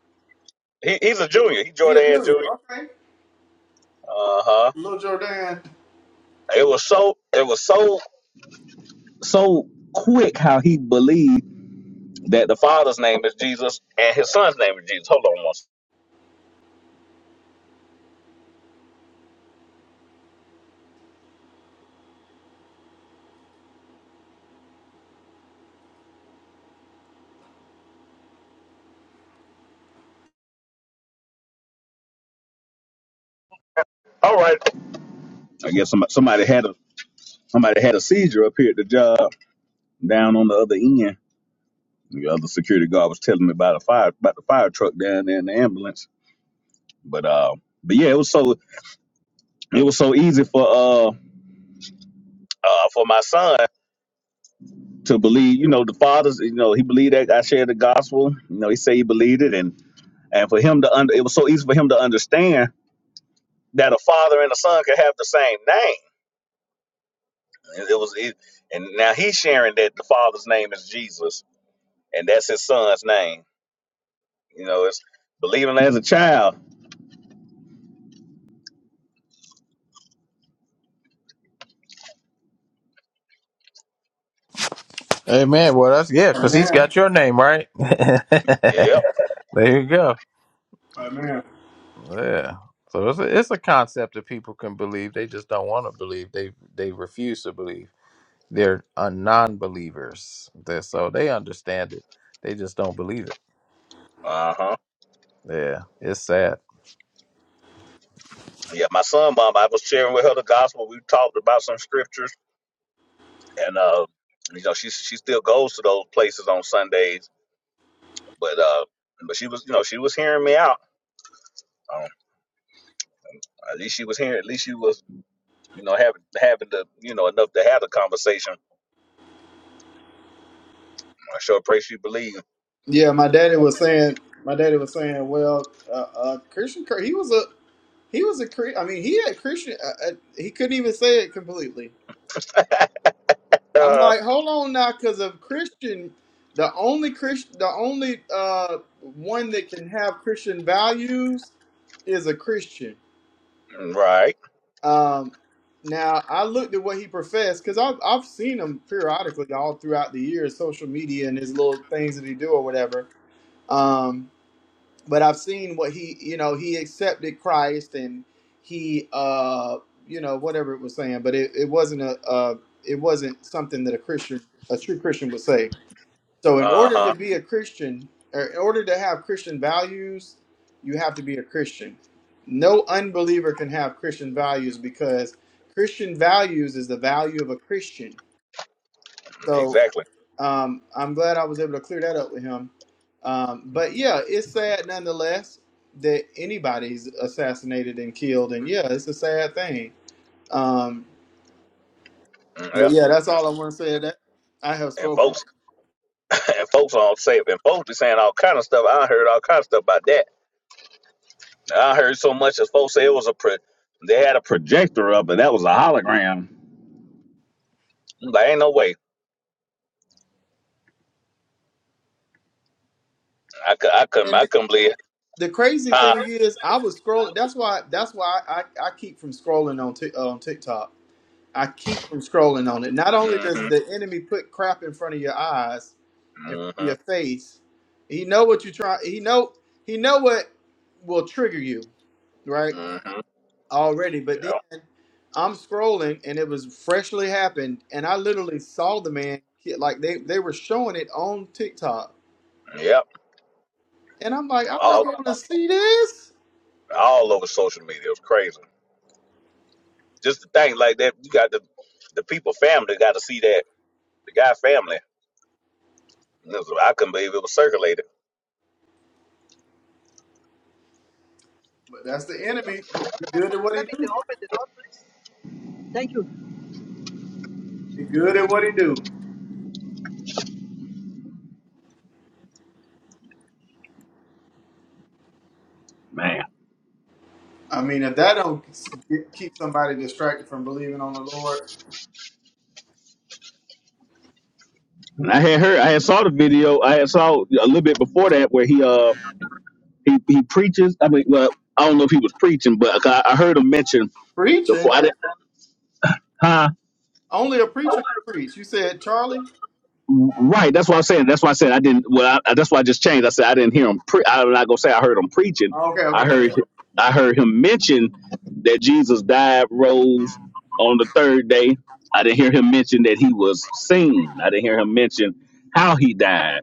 S1: he, he's a junior. He
S3: Dia
S1: Jordan
S3: Junior.
S1: Junior.
S3: Okay,
S1: Uh huh.
S3: little Jordan.
S1: It was so, it was so, so quick how he believed that the father's name is Jesus and his son's name is Jesus. Hold on one second. I guess somebody, somebody had a, somebody had a seizure up here at the job down on the other end. The other security guard was telling me about the fire, about the fire truck down there and the ambulance. But, uh, but yeah, it was so, it was so easy for, uh, uh, for my son to believe, you know, the fathers, you know, he believed that I shared the gospel. You know, he said he believed it, and and for him to under, it was so easy for him to understand that a father and a son could have the same name. It, it was, it, and now he's sharing that the father's name is Jesus.
S4: Amen. Well, that's, yeah, because he's
S3: Amen.
S4: got your name, right? *laughs* there you go.
S3: Amen.
S4: Yeah. So it's a, it's a concept that people can believe. They just don't want to believe. They they refuse to believe. They're uh, non believers. So they understand it. They just don't believe it.
S1: Uh huh.
S4: Yeah. It's sad.
S1: Yeah, my son, mom, I was sharing with her the gospel. We talked about some scriptures, and uh, you know, she she still goes to those places on Sundays, but uh, but she was, you know, she was hearing me out. Um, at least she was hearing. At least she was. You know, having having the you know enough to have the conversation. I sure appreciate you believing.
S3: Yeah, my daddy was saying. My daddy was saying, well, uh, uh, Christian, Cur- he was a he was a Chri- I mean, he had Christian. Uh, uh, he couldn't even say it completely. I'm
S1: Uh,
S3: like, hold on now, because of Christian, the only Christian, the only uh, one that can have Christian values is a Christian. Um, now I looked at what he professed because I've I've seen him periodically all throughout the years, social media and his little things that he do or whatever. Um, but I've seen what he, you know, he accepted Christ and he, uh, you know, whatever it was saying, but it, it wasn't a, uh, it wasn't something that a Christian, a true Christian would say. So in order to be a Christian, or in order to have Christian values, you have to be a Christian. No unbeliever can have Christian values because Christian values is the value of a Christian. So
S1: exactly.
S3: um, I'm glad I was able to clear that up with him. Um, but yeah, it's sad nonetheless that anybody's assassinated and killed, and yeah, it's a sad thing. Um,
S1: Mm,
S3: but
S1: Yeah.
S3: yeah, that's
S1: And
S3: all I want to say. That I have spoken.
S1: folks, *laughs* and folks on say, and folks be saying all kind of stuff. I heard all kind of stuff about that. I heard so much as folks say it was a pro- they had a projector up and that was a hologram. Like ain't no way. I could I couldn't
S3: And
S1: I
S3: the,
S1: couldn't believe. It.
S3: the crazy
S1: Huh?
S3: thing is, I was scrolling. That's why. That's why I, I keep from scrolling on Tik on TikTok I keep from scrolling on it. Not only does
S1: Mm-hmm.
S3: the enemy put crap in front of your eyes, in front of your
S1: Mm-hmm.
S3: face, he know what you try. He know he know what will trigger you, right?
S1: Mm-hmm.
S3: Already, but then I'm scrolling and it was freshly happened, and I literally saw the man get- like they they were showing it on TikTok,
S1: Yep.
S3: and I'm like, I don't
S1: All
S3: want to see this.
S1: all over social media. It was crazy. Just the thing like that. You got the the people family got to see that the guy family. I couldn't believe it was circulated.
S3: But that's the enemy. He he good at what he do. He good at what he do. I mean, if that don't get, keep somebody distracted from believing on the Lord,
S1: And I had heard, I had saw the video, I had saw a little bit before that where he uh he, he preaches. I mean, well, I don't know if he was preaching, but I, I heard him mention before.
S3: preaching
S1: I didn't, huh?
S3: only a preacher can preach. You said Charlie.
S1: Right. That's what I'm saying. That's why I said I didn't. Well, I, that's why I just changed. I said I didn't hear him. Pre- I'm not gonna say I heard him preaching.
S3: Oh, Okay,
S1: I
S3: okay, yeah,
S1: heard
S3: yeah.
S1: I heard him mention that Jesus died, rose on the third day. I didn't hear him mention that he was seen. I didn't hear him mention how he died.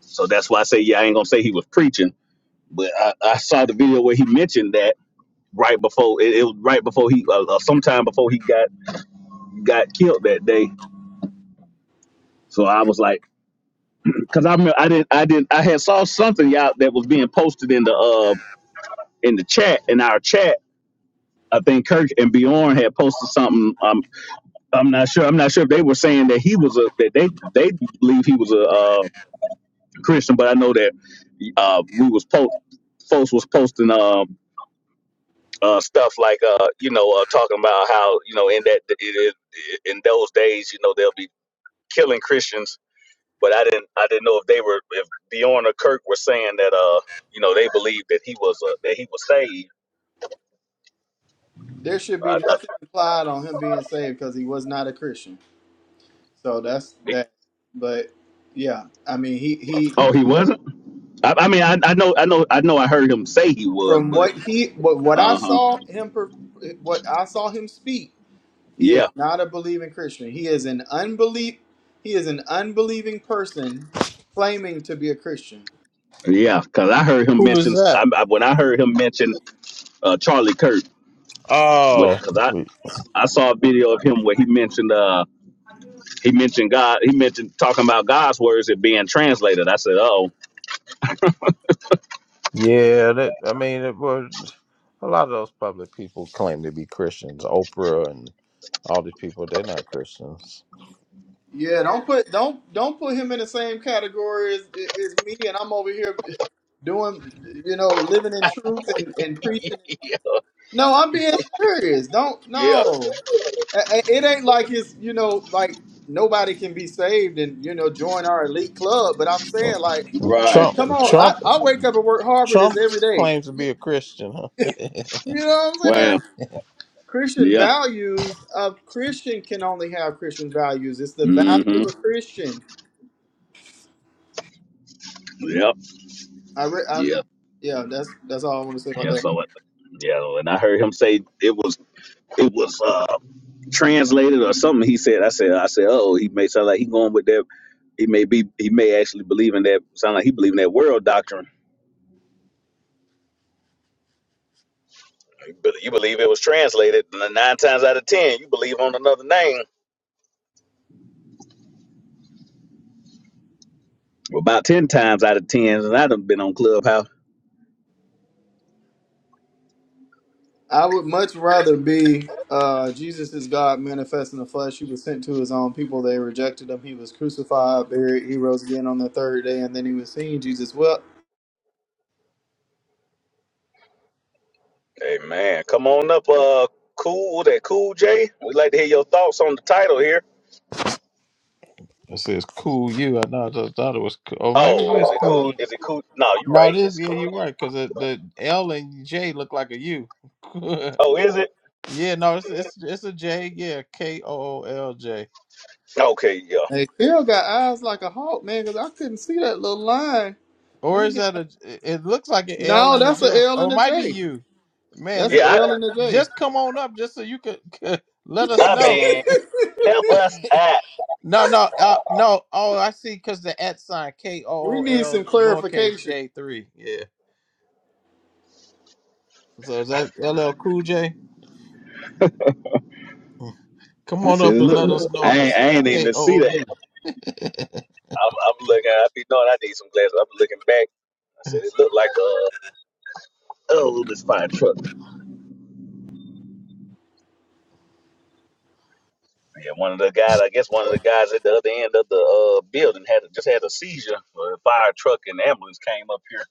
S1: So that's why I say, yeah, I ain't gonna say he was preaching, but I, I saw the video where he mentioned that right before it, it was right before he, uh, uh, sometime before he got got killed that day. So I was like, because I remember I didn't, I didn't, I had saw something out that was being posted in the uh in the chat in our chat. I think Kirk and Bjorn had posted something. Um, I'm not sure. I'm not sure if they were saying that he was a that they they believe he was a uh, Christian, but I know that uh, we was post folks was posting. um. uh, stuff like uh, you know uh, talking about how you know in that it, it, in those days you know they'll be killing Christians, but I didn't I didn't know if they were if Dion or Kirk were saying that uh you know they believed that he was uh, that he was saved.
S3: There should be
S1: I,
S3: nothing implied on him being saved because he was not a Christian. So that's
S1: I,
S3: that. But yeah, I mean, he he
S1: oh, he wasn't. I, I mean, I, I know, I know, I know. I heard him say he was,
S3: from
S1: but
S3: what he what what I
S1: uh huh,
S3: saw him per- what I saw him speak, he is
S1: yeah,
S3: not a believing Christian. He is an unbelief. He is an unbelieving person claiming to be a Christian.
S1: yeah. Because I heard him
S4: Who is
S1: mention
S4: that?
S1: I, I, when I heard him mention uh, Charlie Kirk,
S4: Oh,
S1: because I I saw a video of him where he mentioned. uh. He mentioned God. He mentioned talking about God's words it being translated. I said, "Oh,
S4: yeah. That I mean, it was a lot of those public people claim to be Christians. Oprah and all these people, they're not Christians.
S3: Yeah, don't put don't don't put him in the same category as, as me, and I'm over here doing, you know, living in truth and, and preaching. No, I'm being serious. Don't no, A- a- it ain't like it's you know like nobody can be saved and you know join our elite club. But I'm saying like,
S4: And Trump,
S3: come on, I,
S4: Trump,
S3: I wake up and work hard for this
S4: Trump
S3: every day.
S4: claims to
S3: You,
S4: be a Christian. Huh?
S3: you know what I'm
S1: wow,
S3: saying? Christian
S1: yeah,
S3: values. A Christian can only have Christian values. It's the value
S1: mm-hmm,
S3: of a Christian.
S1: yep,
S3: I, re- I
S1: yeah,
S3: yeah, that's that's all I want to say about
S1: yeah."
S3: that.
S1: So, it, yeah, when I heard him say it was it was uh translated or something, he said, "I said, I said, oh, he may sound like he going with that. He may be, he may actually believe in that. Sound like he believe in that world doctrine. But you believe it was translated and nine times out of ten, you believe on another name." Well, about ten times out of ten, and I've been on Clubhouse.
S3: I would much rather be uh, Jesus is God manifest in the flesh. He was sent to his own people. They rejected him. He was crucified, buried. He rose again on the third day, and then he was seen. Jesus well,
S1: Hey man, come on up, uh, cool that cool J. We'd like to hear your thoughts on the title here.
S4: It says "cool you." I know. I just thought it was, cool. or maybe it
S1: Oh,
S4: is
S1: is it
S4: "cool
S1: cool?
S4: J."
S1: Is it cool? No, you're
S4: No,
S1: right.
S4: it is.
S1: It's
S4: Yeah,
S1: cool.
S4: you're right. Because the, the L and J look like a U. *laughs*
S1: Oh, is it?
S4: yeah, no, it's it's it's a J. Yeah, K O O L J.
S3: Hey, Phil got eyes like a hawk, man, because I couldn't see that little line. Let
S4: Or
S3: me
S4: is
S3: get.
S4: that a? It looks like an L
S3: No,
S4: and a
S3: that's an
S4: J.
S3: L
S4: Oh,
S3: and
S4: it
S3: a
S4: might be
S3: J.
S4: you, man.
S3: That's
S4: eh,
S3: an L and a J.
S4: Just come on up, just so you could, *laughs* could let
S3: *laughs*
S4: us know. *laughs* no, no, uh, no. Oh, I see, cause the at sign K
S3: we
S4: O O
S3: need some
S4: L lowercase
S3: clarification.
S4: J three. Yeah. So is that L L Cool J? Come
S1: I
S4: on
S1: said,
S4: up and let us
S1: look,
S4: know
S1: I
S4: if
S1: ain't
S4: it's K
S1: even
S4: O
S1: see
S4: O
S1: that.
S4: U.
S1: I'm
S4: *laughs*
S1: looking. I be knowing I need some glasses. I'm looking back. I said
S4: That's
S1: it looked like uh oh this fire truck guy. I guess one of the guys at the other end of the uh building had just had a seizure. A fire truck ambulance came up here.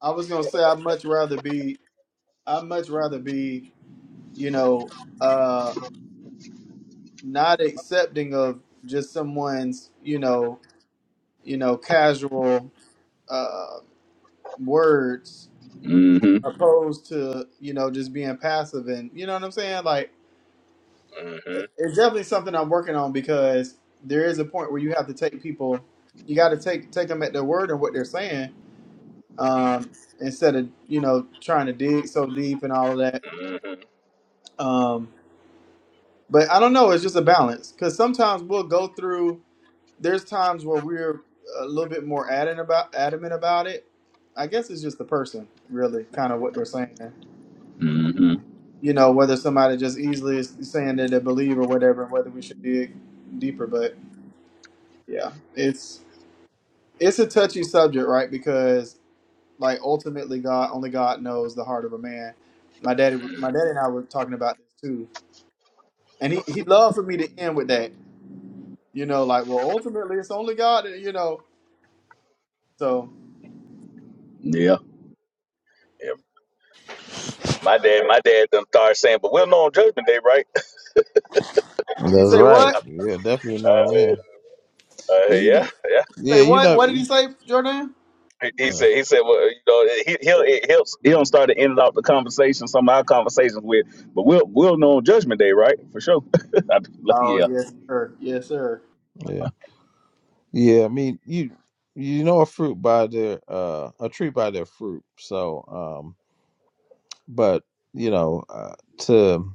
S3: I was gonna say I'd much rather be I'd much rather be you know, uh, not accepting of just someone's, you know, you know, casual uh, words,
S1: hmm
S3: opposed to you know just being passive and you know what I'm saying. Like it's definitely something I'm working on because there is a point where you have to take people, you got to take take them at their word and what they're saying, um, instead of you know trying to dig so deep and all of that. Um, but I don't know. It's just a balance because sometimes we'll go through. there's times where we're a little bit more adamant about adamant about it. I guess it's just the person, really, kind of what they're saying.
S1: Mhm. hmm
S3: You know, whether somebody just easily is saying that they believe or whatever, and whether we should dig deeper. But yeah, it's it's a touchy subject, right? Because like ultimately, God only God knows the heart of a man. My daddy, my daddy and I were talking about this too, and he he loved for me to end with that. You know, like well, ultimately, it's only God. You know, so
S1: Yeah. Saying, but we'll know on Judgment Day, right?
S3: you say what?
S4: right. Yeah, definitely
S1: *laughs* I
S4: know that.
S1: said, uh,
S4: Yeah, *laughs* you
S1: yeah,
S4: know.
S1: yeah.
S3: Say
S4: Yeah, you
S3: what?
S4: know.
S3: What did he
S4: you-
S3: say, Jordan?
S1: He he
S4: uh,
S1: said, he said, well, you know, he, he'll it helps he'll start to end out the conversation, some of our conversations with, but we'll we'll know on Judgment Day, right? For sure. *laughs* I'd be like,
S3: Oh
S1: yeah.
S3: yes, sir. Yes, sir.
S4: yeah. Yeah, I mean you you know a fruit by their uh a tree by their fruit. So um but you know uh, to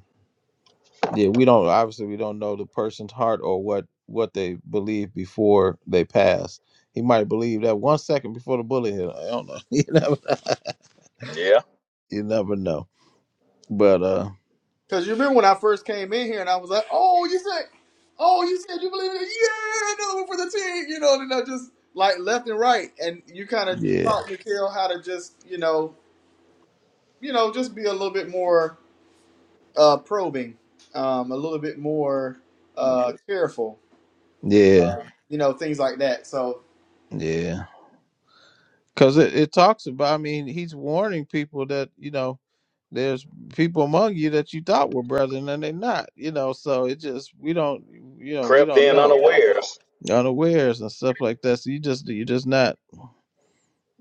S4: yeah, we don't obviously we don't know the person's heart or what what they believe before they pass. He might believe that one second before the bullet hit. I don't know. *laughs* You never you never know. But uh
S3: Because you remember when I first came in here and I was like, "Oh, you said, oh, you said you believe in it? Yeah, another one for the team." You know, and I just like left and right, and you kind of
S4: yeah.
S3: taught Mikhail how to just, you know, you know, just be a little bit more uh, probing, um, a little bit more uh, careful,
S4: Yeah.
S3: you know, things like that. So
S4: Yeah. Cuz it, it talks about I mean he's warning people that you know There's people among you that you thought were brethren and they're not, you know. So it just we don't, you know, we don't know unawares and stuff like that. So you just you just not,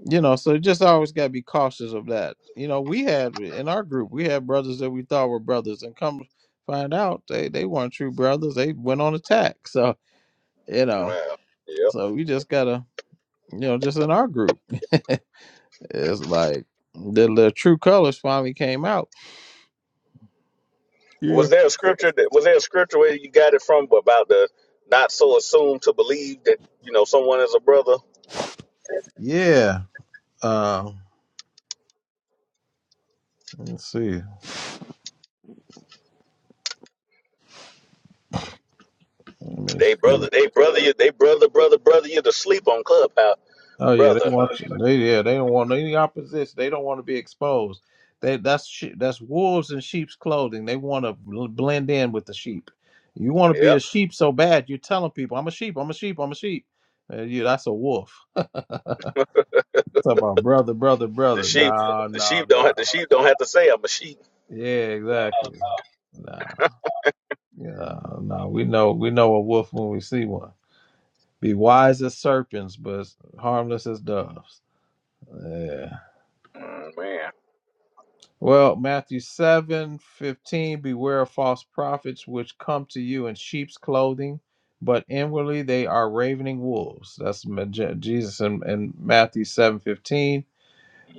S4: you know. So you just always got to be cautious of that. You know, we had in our group we had brothers that we thought were brothers, and come find out they they weren't true brothers. They went on attack. *laughs* So you know, so we just gotta, you know, just in our group, *laughs* it's like the, the true colors finally came out. Yeah.
S1: Was there a scripture that was there a scripture where you got it from about the not so assumed to believe that you know someone is a brother?
S4: Yeah. Um. Let's see. Let me
S1: They
S4: see.
S1: brother, they brother you, they brother, brother, brother you to sleep on Clubhouse,
S4: Oh yeah,
S1: brother.
S4: they want you. They, yeah, they don't want any opposition. They don't want to be exposed. They that's she- that's wolves in sheep's clothing. They want to blend in with the sheep. You want to be a sheep so bad, you're telling people, "I'm a sheep. I'm a sheep. I'm a sheep." And you, that's a wolf. Talk about brother, brother, brother. No, no, no. Yeah, exactly. No, yeah, no. We know we know a wolf when we see one. Be wise as serpents, but harmless as doves. Yeah. Well, Matthew 7 15, beware of false prophets which come to you in sheep's clothing, but inwardly they are ravening wolves. That's Ma- Je- Jesus in, in Matthew 7 15.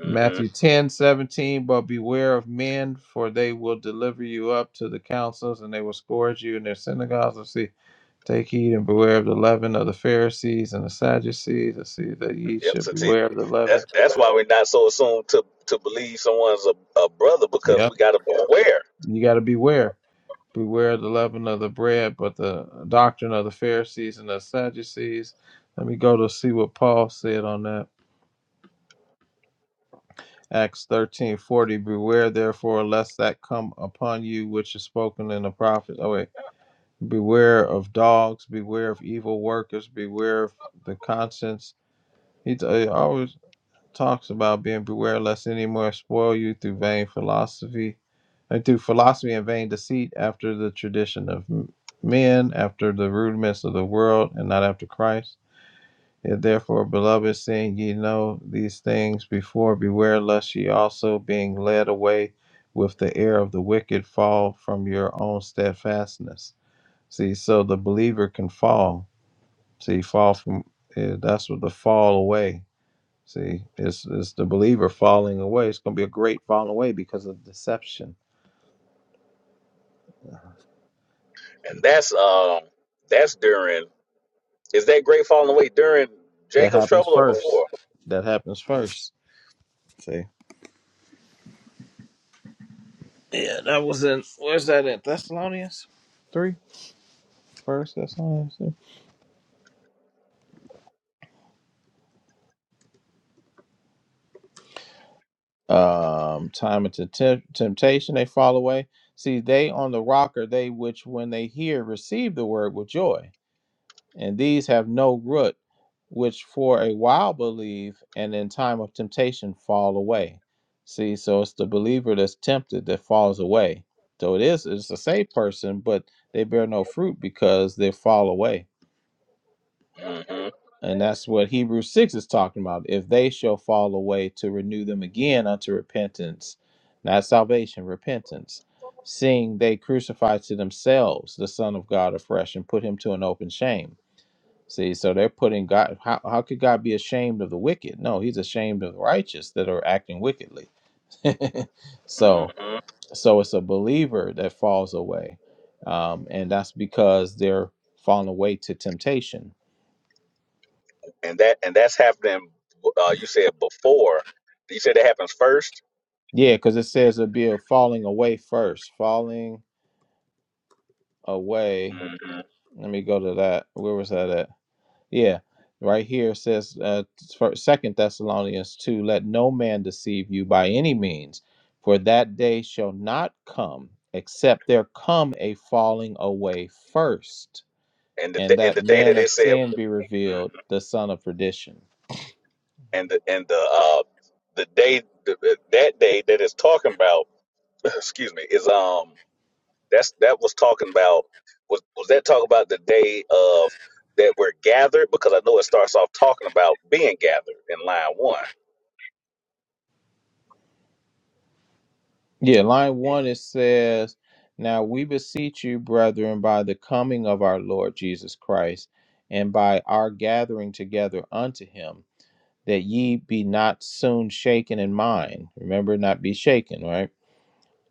S4: Matthew 10 17, but beware of men, for they will deliver you up to the councils and they will scourge you in their synagogues. Let's see, take heed and beware of the leaven of the Pharisees and the Sadducees. Let's see, that ye
S1: Yep.
S4: should
S1: So see,
S4: beware of the leaven.
S1: that's that's why we're not so assumed to to believe someone's a, a brother because
S4: Yep,
S1: we got to be aware.
S4: you got to beware. Beware the leaven of the bread, but the doctrine of the Pharisees and the Sadducees. Let me go to see what Paul said on that. Acts thirteen forty. Beware therefore lest that come upon you which is spoken in the prophet. Oh wait. Beware of dogs, beware of evil workers, beware of the conscience. He, t- he always talks about being beware lest any more spoil you through vain philosophy I threw philosophy and vain deceit after the tradition of men, after the rudiments of the world, and not after Christ. Yet therefore, beloved, seeing ye know these things before, beware lest ye also, being led away with the air of the wicked, fall from your own steadfastness. See, so the believer can fall. See, fall from eh, that's what the fall away. See, it's, it's the believer falling away. It's going to be a great falling away because of deception
S1: Is that
S4: That happens first. That happens first. See. Yeah, that was in. Where's that in Thessalonians? Three. First Thessalonians. Three. Um, time and temp- temptation they fall away. See, they on the rock are they which, when they hear, receive the word with joy. and these have no root, which for a while believe, and in time of temptation fall away. See, so it's the believer that's tempted that falls away. So it is, it's a saved person, but they bear no fruit because they fall away. And that's what Hebrews 6 is talking about. If they shall fall away, to renew them again unto repentance, not salvation, repentance, seeing they crucify to themselves the Son of God afresh and put him to an open shame See, so they're putting God. How, how could God be ashamed of the wicked? No, He's ashamed of the righteous that are acting wickedly. *laughs* so, so it's a believer that falls away, um, and that's because they're falling away to temptation. Yeah, because it says it'd be a falling away first. Falling away. Let me go to that. Where was that at? Yeah, right here it says, uh, first, Second Thessalonians two, let no man deceive you by any means, for that day shall not come except there come a falling away first,
S1: and the
S4: and
S1: da- and
S4: that
S1: the day
S4: man
S1: that
S4: of
S1: it said
S4: sin be
S1: Mhm.
S4: revealed, the son of perdition.
S1: and the and the uh the day the, the- that day that it's talking about *laughs* excuse me is um That's that was talking about was was that talking about the day of that we're gathered? Because I know it starts off talking about being gathered in line one.
S4: Yeah, line one it says, now we beseech you, brethren, by the coming of our Lord Jesus Christ, and by our gathering together unto him. that ye be not soon shaken in mind. Remember, not be shaken, right?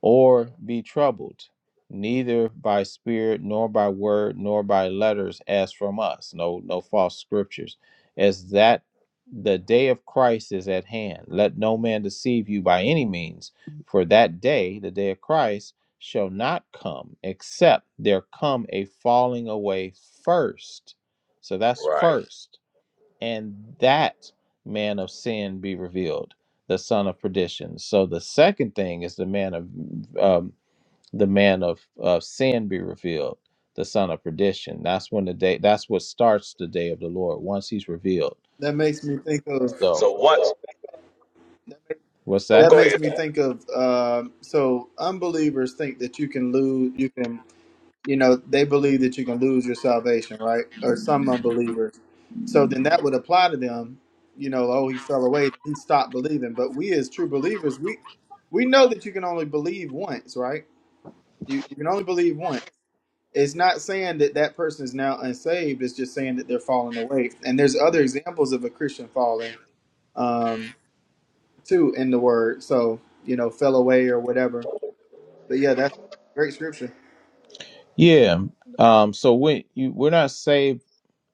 S4: Or be troubled, neither by spirit, nor by word, nor by letters, as from us. No, no false scriptures. As that the day of Christ is at hand. Let no man deceive you by any means, for that day, the day of Christ, shall not come except there come a falling away first. So that's first and that man of sin be revealed, the son of perdition. So the second thing is the man of um, the man of, of sin be revealed, the son of perdition. That's when the day. That's what starts the day of the Lord once he's revealed.
S3: that makes me think of
S4: So what's
S3: that
S4: that?
S3: makes me think of um so unbelievers think that you can lose, you can you know, they believe that you can lose your salvation, right? Or some unbelievers. So then that would apply to them, you know, oh, he fell away, he stopped believing. But we as true believers, we we know that you can only believe once, right? You, you can only believe once. It's not saying that that person is now unsaved. It's just saying that they're falling away. And there's other examples of a Christian falling um, too in the word. So, you know, fell away or whatever. But yeah, that's great scripture.
S4: Yeah. Um. So we you, we're not saved.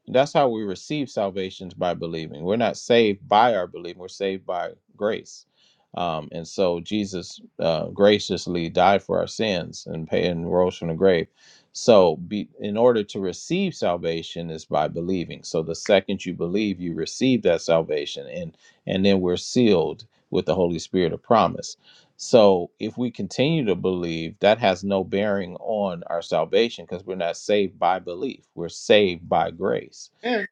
S4: That's how we receive salvation by believing. We're not saved by our belief. We're saved by grace. Um, and so Jesus uh, graciously died for our sins and paid and rose from the grave. So, be, in order to receive salvation is by believing. So, the second you believe, you receive that salvation, and and then we're sealed with the Holy Spirit of promise. So, if we continue to believe, that has no bearing on our salvation because we're not saved by belief. We're saved by grace
S3: And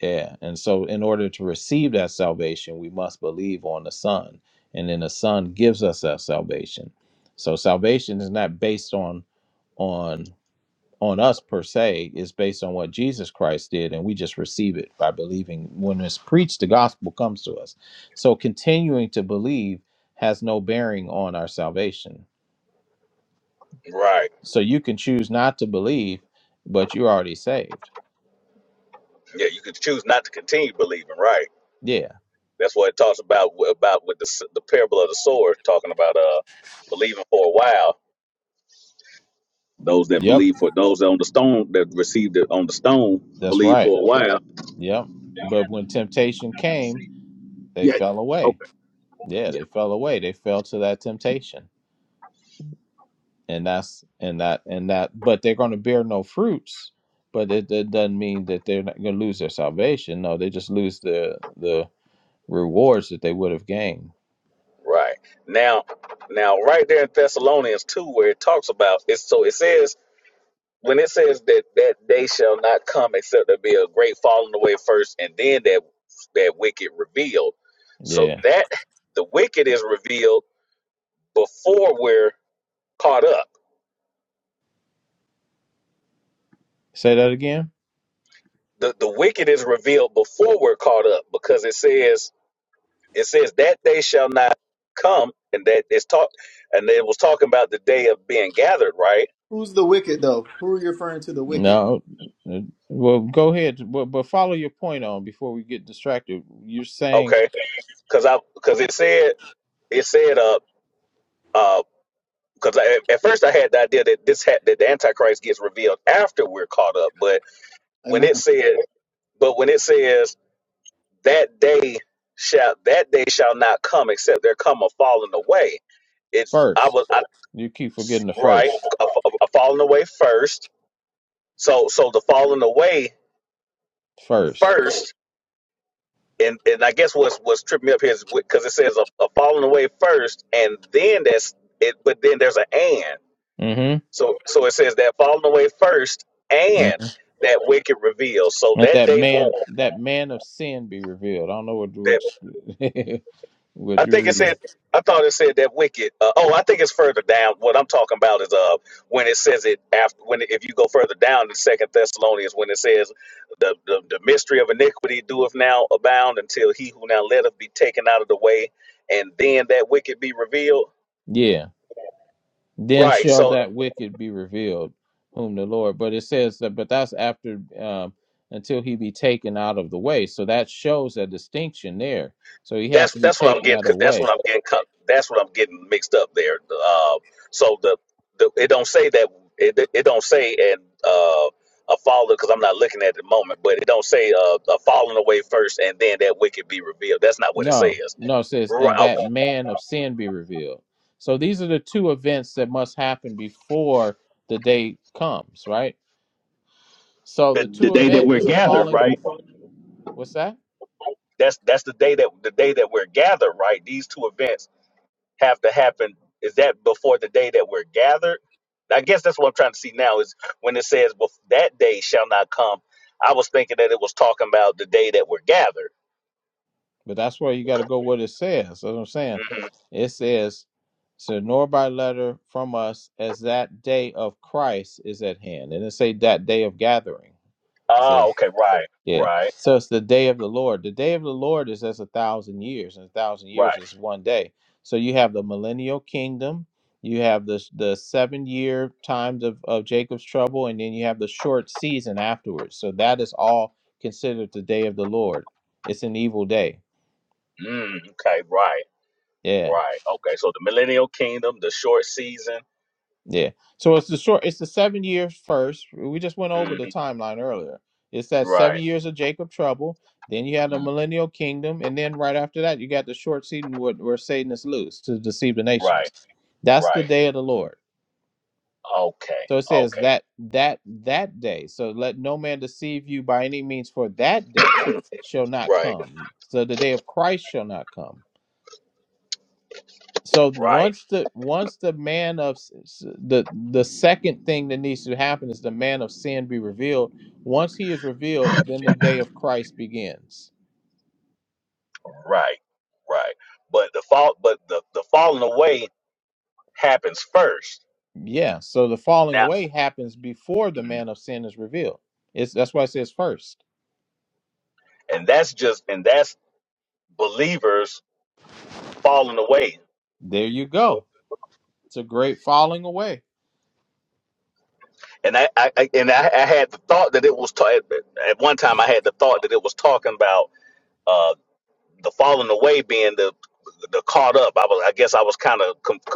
S4: yeah. And so, in order to receive that salvation, we must believe on the Son. And then the Son gives us that salvation. So, salvation is not based on, on, on us per se It's based on what Jesus Christ did, and we just receive it by believing. When it's preached, the gospel comes to us. So continuing to believe has no bearing on our salvation.
S1: Right.
S4: So you can choose not to believe, but you're already saved.
S1: Yeah, you could choose not to continue believing. Right.
S4: Yeah.
S1: That's what it talks about about with the s- the parable of the sword, talking about uh believing for a while Those that
S4: Yep.
S1: believe for those on the stone that received it on the stone
S4: That's
S1: believed
S4: right.
S1: for a while.
S4: Yep. But when temptation came, they fell away
S1: Okay.
S4: yeah they fell away they fell to that temptation and that's and that and that but they're going to bear no fruits but it, it doesn't mean that they're not going to lose their salvation no they just lose the the rewards that they would have gained
S1: Right. Now now right there in Thessalonians two where it talks about it, so it says when it says that that day shall not come except there be a great falling away first and then that that wicked revealed. So
S4: yeah
S1: that the wicked is revealed before we're caught up.
S4: say that again
S1: The the wicked is revealed before we're caught up because it says It says that day shall not come, and that it's talk, and it was talking about the day of being gathered, right?
S3: who's the wicked though? Who are you referring to the wicked?
S4: no Uh, well go ahead but, but follow your point on before we get distracted you're saying
S1: Okay, because I because it said it said uh uh because at, at first I had the idea that this had that the Antichrist gets revealed after we're caught up, but when it
S3: Amen.
S1: said but when it says that day shall that day shall not come except there come a falling away. It's I was
S4: first
S1: I,
S4: you keep forgetting the
S1: right
S4: first
S1: a, a a falling away first. So so the falling away
S4: first
S1: first and and I guess what's what's tripped me up here is because it says a, a falling away first, and then that's it. But then there's an and.
S4: mm-hmm
S1: So so it says that falling away first, and that wicked reveal. So
S4: And
S1: that
S4: that
S1: day
S4: man,
S1: won't.
S4: that man of sin be revealed. I don't know what what, *laughs* what
S1: I
S4: you
S1: think it
S4: read.
S1: said. I thought it said that wicked. Uh, oh, I think it's further down. What I'm talking about is uh when it says it after when if you go further down to Second Thessalonians when it says the, the the mystery of iniquity doeth now abound until he who now letteth be taken out of the way and then that wicked be revealed.
S4: Yeah. Then
S1: Right.
S4: shall
S1: So
S4: that wicked be revealed, whom the Lord. But it says that, but that's after um, until he be taken out of the way. So that shows a distinction there. So he has
S1: that's
S4: to be
S1: that's what I'm
S4: taken
S1: getting.
S4: out of the
S1: That's
S4: way.
S1: what I'm getting. cut- That's what I'm getting mixed up there. Uh, so the, the it don't say that it, it don't say and uh,
S4: No, no, it says, and that man of sin be revealed. So these are the two events that must happen before the day comes, right? So the two event is a falling. What's that? But that's where you got to go what it says. That's what I'm saying. It says, so nor by letter from us as that day of Christ is at hand. And it say that day of gathering. See? Yeah. So it's the day of the Lord. The day of the Lord is as a thousand years, and a thousand years
S1: right.
S4: is one day. So you have the millennial kingdom, you have the the seven year times of, of Jacob's trouble, and then you have the short season afterwards. So that is all considered the day of the Lord. It's an evil day.
S1: Mm, okay. Right.
S4: Yeah.
S1: Right. Okay. So the millennial kingdom, the short season.
S4: Yeah. So it's the short it's the seven years first. We just went over
S1: Mm,
S4: the timeline earlier. It's that
S1: right.
S4: seven years of Jacob trouble. Then you had the
S1: Mm,
S4: millennial kingdom, and then right after that you got the short season where, where Satan is loose to deceive the
S1: right.
S4: nations. That's the
S1: Right.
S4: day of the Lord.
S1: Okay.
S4: So it says
S1: Okay.
S4: that that that day. So let no man deceive you by any means, for that day shall not
S1: Right.
S4: come. So the day of Christ shall not come. so
S1: Right.
S4: once the once the man of s- s- the the second thing that needs to happen is the man of sin be revealed once he is revealed then the day of christ begins
S1: Right. Right. But the fall, but the the falling away happens first.
S4: yeah so the falling
S1: Now,
S4: away happens before the
S1: Mhm.
S4: man of sin is revealed it's that's why it says first
S1: and that's just and that's believers falling away.
S4: there you go it's a great falling away
S1: And I, I, I and I, I had the thought that it,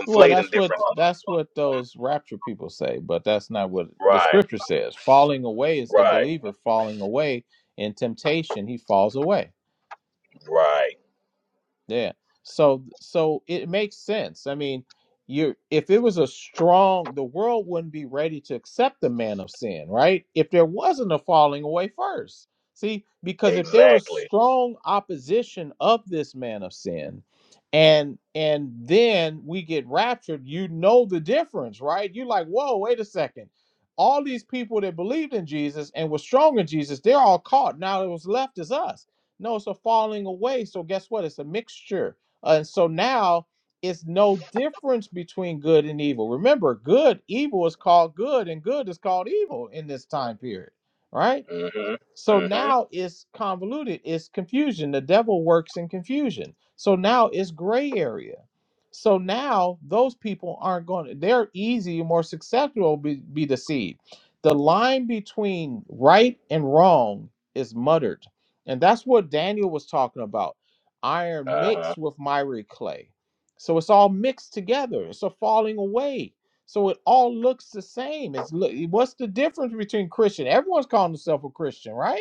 S4: well that's what that's what those rapture people say but that's not what the scripture says falling away is the believer falling away in temptation he falls away Yeah. So so it makes sense. I mean, you if it was a strong, the world wouldn't be ready to accept the man of sin, right? If there wasn't a falling away first. See, because if there was
S1: exactly.
S4: strong opposition of this man of sin, and and then we get raptured, you know the difference, right? You're like, whoa, wait a second. All these people that believed in Jesus and were strong in Jesus, they're all caught. Now it was left as us no, it's a falling away. So guess what? It's a mixture. Uh, and so now it's no difference between good and evil. Remember, good, evil is called good, and good is called evil in this time period, right? So now it's convoluted, it's confusion. The devil works in confusion. So now it's gray area. So now those people aren't going to, they're easy, more susceptible be, be deceived. The line between right and wrong is muttered. And that's what Daniel was talking about iron mixed with miry clay. So it's all mixed together, it's a falling away so it all looks the same. It's look, what's the difference between Christian? Everyone's calling themselves a Christian, right?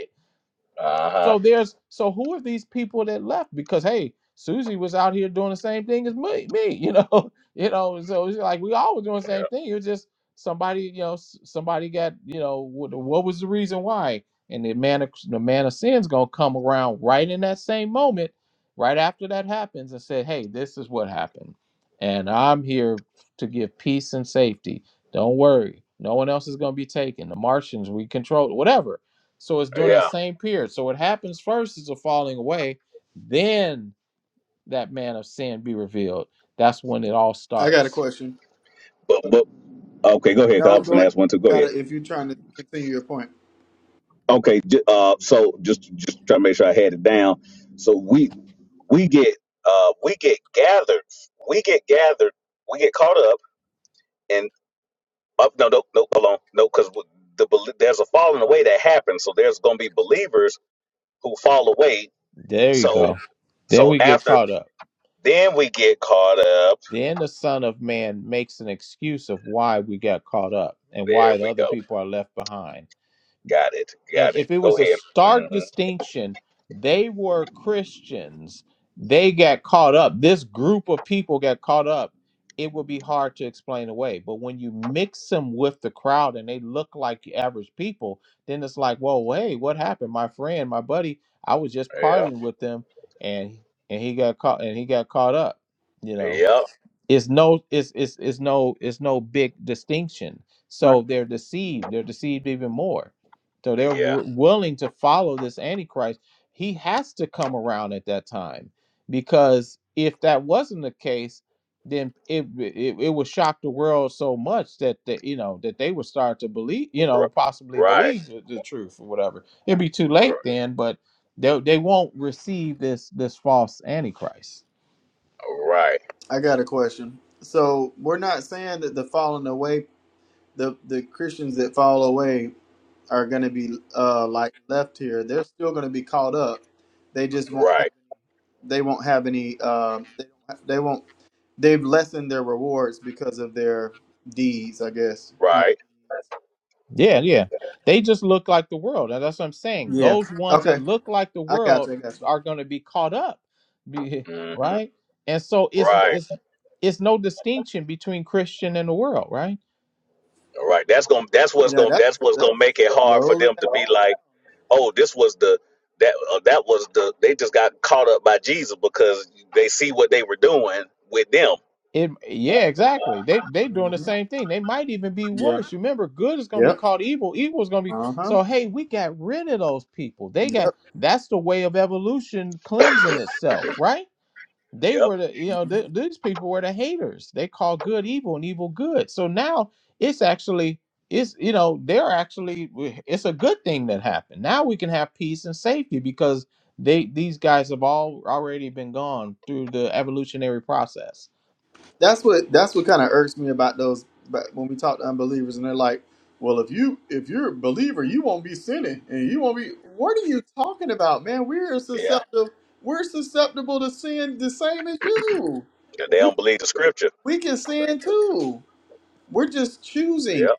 S1: Uh huh.
S4: So there's so who are these people that left? Because hey, Susie was out here doing the same thing as me, me, you know, *laughs* you know. So it's like we all were doing the same thing. It was just somebody, you know, s- somebody got, you know, what, what was the reason why? And the man, of, the man of sin's gonna come around right in that same moment, right after that happens, and say, hey, this is what happened, and I'm here to give peace and safety. Don't worry, no one else is gonna be taken. The Martians, we control whatever so it's during that
S1: Yeah.
S4: same period. So what happens first is a falling away, then that man of sin be revealed. That's when it all
S3: I got a
S4: starts.
S3: question.
S1: But but okay. Go ahead. 'cause I
S3: No,
S1: was
S3: go
S1: gonna
S3: ahead.
S1: ask one too.
S3: You
S1: Go ahead.
S3: gotta if you're trying to continue your point.
S1: Okay. Just just just try me out. we get uh we get gathered, we get caught up and up no no no hold on the verse eight.
S4: There you
S1: So
S4: go.
S1: so
S4: Then we get caught up. Then the Son of Man makes an excuse of why we got caught up and why the other people are left behind And if it was a
S1: yeah,
S4: stark distinction, they were Christians. They got caught up. This group of people got caught up. It would be hard to explain away. But when you mix them with the crowd and they look like the average people, then it's like, whoa, hey, what happened? My friend, my buddy, I was just partying with them and and he got caught and he got caught up, you know it's no it's it's it's no it's no big distinction
S3: My
S4: so
S3: question.
S4: they're deceived they're deceived even more so they're w- willing to follow this antichrist he has to come around at that time because if that wasn't the case then it it, it would shock the world so much that the, you know that they would start to believe you know possibly believe the, the truth or whatever it'd be too late then but they, they won't receive this this false antichrist
S3: I got a question. So we're not saying that the falling away, the the Christians that fall away are going to be uh like left here. They're still going to be caught up. They just won't have They won't have any. Um, they don't. Have, they won't. They've lessened their rewards because of their deeds. I guess not.
S4: Yeah, yeah. They just look like the world. And that's what I'm saying.
S3: Yeah.
S4: Those ones
S3: Okay.
S4: that look like the
S3: I got
S4: world
S3: you. I got you.
S4: are going to be caught up, be- *laughs*
S1: hmm
S4: right? And so it's
S1: right
S4: it's it's no distinction between Christian and the world, right?
S1: right that's gonna that's what's
S3: Yeah.
S1: gonna
S3: That's
S1: that's what's
S3: that's
S1: gonna make it hard for
S3: slowly.
S1: them to
S3: happening.
S1: be like oh this was the that uh, that was the they just got caught up by Jesus because they see what they were doing with them
S4: It yeah, exactly. They they doing the
S3: hmm
S4: same thing. They might even be
S3: Yeah.
S4: worse. Remember, good is going to be
S3: Yep.
S4: called evil. Evil is going to be
S3: Uh huh.
S4: so. Hey, we got rid of those people. They got
S3: Yep.
S4: that's the way of evolution cleansing itself, right? they were the you know
S3: hmm
S4: th- these people were the haters they call good evil and evil good so now it's actually it's you know they're actually it's a good thing that happened now we can have peace and safety because they these guys have all already been gone through the evolutionary process
S3: That's what that's what kind of irks me about those. But when we talk to unbelievers, and they're like, "Well, if you if you're a believer, you won't be sinning, and you won't be." What are you talking about, man? We're
S1: yeah
S3: susceptible. We're susceptible to sin the same as you.
S1: they
S3: We
S1: don't believe the scripture
S3: we can sin too. We're just
S1: yeah
S3: choosing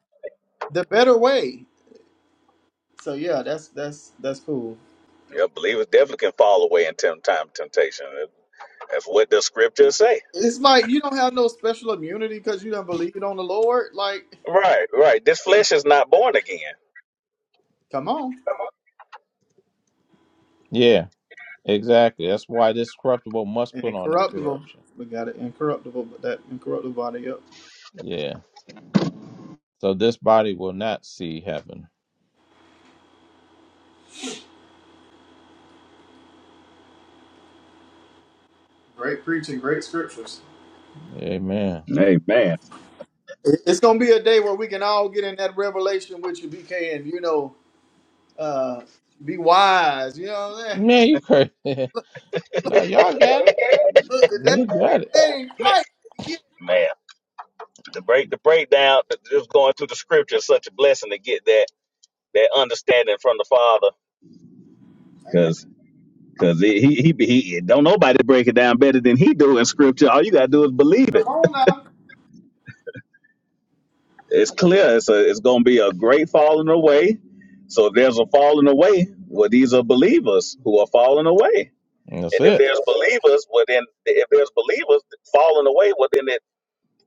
S3: the better way. So yeah, that's that's that's cool.
S1: yeah believers definitely can fall away in tem- time of temptation that's what the scriptures say
S3: It's like you don't have no special immunity because you don't believe on the Lord. Like,
S1: right right this flesh is not born again
S3: come on.
S4: yeah exactly that's why this corruptible must
S3: And
S4: put on
S3: incorruptible.
S4: incorruption
S3: We got it incorruptible, but that incorruptible body up.
S4: yeah so this body will not see heaven
S3: Great preaching, great scriptures.
S4: amen
S1: Amen.
S3: It's gonna be a day where we can all get in that revelation with you, BK, and you know, uh, be wise. You know what I'm saying?
S4: man you crazy *laughs* now y'all got it
S3: Look, the day,
S4: you got it
S3: the day ain't
S1: man,
S3: quite yet.
S1: man, the break the breakdown, just going through the scripture is such a blessing to get that that understanding from the Father,
S3: Amen.
S1: because because he he, he be- he don't nobody break it down better than he do in scripture. All you gotta do is believe
S3: Come
S1: it.
S3: on now.
S1: It's clear. It's a, it's gonna be a great falling away. So if there's a falling away, well, these are believers who are falling away.
S4: that's
S1: And if
S4: it
S1: there's believers, well, then if there's believers falling away, well, then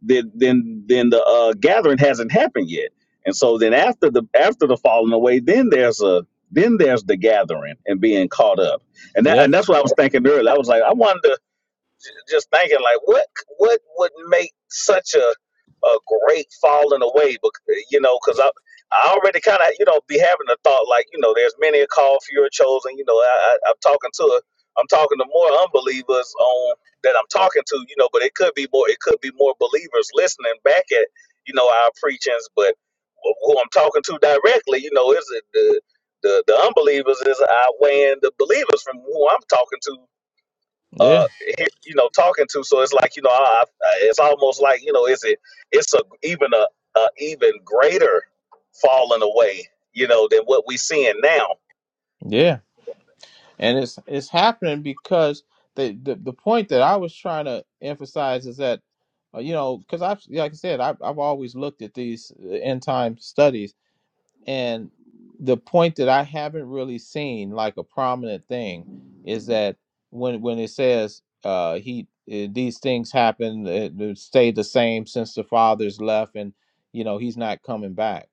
S1: then then then the uh, gathering hasn't happened yet. And so then after the after the falling away, then there's a then there's the gathering and being caught up. And
S4: Yep.
S1: that and that's what I was thinking earlier. I was like, I wonder j- just thinking like what what would make such a a great falling away but you know because i i already kind of you know be having a thought like you know there's many a call fewer chosen you know I, I i'm talking to a, i'm talking to more unbelievers on that i'm talking to you know but it could be more it could be more believers listening back at you know our preachings but who i'm talking to directly you know is it the the to
S4: Yeah,
S1: uh you know talking to no, it's a, a, a yeah
S4: yeah, and it's it's happening because the the, the point that I was trying to emphasize is that uh, you know because I've like I said I've I've always looked at these uh, end time studies And the point that I haven't really seen like a prominent thing is that when when it says uh, he uh, these things happen uh, they stay the same since the father's left and you know he's not coming back.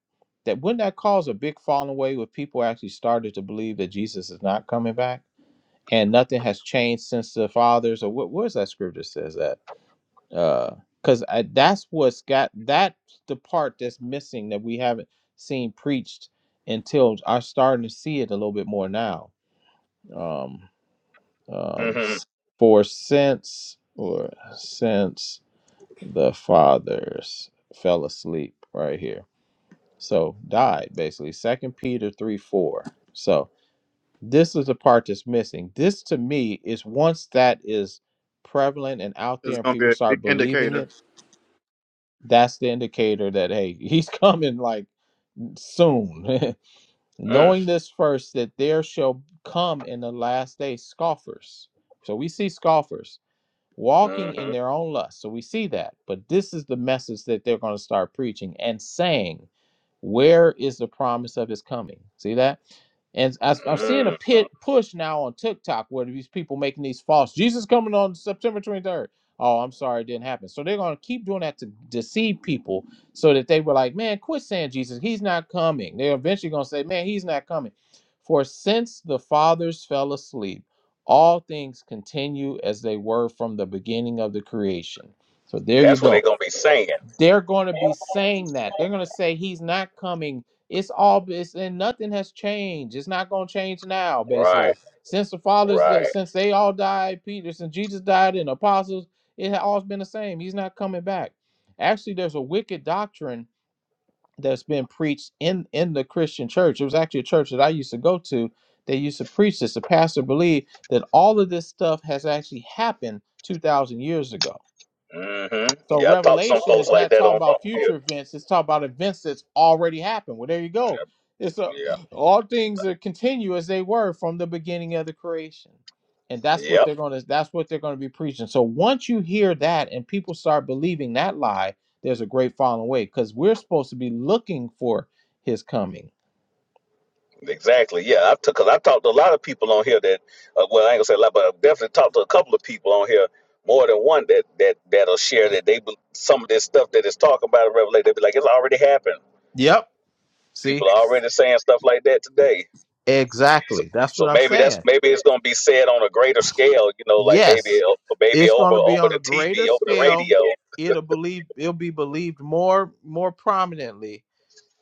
S4: That wouldn't that cause a big falling away with people actually started to believe that Jesus is not coming back and nothing has changed since the fathers or what what is that scripture says that? uh because I, that's what's got that's the part that's missing that we haven't seen preached until i'm starting to see it a little bit more now um um s- for since or since the fathers fell asleep right here so died basically second peter 3 4 so this is the part that's missing this to me is once that is prevalent and out
S3: It's
S4: there and
S3: gonna be
S4: people
S3: a big
S4: start believing
S3: indicator.
S4: it that's the indicator that hey *laughs* he's coming like soon *laughs* knowing this first that there shall come in the last day scoffers so we see scoffers walking in their own lust. So we see that. But this is the message that they're going to start preaching and saying, Where is the promise of his coming? See that? And I, I'm seeing a pit push now on TikTok where these people making these false Jesus coming on September 23rd. Oh, I'm sorry, it didn't happen. So they're going to keep doing that to deceive people so that they were like, man, quit saying Jesus, he's not coming. They're eventually going to say, man, he's not coming. For since the fathers fell asleep, all things continue as they were from the beginning of the creation. So there you go. They're going to be saying that. They're going to say he's not coming. It's all it's and nothing has changed. It's not going to change now basically. Since the fathers that since they all died, Peter, since Jesus died and apostles, it had always been the same. He's not coming back. Actually, there's a wicked doctrine that's been preached in in the Christian church. It was actually a church that I used to go to. They used to preach this. The pastor believed that all of this stuff has actually happened two thousand years ago so Revelation is not talking about future events; it's talking about events that's already happened. Well, there you go. It's a, *clears throat* all things are continue as they were from the beginning of the creation, and that's
S1: yep
S4: what they're going to that's what they're going to be preaching. So once you hear that and people start believing that lie, there's a great falling away because we're supposed to be looking for His coming.
S1: Exactly. Yeah, I took because I talked to a lot of people on here that, uh, well, I ain't gonna say a lot, but I've definitely talked to a couple of people on here, more than one that that that'll share that they be- some of this stuff that is talking about in Revelation. They be like, it's already happened.
S4: Yep. See,
S1: People are already saying stuff like that today. So,
S4: exactly. That's what
S1: so
S4: I'm
S1: maybe
S4: saying.
S1: that's maybe it's gonna be said on a greater scale. You know, like maybe
S4: Yes,
S1: o- maybe
S4: it's going
S1: over
S4: to be
S1: over
S4: on a
S1: the
S4: greater
S1: TV, over the
S4: scale.
S1: radio.
S4: It'll believe it'll be believed more more prominently.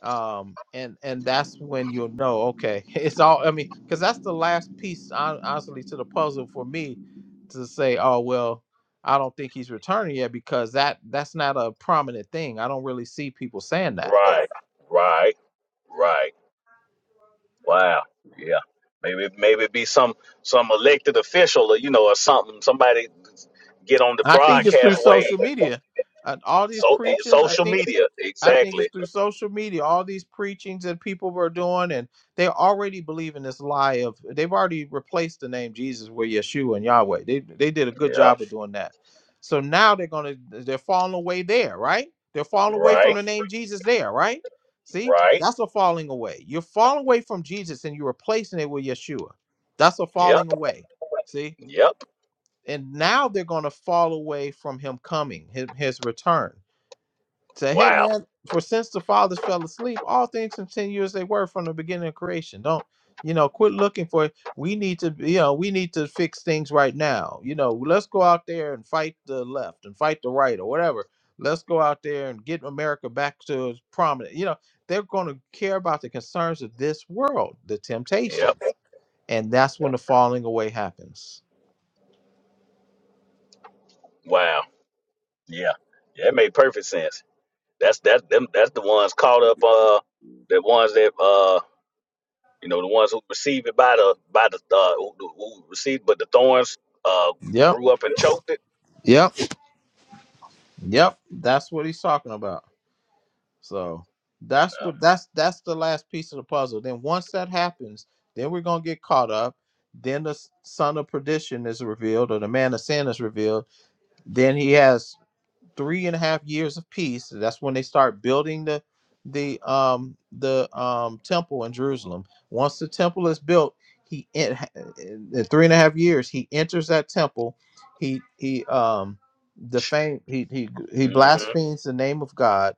S4: Um, and and that's when you'll know. Okay, *laughs* it's all. I mean, because that's the last piece, hon- honestly, to the puzzle for me to say, oh well, I don't think he's returning yet because that that's not a prominent thing. I don't really see people saying that.
S1: Right. Right. Right. Wow. Yeah. Maybe maybe it be some some elected official or you know or something. Somebody get on the
S4: I think it's through
S1: broadcast
S4: social
S1: way
S4: media. Uh, all these
S1: so
S4: preachings. I
S1: social
S4: think
S1: media.
S4: I think it's
S1: Exactly.
S4: through social media, all these preachings that people were doing, and they already believe in this lie of they've already replaced the name Jesus with Yeshua and Yahweh. They they did a good
S1: Yeah.
S4: job of doing that. So now they're gonna they're falling away there, right? They're falling away from the name Jesus there, right? See, that's a falling away. You're falling away from Jesus and you're replacing it with Yeshua. That's a falling away. See? And now they're gonna fall away from him coming, his, his return. Say, hey
S1: Wow.
S4: man, for since the fathers fell asleep, all things continue as they were from the beginning of creation. Don't you know? Quit looking for. it. We need to, you know, we need to fix things right now. You know, let's go out there and fight the left and fight the right or whatever. Let's go out there and get America back to its prominent. You know, they're going to care about the concerns of this world, the
S1: Yep.
S4: temptations, and that's when the falling away happens.
S1: Wow. Yeah. Yeah, it made perfect sense. That's that them that's the ones caught up uh the ones that uh you know the ones who received it by the by the uh who, who received but the thorns uh
S4: Yep,
S1: grew up and choked it
S4: yep, yep. That's what he's talking about. So that's what that's that's the last piece of the puzzle. Then once that happens, then we're gonna get caught up. Then the s- son of perdition is revealed, or the man of sin is revealed. Then he has three and a half years of peace. That's when they start building the the um the um temple in Jerusalem. Once the temple is built, he in, in in three and a half years he enters that temple. He he um defame he he he blasphemes the name of God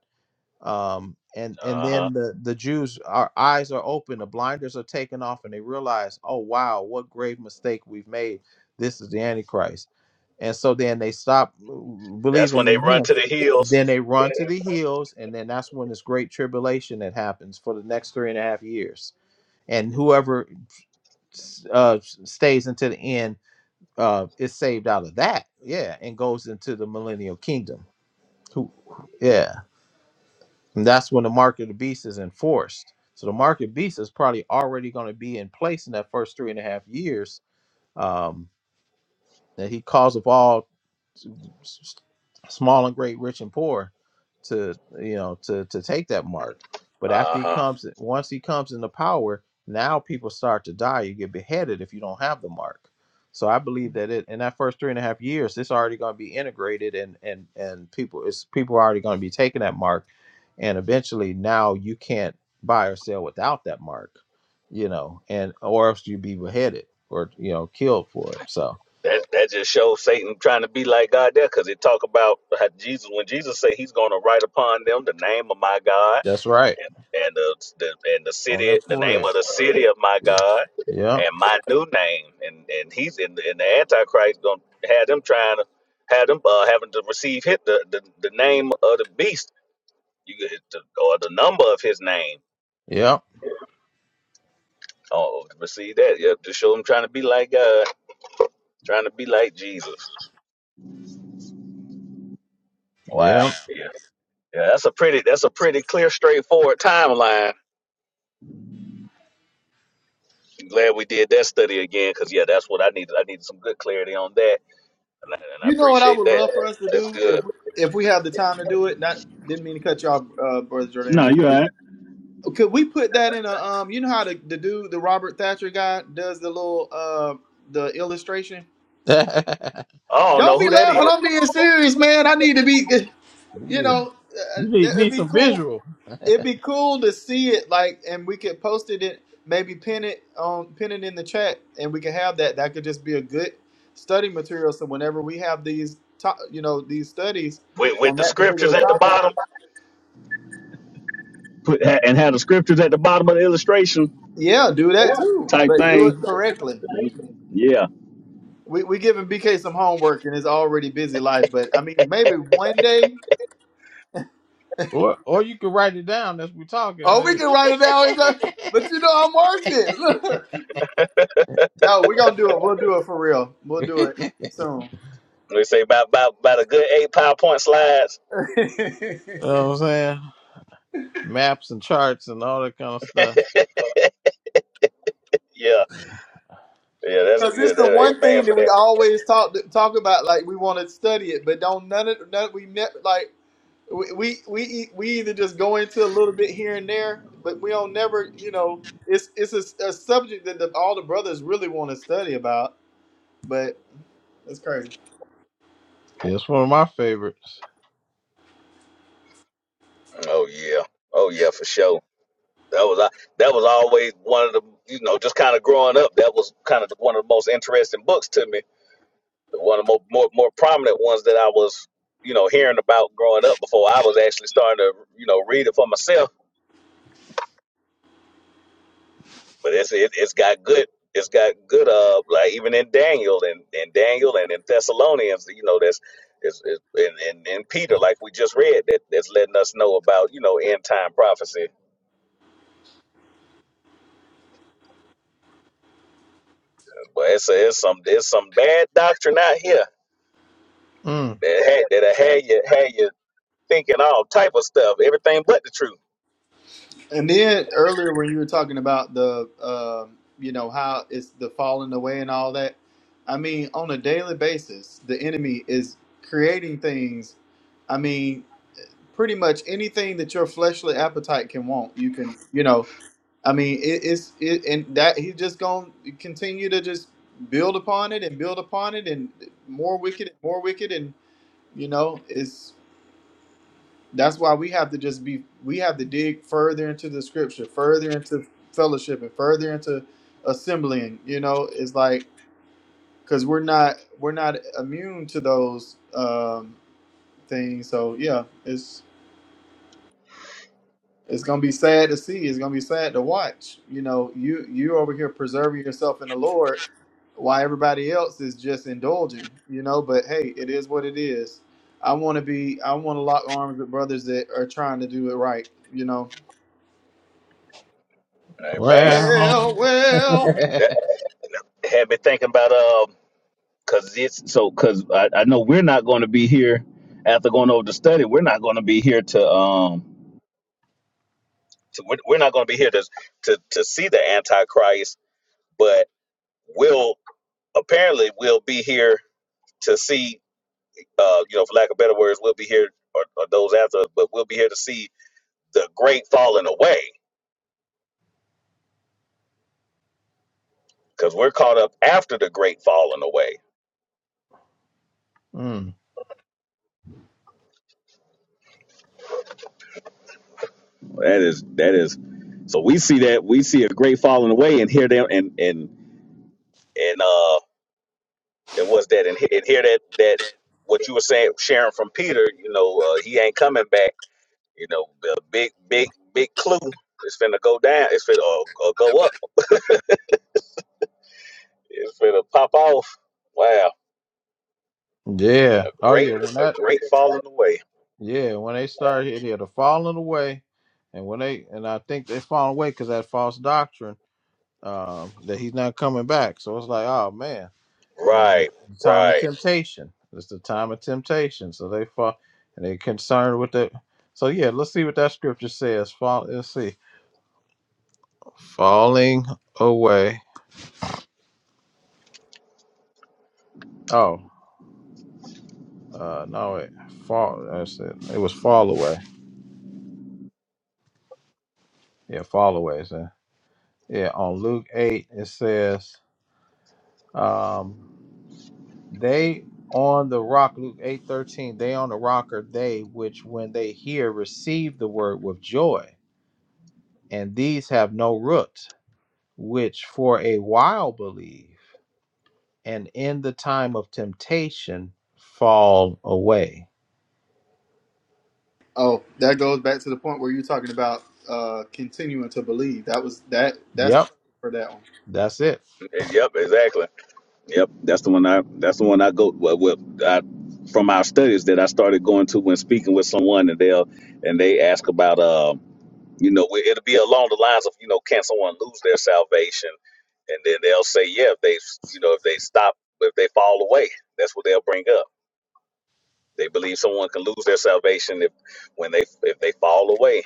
S4: um and and then the the jews our eyes are open the blinders are taken off and they realize oh wow what grave mistake we've made this is the antichrist and so then they stop believing in him then they run to the hills and then that's when this great tribulation that happens for the next three and a half years and whoever s- uh s- stays until the end uh is saved out of that yeah and goes into the millennial kingdom who yeah and that's when the mark of the beast is enforced. So the mark of the beast is probably already going to be in place in that first three and a half years. Um, that he calls of all s- small and great, rich and poor, to you know to to take that mark. But after he comes, once he comes into power, now people start to die. You get beheaded if you don't have the mark. So I believe that it in that first three and a half years, it's already going to be integrated, and and and people, it's people are already going to be taking that mark, and eventually now you can't buy or sell without that mark, you know, and or else you be beheaded or you know killed for it. So
S1: That that just shows Satan trying to be like God there, because it talk about how Jesus when Jesus say He's going to write upon them the name of my God
S4: that's right
S1: and the, the and the
S4: on their
S1: city the name
S4: forehead.
S1: of my God
S4: Yeah.
S1: and my new name, and and he's in the, and the Antichrist going to have them trying to have them uh, having to receive hit the, the the name of the beast, you get the, or the number of his name.
S4: Yep,
S1: Oh, receive that. Yep, to show them trying to be like God, trying to be like Jesus. Wow.
S4: yep.
S1: Yeah, that's a pretty that's a pretty clear, straightforward timeline I'm glad we did that study again because yeah that's what i needed i needed some good clarity on that and i, and I
S3: You know what I
S1: appreciate
S3: would
S1: that
S3: love for us to
S1: that's
S3: do if
S1: good
S3: if we have the time to do it. Not didn't mean to cut you off, uh, brother Jordan. Could we put that in a um? You know how the, the dude, the Robert Thatcher guy, does the little uh the illustration.
S4: *laughs* you
S3: Don't be laughing. I'm being serious, man. I need to be. *laughs* You
S4: good. You
S3: know, uh,
S4: need,
S3: it'd
S4: need
S3: be
S4: some
S3: cool.
S4: visual,
S3: It'd be cool to see it, like, and we could post it in, maybe pin it on, pin it in the chat, and we could have that. That could just be a good study material. So whenever we have these, to, you know, these studies on that particular topic,
S1: Put ha- and have the scriptures at the bottom of the illustration
S3: yeah, do that too,
S1: type
S3: but do it
S1: thing.
S3: correctly.
S1: Yeah.
S3: We we giving BK some homework in his already busy life, but I mean, maybe one day.
S4: or or you can write it down as we're talking.
S3: Oh, we
S4: Hey. *laughs*
S3: can write it down. It's
S4: you
S3: a- But you know, I'm working. *laughs* Look. no, we're gonna do it. We'll do it for real. We'll do it soon.
S1: they say about about about a good eight pop
S3: *laughs*
S4: know what I'm saying? Maps and charts and all that kind of stuff.
S3: Because it's the one thing that we always talk talk about. Like we want to study it, but don't none of none. We never like we we we e- we either just go into a little bit here and there, but we don't never. You know, it's it's a, a subject that the, all the brothers really want to study about, but. That's crazy.
S4: It's one of my favorites.
S1: oh yeah oh yeah for sure that was uh, that was always one of the you know just kind of growing up that was kind of one of the most interesting books to me one of the more more, more prominent ones that i was you know hearing about growing up before i was actually starting to you know read it for myself but it's it, it's got good it's got good uh like even in Daniel and in Daniel and in Thessalonians you know that's it's, it's and, and, and Peter like we just read that that's letting us know about you know end time prophecy but it's a, it's some it's some bad doctrine out here
S4: Mm.
S1: that had that had you had you thinking all type of stuff everything but the truth
S3: And then earlier when you were talking about the, um, you know, how it's the falling away and all that. I mean, on a daily basis, the enemy is creating things. I mean, pretty much anything that your fleshly appetite can want, you can, you know. I mean, it, it's it, and that he's just gonna continue to just build upon it and build upon it and more wicked and more wicked and you know, it's that's why we have to just be we have to dig further into the scripture, further into fellowship and further into assembling, you know, it's like cuz we're not we're not immune to those um things. So yeah, it's it's going to be sad to see. It's going to be sad to watch. You know, you you over here preserving yourself in the Lord while everybody else is just indulging, you know, but hey, it is what it is. I want to be I want to lock arms with brothers that are trying to do it right, you know.
S4: Well,
S3: Well,
S4: *laughs*
S3: well.
S1: but uh you know for lack of better words we'll be here or, or those after us, but we'll be here to see the great falling away because we're caught up after the great falling away
S4: mm.
S1: That is that is so we see that we see a great falling away and hear them and and and uh and what's that you were saying coming back, you know, a big big big clue. It's finna go down. It's finna or uh, go up. Wow.
S4: yeah. Oh yeah. When that, yeah. When they started here, yeah, the falling away, and when they, and I think they fall away because that false doctrine um, that he's not coming back. So it's like, oh man. and in the
S1: Right.
S4: time of
S1: Right.
S4: temptation. It's the time of temptation. So they fall and they concerned with the so yeah, let's see what that scripture says. Fall let's see. Falling away. Oh, uh no wait. Fall that's it. It was fall away. Yeah, fall away. So, yeah, on Luke eight it says, um, they on the rock, Luke eight thirteen, they on the rock are they which when they hear receive the word with joy, and these have no root which for a while believe, and in the time of temptation fall away.
S3: Oh, that goes back to the point where you're talking about uh continuing to believe. That was that. That's
S4: Yep,
S3: perfect for that one.
S4: that's it.
S1: Yep. Exactly. Yep. That's the one I. That's the one I go well, well, I, from our studies that I started going to when speaking with someone and they'll and they ask about. uh. You know, it- it'll be along the lines of, you know, can someone lose their salvation? And then they'll say, yeah, if they, you know, if they stop, if they fall away, that's what they'll bring up. They believe someone can lose their salvation if when they if they fall away,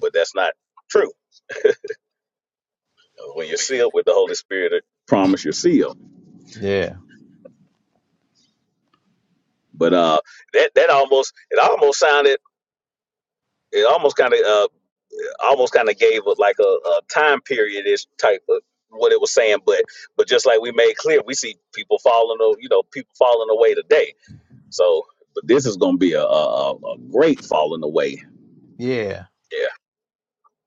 S1: but that's not true. When you're sealed with the Holy Spirit, I promise you're sealed.
S4: Yeah,
S1: But uh, that that almost it almost sounded it almost kind of almost kind of gave it like a, a time period ish type of what it was saying, but but just like we made clear, we see people falling, o- you know, people falling away today. So, but this is going to be a, a, a a great falling away.
S4: yeah.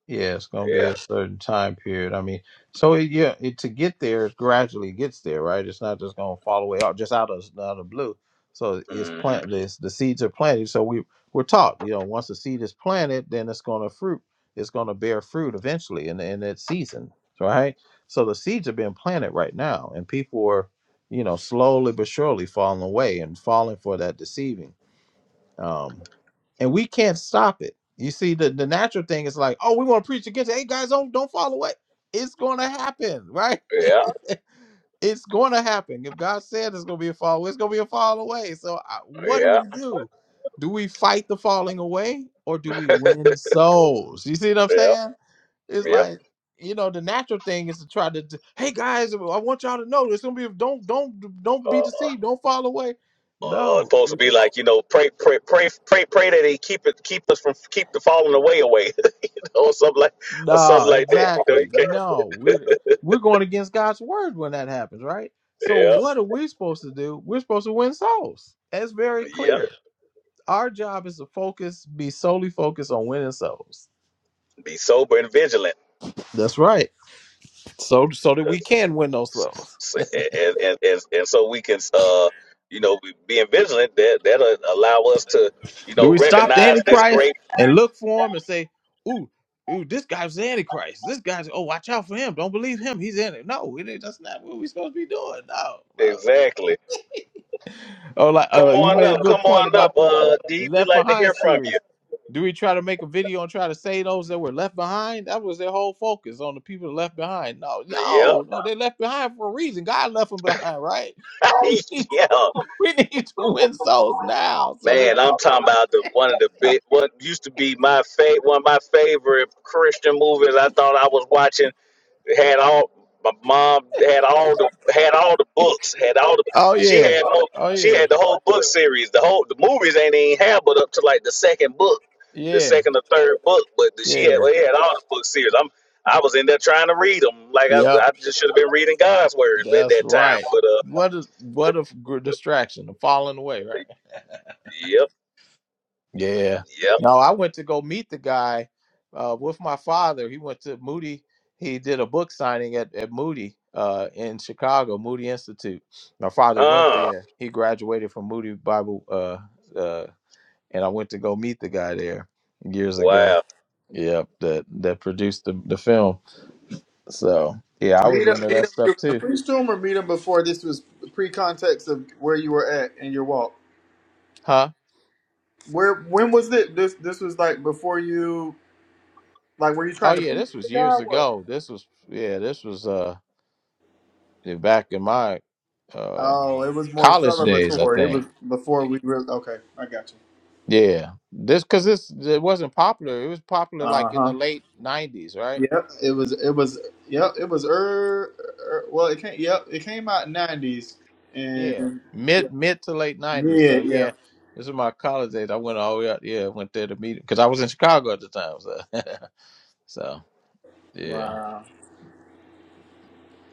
S4: Yeah, it's going to
S1: Yeah,
S4: be
S1: yeah,
S4: a certain time period. I mean, so it, yeah, it to get there, it gradually gets there, right? It's not just going to fall away out just out of out of the blue. So it's
S1: hmm
S4: plant this the seeds are planted. So we we're taught, you know, once the seed is planted, then it's going to fruit. It's going to bear fruit eventually in in its season, right? So the seeds are being planted right now, and people are, you know, slowly but surely falling away and falling for that deceiving. Um, and we can't stop it. You see, the, the natural thing is like, oh, we want to preach against it. Hey guys, don't don't fall away. It's gonna happen, right?
S1: yeah,
S4: *laughs* it's gonna happen. If God said it's gonna be a fall, away, it's gonna be a fall away. So I, what do
S1: yeah,
S4: we do? Do we fight the falling away or do we win souls? You see what I'm
S1: yeah,
S4: saying? It's
S1: yeah.
S4: like you know the natural thing is to try to d- hey guys i want y'all to know it's gonna be don't don't don't be
S1: Uh,
S4: deceived don't fall away
S1: uh, it's
S4: no
S1: supposed to be like you know, pray, pray, pray, pray, pray that he keep it, keep us from keep the falling away away, *laughs* or something like, or something
S4: No,
S1: like that. You know, you
S4: exactly.
S1: can't-
S4: No, we're we're going against God's word when that happens, right? So
S1: yeah,
S4: what are we supposed to do? We're supposed to win souls. That's very
S1: yeah,
S4: clear. Our job is to focus, be solely focused on winning souls. That's right. So so that we can win those
S1: So,
S4: souls.
S1: so- and, and and and so we can uh you know be being vigilant that that'll allow us to you
S4: Do
S1: know
S4: we
S1: record
S4: stop the
S1: this
S4: Antichrist
S1: great
S4: and look for him and say, "Ooh, ooh, this guy's the Antichrist. This guy's oh, watch out for him. Don't believe him. He's in it." No, it, that's not what we're supposed to be doing. No, no.
S1: factly.
S4: Oh, like uh, you made a good point about the
S1: Well, D, we
S4: Left
S1: like to
S4: Behind
S1: hear from you.
S4: series. Do we try to make a video and try to say those that were left behind? That was their whole focus on the people that left behind. No,
S1: Yeah,
S4: no, no, they left behind for a reason. God left them behind, right? *laughs* We need
S1: *laughs*
S4: to,
S1: yeah,
S4: we need to win souls now. So that
S1: man. I'm talking about the one of the big what used to be my favorite one of my favorite Christian movies. I thought I was watching It had all. My mom had all the had all the
S4: *laughs*
S1: books, had all the
S4: oh
S1: she
S4: yeah,
S1: had more,
S4: oh
S1: she
S4: yeah,
S1: had the whole book series. The movies ain't even have but up to like the second book the
S4: yeah,
S1: second or third book, but she had
S4: yeah,
S1: well, he had all the book series. I'm I was in there trying to read them, like I,
S4: yep,
S1: I just should have been reading God's word at
S4: that's
S1: that time.
S4: right.
S1: But uh,
S4: What a what a gr- distraction, a falling away, right?
S1: yep,
S4: Yeah.
S1: yep.
S4: No, I went to go meet the guy uh, with my father. He went to Moody. He did a book signing at, at Moody uh, in Chicago, Moody Institute. My father went there. He graduated from Moody Bible, uh, uh, and I went to go meet the guy there years ago. Yep, that that produced the, the film. So yeah, I was
S3: Meet him.
S4: into
S3: Meet
S4: that
S3: him.
S4: stuff
S3: You're gonna
S4: too.
S3: preach to him or meet him before this was pre-context of where you were at in your walk.
S4: Huh?
S3: Where when was it? This this was like before you like were you
S4: Oh
S3: trying to
S4: yeah,
S3: preach
S4: this
S3: to
S4: was
S3: the
S4: years
S3: guy? What?
S4: ago. This was yeah, this was. uh. back in my uh,
S3: Oh, it was more
S4: college days, I
S3: celebratory. It was
S4: think.
S3: before we really. Okay, I got you.
S4: Yeah, this because this it wasn't popular. It was popular
S3: Uh
S4: like in
S3: huh.
S4: the late '90s, right?
S3: Yep, it was. It was. Yep, it was. Er, er well, it came. Yep, it came out nineties,
S4: Yeah,
S3: and yeah,
S4: mid mid to late '90s.
S3: yeah,
S4: So
S3: yeah.
S4: yeah, this is my college days. I went all the way out. Yeah, went there to meet because I was in Chicago at the time. So *laughs* so yeah,
S3: Wow,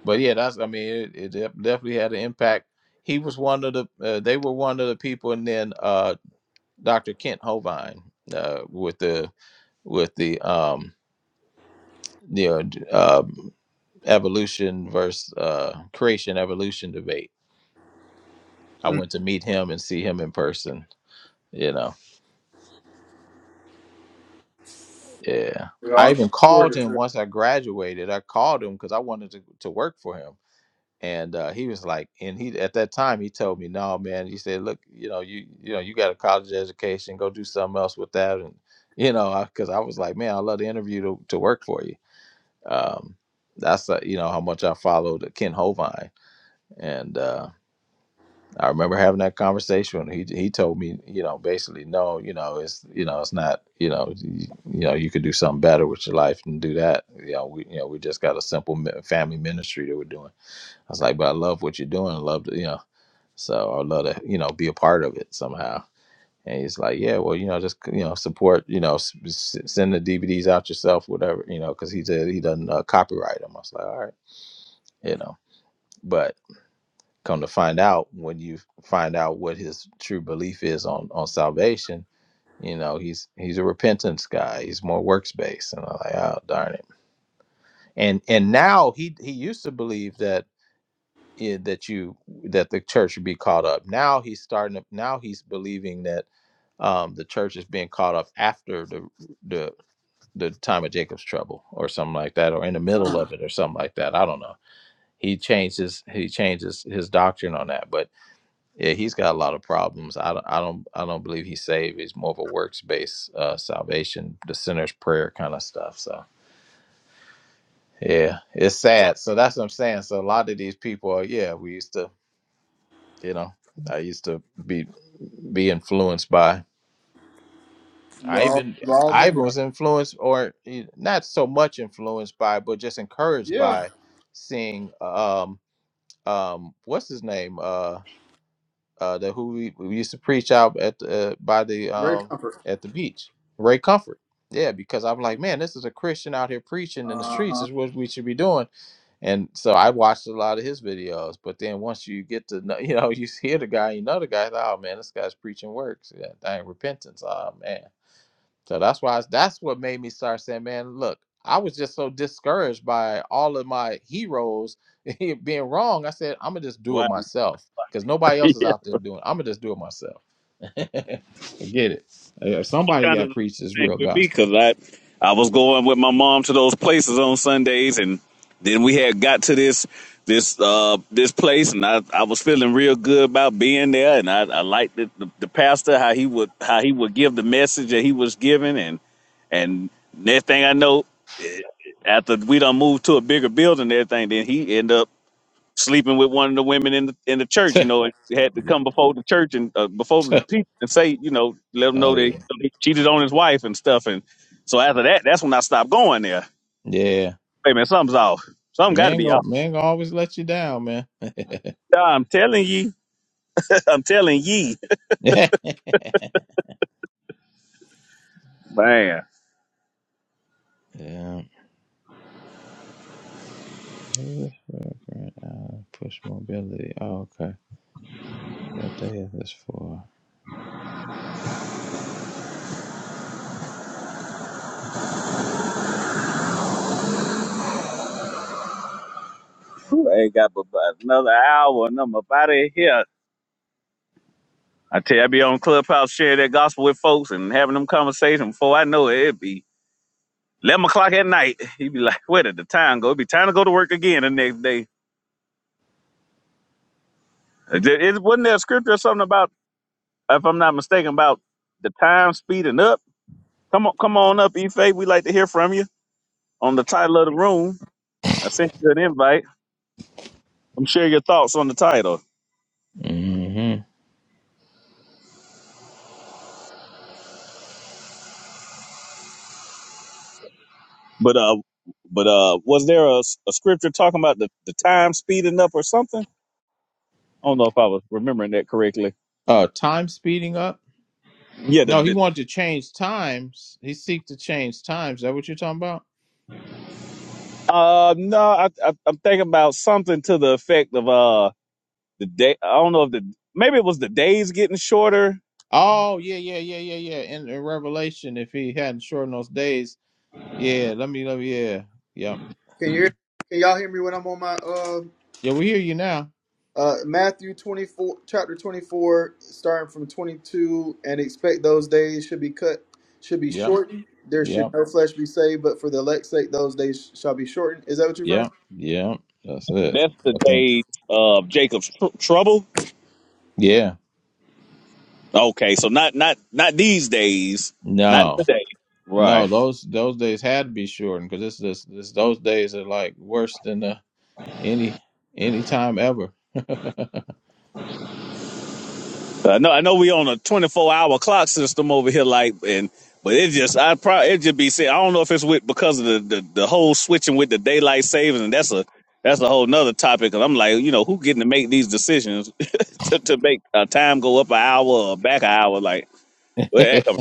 S4: but yeah, that's I mean it, it def- definitely had an impact. He was one of the uh, they were one of the people, and then uh, Dr. Kent Hovind uh, with the with the um you know, d- um, evolution versus uh, creation evolution debate. I
S3: mm.
S4: went to meet him and see him in person. You know, yeah.
S3: we
S4: I
S3: all
S4: even
S3: got
S4: called
S3: recorded.
S4: him
S3: So,
S4: once I graduated. I called him because I wanted to, to work for him, and uh, he was like, and he at that time he told me, "No, man," he said, "Look, you know, you you know, you got a college education. Go do something else with that." And you know, because I, 'cause I was like, "Man, I love the interview to, to work for you." Um, that's uh, you know how much I followed Ken Hovind, and uh, I remember having that conversation. He he told me, you know, basically, no, you know, it's you know, it's not, you know, you, you know, you could do something better with your life and do that. You know, we you know we just got a simple mi- family ministry that we're doing. I was like, but I love what you're doing. I love to, you know, so I love to, you know, be a part of it somehow. And he's like, yeah, well, you know, just you know, support, you know, s- s- send the DVDs out yourself, whatever, you know, because he said he doesn't uh, copyright them. I was like, all right, you know, but come to find out when you find out what his true belief is on on salvation you know he's he's a repentance guy he's more works based and i'm like oh darn it and and now he he used to believe that eh, that you that the church should be caught up now he's starting to now he's believing that um the church is being caught up after the the the time of jacob's trouble or something like that or in the middle
S3: uh,
S4: of it or something like that i don't know he changes he changes his doctrine on that but Yeah, he's got a lot of problems. I don't, I don't, I don't believe he's saved. He's more of a works-based uh, salvation, the sinner's prayer kind of stuff. So yeah, it's sad. So that's what I'm saying. So a lot of these people, are, yeah, we used to, you know, I used to be be influenced by.
S3: we've
S4: I
S3: all
S4: even
S3: we've all
S4: I
S3: been
S4: even
S3: there.
S4: was influenced, or eh, not so much influenced by, but just encouraged
S3: Yeah,
S4: by seeing uh, um um what's his name Uh, uh, that who we, we used to preach out at the, uh, by the
S3: very
S4: um
S3: comfort.
S4: at the beach, Ray Comfort. Yeah, because I'm like, man, this is a Christian out here preaching in the
S3: Uh
S4: streets.
S3: huh.
S4: Is what we should be doing. And so I watched a lot of his videos. But then once you get to know, *laughs* you know, you hear the guy, you know the guy. like, Oh man, this guy's preaching works. Yeah, dang repentance. Oh man. So that's why I, that's what made me start saying, man, look, I was just so discouraged by all of my heroes *laughs* being wrong. I said, I'm gonna just do it
S1: Wow,
S4: myself because nobody else is out there doing. it. I'm gonna just do it myself. Forget it. Uh, Somebody
S1: kind
S4: got to
S1: of the
S4: preach this
S1: thing
S4: real
S1: with me
S4: gospel.
S1: because I, I was going with my mom to those places on Sundays, and then we had got to this this uh this place, and I, I was feeling real good about being there, and I, I liked the, the, the pastor how he would how he would give the message that he was giving, And next thing I know, eh, after we done moved to a bigger building and everything, then he end up sleeping with one of the women in the in the church.
S4: *laughs*
S1: You know, and had to come before the church and uh, before the people and say, you know, let them
S4: oh
S1: know they
S4: yeah,
S1: they cheated on his wife and stuff. And so after that, that's when I stopped going there.
S4: yeah.
S1: Hey man, something's off. Something got to
S4: Man,
S1: be
S4: go
S1: off.
S4: man, gonna always let you down, man.
S1: Yeah, I'm telling you,
S4: *laughs* yeah, Homeless migrant uh, push mobility. Oh, okay. What day is this for?
S1: I ain't got but about another hour and I'm about out of here. I tell you, I be on Clubhouse sharing that gospel with folks and having them conversation. Before I know it, it be 11 o'clock at night. *laughs* He'd be like, where did the time go? It'd be time to go to work again the next day. It, it- wasn't there a scripture or something about, if I'm not mistaken, about the time speeding up? Come on, come on up, Ife. We'd like to hear from you on the title of the room. I sent you an invite. I'm share your thoughts on the title.
S4: hmm
S1: But uh but uh was there a a scripture talking about the, the time speeding up or something? I don't know if I was remembering that correctly.
S4: Uh, time speeding up.
S1: Yeah, the,
S4: No, he wanted
S1: the
S4: to change times. He seek to change times. Is that what you're talking about?
S1: uh no, I, I I'm thinking about something to the effect of uh The day I don't know if the maybe it was the days getting shorter.
S4: Oh, yeah, yeah, yeah, yeah, yeah. In, in Revelation, if he hadn't shortened those days, yeah. Let me, let me, yeah, yep.
S3: Can you hear? Can y'all hear me when I'm on my uh
S4: Yeah, we hear you now.
S3: uh Matthew twenty four chapter twenty four starting from twenty two and expect those days should be cut should be
S4: Yep,
S3: shortened. There should
S4: yep,
S3: no flesh be saved, but for the elect's sake, those days shall be shortened. Is that what you're referring
S4: yep, yep. That's it.
S1: That's the
S4: I think.
S1: days of Jacob's tr- trouble.
S4: Yeah.
S1: Okay, so not not not these days, not
S4: No.
S1: today. Right.
S4: No, those those days had to be shortened because this this this those days are like worse than uh, any any time ever. *laughs* the
S1: I know, I know we on a 24 hour clock system over here, like, and but it just, I probably it just be saying, I don't know if it's with because of the, the the whole switching with the daylight savings, and that's a that's a whole nother topic. i I'm like, you know, who getting to make these decisions *laughs* to, to make uh, time go up an hour or back an hour? Like, where that come-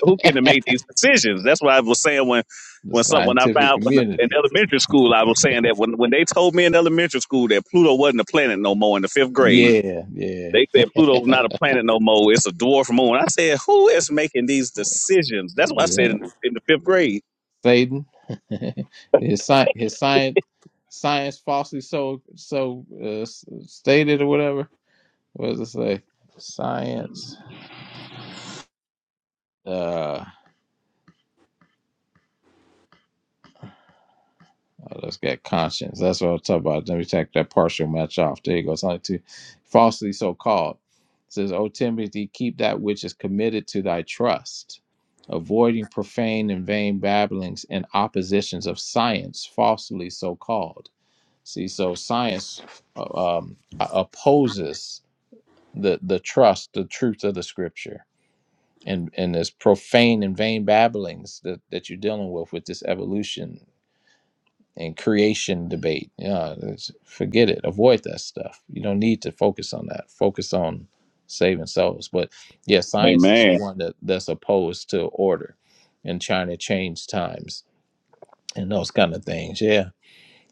S1: who getting to make these decisions? That's what I was saying when. When some when I
S4: scientific
S1: found when, in
S4: community.
S1: elementary school, I was saying that when when they told me in elementary school that Pluto wasn't a planet no more in the fifth grade,
S4: Yeah, yeah,
S1: they said Pluto's not a planet no more. It's a dwarf moon. I said, who is making these decisions? That's what I said
S4: yeah.
S1: in, in the fifth grade.
S4: Satan, *laughs* his sci his science, science falsely so so uh, s- stated or whatever. What does it say? Science. Uh, I just got conscience. That's what I'm talking about. Let me take that partial match off. There you go. It's only two falsely so called. It says, O Timothy, keep that which is committed to thy trust, avoiding profane and vain babblings and oppositions of science, falsely so called. See, so science uh, um, opposes the the trust, the truth of the scripture. And, and this profane and vain babblings that, that you're dealing with with this evolution and creation debate. Yeah, forget it. Avoid that stuff. You don't need to focus on that. Focus on saving souls. But yeah,
S1: Hey
S4: science is the
S1: man,
S4: one that that's opposed to order, and trying to change times and those kind of things. Yeah,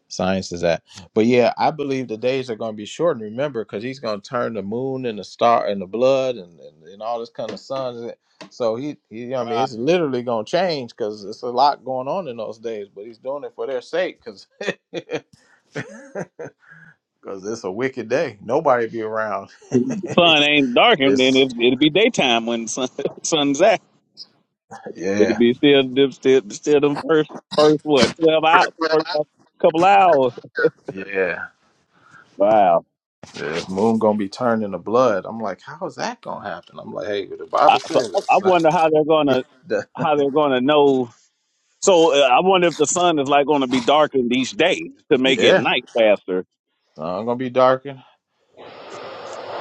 S4: science is that. But yeah, I believe the days are going to be shortened. Remember, because he's going to turn the moon and the star and the blood and and, and all this kind of sun. So he, he, I mean, it's literally going to change because it's a lot going on in those days. But he's doing it for their sake because because it's a wicked day. Nobody be around. *laughs* it's
S1: it'll
S4: yeah,
S1: be still still still them first first what twelve hours first couple hours.
S4: yeah,
S1: Wow,
S4: yeah. Moon gonna be turned into blood. I'm like, how is that gonna happen? I'm like, hey, the Bible says it. So,
S1: we're
S4: *laughs*
S1: gonna
S4: the-
S1: so uh,
S4: yeah, sun gonna be darkened.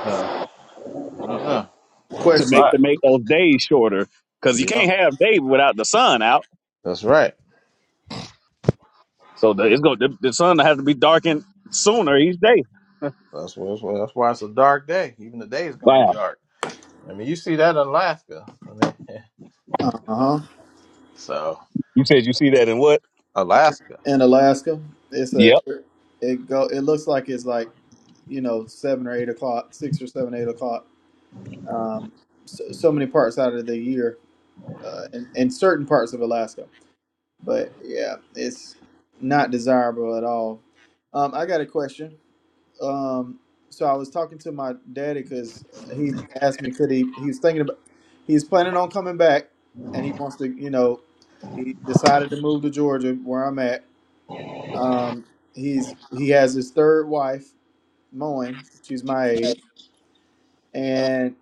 S4: So I don't know. It's gonna be
S1: to
S4: a
S3: Question.
S1: make
S4: lot.
S1: to make those days shorter because you
S4: Yeah,
S1: can't have day without the sun out.
S4: that's right.
S1: So the, it's going the, the sun has to be darkened sooner each day.
S4: That's what. That's why that's why it's a dark day. Even the day is gonna be
S1: Wow,
S4: dark. I mean, you see that in Alaska. I mean, *laughs*
S3: Uh
S4: so,
S3: huh.
S4: so
S1: you said you see that in what?
S4: Alaska.
S3: In Alaska, it's a
S1: Yep.
S3: it go. It looks like it's like you know seven or eight o'clock, six or seven, eight o'clock. Um, so, so many parts out of the year, uh, in, in certain parts of Alaska. But yeah, it's not desirable at all. Um, I got a question. Um, so I was talking to my daddy because he asked me could he. He was thinking about. He's planning on coming back, and he wants to. You know, he decided to move to Georgia, where I'm at Um, he's he has his third wife, Moen. She's my age, and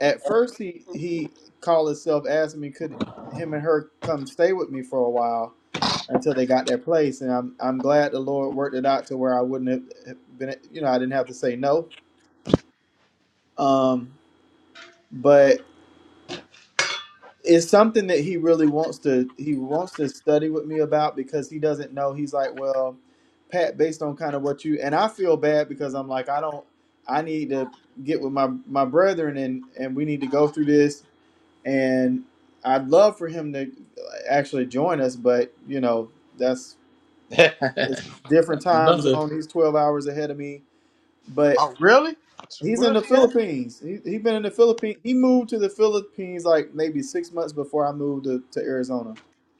S3: at first he he called himself, asked me could him and her come stay with me for a while until they got their place, and I'm I'm glad the Lord worked it out to where I wouldn't have have been, you know, I didn't have to say no. Um, but. it's something that he really wants to he wants to study with me about because he doesn't know he's like well pat based on kind of what you and i feel bad because i'm like i don't i need to get with my my brethren and and we need to go through this and i'd love for him to actually join us but you know that's
S4: *laughs*
S3: it's different time
S4: Another.
S3: zone he's 12 hours ahead of me but
S4: Oh, really?
S3: he's in
S4: Where's
S3: the
S4: he at?
S3: philippines he, he been in the philippines he moved to the philippines like maybe six months before i moved to, to arizona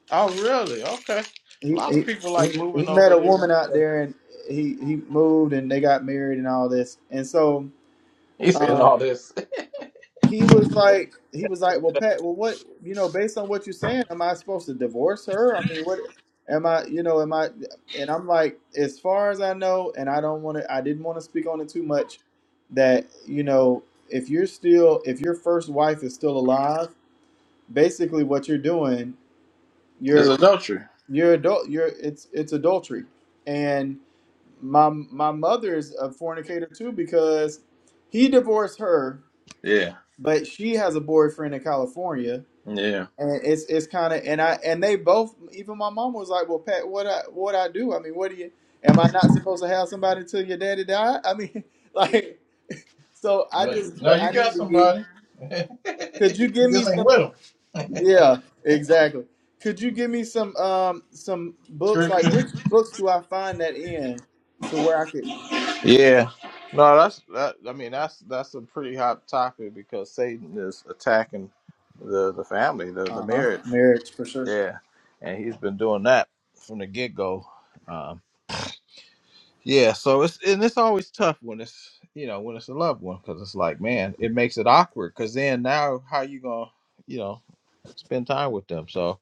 S4: Oh, really? Okay. A
S3: he,
S4: lot
S3: he
S4: of people
S3: he
S4: like
S3: he
S4: moving
S3: met
S4: over
S3: a
S4: there.
S3: woman out
S4: *laughs*
S3: there and he he moved and they got married and all this and so
S4: He said
S3: um
S4: all this. *laughs*
S3: he was like he was like well Pat well what you know based on what you're saying am I supposed to divorce her I mean what am I you know am I and I'm like as far as I know and I don't want to I didn't want to speak on it too much that you know if you're still if your first wife is still alive basically what you're doing
S4: It's
S3: you're
S4: adultery.
S3: you're adult you're it's it's adultery and my my mother is a fornicator too because he divorced her,
S4: Yeah.
S3: but she has a boyfriend in California,
S4: Yeah.
S3: and it's it's kind of and I and they both even my mom was like, well, Pat, what I what I do? I mean, what do you? Am I not supposed to have somebody till your daddy die? I mean, *laughs* like so I
S4: No,
S3: just
S4: no, you
S3: I need
S4: got
S3: to get.
S4: somebody. *laughs*
S3: Could you
S4: you
S3: give me
S4: just ain't
S3: some?
S4: with them.
S3: Yeah, exactly. Could you give me some um some books? Like which
S4: Scripture.
S3: books do I find that in to where I could?
S4: Yeah. No, that's that. I mean, that's that's a pretty hot topic because Satan is attacking the the family, the the
S3: Uh huh.
S4: marriage.
S3: Marriage for sure.
S4: Yeah, and he's been doing that from the get go. Yeah, so it's and it's always tough when it's you know when it's a loved one because it's like man, it makes it awkward because then now how you gonna you know spend time with them? So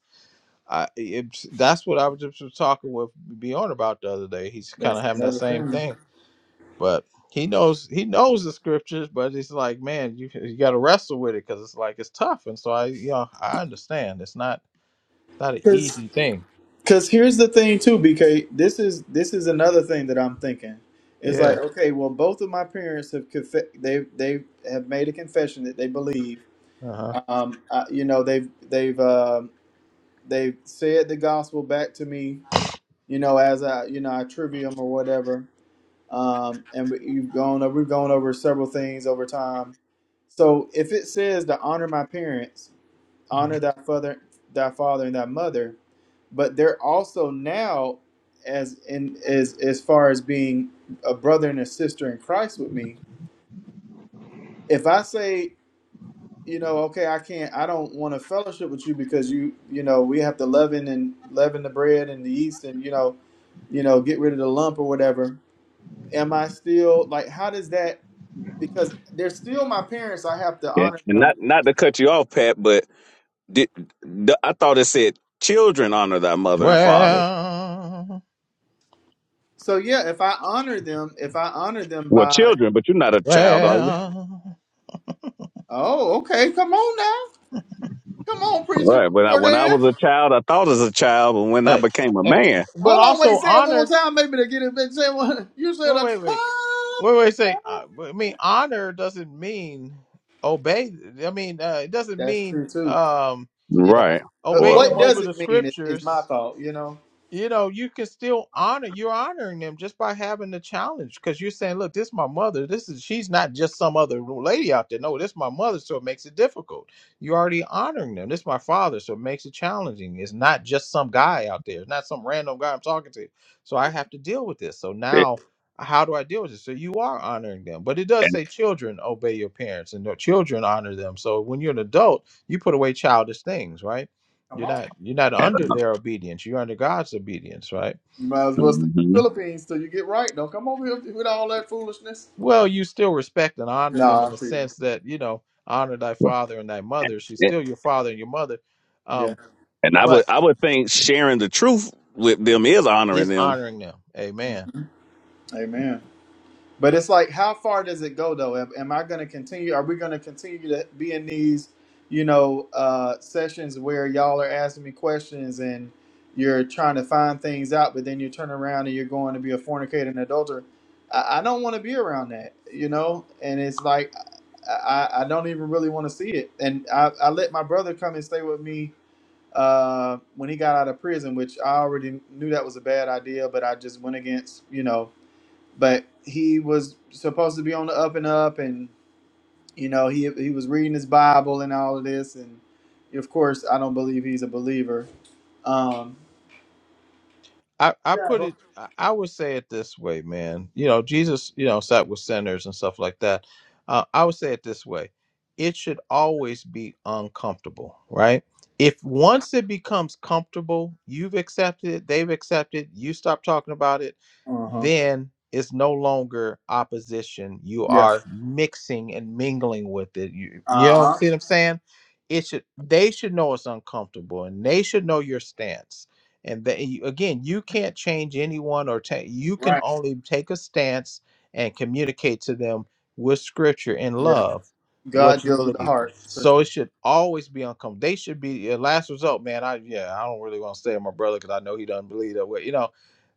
S4: I it's that's what I was just was talking with Bjorn about the other day. He's kind
S3: That's
S4: of having that
S3: another
S4: same
S3: thing.
S4: thing, but he knows he knows the scriptures, but it's like man, you you got to wrestle with it because it's like it's tough, and so I you know I understand it's not not an
S3: Cause,
S4: easy thing.
S3: cause here's the thing too, BK. This is this is another thing that I'm thinking. It's like,
S4: Yeah.
S3: okay, well, both of my parents have conf- they they have made a confession that they believe.
S4: Uh huh.
S3: Um, I, you know, they've they've um they've said the gospel back to me. You know, as I you know I trivium or whatever. Um, and we- you've gone over we've gone over several things over time. So if it says to honor my parents, honor thy father thy father and thy mother but they're also now as in as as far as being a brother and a sister in christ with me if i say you know okay i can't i don't want to fellowship with you because you you know we have to leaven and leaven the bread and the yeast and you know you know get rid of the lump or whatever am i still like how does that because they're still my parents i have to
S1: Yeah.
S3: honor
S1: And
S3: them
S1: not not to cut you off, Pat, but Did, the, I thought it said children honor thy mother and father.
S4: Well,
S3: so yeah if i honor them if i honor them
S1: Well,
S3: by
S1: children, but you're not a child, are you?
S4: well.
S3: Oh, okay. Come on now. Come on, preacher
S1: Right. When I when I
S3: Jordan.
S1: was a child, I thought as a child, but when I
S4: Uh,
S1: became a
S4: and
S1: man,
S4: but
S3: Hold on, wait.
S4: also
S3: Say it one more
S4: honor.
S3: time. Maybe to get it. back. Say it one. *laughs* You said
S4: Wait,
S3: a
S4: wait, wait,
S3: time.
S4: wait, wait. Say, uh, I mean, honor doesn't mean obey. I mean, uh, it doesn't
S3: That's
S4: mean
S3: true too.
S4: um
S3: Yeah.
S1: right,
S3: Uh,
S1: or
S4: obey
S3: what
S4: them
S3: does
S4: over the
S3: it mean? Is, is my
S4: scriptures.
S3: thought. You know.
S4: you know, you can still honor you're honoring them just by having the challenge because you're saying, look, this is my mother. This is she's not just some other lady out there. No, this is my mother, so it makes it difficult. You're already honoring them. This is my father, so it makes it challenging. It's not just some guy out there. It's not some random guy I'm talking to. So I have to deal with this. So
S1: and,
S4: now how do I deal with this? So you are honoring them. But it does
S1: and,
S4: say children obey your parents and their children honor them. So when you're an adult, you put away childish things, right?
S3: Come
S4: You're
S3: on.
S4: not you're not under their obedience. You're under God's obedience, right?
S3: You might as well stay in the Philippines till you get right. Don't come over here with all that foolishness.
S4: Well, you still respect and honor them
S3: Nah,
S4: in
S3: I'm
S4: the
S3: teasing.
S4: sense that you know honor thy father and thy mother. She's
S1: Mhm.
S4: still your father and your mother,
S3: Yeah.
S4: um,
S1: And I would
S4: but
S1: I would think sharing the truth with them is honoring
S4: is
S1: them.
S4: honoring them. Amen.
S3: Mm-hmm. Amen. But it's like, how far does it go though? Am, am I going to continue? Are we going to continue to be in these, you know, uh, sessions where y'all are asking me questions and you're trying to find things out, but then you turn around and you're going to be a fornicator and adulterer? I, I don't want to be around that, you know. And it's like, I, I I don't even really want to see it. And I, I let my brother come and stay with me uh, when he got out of prison, which I already knew that was a bad idea, but I just went against, you know but he was supposed to be on the up and up and you know he he was reading his bible and all of this and of course i don't believe he's a believer um
S4: I, I
S3: yeah,
S4: put it I I would say it this way, man. You know, Jesus, you know, sat with sinners and stuff like that. Uh, I would say it this way. It should always be uncomfortable, right? If once it becomes comfortable, you've accepted it, they've accepted, you stop talking about it,
S3: uh-huh
S4: then it's no longer opposition. You
S3: yeah
S4: are mixing and mingling with it. You, you know,
S3: uh-huh
S4: see what I'm saying? It should they should know it's uncomfortable and they should know your stance and they again you can't change anyone or ta you can
S3: right
S4: only take a stance and communicate to them with scripture and
S3: yeah
S4: love what
S3: god
S4: you
S3: deals with the
S4: believe
S3: heart for
S4: so
S3: sure
S4: it should always be uncomfortable they should be a last result man i yeah i don't really want to stay with my brother because i know he doesn't believe that way you know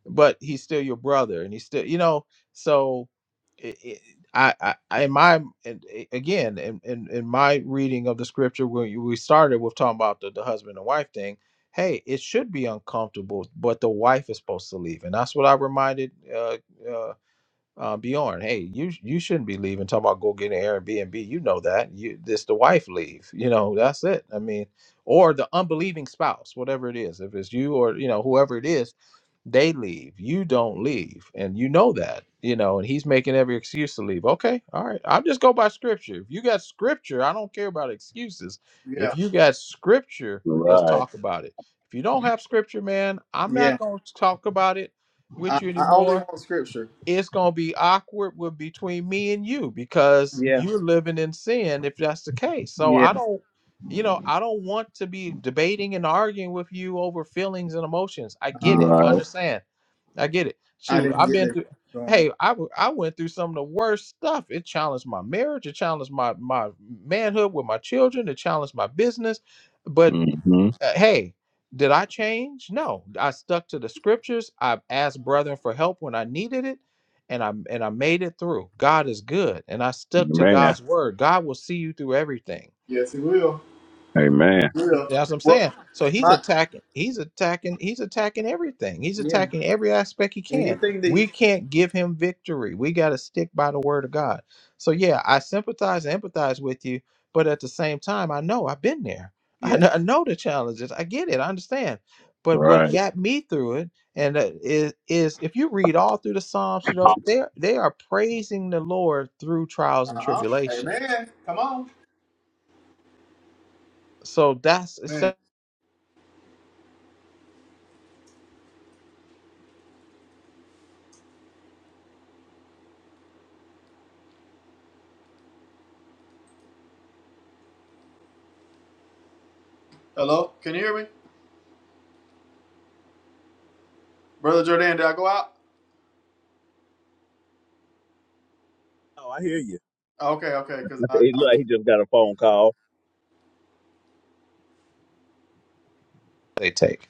S4: but he's still your brother and he's still you know so it, it, I, I I- in my in, i- again in, in in my reading of the scripture when you- we started with talking about the, the husband and wife thing hey, it should be uncomfortable, but the wife is supposed to leave, and that's what I reminded uh, uh, uh, Bjorn. Hey, you you shouldn't be leaving. Talking about go get an Airbnb, you know that. You this the wife leave. You know that's it. I mean, or the unbelieving spouse, whatever it is. If it's you or you know whoever it is, they leave. You don't leave. And you know that, you know, and he's making every excuse to leave. Okay, all right. I'll just go by scripture. If you got scripture, I don't care about excuses.
S3: yeah
S4: If you got scripture, let's
S1: Right.
S4: talk about it. If you don't have scripture, man, I'm
S3: yeah
S4: not going to talk about it
S3: i,
S4: with you
S3: I only
S4: anymore.
S3: want scripture
S4: It's going to be awkward with between me and you because
S3: yeah
S4: you're living in sin if that's the case. So
S3: yeah
S4: I don't you know, I don't want to be debating and arguing with you over feelings and emotions. I get it.
S1: Right.
S4: I
S3: uh-huh
S4: understand. I get it.
S3: i
S4: Shoot,
S3: didn't
S4: I've
S3: get
S4: been
S3: there
S4: through.
S3: going
S4: Hey, I w- I went through some of the worst stuff. It challenged my marriage. It challenged my my manhood with my children. It challenged my business. But
S1: hmm
S4: uh, hey, did I change? No, I stuck to the scriptures. I asked brethren for help when I needed it, and I and I made it through. God is good, and I stuck to
S1: Man.
S4: God's word. God will see you through everything.
S3: yes he will
S1: Amen.
S3: He
S4: He-
S3: will
S4: That's what I'm
S3: well
S4: saying. So he's
S3: my
S4: attacking. He's attacking. He's attacking everything. He's
S3: yeah
S4: attacking every aspect he can.
S3: anything that he
S4: We
S3: can
S4: can't give him victory. We got to stick by the word of God. So yeah, I sympathize and empathize with you, but at the same time, I know I've been there. *laughs* I
S3: yeah
S4: know, I know the challenges. I get it. I understand. But what got me through it, and uh, is, is if you read all through the Psalms, you know they they are praising the Lord through trials and
S3: uh-huh
S4: tribulations.
S3: amen come on
S4: So that's a
S3: Amen.
S4: step
S3: Hello, can you hear me, brother Jordan? Did I go out?
S1: Oh, I hear you.
S3: Oh, Okay, okay,
S1: *laughs* I
S3: because I,
S1: think- It
S3: I
S1: look
S3: was
S1: like he just got a phone call.
S4: they take.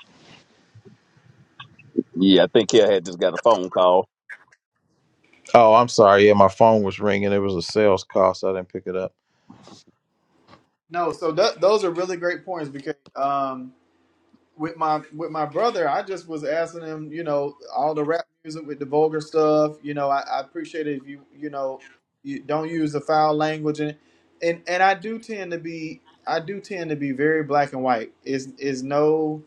S1: Yeah, I think he had just got a phone call.
S4: Oh, I'm sorry. Yeah, my phone was ringing. It was a sales call, so I didn't pick it up.
S3: no. So that, those are really great points because um, with my with my brother, I just was asking him, you know, all the rap music with the vulgar stuff. You know, I, I appreciate it if you you know you don't use the foul language and and and I do tend to be I do tend to be very black and white. Is is no,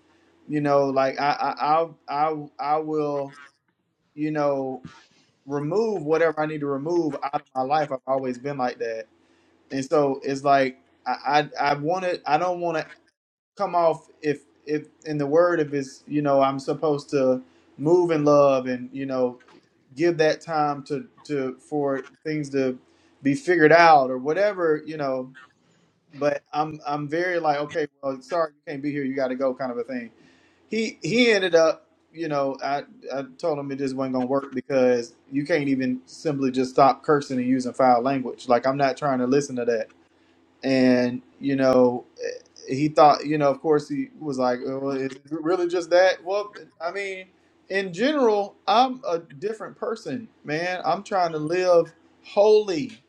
S3: you know, like I I I I, I will you know. remove whatever I need to remove out of my life. I've always been like that, and so it's like I I, I want to. I don't want to come off if if in the word if it's you know I'm supposed to move in love and you know give that time to to for things to be figured out or whatever you know. But I'm I'm very like okay, well, sorry you can't be here. You got to go, kind of a thing he he ended up you know i i told him it just wasn't gonna work because you can't even simply just stop cursing and using foul language like i'm not trying to listen to that and you know eh, he thought you know of course he was like "Oh, well is it really just that well i mean in general i'm a different person man i'm trying to live holy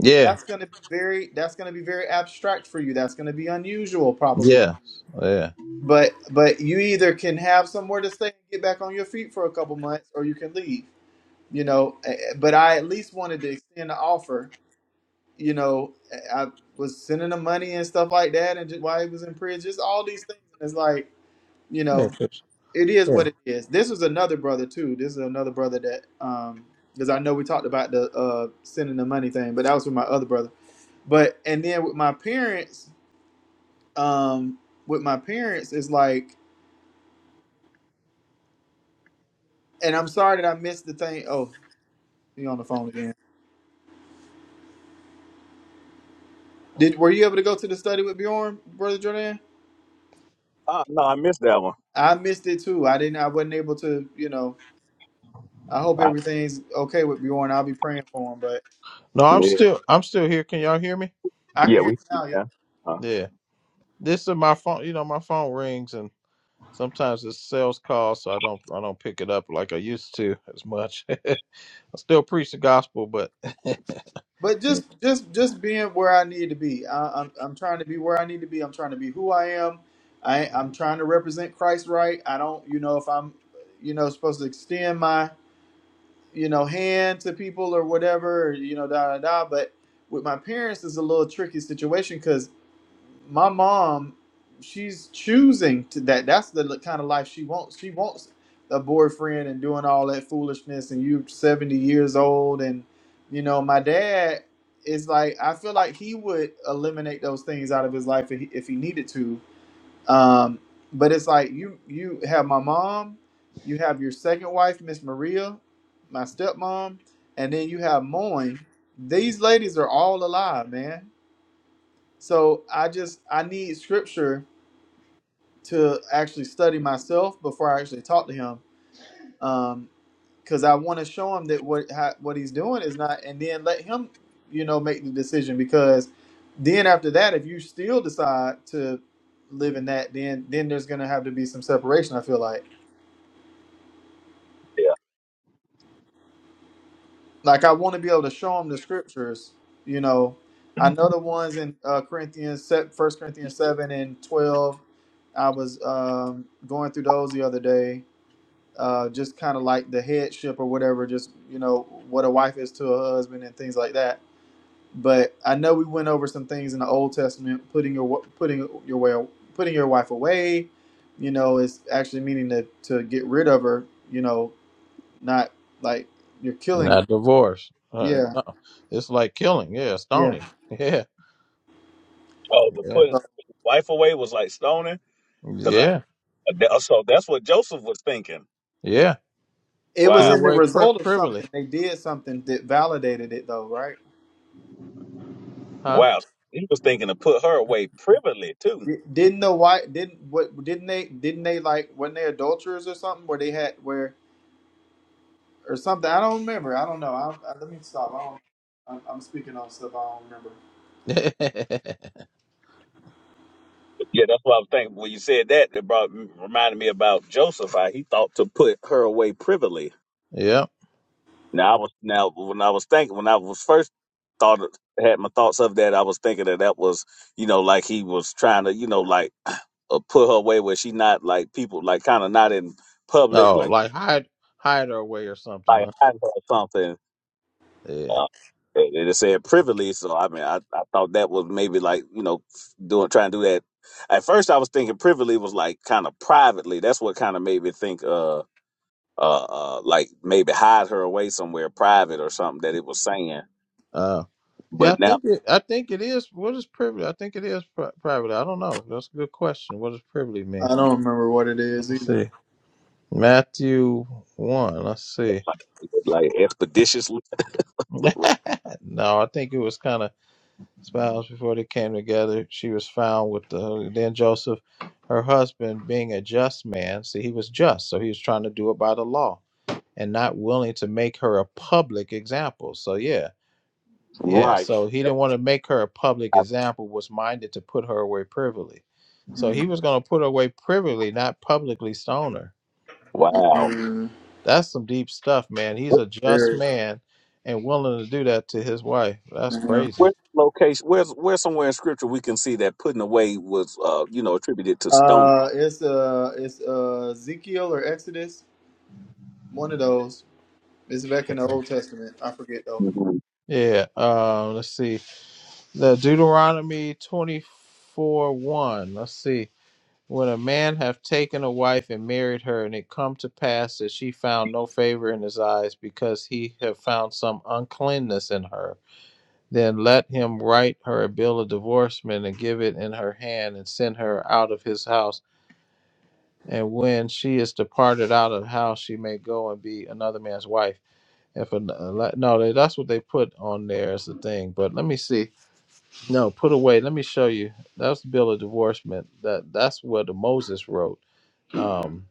S4: Yeah,
S3: that's going to be very that's going to be very abstract for you that's going to be unusual probably
S4: yeah, yeah,
S3: but but you either can have somewhere to stay and get back on your feet for a couple months, or you can leave. You know, Eh, eh, but I at least wanted to extend the offer. You know, Eh, I was sending him money and stuff like that, and just, while he was in prison, just all these things. And It's like you
S4: yeah.
S3: know,
S4: 'cause-
S3: it is
S4: yeah.
S3: what it is. This was another brother too. This is another brother that um because I know we talked about the uh sending the money thing, but that was with my other brother. But and then with my parents, um, with my parents, it's like And I'm sorry that I missed the thing. Oh, you on the phone again? Did were you able to go to the study with Bjorn, brother Jordan? I missed it too. I didn't. I wasn't able to. You know. I hope everything's okay with Bjorn. I'll be praying for him, but
S4: No, I'm
S1: Yeah,
S4: still, I'm still here. Can y'all hear me?
S3: I can
S1: yeah
S3: hear you
S1: we.
S3: now. Yep.
S1: Yeah. Huh.
S4: Yeah. This is my phone. You know, my phone rings, and sometimes it's sales call, so I don't, I don't pick it up like I used to as much. *laughs* I still preach the gospel, but
S3: But just, just, just being where I need to be. I, I'm, I'm trying to be where I need to be. I'm trying to be who I am. I, I'm trying to represent Christ right. I don't, you know, if I'm, you know, supposed to extend my you know, hand to people or whatever, you know, da da da. But with my parents, it's a little tricky situation because my mom, she's choosing to that. That's the kind of life she wants. She wants a boyfriend and doing all that foolishness. And you're 70 years old, and you know, my dad is like, I feel like he would eliminate those things out of his life if he, if he needed to um, but it's like you you have my mom, you have your second wife, Miss Maria, my stepmom, and then you have Moyne. These ladies are all alive, man. So I just I need scripture to actually study myself before I actually talk to him. Um, because I want to show him that what how, what he's doing is not, and then let him, you know, make the decision. Because then after that, if you still decide to live in that, then then there's gonna have to be some separation. I feel like, like I want to be able to show him the scriptures. You know, I know the ones in uh, Corinthians, First Corinthians seven and twelve. I was um, going through those the other day. Uh, just kind of like the headship or whatever, just you know what a wife is to a husband and things like that But I know we went over some things in the Old Testament, putting your putting your way, putting your wife away. You know, is actually meaning to to get rid of her. You know, not like you're
S4: *laughs*
S3: killing.
S4: not divorce. Uh,
S3: Yeah,
S4: no. It's like killing. Yeah,
S3: yeah.
S4: stoning. *laughs* Yeah,
S1: Oh, the
S4: yeah,
S1: putting
S3: So
S1: wife away was like stoning, because I
S4: yeah,
S1: that- so that's what Joseph was thinking.
S4: yeah.
S3: it was
S4: Put
S1: Wow,
S3: in the
S4: away pri-
S3: result of
S4: privily,
S3: something. They did something that validated it, though, right?
S4: huh?
S1: wow, he was thinking to put her away privately too.
S3: Di- Didn't the wife? Didn't what? Didn't they? Didn't they like? were not they adulterers or something? Where they had where or something? I don't remember. I don't know. I, I, let me stop. I don't. I'm, I'm speaking on stuff I don't remember.
S4: *laughs*
S1: Yeah, that's what I was thinking when you said that. It brought reminded me about Joseph. How he thought to put her away privately.
S4: yeah.
S1: Now I was now when I was thinking when I was first thought had my thoughts of that, I was thinking that that was you know like he was trying to you know like uh, put her away where she not like people like kind of not in public
S4: Oh,
S1: like
S4: like hide hide her away or something.
S1: like
S4: Huh?
S1: hiding her or something
S4: Yeah.
S1: Uh, it, it said privily, so I mean, I, I thought that was maybe like you know doing trying to do that. At first, I was thinking privily was like kind of privately. That's what kind of made me think uh uh uh like maybe hide her away somewhere private or something that it was saying.
S4: Uh, yeah, I
S1: But now
S4: think it, I think it is. What is privilege? I think it is pri- private. I don't know. That's a good question. What does privilege
S3: I
S4: mean?
S3: don't remember what it is
S4: Let's
S3: either.
S4: see. Matthew one. Let's see.
S1: like expeditiously,
S4: *laughs*
S1: *laughs*
S4: no, I think it was kind of spouse before they came together. She was found with the then Joseph, her husband, being a just man. See, he was just, so he was trying to do it by the law and not willing to make her a public example. So yeah, Yeah,
S1: right?
S4: so he didn't want to make her a public example, was minded to put her away privily. So he was going to put her away privily, not publicly stone her.
S1: Wow.
S3: Mm,
S4: That's some deep stuff, man. He's a just
S3: Very.
S4: man and willing to do that to his wife. That's
S3: Uh,
S4: crazy.
S1: Where's the location? Where's where somewhere in scripture we can see that putting away was uh you know attributed to stone?
S3: uh, it's uh, it's uh, Ezekiel or Exodus, one of those. It's back in the Old Testament. I forget though.
S1: Mhm.
S4: Yeah, um, let's see. The Deuteronomy 24 1. Let's see. When a man have taken a wife and married her, and it come to pass that she found no favor in his eyes because he have found some uncleanness in her Then let him write her a bill of divorcement and give it in her hand and send her out of his house. And when she is departed out of the house, she may go and be another man's wife. If an, uh, no, that's what they put on there as the thing. But let me see. No, put away. Let me show you. That's the bill of divorcement. That that's what Moses wrote. Um,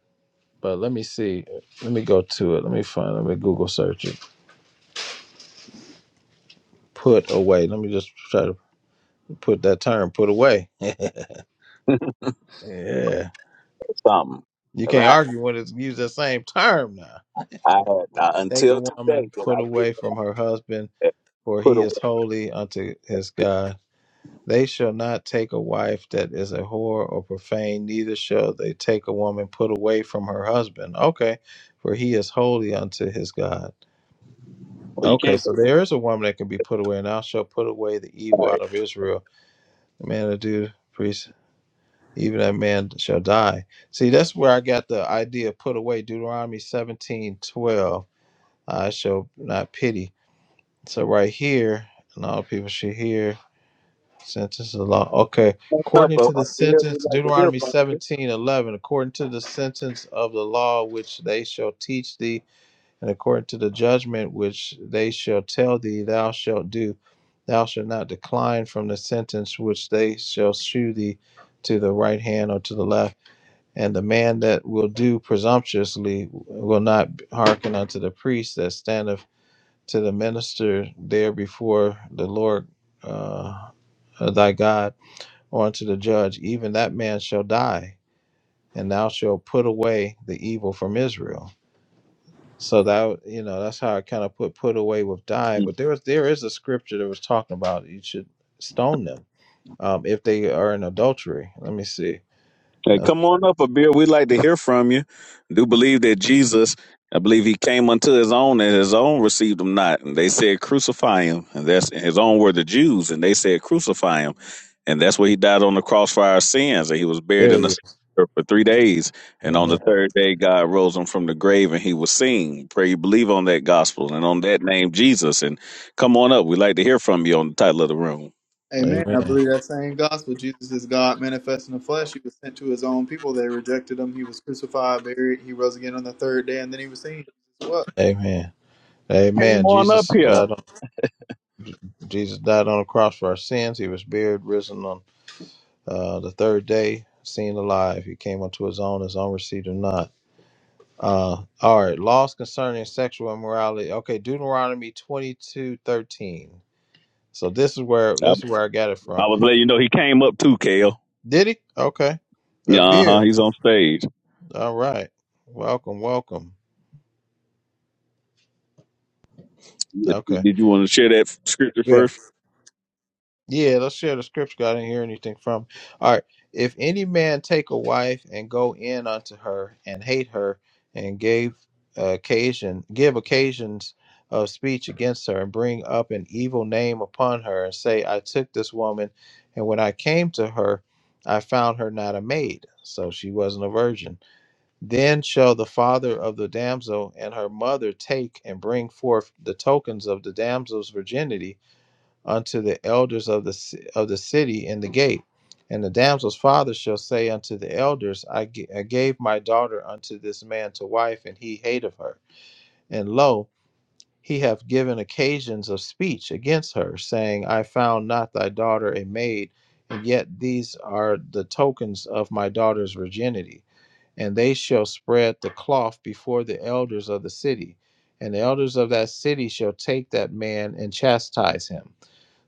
S4: but let me see. Let me go to it. Let me find. Let me Google search it. Put away. Let me just try to put that term. Put away. Yeah. You can't argue when it's used the same term now. Take a woman put away from her husband, for he is holy unto his God. They shall not take a wife that is a whore or profane, neither shall they take a woman put away from her husband. Okay, for he is holy unto his God.
S1: Well, you
S4: Okay,
S1: can't.
S4: so there is a woman that can be put away, and thou shalt put away the evil out of Israel. The man that do priest, even that man shall die. See, that's where I got the idea of put away, Deuteronomy seventeen twelve. I shall not pity. So right here, and all people should hear sentence of the law. Okay. According to the sentence, Deuteronomy seventeen eleven. according to the sentence of the law which they shall teach thee, and according to the judgment which they shall tell thee, thou shalt do. Thou shalt not decline from the sentence which they shall shew thee to the right hand or to the left. And the man that will do presumptuously will not hearken unto the priest that standeth to the minister there before the Lord uh, uh, thy God, or unto the judge, even that man shall die, and thou shalt put away the evil from Israel. So that you know, that's how I kind of put put away with die. But there was there is a scripture that was talking about you should stone them um, if they are in adultery. Let me see.
S1: Hey,
S4: Uh,
S1: come on up, Abir. We'd like to hear from you. Do believe that Jesus, I believe he came unto his own, and his own received him not. And they said, Crucify him. And that's his own were the Jews, and they said, Crucify him. And that's where he died on the cross for our sins. And he was
S4: there
S1: buried in
S4: it
S1: the
S4: is.
S1: sepulchre for three days. And on the
S4: Amen.
S1: third day, God rose him from the grave and he was seen. Pray you believe on that gospel and on that name, Jesus. And come on up. We'd like to hear from you on the title of the room.
S3: Amen. I
S4: Amen.
S3: believe that same gospel. Jesus is God manifest in the flesh. He was sent to his own people. They rejected him. He was crucified, buried. He rose again on the third day, and then he was seen. What?
S4: Amen.
S1: Come
S4: Amen.
S1: on up
S4: Jesus
S1: here.
S4: died on, Jesus died on the cross for our sins. He was buried, risen on Uh, the third day, seen alive, he came unto his own, his own received him not. Uh, all right, laws concerning sexual immorality. Okay, Deuteronomy twenty two thirteen. So this is where
S1: I,
S4: this is where I got it
S1: I
S4: from.
S1: was letting you know he came up too, Kale.
S4: Did he? Okay,
S1: Yeah,
S4: a
S1: uh huh.
S4: beer.
S1: He's on stage.
S4: All right, welcome, welcome.
S1: Yeah,
S4: Okay.
S1: Did you want to share that scripture first?
S4: Yeah, let's share the scripture. I didn't hear anything from. All right. If any man take a wife and go in unto her and hate her and gave occasion, give occasions of speech against her and bring up an evil name upon her and say, I took this woman, and when I came to her, I found her not a maid, so she wasn't a virgin. Then shall the father of the damsel and her mother take and bring forth the tokens of the damsel's virginity unto the elders of the ci- of the city in the gate. And the damsel's father shall say unto the elders, I, g- I gave my daughter unto this man to wife, and he hated her. And lo, he hath given occasions of speech against her, saying, I found not thy daughter a maid, and yet these are the tokens of my daughter's virginity. And they shall spread the cloth before the elders of the city, and the elders of that city shall take that man and chastise him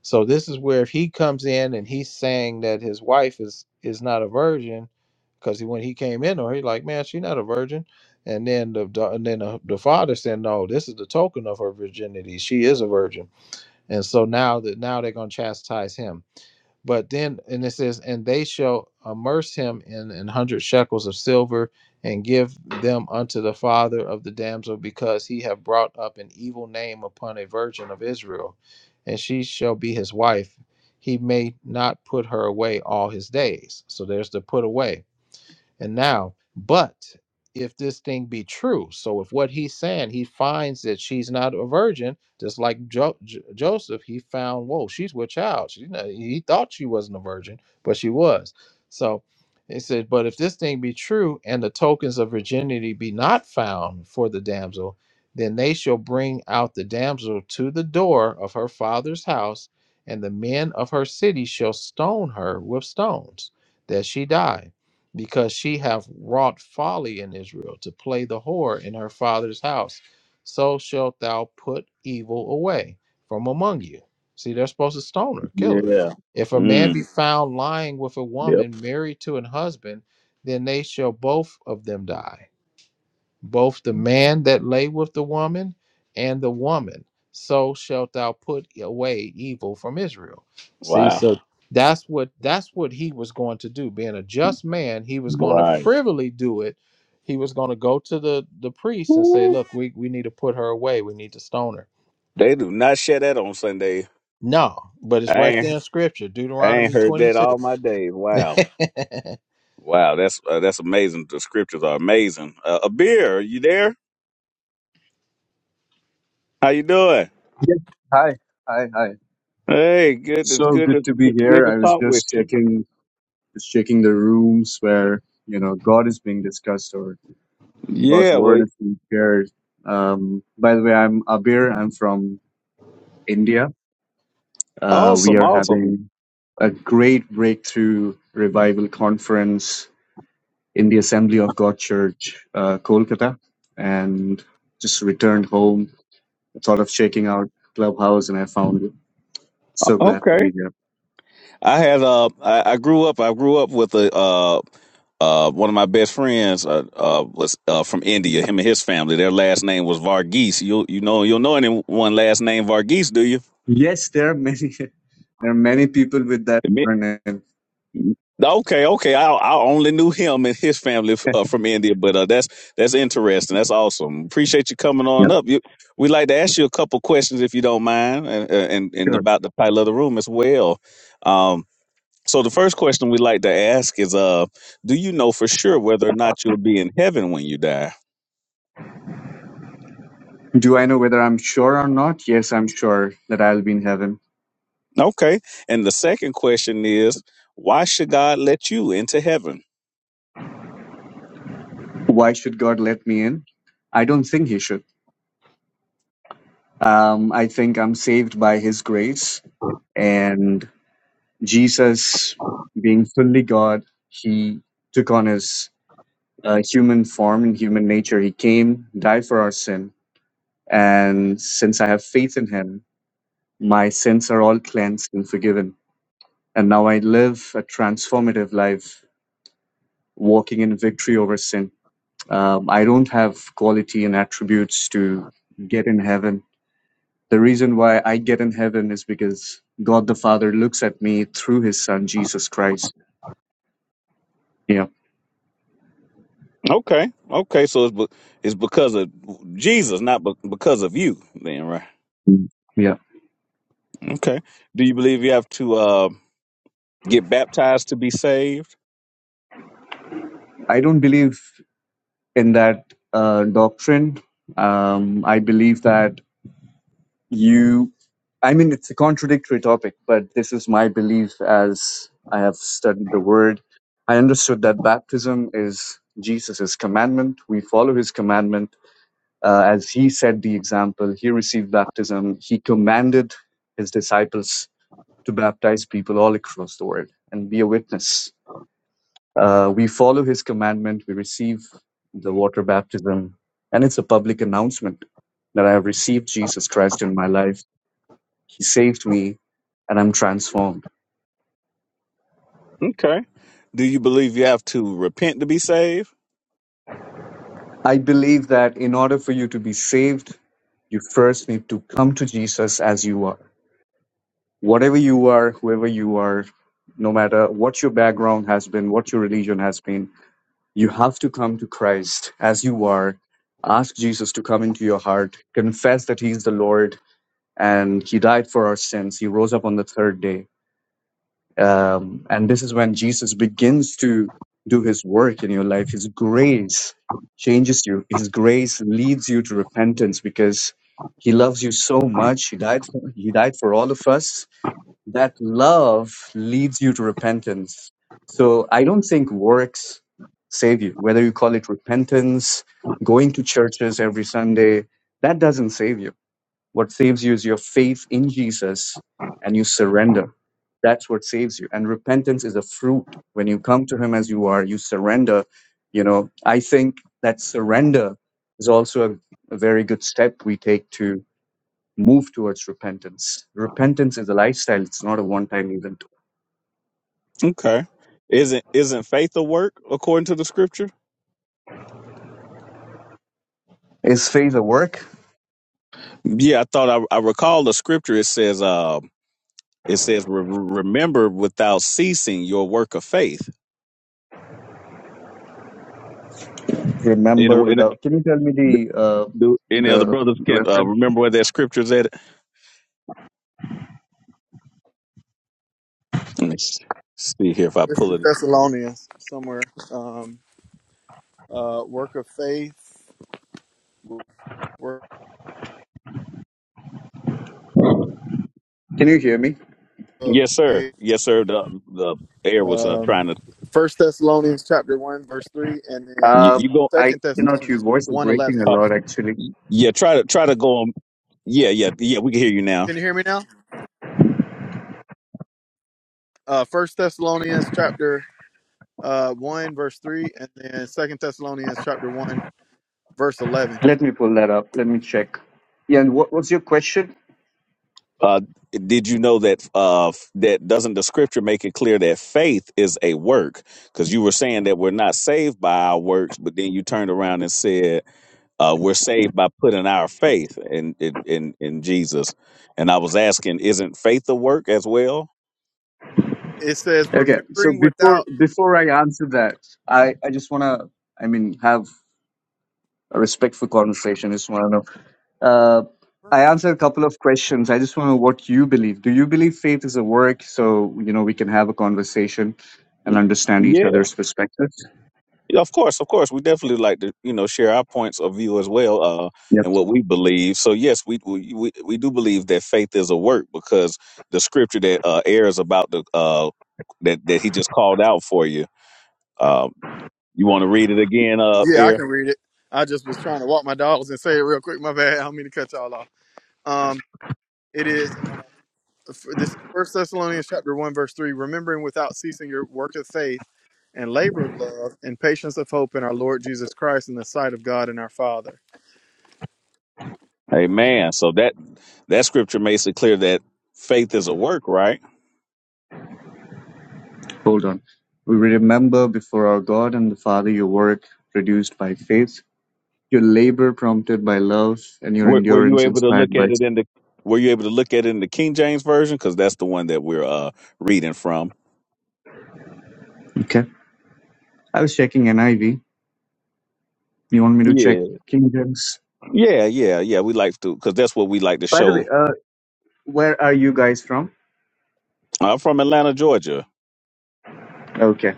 S4: so this is where if he comes in and he's saying that his wife is is not a virgin, because he, when he came in, or he like, man, she's not a virgin, and then the da- and then the, the father said, no, this is the token of her virginity. She is a virgin, and so now that now they're gonna chastise him but then, and it says, and they shall immerse him in an hundred shekels of silver and give them unto the father of the damsel because he have brought up an evil name upon a virgin of Israel, and she shall be his wife. He may not put her away all his days. So there's the put away and now, but if this thing be true, so if what he's saying, he finds that she's not a virgin, just like jo- J- Joseph, he found, whoa, she's with child. She, not- he thought she wasn't a virgin, but she was. So it said, but if this thing be true, and the tokens of virginity be not found for the damsel, then they shall bring out the damsel to the door of her father's house, and the men of her city shall stone her with stones, that she die because she hath wrought folly in Israel to play the whore in her father's house. So shalt thou put evil away from among you. See, they're supposed to stone her, kill her.
S1: Yeah.
S4: If a man be
S1: Mm,
S4: found lying with a
S1: yep.
S4: woman married to an husband, then they shall both of them die both the man that lay with the woman and the woman. So shalt thou put away evil from Israel. See,
S1: Wow.
S4: so that's what that's what he was going to do. Being a just man, he was going to
S1: Right.
S4: privily do it. He was going to go to the the priest and say,
S1: Woo.
S4: "Look, we we need to put her away. We need to stone her."
S1: They do not share that on Sunday.
S4: No, but it's
S1: I
S4: right
S1: ain't,
S4: there in Scripture,
S1: I ain't
S4: Deuteronomy
S1: heard
S4: twenty
S1: that
S4: two.
S1: all my days. Wow.
S4: *laughs*
S1: Wow. That's uh, that's amazing. The scriptures are amazing. Uh, a beer. you there? How you doing?
S5: Yes. Hi, hi, hi.
S1: Hey, good to
S5: So
S1: good
S5: good
S1: to
S5: to be
S1: good good
S5: here.
S1: to
S5: I was
S1: talk with
S5: just
S1: you.
S5: checking, just checking the rooms where, you know, God is being discussed or God's
S1: Yeah, well,
S5: word is being shared. Um, by the way, I'm Abir. I'm from India. Uh, we
S1: awesome,
S5: are
S1: awesome.
S5: having a great breakthrough revival conference in the Assembly of God Church, uh, Kolkata, and just returned home, sort of checking out Clubhouse, and I found it. So glad
S1: Okay,
S5: to be here.
S1: I had uh, I, I grew up, I grew up with a uh, uh, one of my best friends uh, uh was uh from India. Him and his family, their last name was Varghese. You you know you'll know anyone last name Varghese, do you?
S5: Yes, there are many. *laughs* There are many people with that surname.
S1: Okay, okay. I I only knew him and his family f- uh, from India, but uh, that's that's interesting. That's awesome. Appreciate you coming on
S5: Yeah,
S1: up. You, we'd like to ask you a couple questions if you don't mind, and uh, and, and
S5: sure.
S1: about the title of the room as well. Um, so the first question we like to ask is, uh, do you know for sure whether or not you'll be in heaven when you die?
S5: Do I know whether I'm sure or not? Yes, I'm sure that I'll be in heaven.
S1: Okay. And the second question is, why should God let you into heaven?
S5: Why should God let me in? I don't think He should. Um, I think I'm saved by His grace and Jesus, being fully God, He took on His uh, human form and human nature. He came, died for our sin, and since I have faith in Him, my sins are all cleansed and forgiven. And now I live a transformative life, walking in victory over sin. Um, I don't have quality and attributes to get in heaven. The reason why I get in heaven is because God the Father looks at me through his son, Jesus Christ. Yeah.
S1: Okay. Okay. So it's, be- it's because of Jesus, not be- because of you, then, right?
S5: Mm. Yeah.
S1: Okay. Do you believe you have to? Uh, Get baptized to be saved?
S5: I don't believe in that uh, doctrine. Um, I believe that you i mean it's a contradictory topic but this is my belief as i have studied the word i understood that baptism is jesus' commandment we follow his commandment uh, as he set the example he received baptism he commanded his disciples to baptize people all across the world and be a witness uh, we follow his commandment we receive the water baptism and it's a public announcement that i have received jesus christ in my life he saved me, and I'm transformed.
S1: Okay. Do you believe you have to repent to be saved?
S5: I believe that in order for you to be saved, you first need to come to Jesus as you are. Whatever you are, whoever you are, no matter what your background has been, what your religion has been, you have to come to Christ as you are. Ask Jesus to come into your heart, confess that He is the Lord and He died for our sins. He rose up on the third day Um, and this is when Jesus begins to do his work in your life. His grace changes you, his grace leads you to repentance because he loves you so much. He died for, he died for all of us. That love leads you to repentance. So I don't think works save you, whether you call it repentance, going to churches every Sunday, that doesn't save you what saves you is your faith in Jesus and you surrender. That's what saves you. And repentance is a fruit. When you come to Him as you are, you surrender. You know, I think that surrender is also a, a very good step we take to move towards repentance. Repentance is a lifestyle, it's not a one time event.
S1: Okay. Isn't isn't faith a work according to the scripture?
S5: Is faith a work?
S1: Yeah, I thought I, I recall the scripture. It says, um, it says, "Re- remember without ceasing your work of faith. You
S5: Remember
S1: know, and
S5: without. Can you tell me the uh,
S1: do any other
S5: the
S1: brothers
S5: the
S1: can uh,
S5: reference?
S1: remember where that scripture is at? Let me s- see here if I
S3: It's
S1: pull
S3: in
S1: it.
S3: Thessalonians somewhere. Um, uh, work of faith. Work
S5: Can you hear me?
S3: of
S1: Yes, sir.
S3: faith.
S1: Yes, sir. The the air was uh,
S3: um,
S1: trying to
S3: First Thessalonians chapter one verse three, and then
S1: You,
S5: Uh,
S1: you go.
S5: I
S3: Second
S5: cannot. Your
S3: Thessalonians
S5: voice is
S3: one
S5: breaking
S3: eleven.
S5: a
S1: Uh,
S5: lot, actually.
S1: yeah, try to try to go on. Yeah, yeah, yeah. We can hear you now.
S3: Can you hear me now? Uh, First Thessalonians chapter uh, one verse three, and then Second Thessalonians chapter one verse eleven.
S5: Let me pull that up. Let me check. Yeah, and what, what's your question?
S1: Uh, did you know that? Uh, f- that doesn't the scripture make it clear that faith is a work? Because you were saying that we're not saved by our works, but then you turned around and said uh, we're saved by putting our faith in, in in in Jesus. And I was asking, isn't faith a work as well?
S3: It says,
S5: Okay, so
S3: "Remembering
S5: before
S3: without
S5: before I answer that, I I just wanna I mean have a respectful conversation. I just wanna know. Uh, I
S3: virtue."
S5: answered a couple of questions. I just want to know what you believe. Do you believe faith is a work? So you know we can have a conversation and understand each other's perspectives.
S1: Yeah, of course, of course, we definitely like to you know share our points of view as well, uh,
S5: Yep.
S1: and what we believe. So yes, we we we we do believe that faith is a work because the scripture that uh, airs about the uh, that that he just called out for you. Um, you want to read it again, uh,
S3: Yeah, I
S1: air?
S3: can read it. I just was trying to walk my dogs and say it real quick. My bad. I don't mean to cut y'all off. Um, it is uh, f- this First Thessalonians chapter one verse three. Remembering without ceasing your work of faith and labor of love and patience of hope in our Lord Jesus Christ in the sight of God and our Father.
S1: Amen. So that that scripture makes it clear that faith is a work, right?
S5: Hold on. We remember before our God and the Father your work produced by faith, your labor prompted by love, and your
S1: Were, were you
S5: endurance
S1: able to
S5: inspired
S1: look
S5: by
S1: at it in the Were you able to look at it in the King James version? Because that's the one that we're uh, reading from.
S5: Okay. I was checking NIV. You want me to
S1: Yeah.
S5: check King James?
S1: Yeah, yeah, yeah. We like to because that's what we like to
S5: By the way,
S1: show.
S5: uh, where are you guys from?
S1: I'm from Atlanta, Georgia.
S5: Okay.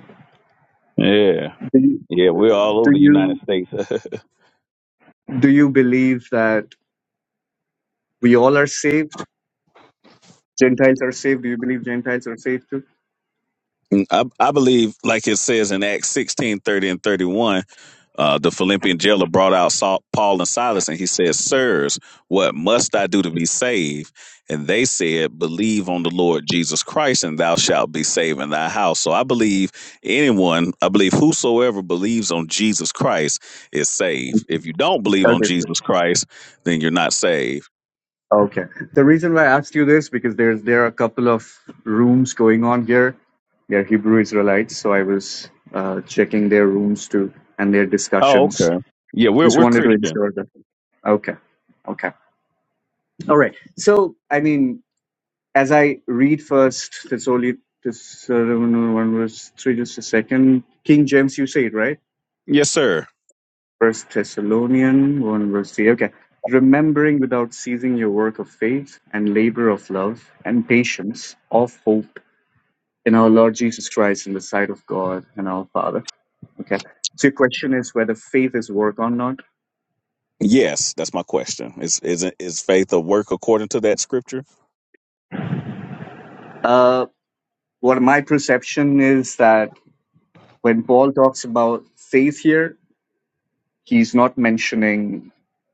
S1: Yeah,
S5: Do you,
S1: yeah. We're
S5: uh,
S1: all
S5: do
S1: over the United
S5: you
S1: States.
S5: do you believe that we all are saved? Gentiles are saved. Do you believe Gentiles are saved too?
S1: *laughs* I, I believe, like it says in Acts 16 30 and 31. Uh, the Philippian jailer brought out Saul, Paul and Silas, and he said, Sirs, what must I do to be saved? And they said, Believe on the Lord Jesus Christ, and thou shalt be saved in thy house. So I believe anyone, I believe whosoever believes on Jesus Christ is saved. If you don't believe on
S5: Okay. so-
S1: Jesus Christ, then you're not saved.
S5: Okay. The reason why I asked you this because there's there are a couple of rooms going on here. They're Hebrew Israelites, so I was uh, checking their rooms too and their discussions. Just wanted to ensure that. Okay. Okay. All right. So, I mean, as I read first Thessalonians uh, one verse three, just a second. King James, you say it right.
S1: Yes, sir.
S5: First Thessalonian one verse three. Okay. Remembering without ceasing your work of faith and labor of love and patience of hope in our Lord Jesus Christ in the sight of God and our Father. Okay. So your question is whether faith is work or not.
S1: Yes, that's my question. Is is is faith a work according to that scripture?
S5: Uh, what my perception is that when Paul talks about faith here. he's not mentioning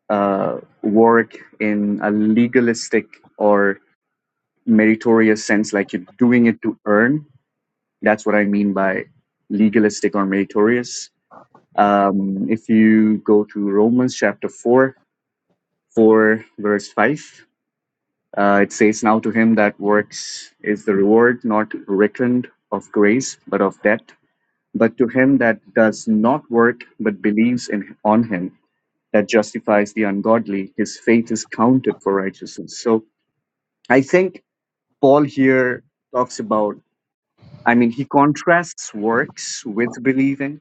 S5: uh, work in a legalistic or meritorious sense, like you're doing it to earn. That's what I mean by legalistic or meritorious. Um, if you go to Romans chapter 4, 4 verse 5, uh, it says, Now to him that works is the reward not reckoned of grace, but of debt. But to him that does not work, but believes in on him that justifies the ungodly. His faith is counted for righteousness. So I think Paul here talks about, I mean, he contrasts works with believing.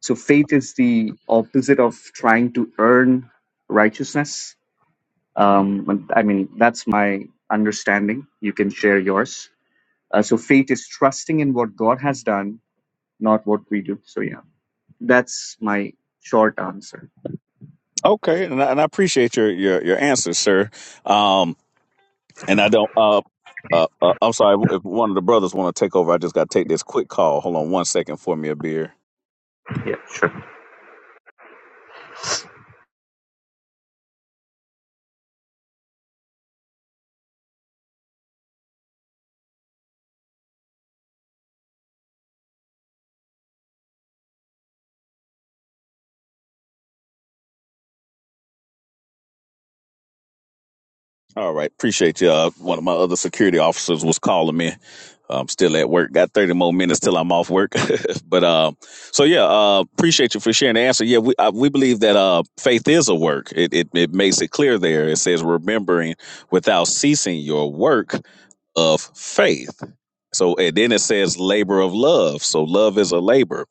S5: So faith is the opposite of trying to earn righteousness. Um, and- I mean, that's my understanding. You can share yours. Uh, so faith is trusting in what God has done, not what we do. So yeah, that's my short answer.
S1: Okay, and I, and I appreciate your your your answer, sir. Um, And I don't. Uh, uh, uh, I'm sorry if one of the brothers want to take over. I just got to take this quick call. Hold on one second for me a beer.
S5: Yeah, sure.
S1: All right, appreciate you. Uh, one of my other security officers was calling me. I'm still at work. Got 30 more minutes till I'm off work. *laughs* but um, so yeah, uh, appreciate you for sharing the answer. Yeah, we uh, we believe that uh, faith is a work. It, it it makes it clear there. It says remembering without ceasing your work of faith. So and then it says labor of love. So love is a labor.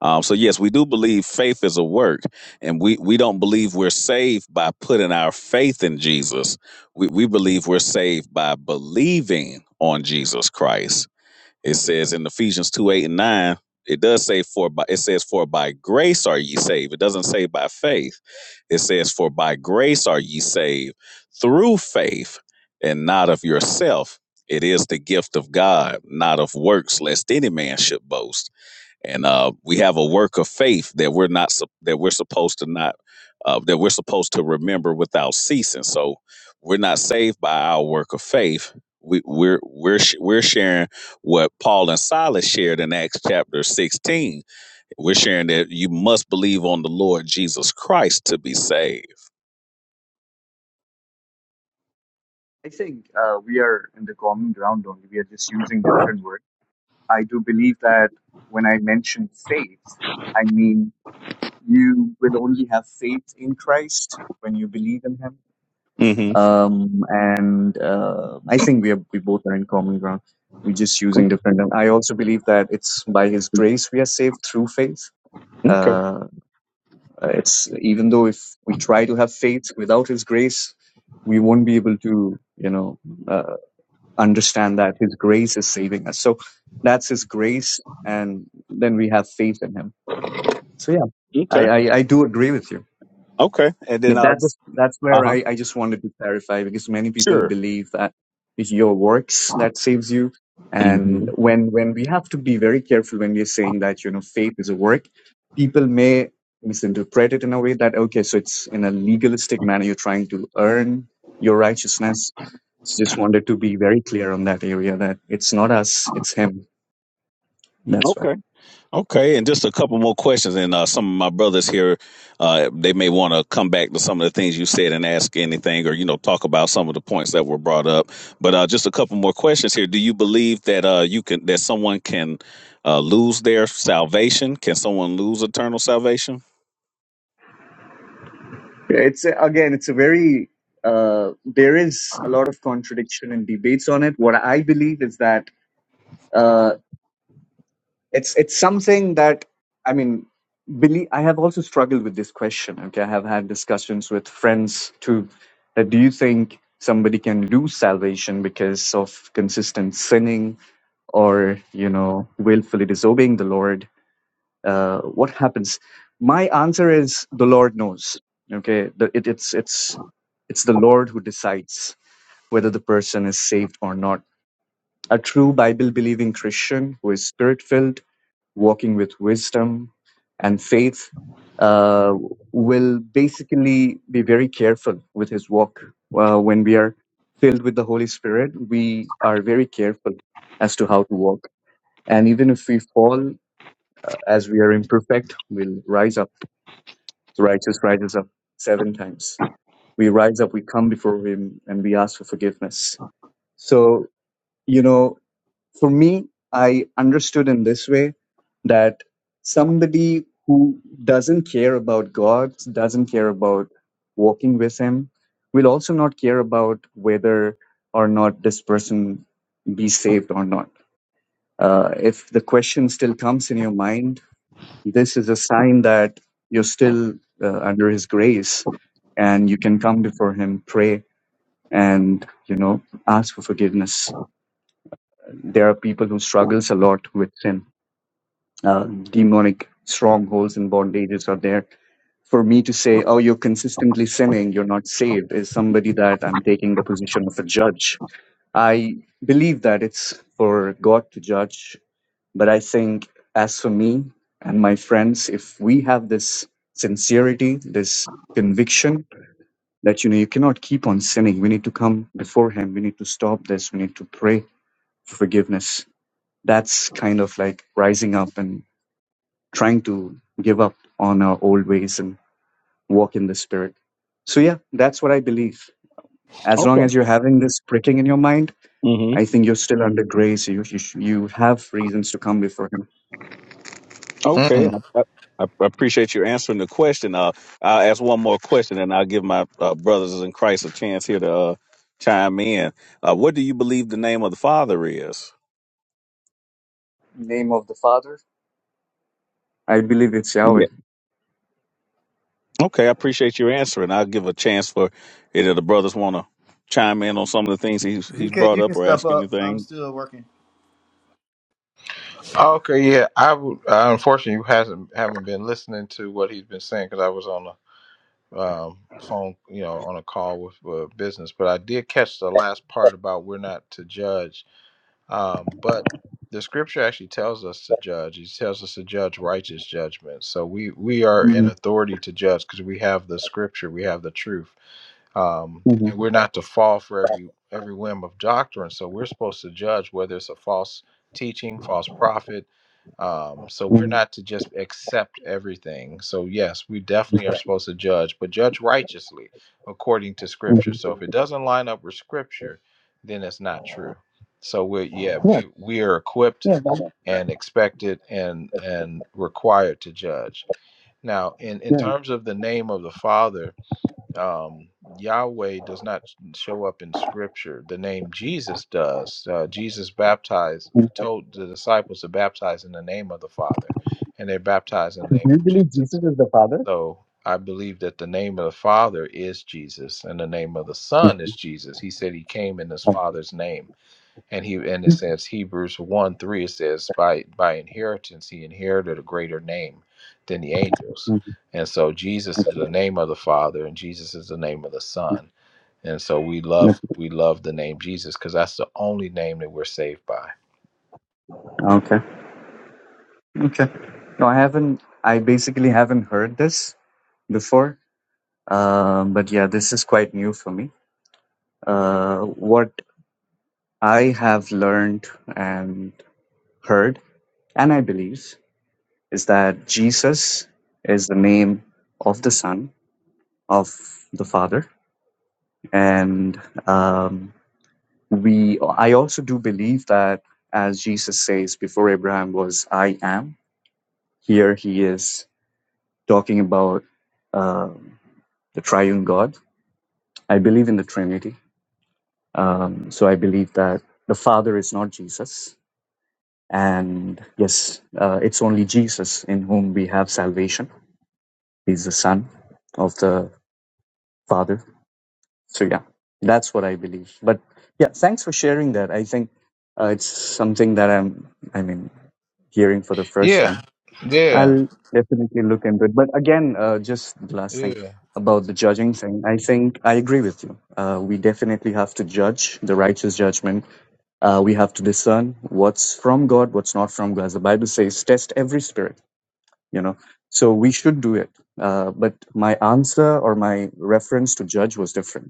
S1: Um, so yes, we do believe faith is a work, and we we don't believe we're saved by putting our faith in Jesus we, we believe we're saved by believing on Jesus Christ. It says in Ephesians 2 8 and 9, it does say for by it says for by grace are ye saved. It doesn't say by faith. It says for by grace are ye saved through faith and not of yourself. It is the gift of God, not of works, lest any man should boast and uh, we have a work of faith that we're not sup- that we're supposed to not uh, that we're supposed to remember without ceasing. So we're not saved by our work of faith. We, we're we're sh- we're sharing what Paul and Silas shared in Acts chapter sixteen. We're sharing that you must believe on the Lord Jesus Christ to be saved.
S5: I think uh, we are in the common ground only. We are just using different words. I do believe that when I mention faith, I mean you will only have faith in Christ when you believe in Him. Um, and uh, I think we are, we both are in common ground. We're just using different. And I also believe that it's by His grace we are saved through faith. Uh, it's even though if we try to have faith without His grace, we won't be able to, you know. uh, understand that His grace is saving us. So that's His grace, and then we have faith in Him. So yeah,
S1: Okay.
S5: I I, I do agree with you.
S1: Okay. And then
S5: But
S1: uh
S5: that's that's
S1: uh
S5: where
S1: huh.
S5: I, I just wanted to clarify because many people
S1: Sure.
S5: believe that it's your works that saves you.
S1: hmm
S5: And when when we have to be very careful when we're saying that, you know, faith is a work, people may misinterpret it in a way that, okay, so it's in a legalistic manner, you're trying to earn your righteousness. So just wanted to be very clear on that area that it's not us, it's him. That's why.
S1: Okay. Okay, and just a couple more questions, and uh, some of my brothers here, uh, they may want to come back to some of the things you said and ask anything, or you know, talk about some of the points that were brought up. But uh, just a couple more questions here. Do you believe that uh, you can that someone can uh, lose their salvation? Can someone lose eternal salvation?
S5: Yeah, It's a- again, it's a very uh, there is a lot of contradiction and debates on it. What I believe is that uh, it's it's something that I mean, believe I have also struggled with this question. Okay, I have had discussions with friends too. That do you think somebody can lose salvation because of consistent sinning or you know willfully disobeying the Lord? uh, what happens my answer is the lord knows okay the, it, it's it's it's the lord who decides whether the person is saved or not a true bible believing christian who is spirit filled walking with wisdom and faith uh, will basically be very careful with his walk uh, when we are filled with the holy spirit we are very careful as to how to walk and even if we fall uh, as we are imperfect we'll rise up the righteous rises up seven times. We rise up, we come before Him, and we ask for forgiveness. So, you know, for me, I understood in this way that somebody who doesn't care about God, doesn't care about walking with Him, will also not care about whether or not this person be saved or not. Uh, if the question still comes in your mind, this is a sign that you're still uh, under His grace, and you can come before Him, pray, and you know ask for forgiveness. There are people who struggles a lot with sin. Uh, demonic strongholds and bondages are there. For me to say, "Oh, you're consistently sinning, you're not saved," is somebody that I'm taking the position of a judge. I believe that it's for God to judge But I think, as for me and my friends, if we have this sincerity, this conviction that, you know, you cannot keep on sinning, we need to come before Him, we need to stop this, we need to pray for forgiveness. That's kind of like rising up and trying to give up on our old ways and walk in the Spirit. So, yeah, that's what I believe. As long
S1: Okay.
S5: as you're having this pricking in your mind,
S1: Mm-hmm.
S5: I think you're still under grace. You, you, you have reasons to come before Him.
S1: Okay,
S4: Mm.
S1: I, I I appreciate you answering the question. Uh, I'll ask one more question, and I'll give my uh, brothers in Christ a chance here to uh, chime in. Uh, what do you believe the name of the Father is?
S5: In the Name of the Father. I believe it's
S1: Yeah.
S5: Yahweh.
S1: Okay, I appreciate your answer, and I'll give a chance for either the brothers want to chime in on some of the things he's he's
S3: DK,
S1: brought
S3: you can
S1: up or
S3: step
S1: ask
S3: up. I'm
S1: anything.
S3: still working.
S4: Okay, yeah, I would. I unfortunately hasn't haven't been listening to what he's been saying because I was on. a um, phone, you know, on a call with uh, business. But I did catch the last part about we're not to judge. Um, but the scripture actually tells us to judge. He tells us to judge righteous judgment. So we we are in
S5: hmm
S4: authority to judge because we have the scripture, we have the truth um,
S5: hmm
S4: and we're not to fall for every every whim of doctrine. So we're supposed to judge whether it's a false teaching, false prophet. Um, so we're
S5: hmm
S4: not to just accept everything. So yes, we definitely are supposed to judge, but judge righteously according to Scripture.
S5: hmm
S4: So if it doesn't line up with Scripture, then it's not true. So we're yeah
S5: Yeah,
S4: we we are equipped
S5: yeah, Baba.
S4: and expected and and required to judge. Now in in
S5: Yeah.
S4: terms of the name of the Father um, Yahweh does not show up in Scripture. The name Jesus does. Uh, Jesus baptized,
S5: Mhm.
S4: told the disciples to baptize in the name of the Father, and they baptized in the
S5: Do
S4: name
S5: you
S4: of
S5: believe
S4: Jesus.
S5: Jesus is the Father?
S4: So I believe that the name of the Father is Jesus, and the name of the Son is Jesus. He said he came in his
S5: Mhm.
S4: Father's name and he and it
S5: Mhm.
S4: says Hebrews one three it says by by inheritance he inherited a greater name than the angels,
S5: Mhm.
S4: and so Jesus is the name of the Father and Jesus is the name of the Son, and so we love we love the name Jesus because that's the only name that we're saved by.
S5: Okay. Okay. No, I haven't. I basically haven't heard this before. Um, but yeah, this is quite new for me. Uh, what I have learned and heard, and I believe, is that Jesus is the name of the Son of the Father, and um, we i also do believe that as jesus says before abraham was i am here he is talking about um, the triune god i believe in the trinity um, so i believe that the father is not jesus and yes uh, it's only jesus in whom we have salvation he's the son of the father So yeah, that's what I believe. But yeah, thanks for sharing that. I think uh, it's something that I'm, I mean, hearing for the first
S4: Yeah,
S5: time.
S4: yeah,
S5: I'll definitely look into it. But again, uh, just the last thing
S4: yeah.
S5: about the judging thing. I think I agree with you. Uh, we definitely have to judge the righteous judgment. Uh, we have to discern what's from God, what's not from God. As the Bible says, test every spirit. You know, so we should do it. Uh, but my answer or my reference to judge was different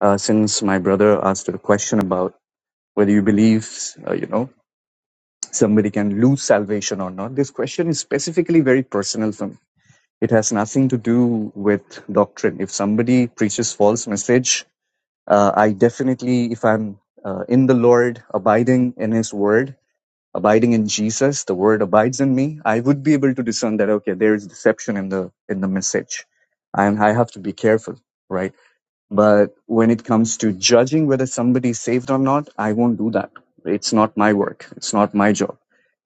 S5: uh, since my brother asked a question about whether you believe, uh, you know, somebody can lose salvation or not. This question is specifically very personal for me. It has nothing to do with doctrine. If somebody preaches false message, uh, I definitely, if I'm uh, in the Lord, abiding in His Word, abiding in Jesus, the Word abides in me. I would be able to discern that okay, there is deception in the in the message, and I have to be careful, right? But when it comes to judging whether somebody is saved or not, I won't do that. It's not my work. It's not my job.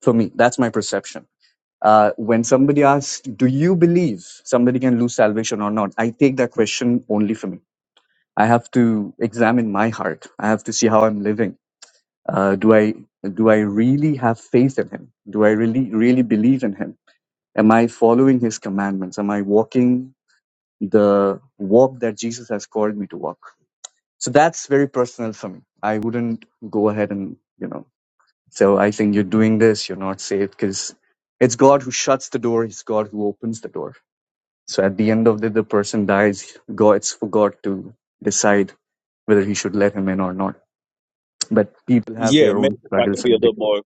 S5: For me, that's my perception. Uh, when somebody asks, "Do you believe somebody can lose salvation or not?" I take that question only for me. I have to examine my heart. I have to see how I'm living. Uh, do I do I really have faith in Him? Do I really really believe in Him? Am I following His commandments? Am I walking the walk that Jesus has called me to walk? So that's very personal for me. I wouldn't go ahead and, you know, so I think you're doing this, you're not safe because it's God who shuts the door. It's God who opens the door. So at the end of the, day, the person dies, God, it's for God to decide whether he should let him in or not. But people have
S1: Yeah,
S5: their
S1: maybe
S5: own
S1: if I could
S5: struggles
S1: be a
S5: and
S1: little
S5: addictions.
S1: more,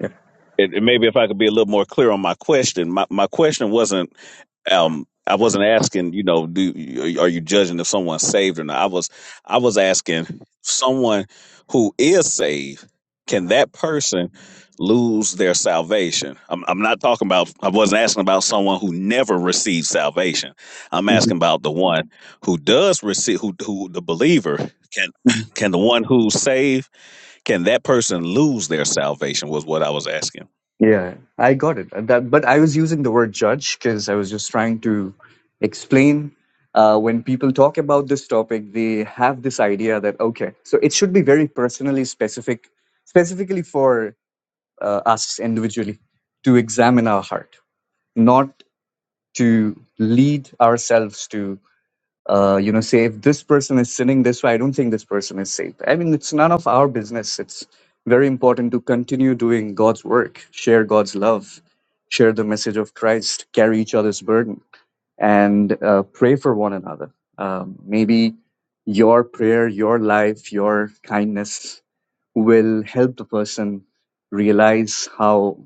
S5: Yeah.
S1: it, it may be my, my question wasn't um I wasn't asking, you know, do are you judging if someone's saved or not? I was I was asking someone who is saved, can that person lose their salvation? I'm I'm not talking about I wasn't asking about someone who never received salvation. I'm asking
S5: Mhm.
S1: about the one who does receive who who the believer can can the one who's saved can that person lose their salvation? Was what I was asking.
S5: Yeah, I got it. Uh, That, but I was using the word judge because I was just trying to explain. Uh, when people talk about this topic, they have this idea that okay, so it should be very personally specific, specifically for uh, us individually to examine our heart, not to lead ourselves to uh, you know, say if this person is sinning this way, I don't think this person is safe. I mean, it's none of our business. It's very important to continue doing God's work, share God's love, share the message of Christ, carry each other's burden, and uh, pray for one another. Um, maybe your prayer, your life, your kindness will help the person realize how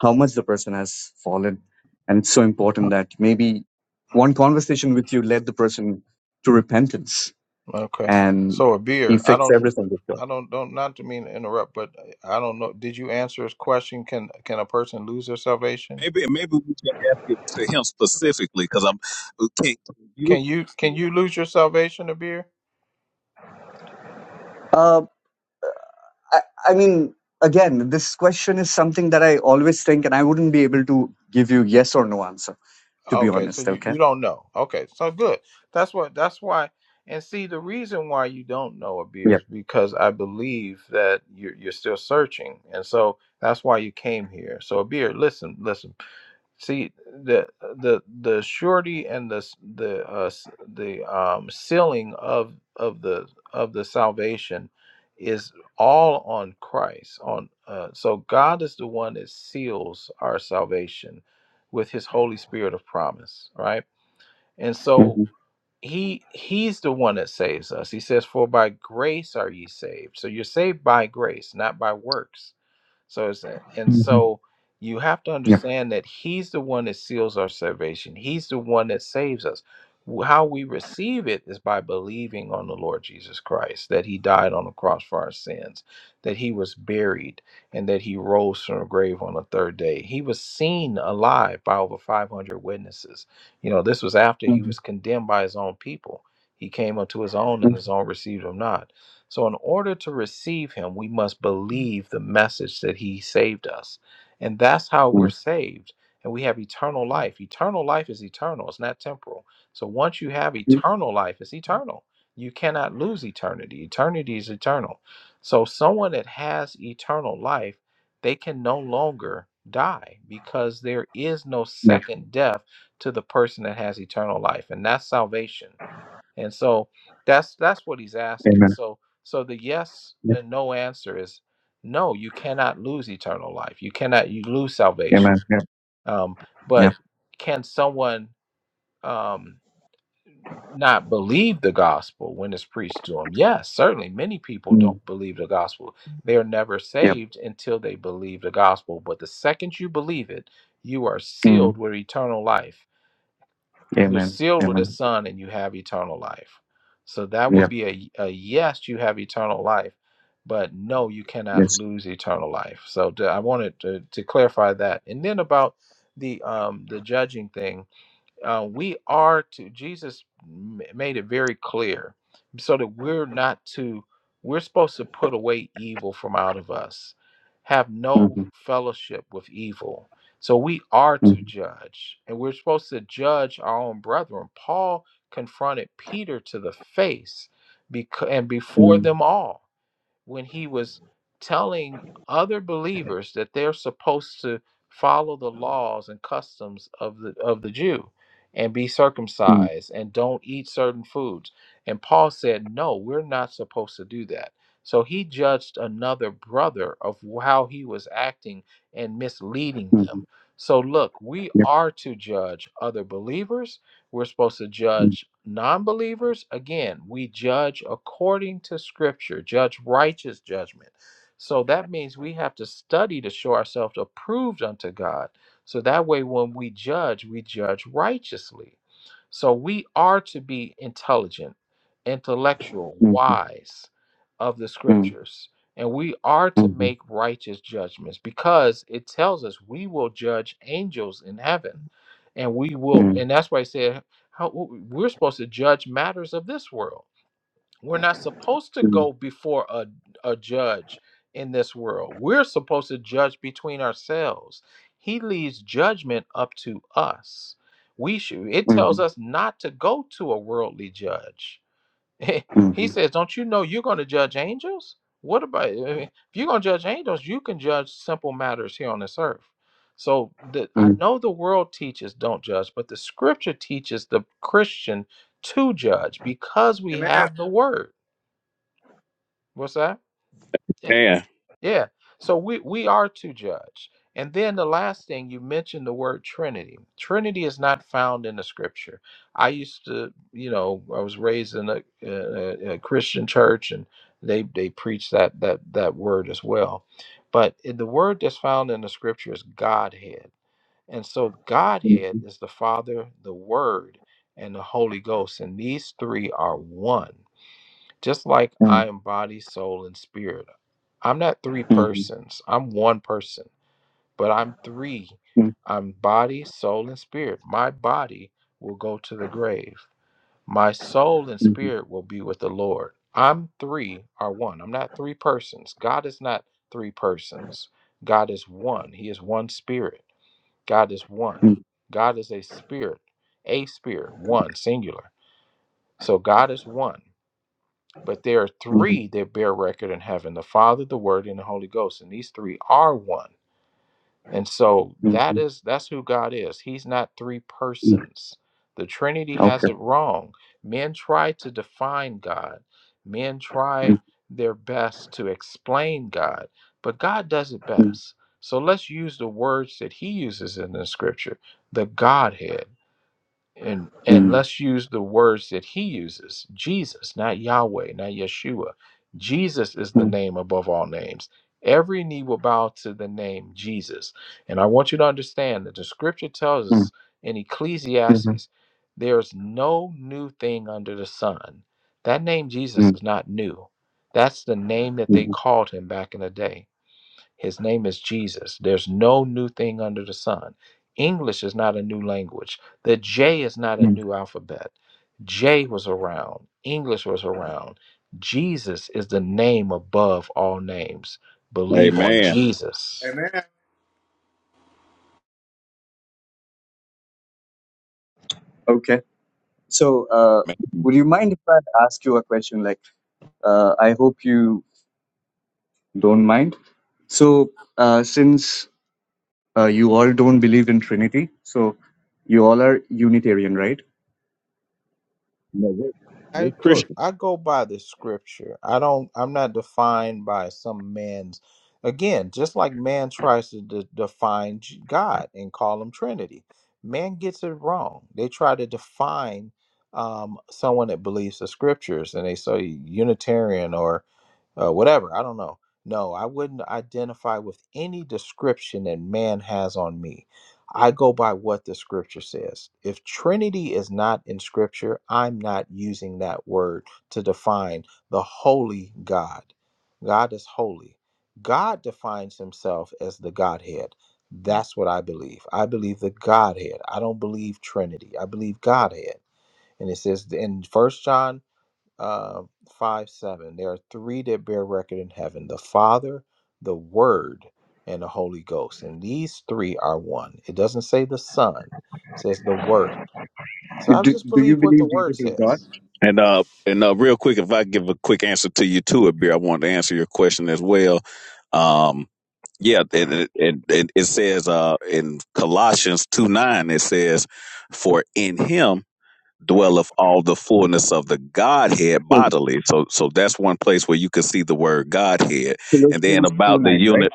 S5: how much the person has fallen. And it's so important that maybe one conversation with you led the person to repentance
S4: Okay.
S5: and
S4: So a beer.
S5: he
S4: I
S5: fixed
S4: don't.
S5: everything with God.
S4: I don't. Don't. Not to mean to interrupt, but I don't know. Did you answer his question? Can Can a person lose their salvation?
S1: Maybe maybe we should ask it to him specifically because I'm. Okay,
S4: Can
S1: you?
S4: you Can
S1: Yeah.
S4: you lose your salvation, a beer?
S5: Uh, I, I mean, again, this question is something that I always think, and I wouldn't be able to give you yes or no answer, to be
S4: Okay, so
S5: honest.
S4: you
S5: Okay.
S4: you don't know. Okay, so good. That's what that's why. And see, the reason why you don't know a beer
S5: Yep.
S4: is because I believe that you're you're still searching, and so that's why you came here. So a beer, listen, listen. See the the the surety and the s- the uh, s- the um, sealing of of the of the salvation is all on Christ. On uh, so God is the one that seals our salvation with His Holy Spirit of promise, right? And so
S5: Mm-hmm.
S4: He He's the one that saves us. He says, "For by grace are ye saved." So you're saved by grace, not by works so it's that. And
S5: hmm
S4: so you have to
S5: Yep.
S4: understand that He's the one that seals our salvation. He's the one that saves us. W- How we receive it is by believing on the Lord Jesus Christ, that He died on the cross for our sins, that He was buried, and that He rose from the grave on the third day. He was seen alive by over 500 witnesses. You know, this was after He
S5: Mm-hmm.
S4: was condemned by His own people. He came unto His own, and His
S5: Mm-hmm.
S4: own received Him not. So, in order to receive him, we must believe the message that he saved us. And that's how we're saved. And we have eternal life. Eternal life is eternal, it's not temporal. So, once you have
S5: Mm-hmm.
S4: eternal life, it's eternal. You cannot lose eternity. Eternity is eternal. So, someone that has eternal life, they can no longer die because there is no
S5: Yep.
S4: second death to the person that has eternal life. And that's salvation. And so that's that's what he's asking.
S5: Amen.
S4: So so the yes
S5: Yep.
S4: and no answer is no, you cannot lose eternal life. You cannot you lose salvation.
S5: Amen. Yep.
S4: Um, but
S5: Yep.
S4: can someone um, not believe the gospel when it's preached to them? Yes, certainly. Many people
S5: Mm.
S4: don't believe the gospel. They are never
S5: Yep.
S4: saved until they believe the gospel. But the second you believe it, you are sealed
S5: Mm.
S4: with eternal life you're
S5: Amen.
S4: sealed with the
S5: Amen.
S4: son and you have eternal life so that would
S5: Yep.
S4: be a, a yes you have eternal life but no you cannot
S5: Yes.
S4: lose eternal life so to, i wanted to, to clarify that and then about the um the judging thing uh, we are to jesus m- made it very clear so that we're not to we're supposed to put away evil from out of us have no
S5: Mm-hmm.
S4: fellowship with evil so we are
S5: Mm-hmm.
S4: to judge and we're supposed to judge our own brethren paul confronted peter to the face bec- and
S5: Mm-hmm.
S4: before them all when he was telling other believers that they're supposed to follow the laws and customs of the of the Jew and be
S5: Mm,
S4: circumcised and don't eat certain foods. And Paul said, "No, we're not supposed to do that." So he judged another brother of how he was acting and misleading
S5: mhm,
S4: them. So look, we
S5: yep,
S4: are to judge other believers we're supposed to
S5: mm,
S4: judge non-believers again we judge according to scripture judge righteous judgment so that means we have to study to show ourselves approved unto god so that way when we judge we judge righteously so we are to be intelligent intellectual
S5: mhm,
S4: wise of the
S5: mm,
S4: scriptures and we are to
S5: mhm,
S4: make righteous judgments because it tells us we will judge angels in heaven and we will
S5: mm,
S4: and that's why I said how we're supposed to judge matters of this world. We're not supposed to
S5: mm,
S4: go before a, a judge in this world. We're supposed to judge between ourselves. He leaves judgment up to us. We should it tells
S5: mhm,
S4: us not to go to a worldly judge *laughs* he
S5: mhm, mm,
S4: says, "Don't you know you're going to judge angels? What about I mean, if you're going to judge angels? You can judge simple matters here on this earth." So the, I
S5: mhm,
S4: know the world teaches don't judge, but the Scripture teaches the Christian to judge because we
S3: Amen.
S4: have the *laughs* Word. What's that? Yeah.
S1: Man.
S4: Yeah. So we we are to judge. And then the last thing you mentioned the word Trinity. Trinity is not found in the Scripture. I used to, you know, I was raised in a, a, a Christian church, and they they preach that that that word as well. But in the word that's found in the Scripture is Godhead, and so
S5: mm, mhm, mm,
S4: Godhead is the Father, the Word, and the Holy Ghost, and these three are one. Just like I am body, soul, and spirit. I'm not three
S5: mhm,
S4: persons. I'm one person, but I'm three. I'm body, soul, and spirit. My body will go to the grave. My soul and spirit will be with the Lord. I'm three are one. I'm not three persons. God is not three persons. God is one. He is one spirit. God is one. God is a spirit, a spirit, one, singular. So God is one. But there are
S5: mm, mhm,
S4: three that bear record in heaven: the Father, the Word, and the Holy Ghost. And these three are one. And so that
S5: mhm,
S4: is that's who God is. He's not three
S5: mm.
S4: persons. The Trinity has
S5: Okay.
S4: it wrong. Men try to define God. Men try
S5: Mm,
S4: their best to explain God, but God does it
S5: mm,
S4: best. So let's use the words that He uses in the Scripture: the Godhead and and
S5: mm,
S4: let's use the words that he uses jesus not yahweh not yeshua jesus is the
S5: mm,
S4: name above all names every knee will bow to the name jesus and i want you to understand that the scripture tells
S5: mm,
S4: us in
S5: mhm,
S4: ecclesiastes there's no new thing under the sun that name jesus
S5: mm,
S4: is not new that's the name that they
S5: mhm,
S4: called him back in the day his name is Jesus. There's no new thing under the sun. English is not a new language. The J is not a
S5: mm.
S4: new alphabet. J was around, English was around. Jesus is the name above all names. Believe on
S1: Amen.
S4: Jesus.
S3: Amen.
S5: Okay. So, uh, would you mind if I ask you a question? Like, uh, I hope you don't mind. So, uh, since uh, you all don't believe in Trinity, so you all are Unitarian, right?
S4: I go I go by the scripture. I don't I'm not defined by some man's again, just like man tries to de- define J- God and call him Trinity. Man gets it wrong. They try to define um, someone that believes the scriptures and they say Unitarian or uh, whatever. I don't know. No, I wouldn't identify with any description that man has on me. I go by what the scripture says. If Trinity is not in scripture, I'm not using that word to define the holy God. God is holy. God defines himself as the Godhead. That's what I believe. I believe the Godhead. I don't believe Trinity. I believe Godhead. And it says in First John uh, 5 7. There are three that bear record in heaven the Father, the Word, and the Holy Ghost. And these three are one. It doesn't say the Son, it says the Word. So I
S5: Do,
S4: just
S5: do you
S4: believe what the
S5: believe
S4: Word
S5: Jesus is God?
S4: says.
S1: And uh, and uh, real quick, if I give a quick answer to you too, Abir, I wanted to answer your question as well. Um, yeah, it, it, it, it it says uh, in Colossians two nine, it says, "For in Him dwelleth all the fullness of the Godhead
S5: Cool.
S1: bodily." So, so that's one place where you can see the word Godhead. And then
S5: Colossians 2
S1: about the
S5: 9, right?
S1: unit,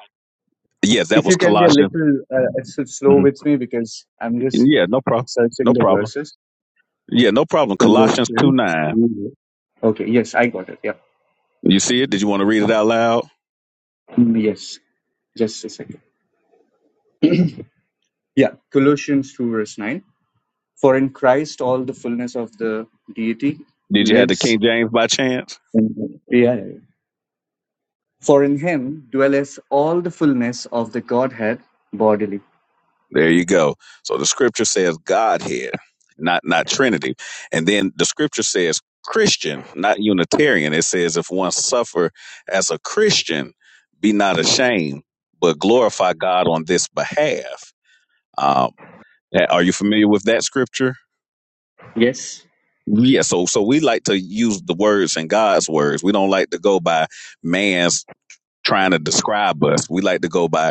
S1: yes, that
S5: If
S1: was
S5: you can be a
S1: Colossians.
S5: little uh, s- slow
S1: hmm
S5: with me because I'm just
S1: Yeah, no problem,
S5: searching
S1: no
S5: the
S1: problem.
S5: verses.
S1: Yeah, no problem.
S5: Colossians
S1: Colossians two nine.
S5: 2. Okay, yes, I got it. Yeah.
S1: You see it? Did you want to read it out loud?
S5: Mm, Yes, just a second. *clears throat* Yeah, Colossians 2, verse 9. For in Christ all the fullness of the deity
S1: Did you have the
S5: lives
S1: King James by chance?
S5: in him. Yeah, yeah, yeah. For in him dwelleth all the fullness of the Godhead bodily.
S1: There you go. So the scripture says Godhead, not not Trinity. And then the scripture says Christian, not Unitarian. It says if one suffer as a Christian, be not ashamed, but glorify God on this behalf. Um, are you familiar with that scripture?
S5: Yes.
S1: Yeah, so so we like to use the words and God's words. We don't like to go by man's trying to describe us. We like to go by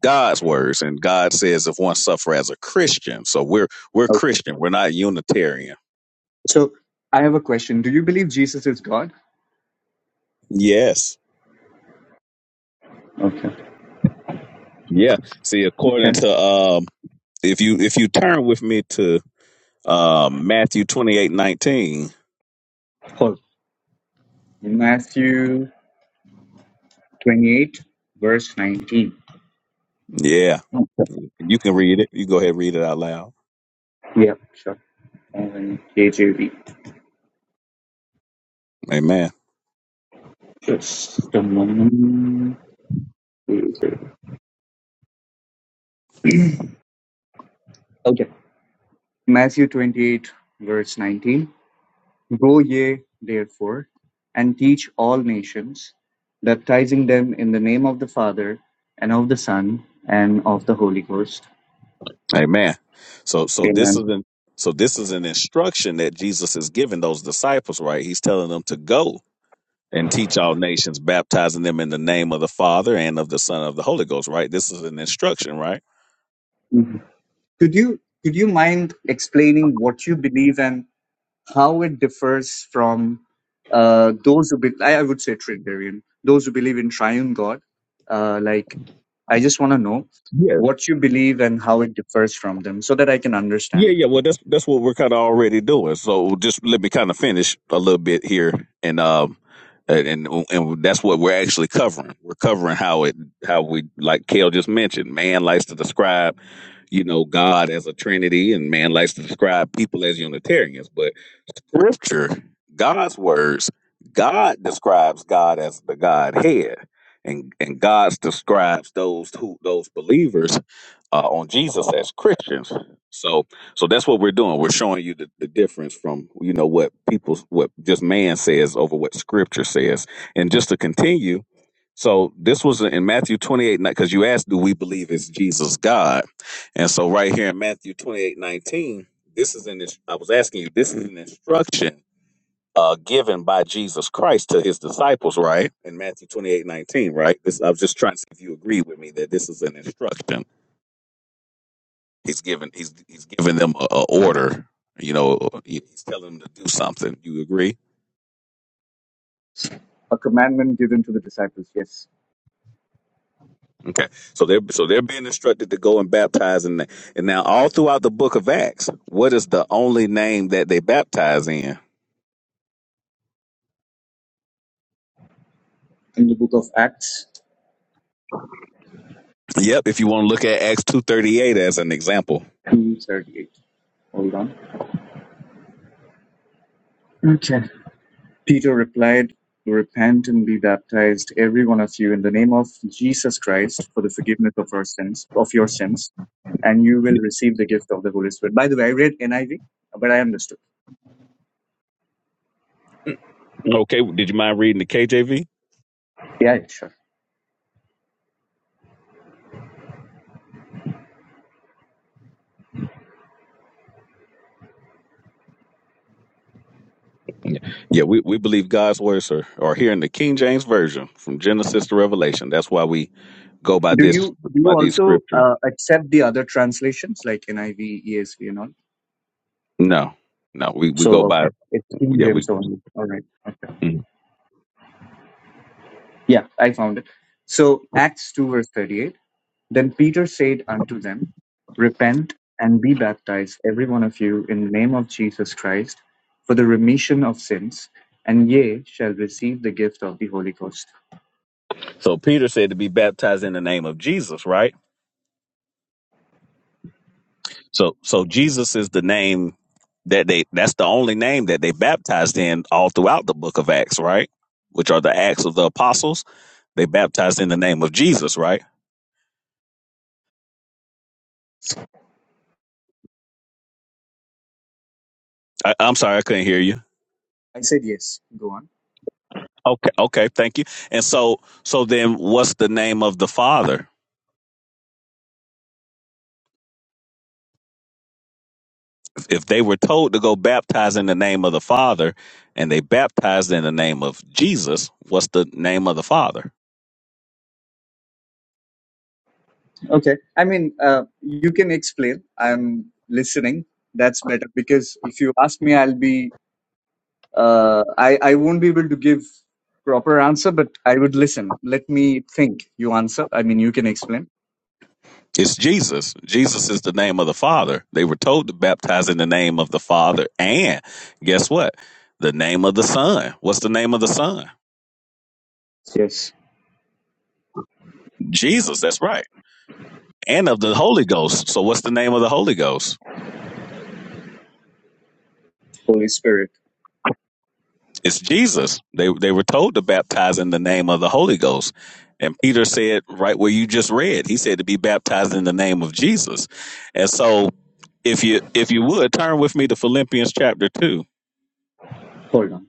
S1: God's words, and God says if one suffer as a Christian, so we're we're
S5: Okay.
S1: Christian, we're not Unitarian.
S5: So I have a question. Do you believe Jesus is God?
S1: Yes,
S5: Okay.
S1: yeah. See, according
S5: Okay.
S1: to um, if you if you turn with me to um Matthew twenty eight nineteen,
S5: Paul. Matthew 28, verse 19.
S1: yeah,
S5: Okay.
S1: you can read it. You go ahead and read it out loud.
S5: Yeah, sure. And KJV.
S1: Amen.
S5: Just a moment. Okay. Matthew 28, verse 19. Go ye therefore and teach all nations, baptizing them in the name of the Father and of the Son and of the Holy Ghost.
S1: Amen. So so this
S5: Amen.
S1: is an so this is an instruction that Jesus is giving those disciples, right? He's telling them to go. and teach all nations, baptizing them in the name of the Father and of the Son of the Holy Ghost, right? This is an instruction, right?
S5: Mhm. Could you could you mind explaining what you believe and how it differs from uh, those who be- I, I would say Trinitarian, those who believe in triune God. Uh, like, I just want to know
S1: Yeah.
S5: what you believe and how it differs from them, so that I can
S1: Yeah,
S5: understand.
S1: yeah. Well that's that's what we're kinda already doing. So just let me kind of finish a little bit here and um and and and that's what we're actually covering. We're covering how it how we like Kale just mentioned, man likes to describe you know, God as a Trinity, and man likes to describe people as Unitarians. But scripture, God's words, God describes God as the Godhead, and and God describes those who those believers uh, on Jesus as Christians. So so that's what we're doing. We're showing you the, the difference from you know what people what just man says over what Scripture says, and just to continue. So this was in Matthew 28, because you asked, do we believe is Jesus God? And so right here in Matthew 28 19. This is an. I was asking you. This is an instruction uh, given by Jesus Christ to his disciples, right? In Matthew twenty eight nineteen, right? This. I was just trying to see if you agree with me that this is an instruction. He's given. He's he's giving them a, a order. You know, he's telling them to do something. You agree?
S5: A commandment given to the disciples. Yes,
S1: Okay. So they're so they're being instructed to go and baptize, in and and now all throughout the book of Acts, what is the only name that they baptize in?
S5: in the book of Acts
S1: Yep. If you want to look at Acts two thirty eight as an example.
S5: two thirty eight. Hold on. Okay. Peter replied, Repent and be baptized, every one of you, in the name of Jesus Christ for the forgiveness of our sins, of your sins, and you will receive the gift of the Holy Spirit. By the way, I read NIV, but I understood.
S1: Okay, did you mind reading the KJV?
S5: Yeah, yeah, sure.
S1: Yeah, yeah we, we believe God's words are, are here in the King James Version from Genesis to Revelation. That's why we go by
S5: Do
S1: this
S5: you do you
S1: by these
S5: also
S1: scriptures.
S5: uh, accept the other translations like NIV, ESV, and all?
S1: No, no, we, we
S5: So
S1: go by
S5: okay, it's King
S1: yeah, we
S5: James only. All right, okay.
S1: mm.
S5: Yeah, I found it. So Acts two verse 38. Then Peter said unto them, Repent and be baptized, every one of you, in the name of Jesus Christ, for the remission of sins, and ye shall receive the gift of the Holy Ghost.
S1: so Peter said to be baptized in the name of Jesus, right? So so Jesus is the name that they that's the only name that they baptized in all throughout the book of Acts, right? Which are the Acts of the Apostles. They baptized in the name of Jesus, right? I, I'm sorry, I couldn't hear you.
S5: I said yes. Go on.
S1: Okay, okay, thank you. And so, so then, what's the name of the Father? If they were told to go baptize in the name of the Father, and they baptized in the name of Jesus, what's the name of the Father?
S5: Okay. I mean, uh, you can explain. I'm listening. That's better because if you ask me, I'll be. Uh, I I won't be able to give proper answer, but I would listen. Let me think. You answer. I mean, you can explain.
S1: It's Jesus. Jesus is the name of the Father. They were told to baptize in the name of the Father. And guess what? The name of the Son. What's the name of the Son?
S5: Yes.
S1: Jesus. That's right. And of the Holy Ghost. So what's the name of the Holy Ghost?
S5: Holy Spirit.
S1: It's Jesus. They they were told to baptize in the name of the Holy Ghost. And Peter said, right where you just read, he said to be baptized in the name of Jesus. And so if you if you would turn with me to Philippians chapter two.
S5: Hold on.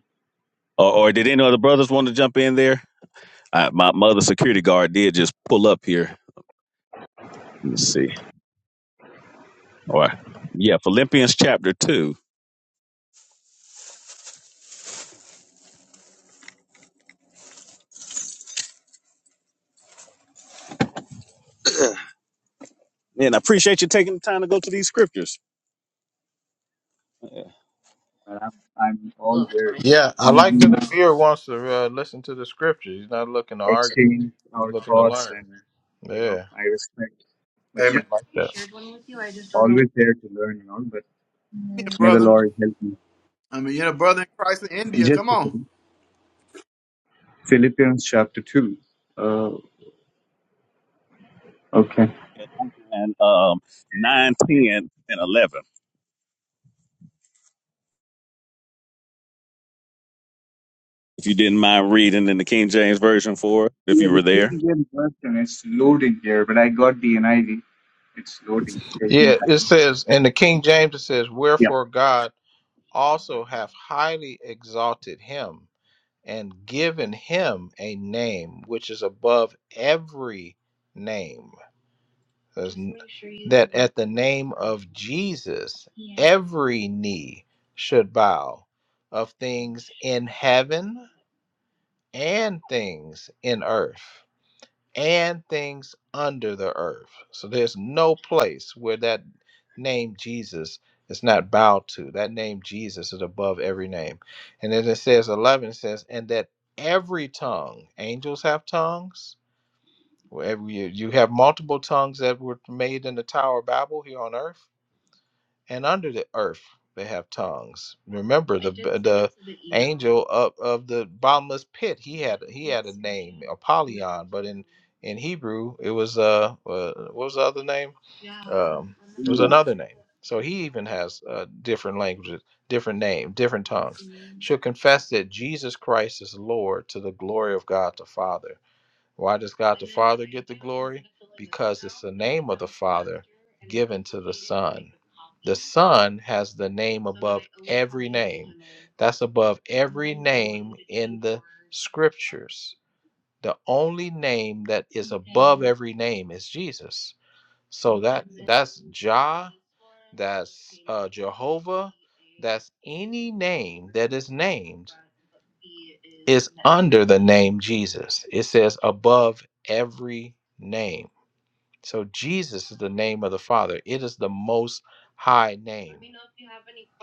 S1: Or, or did any other brothers want to jump in there? Uh, my mother security guard did just pull up here. Let me see. All right. Yeah, Philippians chapter 2. And I appreciate you taking the time to go to these scriptures.
S5: Well, I'm, I'm all here to
S4: Yeah, I like that
S5: humbly
S4: the viewer wants to uh, listen to the scripture. He's not looking to argue,
S5: exchange
S4: he's
S5: our
S4: looking to
S5: thoughts
S4: learn.
S5: and, you know,
S4: Yeah.
S5: I respect. But
S3: Amen.
S5: yeah,
S4: I yeah.
S5: always there to learn and all, but
S3: Yeah,
S5: may the
S3: brother.
S5: Lord help me.
S3: I mean, you're a brother in Christ in India.
S5: Just
S3: Come
S5: a
S3: on.
S5: second. Philippians chapter 2. Uh, okay. Yeah, the King James version is loading here, but I got the NIV. It's loading, taking
S4: Yeah, it
S5: time.
S4: says in the King James, it says,
S5: Yeah.
S4: Wherefore God also hath highly exalted him and given him a name which is above every name. There's n- that at the name of Jesus, Yeah. every knee should bow of things in heaven and things in earth and things under the earth. So there's no place where that name Jesus is not bowed to. That name Jesus is above every name. And then it says 11, it says, and that every tongue, angels have tongues. Wherever you, you have multiple tongues that were made in the Tower of Babel here on earth and under the earth they have tongues. Remember the the angel of, of the bottomless pit. He had he had a name, Apollyon, but in in Hebrew it was uh, uh what was the other name? Um, it was another name. So he even has uh, different languages, different name, different tongues. Shall confess that Jesus Christ is Lord to the glory of God the Father. Why does God the Father get the glory? Because it's the name of the Father given to the Son. The Son has the name above every name. That's above every name in the scriptures. The only name that is above every name is Jesus. So that that's Jah, that's uh, Jehovah, that's any name that is named is under the name Jesus. It says above every name. So Jesus is the name of the Father. It is the most high name.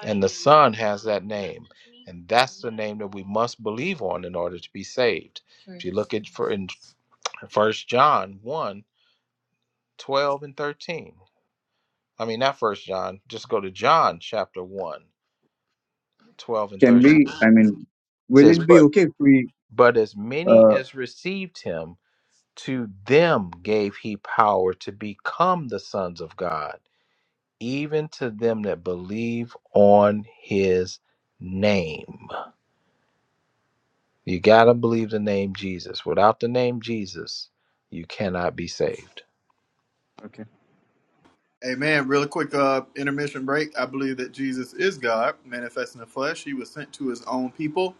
S4: And the Son has that name. And that's the name that we must believe on in order to be saved. If you look at for in First John one 12 and 13. I mean, not first John, just go to John chapter one, 12 and
S5: Can
S4: 13.
S5: we,
S4: It
S5: I mean, will
S4: says,
S5: it be
S4: But
S5: okay if we,
S4: but as many
S5: uh,
S4: as received him, to them gave he power to become the sons of God, even to them that believe on his name. You gotta believe the name Jesus. Without the name Jesus, you cannot be saved.
S5: okay.
S3: Amen. Real quick uh, intermission break. I believe that Jesus is God, manifest in the flesh. He was sent to his own people.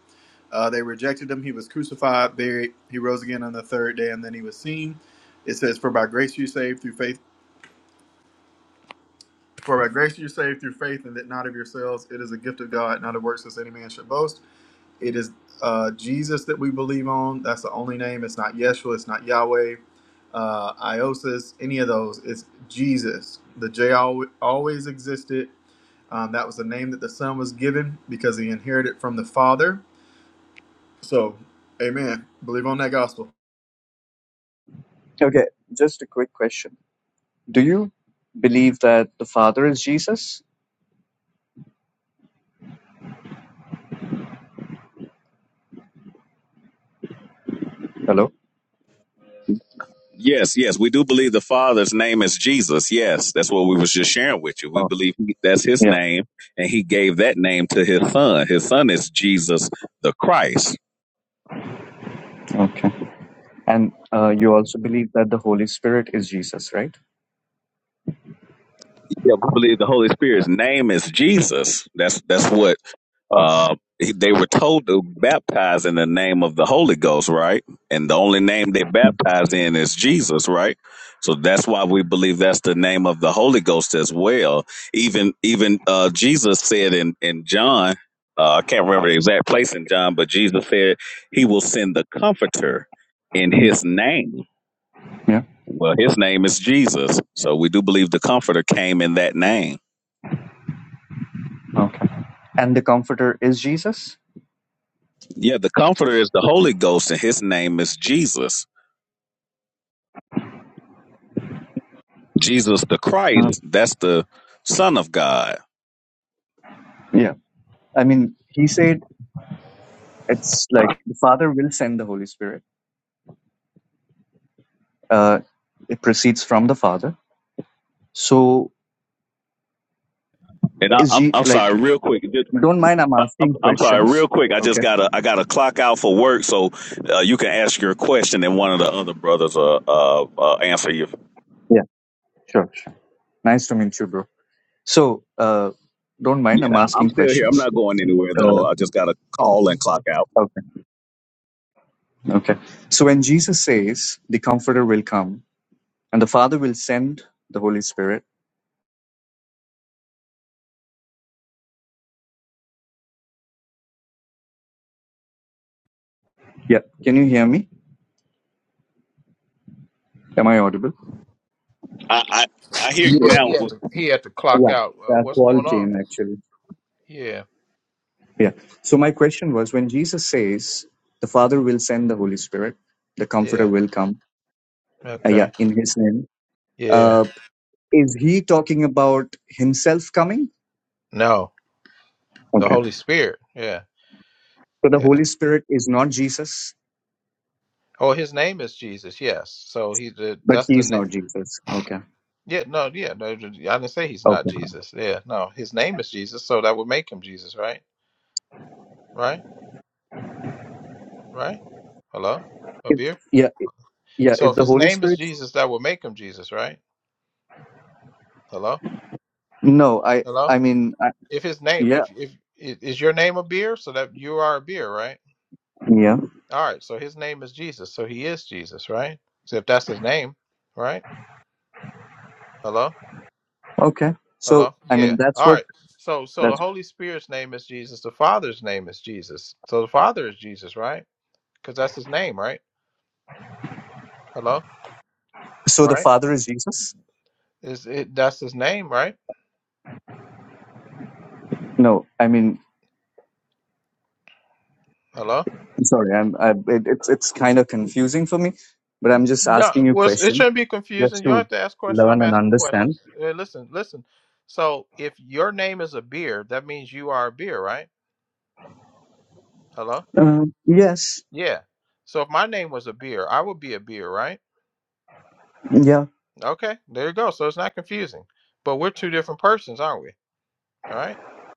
S3: Uh, they rejected him. He was crucified, buried. He rose again on the third day, and then he was seen. It says, For by grace you saved through faith. For by grace you're saved through faith, and that not of yourselves. It is a gift of God, not of works, as any man should boast. It is uh, Jesus that we believe on. That's the only name. It's not Yeshua. It's not Yahweh, uh, Iosis, any of those. It's Jesus. The J al- always existed. Um, that was the name that the Son was given because he inherited from the Father. So, Amen. Believe on that gospel.
S5: Okay, just a quick question. Do you believe that the Father is Jesus? Hello?
S1: Yes, yes. We do believe the Father's name is Jesus. Yes, that's what we was just sharing with you. We
S5: Oh,
S1: believe he, that's his
S5: yeah,
S1: name, and he gave that name to his son. His son is Jesus the Christ.
S5: okay. And uh, you also believe that the Holy Spirit is Jesus, right?
S1: Yeah, we believe the Holy Spirit's name is Jesus. That's that's what
S5: Oh,
S1: Uh, they were told to baptize in the name of the Holy Ghost, right? And the only name they baptize in is Jesus, right? So that's why we believe that's the name of the Holy Ghost as well. Even even uh, Jesus said in in John, uh, I can't remember the exact place in John, but Jesus said he will send the Comforter in
S5: mm,
S1: His name.
S5: yeah,
S1: Well, His name is Jesus, so we do believe the Comforter came in that name.
S5: okay. And the Comforter is Jesus?
S1: Yeah, the Comforter is the Holy Ghost, and His name is Jesus. Jesus the
S5: Uh,
S1: Christ, that's the Son of God.
S5: yeah. I mean, he said it's like the Father will send the Holy Spirit. Uh, it proceeds from the Father. So,
S1: And I,
S5: is
S1: I'm
S5: he
S1: I'm
S5: like,
S1: sorry, real quick. just-
S5: don't mind I'm
S1: I'm,
S5: asking
S1: I'm sorry, real
S5: questions.
S1: quick. I just
S5: Okay.
S1: gotta I gotta clock out for work, so uh, you can ask your question, and one of the other brothers uh, uh, uh answer you.
S5: Yeah, sure, sure. Nice to meet you, bro. So, uh, don't mind
S1: Yeah,
S5: I'm
S1: I'm
S5: asking
S1: still here. I'm
S5: questions.
S1: not going anywhere
S5: Uh,
S1: though. I just gotta call and clock out.
S5: okay. Okay. So when Jesus says the Comforter will come and the Father will send the Holy Spirit. Yeah. Can you hear me? Am I audible?
S4: Yeah, he had to he had to clock
S5: Yeah,
S4: out. Uh,
S5: that
S4: what's
S5: call
S4: going on?
S5: came actually.
S4: Yeah,
S5: Yeah. So my question was when Jesus says the Father will send the Holy Spirit, the
S4: yeah.
S5: Comforter will come. Uh, yeah,
S4: Okay.
S5: in His name.
S4: Yeah.
S5: Uh, is he talking about Himself coming?
S4: No. The
S5: Okay.
S4: Holy Spirit. Yeah,
S5: So the
S4: yeah.
S5: Holy Spirit is not Jesus,
S4: Oh, his name is Jesus. Yes. So he the
S5: but
S4: that's
S5: He
S4: the
S5: is
S4: name.
S5: not Jesus. Okay.
S4: Yeah, no, yeah, no. I didn't say he's not
S5: Okay.
S4: Jesus. Yeah, no, his name is Jesus, so that would make him Jesus, right? Right? Right? Hello,
S5: If,
S4: Abir.
S5: yeah. Yeah.
S4: So
S5: If
S4: if
S5: the
S4: his
S5: Holy
S4: name is
S5: Spirit
S4: Jesus, that would make him Jesus, right? Hello,
S5: No, I
S4: hello.
S5: I mean I,
S4: If his name,
S5: yeah
S4: if if i- is your name Abir, so that you are Abir, right?
S5: yeah
S4: All right. So his name is Jesus, so he is Jesus, right? So if that's his name, right? Hello.
S5: okay. So
S4: Hello?
S5: I
S4: Yeah.
S5: mean that's
S4: All
S5: what
S4: right. So so the
S5: that's
S4: Holy Spirit's name is Jesus. The Father's name is Jesus. So the Father is Jesus, right? Because that's his name, right? Hello?
S5: so the
S4: Right?
S5: Father is Jesus.
S4: Is it that's his name, right?
S5: No, I mean
S4: Hello?
S5: sorry, I'm I, it, it's it's kind of confusing for me, but I'm just
S4: No,
S5: asking you
S4: well, it's- it
S5: question
S4: shouldn't be confusing.
S5: just
S4: You don't
S5: to
S4: have to ask questions.
S5: learn
S4: I'm
S5: and
S4: asking
S5: understand.
S4: questions. Hey, listen, listen. So if your name is a beer, that means you are a beer, right? Hello?
S5: Uh, yes,
S4: Yeah. So if my name was a beer, I would be a beer, right?
S5: yeah,
S4: Okay, there you go. So it's not confusing. But we're two different persons, aren't we? All right.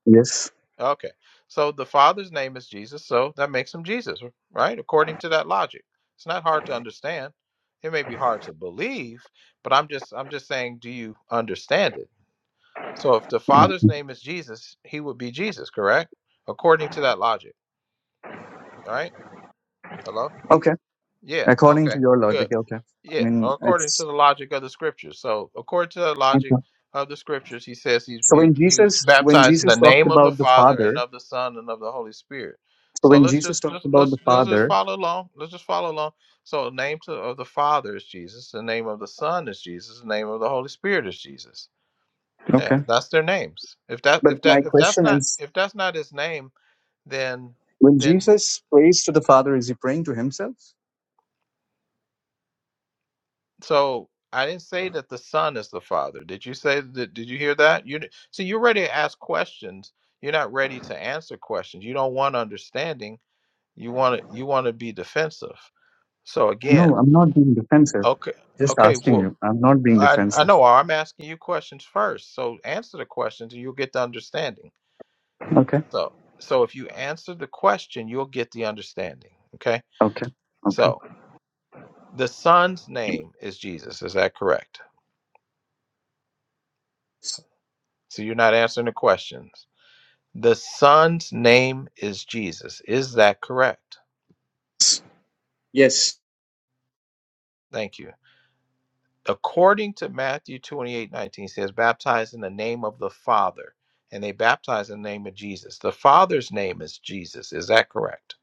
S5: yes.
S4: Okay. So the Father's name is Jesus, so that makes him Jesus, right? According to that logic. It's not hard to understand. It may be hard to believe, but I'm just I'm just saying, do you understand it? So if the Father's
S5: uh-huh.
S4: name is Jesus, he would be Jesus, correct? According to that logic. All right? Hello?
S5: Okay,
S4: Yeah.
S5: according
S4: Okay.
S5: to your
S4: Good.
S5: logic, okay. I
S4: Yeah,
S5: mean
S4: according to
S5: it's
S4: the logic of the scriptures. So, according to the logic
S5: okay.
S4: of the scriptures, he says he,
S5: So
S4: he
S5: when
S4: he was
S5: Jesus when
S4: baptized in the
S5: Jesus talked
S4: name of the
S5: about the
S4: Father and
S5: Father,
S4: of the Son and of the Holy Spirit.
S5: so
S4: So
S5: when
S4: let's
S5: Jesus
S4: just
S5: talked
S4: just
S5: about
S4: let's
S5: the
S4: let's just
S5: Father,
S4: follow along. Let's just follow along. So, the name to, of the Father is Jesus. The name of the Son is Jesus. The name of the Holy Spirit is Jesus. Yeah,
S5: okay.
S4: that's their names. If that
S5: But
S4: if
S5: my
S4: that if that's
S5: question
S4: not
S5: is.
S4: if that's not his name, then
S5: When
S4: then
S5: Jesus prays to the Father, is he praying to himself?
S4: So I didn't say that the son is the father. Did you say that? Did you hear that? You di- see, you're ready to ask questions. You're not ready to answer questions. You don't want understanding. You want to. You want to be defensive. So
S5: No,
S4: again,
S5: I'm not being defensive.
S4: okay,
S5: Just
S4: okay.
S5: asking
S4: Well,
S5: you. I'm not being
S4: I I
S5: defensive.
S4: know. I'm asking you questions first. So answer the questions, and you'll get the understanding.
S5: Okay.
S4: So so if you answer the question, you'll get the understanding. Okay.
S5: Okay. Okay.
S4: So the son's name is Jesus. Is that correct? So you're not answering the questions. The Son's name is Jesus. Is that correct?
S5: Yes.
S4: Thank you. According to Matthew 28 19, says, baptize in the name of the Father. And they baptize in the name of Jesus. The Father's name is Jesus. Is that correct?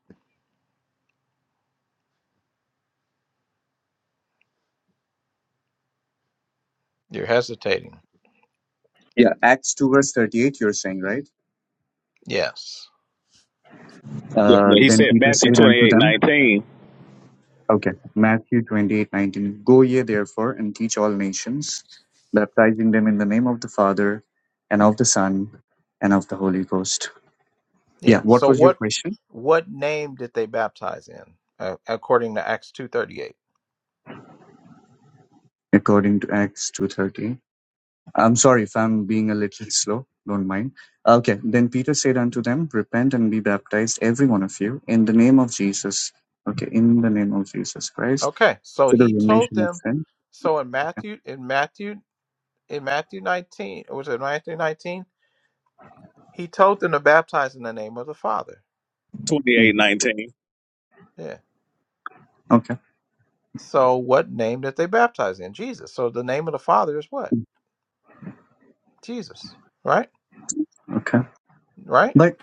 S4: You're hesitating.
S5: Yeah. Acts 2, verse 38, you're saying, right?
S4: Yes.
S1: Yeah,
S5: Uh,
S1: no, he
S5: then
S1: said
S5: Peter
S1: Matthew
S5: said unto
S1: 28,
S5: them,
S1: 19.
S5: okay, Matthew 28 19. Go ye therefore and teach all nations, baptizing them in the name of the Father and of the Son and of the Holy Ghost. Yeah.
S4: Yeah.
S5: What
S4: So
S5: was your
S4: what
S5: question?
S4: what name did they baptize in? Uh, according to Acts 238.
S5: According to Acts 2:38. I'm sorry if I'm being a little slow, don't mind. Okay, then Peter said unto them, Repent and be baptized, every one of you, in the name of Jesus. Okay, in the name of Jesus Christ,
S4: Okay. So
S5: to the
S4: he told
S5: remission of
S4: them
S5: sin.
S4: so in
S5: Okay,
S4: Matthew in Matthew in Matthew 19, was it Matthew 19? He told them to baptize in the name of the Father.
S1: twenty-eight
S5: hmm
S1: nineteen.
S4: Yeah.
S5: okay,
S4: So what name did they baptize in? Jesus. So the name of the Father is what? Jesus. Right?
S5: okay.
S4: Right?
S5: But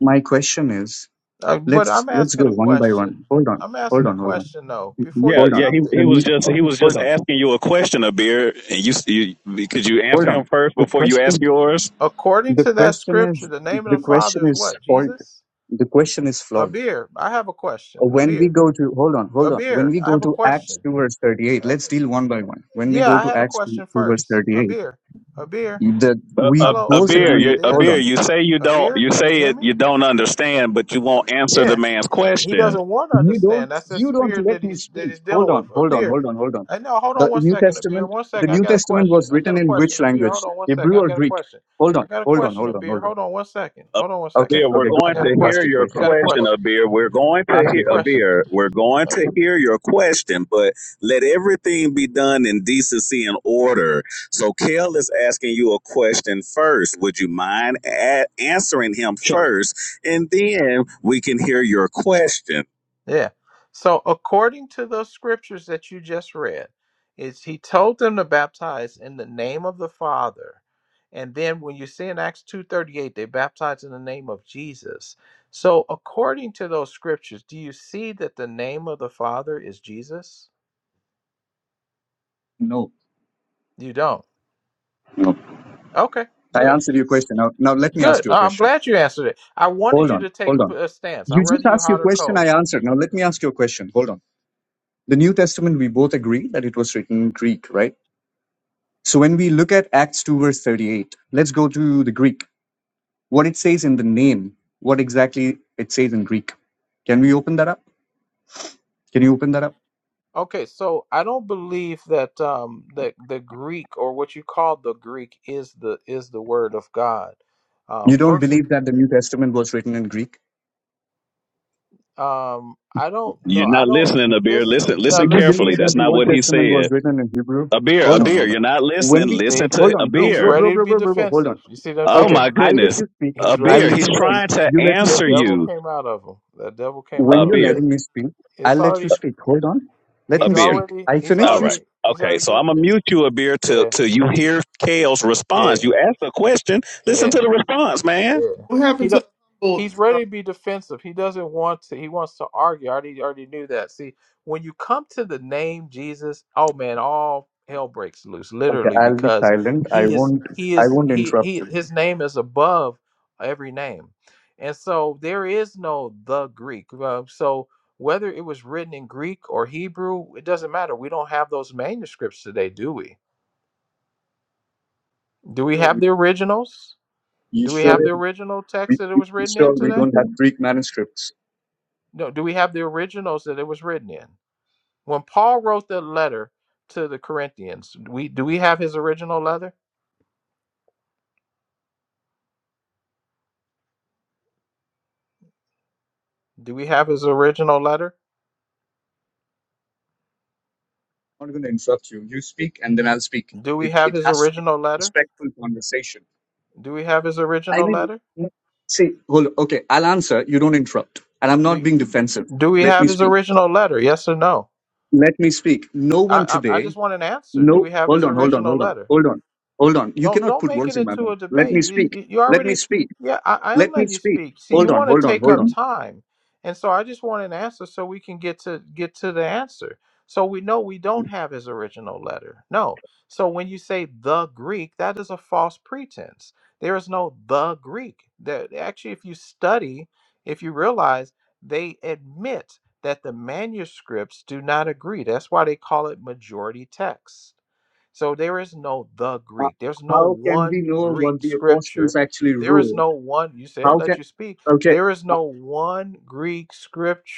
S5: my question is,
S4: Uh, but
S5: let's
S4: I'm
S5: let's
S4: asking
S5: go
S4: a
S5: one by
S4: question.
S5: one. Hold on,
S4: I'm
S5: hold
S4: asking a
S5: on, hold on,
S4: question though. Before
S1: Yeah,
S4: you
S5: hold
S1: yeah.
S5: on.
S1: He
S4: jump
S5: The
S1: he
S4: there,
S1: was
S5: new,
S1: just
S5: oh,
S1: he was
S5: hold
S1: just
S5: on,
S1: asking you a question, Abir, and you, you could you answer
S5: hold
S1: him
S5: on.
S1: first
S5: The
S1: before you ask
S5: question,
S1: yours.
S4: according
S5: the
S4: to that
S5: question
S4: scripture,
S5: is,
S4: the name of
S5: the
S4: the
S5: question
S4: Father is
S5: is
S4: what?
S5: fault.
S4: Jesus.
S5: The question is
S4: A
S5: flawed
S4: beer. I have a question. A
S5: when we
S4: beer.
S5: go to hold on
S4: A
S5: hold on when
S4: beer.
S5: we
S4: I
S5: go
S4: have a
S5: to acts
S4: question.
S5: 2 verse 38
S4: Uh,
S5: let's deal one by one when we
S4: yeah,
S5: go
S4: I
S5: to
S4: had a
S5: acts 2,
S4: question
S5: 2 verse
S4: first. A
S5: 38
S4: beer. A beer.
S5: that
S1: A,
S5: we
S1: a,
S4: Hello, a
S1: a
S5: both
S4: beer.
S1: beer,
S4: Are you
S5: agree
S1: you, a
S4: there?
S5: hold
S1: beer.
S5: on
S1: You say you
S4: A
S1: don't.
S4: beer.
S1: You
S4: Can you
S1: say
S4: hear
S1: it.
S4: me?
S1: You don't understand, but you won't answer
S4: Yeah.
S1: the man's
S4: He
S1: question.
S4: doesn't want to
S5: you
S4: understand.
S5: don't
S4: That's the
S5: you don't
S4: spirit that
S5: let me
S4: he's that he's
S5: speak
S4: dealing
S5: hold
S4: with.
S5: on
S4: A
S5: hold on
S4: beer.
S5: hold on hold on
S4: I know. Hold on
S5: the
S4: one
S5: new
S4: second, a beer.
S5: testament
S4: One
S5: the
S4: second. I
S5: new
S4: got a
S5: testament
S4: question.
S5: was
S4: I got a
S5: written in
S4: question.
S5: which
S4: A beer.
S5: language
S4: Hold on one second.
S5: hebrew
S4: I
S5: or
S4: got a
S5: greek
S4: question.
S5: hold
S4: I
S5: on
S4: got a
S5: hold on
S4: question. A
S5: hold on
S4: beer.
S5: hold on
S4: Hold on one second. Hold on one second.
S5: okay
S1: Beer, we're
S5: okay
S4: I
S5: go
S1: going
S4: got
S5: ahead
S4: a
S1: to
S5: ask
S1: hear
S5: your
S4: question.
S1: your
S4: I
S5: question
S4: got a
S1: question, a
S4: question.
S1: beer. We're going to
S5: ask
S4: A
S1: hear
S5: your
S1: a
S5: question
S4: question.
S1: beer. We're going
S4: Uh,
S1: to hear your question, but let everything be done in decency and order. So, Kel is asking you a question first. Would you mind a- answering him
S5: sure
S1: first, and then we can hear your question?
S4: Yeah. So according to those scriptures that you just read, is he told them to baptize in the name of the Father. And then when you see in Acts 2:38, they baptize in the name of Jesus. So according to those scriptures, do you see that the name of the Father is Jesus?
S5: no
S4: You don't.
S5: no
S4: Okay,
S5: i
S4: good.
S5: answered your question now now let me ask
S4: Good.
S5: you a
S4: Uh, I'm
S5: question
S4: glad you answered it. I wanted
S5: Hold
S4: you
S5: on,
S4: to take
S5: hold
S4: a, p-
S5: on.
S4: a stance. I'd
S5: You
S4: rather
S5: just
S4: you
S5: asked your
S4: hot or
S5: question,
S4: cold.
S5: I answered. Now let me ask you a question. Hold on. The New Testament, we both agree that it was written in Greek, right? So when we look at Acts 2, verse 38, let's go to the Greek. What it says in the name, what exactly it says in Greek. Can we open that up? Can you open that up?
S4: Okay, so I don't believe that um that the Greek or what you call the Greek is the is the word of God. Um
S5: You don't
S4: first of
S5: believe that the New Testament was written in Greek?
S4: um I don't know.
S1: You're
S4: I
S1: not
S4: don't
S1: listening, a beer.
S4: listen.
S1: Listen,
S4: You're not
S5: Do
S1: listen
S5: you
S4: listening
S1: carefully.
S5: believe
S4: to
S1: That's
S5: that
S4: me.
S5: the
S1: not
S5: Old
S1: what he
S5: Testament
S1: said.
S5: was written in Hebrew?
S1: A beer, a
S5: Hold on,
S1: beer.
S5: hold on.
S1: You're not listening.
S5: When we
S4: See?
S1: Listen
S5: hold
S1: to
S5: on,
S1: a
S5: bro,
S4: He's
S5: bro,
S1: beer.
S5: bro,
S4: ready to
S5: bro,
S4: be
S5: bro, bro, bro, hold on.
S4: defensive. You see what I'm
S1: Oh
S5: Okay,
S1: my
S4: saying?
S5: I'll let
S1: goodness.
S5: you speak.
S1: A
S4: He's
S5: I'll
S4: ready to
S1: beer.
S4: be
S5: let
S1: He's
S5: you speak.
S1: trying
S4: defensive.
S1: to
S5: You let me
S4: The
S1: answer
S5: speak.
S4: devil
S1: you.
S4: came out of him. The devil came
S5: When
S4: out
S1: A
S5: you're
S4: of him.
S1: beer.
S4: It
S5: letting me speak, I'll
S4: it's
S5: let you
S4: already
S5: speak. Hold on. Let
S1: A
S4: he's
S5: me
S1: beer.
S5: speak.
S4: already
S5: I
S4: he's
S5: finish
S1: All
S5: you.
S1: right.
S4: already
S5: Speak.
S4: he's
S1: Okay.
S4: already
S1: So
S4: got
S1: I'm gonna
S4: there.
S1: mute you a beer till
S4: Yeah.
S1: till you hear Kale's response.
S4: Yeah.
S1: You asked a question. Listen
S4: Yeah.
S1: to the response, man.
S4: Yeah.
S3: What
S4: He
S3: happened to
S4: do,
S3: the humble?
S4: he's
S3: Uh,
S4: ready to be defensive. He doesn't want to. He wants to argue. I already already knew that. See, when you come to the name Jesus, oh man, all hell breaks loose,
S5: Okay,
S4: literally,
S5: I'll be
S4: because
S5: silent. I
S4: he is
S5: won't.
S4: he
S5: I
S4: is
S5: won't
S4: he
S5: interrupt
S4: he
S5: you.
S4: his name is above every name, and so there is no the Greek. Uh, so whether it was written in Greek or Hebrew, it doesn't matter. We don't have those manuscripts today, do we? Do we
S5: Sure.
S4: have
S5: We,
S4: the originals?
S5: you
S4: Do we
S5: sure?
S4: have the original text
S5: We,
S4: that it
S5: we
S4: was
S5: you
S4: written in
S5: sure we
S4: today?
S5: don't have Greek manuscripts.
S4: No, do we have the originals that it was written in? When Paul wrote the letter to the Corinthians, we do we have his original letter? Do we have his original letter?
S5: I'm not going to interrupt you. You speak, and then I'll speak.
S4: Do we
S5: It
S4: have
S5: it
S4: his
S5: has to be a
S4: original letter?
S5: respectful conversation.
S4: Do we have his
S5: I
S4: original
S5: mean,
S4: letter?
S5: see, hold. Okay, I'll answer. You don't interrupt, and I'm not
S4: Do
S5: being defensive.
S4: do we
S5: Let
S4: have
S5: me
S4: his
S5: speak.
S4: original letter? Yes or no?
S5: Let me speak. No one
S4: I I, I
S5: today.
S4: just want an answer. Do
S5: No,
S4: we have
S5: hold
S4: his
S5: on, hold on,
S4: original
S5: hold on,
S4: letter?
S5: hold on, hold on. You
S4: Don't
S5: cannot
S4: don't
S5: put
S4: make
S5: words
S4: it
S5: in my
S4: into a
S5: mouth. Let me
S4: debate. You,
S5: speak.
S4: you you
S5: Let me
S4: already,
S5: speak.
S4: yeah, I, I am
S5: Let me
S4: letting you
S5: speak.
S4: speak. See, you
S5: Hold on,
S4: want to
S5: hold on,
S4: take
S5: hold
S4: up
S5: on.
S4: time, and so I just want an answer so we can get to get to the answer. So we know we don't have his original letter. No. So when you say the Greek, that is a false pretense. There is no the Greek. That actually, if you study, if you realize, they admit that the manuscripts do not agree. That's why they call it majority text so there is no the
S5: Uh,
S4: Greek. There's no
S5: how can we
S4: one
S5: know what
S4: Greek
S5: the apostles
S4: scripture.
S5: actually
S4: There is
S5: wrote?
S4: no one, you said,
S5: How can?
S4: let you speak.
S5: Okay,
S4: There is
S5: uh,
S4: no one Greek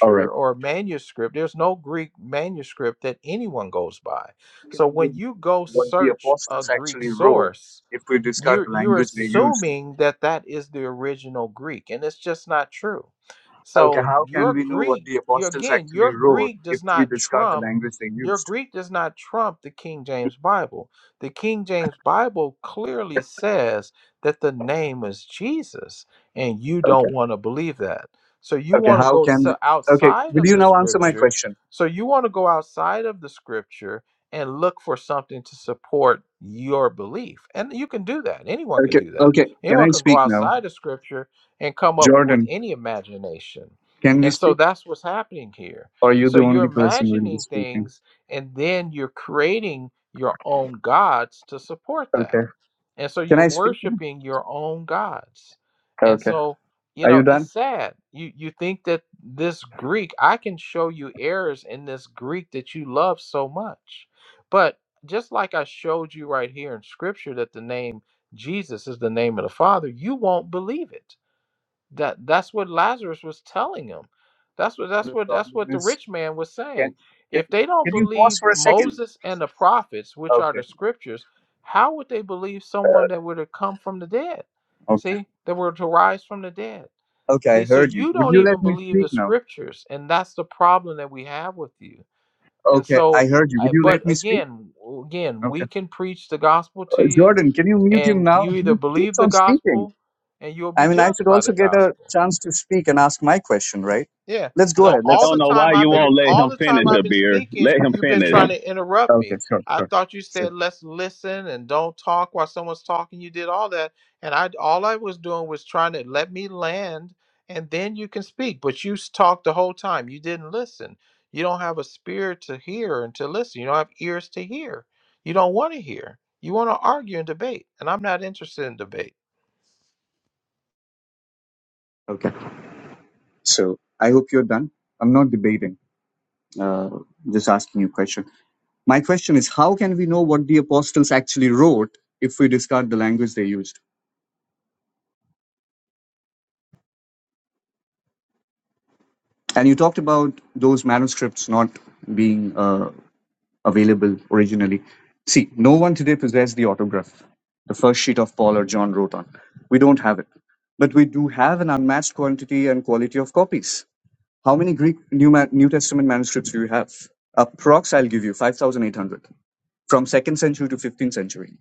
S5: all right.
S4: or manuscript. There's no Greek manuscript that anyone goes by.
S5: How
S4: So
S5: can we
S4: when you
S5: know
S4: go
S5: what the
S4: search a
S5: apostles
S4: Greek
S5: actually wrote
S4: source,
S5: if we discard
S4: you're
S5: the
S4: you're
S5: language they used?
S4: assuming that that is the original greek and it's just not true
S5: Okay,
S4: so
S5: how can
S4: your
S5: we know what
S4: greek
S5: the
S4: you
S5: apostles
S4: again
S5: actually
S4: your
S5: wrote
S4: greek
S5: if
S4: does
S5: we
S4: not
S5: discard the
S4: trump
S5: language they
S4: your
S5: used?
S4: greek does not trump the king james bible the king james bible clearly says that the name is jesus and you
S5: Okay.
S4: don't want to believe that so you
S5: Okay,
S4: want to
S5: how
S4: go
S5: can we
S4: so
S5: Okay,
S4: outside
S5: will
S4: of
S5: you
S4: the
S5: now answer my
S4: scripture
S5: question?
S4: so you want to go outside of the scripture and look for something to support your belief. And you can do that. Anyone can
S5: Okay,
S4: do that.
S5: okay, can
S4: Anyone
S5: I
S4: can go
S5: speak now?
S4: outside of scripture and come up with
S5: Jordan,
S4: any imagination.
S5: can we
S4: And so
S5: speak?
S4: that's what's happening here.
S5: Or are you
S4: So
S5: the
S4: you're
S5: only person who will be
S4: imagining
S5: speaking?
S4: things and then you're creating your own gods to support that.
S5: Okay.
S4: And so
S5: Can
S4: you're
S5: I speak now?
S4: worshiping your own gods. And
S5: Okay.
S4: so, you
S5: Are you
S4: know, it's
S5: done?
S4: sad. You you think that this Greek, I can show you errors in this Greek that you love so much. But just like I showed you right here in scripture that the name Jesus is the name of the Father, you won't believe it that that's what Lazarus was telling him. That's what that's
S5: The
S4: what that's
S5: problem
S4: what the
S5: is
S4: rich man was saying.
S5: can can,
S4: If they don't
S5: can you pause
S4: believe
S5: for a second?
S4: Moses and the prophets, which are
S5: Okay.
S4: the scriptures, how would they believe someone that were to come from the dead?
S5: Okay.
S4: See, that were to rise from the dead.
S5: Okay, I
S4: See, so
S5: heard you.
S4: you
S5: Would
S4: don't
S5: you let
S4: even
S5: me
S4: believe
S5: speak
S4: the
S5: now?
S4: scriptures, and that's the problem that we have with you. And
S5: Okay,
S4: so,
S5: I heard you.
S4: I,
S5: Would you
S4: but
S5: let me speak?
S4: again, again, we
S5: Okay.
S4: can preach the gospel to
S5: Uh,
S4: you,
S5: Jordan, can you mute him
S4: and
S5: now?
S4: you either
S5: He
S4: believe
S5: keeps
S4: the
S5: on speaking.
S4: gospel, and you'll be
S5: I mean, I
S4: judged
S5: should
S4: by the
S5: also get a
S4: gospel.
S5: chance to speak and ask my question, right?
S4: Yeah.
S5: Let's go
S4: So
S5: ahead.
S4: all
S5: Let's.
S4: the time I've been
S5: Okay.
S4: all the time I've been speaking, you've been trying to interrupt
S5: Okay.
S4: me.
S5: Sure.
S4: I
S5: Sure.
S4: thought you
S5: Sure.
S4: said let's listen and don't talk while someone's talking. You did all that, and I all I was doing was trying to let me land, and then you can speak. But you s- talked the whole time. You didn't listen. You don't have a spirit to hear and to listen. You don't have ears to hear. You don't want to hear. You want to argue and debate, and I'm not interested in debate.
S5: Okay. So I hope you're done. I'm not debating. Uh, just asking you a question. My question is, how can we know what the apostles actually wrote if we discard the language they used? And you talked about those manuscripts not being uh, available originally. See, no one today possesses the autograph, the first sheet of Paul or John wrote on. We don't have it. But we do have an unmatched quantity and quality of copies. How many Greek New, Ma- New Testament manuscripts do you have? Approx, I'll give you 5,800 from 2nd century to 15th century.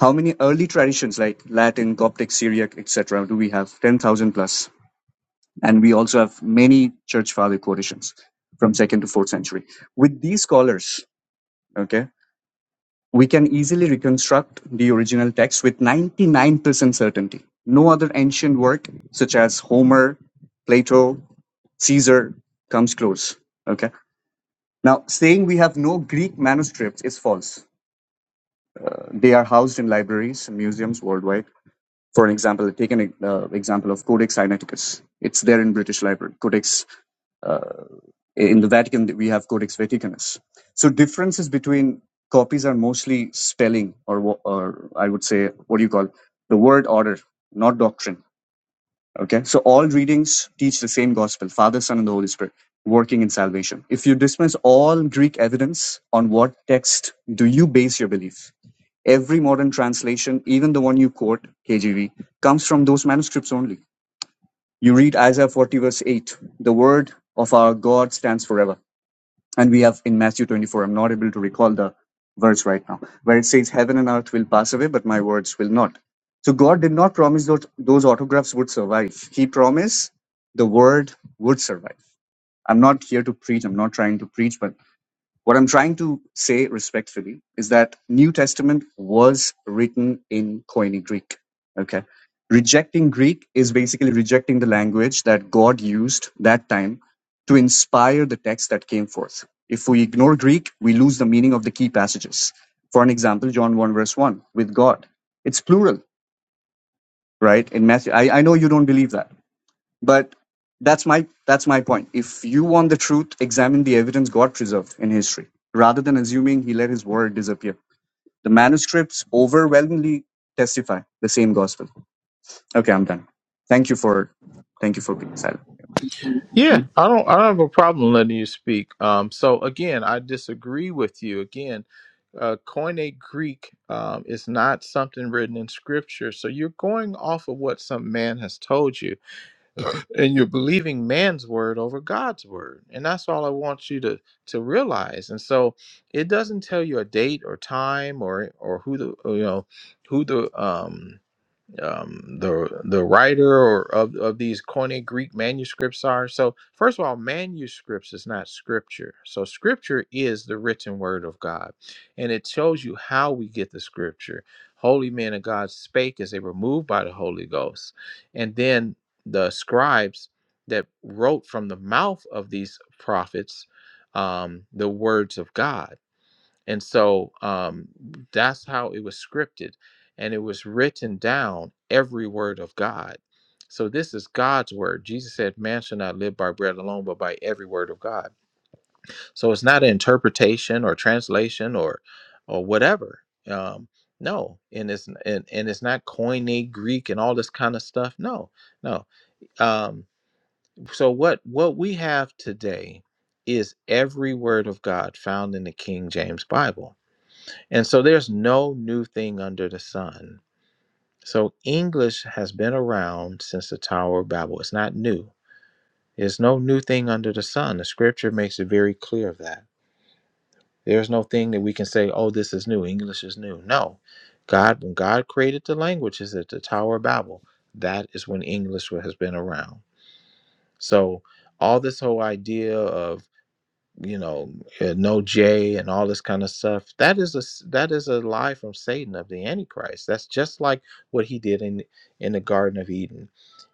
S5: How many early traditions like Latin, Coptic, Syriac, etc. do we have? 10,000 plus. And we also have many church father quotations from 2nd to 4th century. With these scholars, okay, We can easily reconstruct the original text with 99% certainty. No other ancient work, such as Homer, Plato, Caesar, comes close. Okay. Now, saying we have no Greek manuscripts is false. They are housed in libraries and museums worldwide. For an example, take an uh, example of Codex Sinaiticus. It's there in British Library. Codex uh, in the Vatican, we have Codex Vaticanus. So differences between copies are mostly spelling, or wo- or I would say, what do you call the word order, not doctrine. Okay, so all readings teach the same gospel: Father, Son, and the Holy Spirit working in salvation. If you dismiss all Greek evidence, on what text do you base your belief? Every modern translation, even the one you quote, KJV, comes from those manuscripts only. You read Isaiah 40, verse 8, the word of our God stands forever and we have in Matthew 24, I'm not able to recall the verse right now, where it says, Heaven and earth will pass away, but my words will not. So God did not promise that those autographs would survive. He promised the word would survive. I'm not here to preach, I'm not trying to preach, but what I'm trying to say respectfully is that New Testament was written in Koine Greek. Okay. Rejecting Greek is basically rejecting the language that God used that time to inspire the text that came forth. If we ignore Greek, we lose the meaning of the key passages. For an example, John 1 verse 1 with God. It's plural, right? In Matthew. I, I know you don't believe that but that's my that's my point. If you want the truth, examine the evidence God preserved in history, rather than assuming he let his word disappear. The manuscripts overwhelmingly testify the same gospel. Okay, I'm done. Thank you for thank you for being silent.
S4: Yeah, I don't I don't have a problem letting you speak. Um so again, I disagree with you. Again, uh Koine Greek um is not something written in scripture. So you're going off of what some man has told you and you're believing man's word over God's word. And that's all I want you to to realize. And so it doesn't tell you a date or time or or who the you know who the um um, the the writer or of, of these Koine Greek manuscripts are. So first of all, manuscripts is not scripture. So scripture is the written word of God, and it shows you how we get the scripture. Holy men of God spake as they were moved by the Holy Ghost, and then the scribes that wrote from the mouth of these prophets um, the words of God. And so um, that's how it was scripted. And it was written down, every word of God. So this is God's word. Jesus said, Man shall not live by bread alone, but by every word of God. So it's not an interpretation or translation or or whatever. Um, no, and it's and, and it's not Koine Greek and all this kind of stuff. No, no. Um, so what what we have today is every word of God found in the King James Bible and so there's no new thing under the sun. So English has been around since the Tower of Babel. It's not new. There's no new thing under the sun. The scripture makes it very clear of that. There's no thing that we can say, oh, this is new. English is new. No. God, when God created the languages at the Tower of Babel, that is when English has been around. So all this whole idea of you know uh, no j and all this kind of stuff that is a s- that is a lie from satan of the antichrist that's just like what he did in in the garden of eden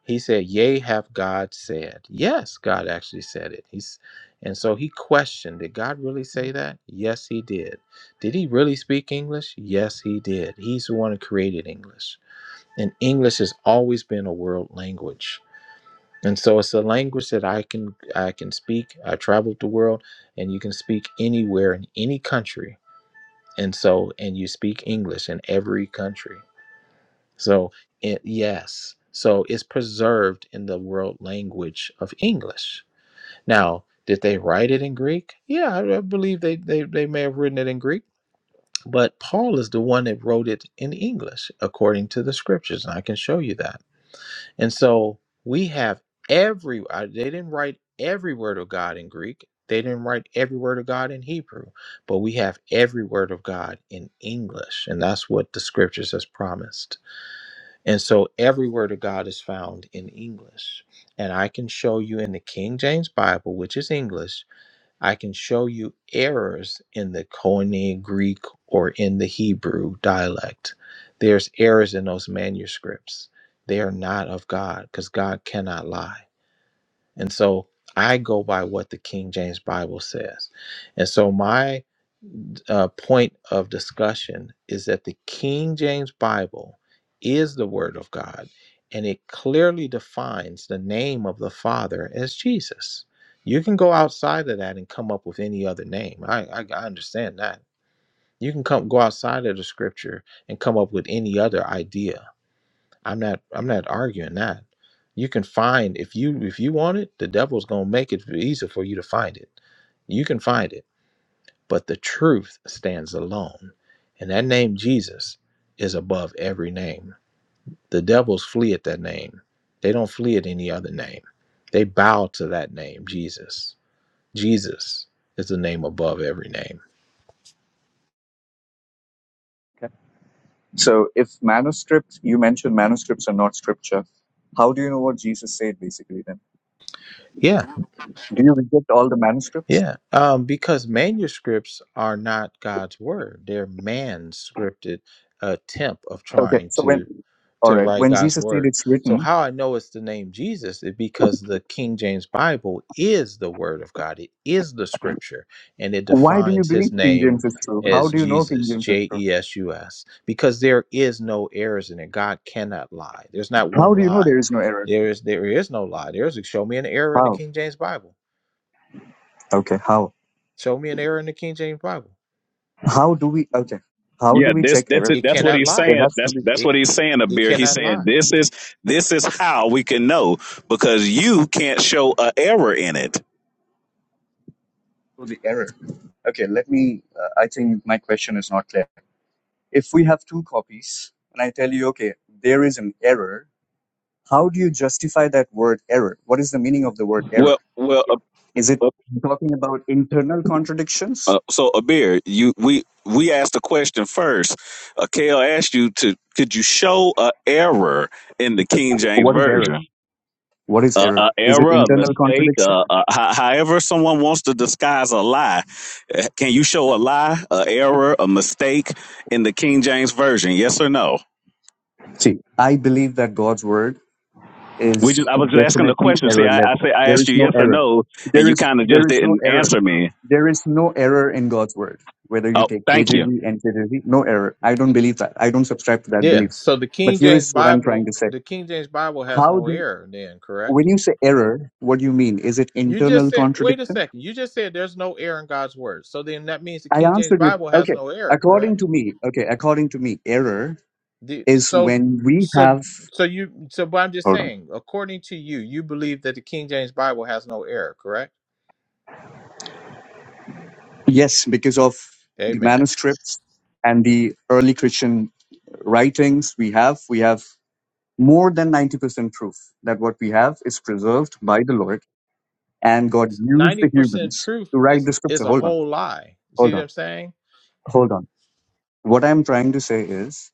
S4: he said yea have god said yes god actually said it he's and so he questioned did god really say that yes he did did he really speak english yes he did he's the one who created english and english has always been a world language and so it's a language that I can I can speak. I traveled the world and you can speak anywhere in any country. And so and you speak English in every country. So it, yes. So it's preserved in the world language of English. Now, did they write it in Greek? Yeah, I, I believe they, they they may have written it in Greek, but Paul is the one that wrote it in English according to the scriptures, and I can show you that. And so we have every, I- they didn't write every word of God in Greek. They didn't write every word of God in Hebrew, but we have every word of God in English. And that's what the scriptures has promised. And so every word of God is found in English. And I can show you in the King James Bible, which is English, I can show you errors in the Koine Greek or in the Hebrew dialect. There's errors in those manuscripts. They are not of God because God cannot lie. And so I go by what the King James Bible says. And so my uh, point of discussion is that the King James Bible is the Word of God, and it clearly defines the name of the Father as Jesus. You can go outside of that and come up with any other name. I, I, I understand that. You can come go outside of the Scripture and come up with any other idea I'm not I'm not arguing that. You can find if you if you want it, the devil's gonna make it easy for you to find it. You can find it, but the truth stands alone. And that name Jesus is above every name. The devils flee at that name. They don't flee at any other name. They bow to that name, Jesus. Jesus is the name above every name.
S5: Okay. So if manuscripts you mentioned manuscripts are not scripture, how do you know what Jesus said basically then?
S4: Yeah,
S5: Do you reject all the manuscripts?
S4: Yeah, um, because manuscripts are not God's word; they're man's scripted attempt of
S5: Okay.
S4: trying
S5: So when
S4: to
S5: all
S4: to
S5: right,
S4: write
S5: when
S4: God's
S5: Jesus said
S4: word.
S5: it's
S4: So,
S5: written,
S4: how I know it's the name Jesus is because the King James Bible is the word of God. It is the scripture, and it
S5: why do you
S4: defines
S5: believe
S4: His
S5: King
S4: name
S5: James is true? How
S4: as
S5: do you know King
S4: Jesus,
S5: James is
S4: J
S5: true?
S4: E S U S, because there is no errors in it. God cannot lie. There's not
S5: How
S4: one
S5: do you know
S4: lie.
S5: there is no error?
S4: There is there is no lie. There is show me an error in the
S5: How?
S4: King James Bible
S5: Okay, how?
S4: Show me an error in the King James Bible.
S5: How do we? Okay, how do we check error?
S4: It cannot lie.
S5: There has to be
S4: It it cannot lie.
S1: This show because show a errand.
S5: so the error. Okay, let me. Uh, I think my question is not clear. If we have two copies, and I tell you, okay, there is an error. How do you justify that word error? What is the meaning of the word error? Is it talking about internal contradictions?
S1: Uh, so Abir, you we we asked the question first. Uh, Kale asked you to could you show a error in the King James
S5: What is error?
S1: version?
S5: What is
S1: Uh, a
S5: error? Is it
S1: error, a
S5: internal
S1: mistake,
S5: contradiction?
S1: uh, uh, ho- however someone wants to disguise a lie. Uh, Can you show a lie, a error, a mistake in the King James version? Yes or no?
S5: See, I believe that God's word
S1: We
S5: is
S1: just I was just asking the
S5: definitely
S1: question. See, I
S5: errorless.
S1: I, say, I
S5: There
S1: asked
S5: is
S1: you
S5: no
S1: yes or
S5: error.
S1: no, and
S5: There
S1: you
S5: is
S1: kind of
S5: there
S1: just
S5: is no
S1: didn't
S5: error.
S1: answer me.
S5: There is no error in God's word. Whether you
S1: Oh,
S5: take
S1: thank you.
S5: KJV, NKJV, no error. I don't believe that. I don't subscribe to that
S4: Yeah.
S5: belief.
S4: So the
S5: But
S4: King
S5: here
S4: James
S5: is what I'm trying
S4: Bible,
S5: to say.
S4: the King James Bible has
S5: How
S4: no
S5: do you,
S4: error. Then correct.
S5: when you say error, what do you mean? Is it
S4: You just
S5: internal
S4: said. Wait a
S5: contradiction?
S4: second. You just said there's no error in God's word. So then that means the
S5: I
S4: King James
S5: answered you.
S4: Bible has
S5: Okay.
S4: no error.
S5: According
S4: Correct.
S5: to me, okay, according to me, error
S4: The,
S5: is
S4: so
S5: when we
S4: so
S5: have,
S4: so you so but I'm just
S5: hold on.
S4: saying. According to you, you believe that the King James Bible has no error. Correct.
S5: Yes, because of the
S4: Amen.
S5: manuscripts and the early Christian writings we have, we have more than 90% proof that what we have is preserved by the Lord and God used
S4: Ninety
S5: the
S4: percent
S5: humans
S4: truth
S5: to write
S4: is
S5: the
S4: is
S5: scripture.
S4: a
S5: Hold on,
S4: whole lie. See
S5: hold
S4: what
S5: on,
S4: I'm saying?
S5: hold on. What I'm trying to say is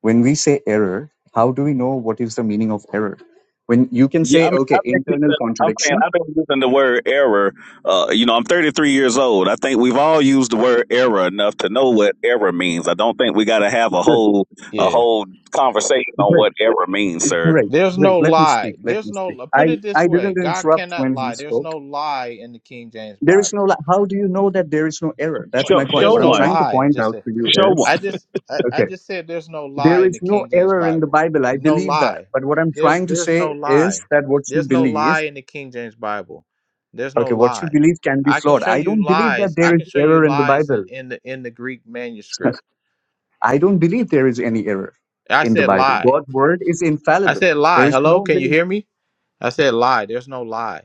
S5: when we say error, how do we know what is the meaning of error? When you can
S1: Yeah, I
S5: say,
S1: mean, I
S5: okay,
S1: think it's
S5: internal
S1: a, I'm saying
S5: contradiction.
S1: I've been using the word error. Uh, you know, I'm 33 years old. I think we've all used the word error enough to know what error means. I don't think we got to have a
S5: Good,
S1: whole a
S4: Yeah.
S1: whole conversation on
S5: great,
S1: what error means,
S4: Yeah.
S1: sir.
S5: great,
S4: There's
S5: great.
S4: no
S5: Let me
S4: lie.
S5: speak. Let
S4: There's
S5: me speak.
S4: no put
S5: I,
S4: it this
S5: I
S4: way.
S5: didn't
S4: God
S5: interrupt
S4: cannot
S5: when he
S4: lie. There's
S5: spoke.
S4: no lie in the King James
S5: There is no,
S4: Bible.
S5: li- how do you know that there is no error? That's
S1: Show
S5: my point.
S4: There's
S1: show
S5: What I'm
S4: no
S1: one,
S5: trying to
S4: lie. I
S5: point
S4: just
S5: out
S4: said
S5: to you
S1: show
S5: is,
S1: one.
S4: I just I, I
S5: okay.
S4: just said there's no lie
S5: There
S4: in
S5: is
S4: the
S5: no
S4: King James
S5: error in the
S4: Bible.
S5: Bible. I
S4: No
S5: believe that.
S4: lie.
S5: But what I'm
S4: There's
S5: trying to
S4: there's no
S5: say is
S4: lie.
S5: that what you
S4: There's no
S5: believe,
S4: lie in the King James Bible. There's no
S5: okay, what you
S4: lie.
S5: believe can be
S4: I can
S5: flawed.
S4: show
S5: I don't
S4: you
S5: believe that
S4: lies. I
S5: there is
S4: can show you
S5: error in the
S4: lies in,
S5: Bible.
S4: in the in the Greek manuscript.
S5: I don't believe there is any error
S4: I
S5: in the
S4: said
S5: Bible.
S4: lie.
S5: God's word is
S4: I
S5: infallible.
S4: said
S5: There
S4: lie.
S5: is
S4: Hello,
S5: no
S4: can you
S5: belief.
S4: hear me? I said lie. There's no lie.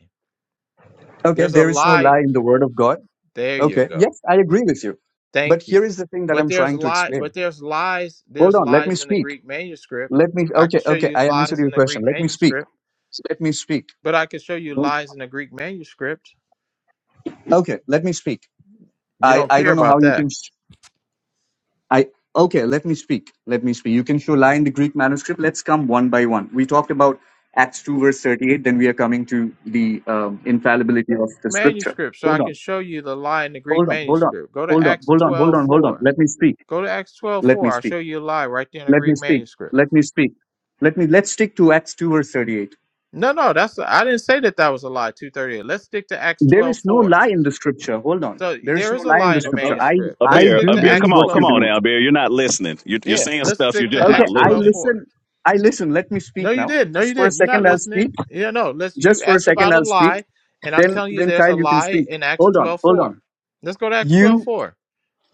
S5: Okay,
S4: There's a
S5: there is no
S4: lie
S5: lie in the word of God.
S4: There you
S5: Okay,
S4: go.
S5: yes, I agree with you. But
S4: Thank you.
S5: here is the thing that
S4: But
S5: I'm
S4: there's
S5: trying to
S4: lie but
S5: explain.
S4: there's lies
S5: Hold
S4: there's
S5: on, let me
S4: lies in the
S5: speak.
S4: Greek manuscript.
S5: Let me,
S4: I can
S5: okay,
S4: show
S5: okay,
S4: you
S5: I answered
S4: lies
S5: your
S4: in the
S5: question.
S4: Greek
S5: Let me speak.
S4: manuscript,
S5: Let me speak.
S4: but I can show you
S5: Don't,
S4: lies in the Greek manuscript.
S5: okay, let me speak.
S4: You
S5: I,
S4: don't
S5: I
S4: care
S5: don't know how
S4: about
S5: you
S4: that.
S5: can. I okay, let me speak. Let me speak. You can show lie in the Greek manuscript. Let's come one by one. We talked about Acts 2, verse 38. Then we are coming to the um, infallibility of the scripture.
S4: Manuscript, so I
S5: Hold
S4: can
S5: on,
S4: show you the lie in the Greek
S5: hold on, hold on,
S4: manuscript. Go to
S5: hold on,
S4: Acts
S5: hold on, hold
S4: twelve
S5: on, hold on.
S4: four.
S5: Let me speak.
S4: Go to Acts twelve
S5: Let me
S4: four. I'll
S5: speak.
S4: show you a lie right there in the
S5: Let me
S4: Greek
S5: speak.
S4: manuscript.
S5: Let me speak. Let me let's stick to Acts 2, verse 38.
S4: No, no, that's I didn't say that that was a lie. Two thirty eight. Let's stick to Acts
S5: There
S4: twelve
S5: is no
S4: four.
S5: lie in the scripture. Hold on.
S4: So
S5: There is
S4: there
S5: no
S4: is a
S5: lie in
S4: lie
S5: the
S4: in
S1: A,
S4: the
S5: scripture. I
S4: manuscript.
S1: a, a
S4: Let's
S5: I
S1: beer,
S4: stick
S1: a
S5: do
S4: to
S1: beer. Come
S5: believe
S4: Acts
S5: what
S1: on, come
S5: you
S4: twelve
S1: on
S5: believe.
S4: four.
S1: now, beer. You're not listening. You're, you're
S4: Yeah,
S1: saying
S4: let's
S1: stuff. You're
S4: stick
S1: just
S4: to
S1: not
S5: Okay,
S4: Acts
S5: I
S4: twelve
S1: listening.
S4: four.
S5: listen. I listen. Let me
S4: No,
S5: speak
S4: you
S5: now.
S4: didn't. No,
S5: Just
S4: you
S5: for a
S4: didn't. You're not
S5: second, I'll speak
S4: listening. Yeah, no. Let's. You
S5: Just for a
S4: asked about
S5: second,
S4: a
S5: I'll speak.
S4: lie, and I'm
S5: Then,
S4: telling you,
S5: then
S4: there's
S5: Kyle,
S4: a
S5: you can
S4: lie
S5: speak.
S4: in Acts
S5: Hold on,
S4: twelve
S5: hold
S4: four.
S5: on.
S4: Let's go to Acts twelve
S5: You
S4: four.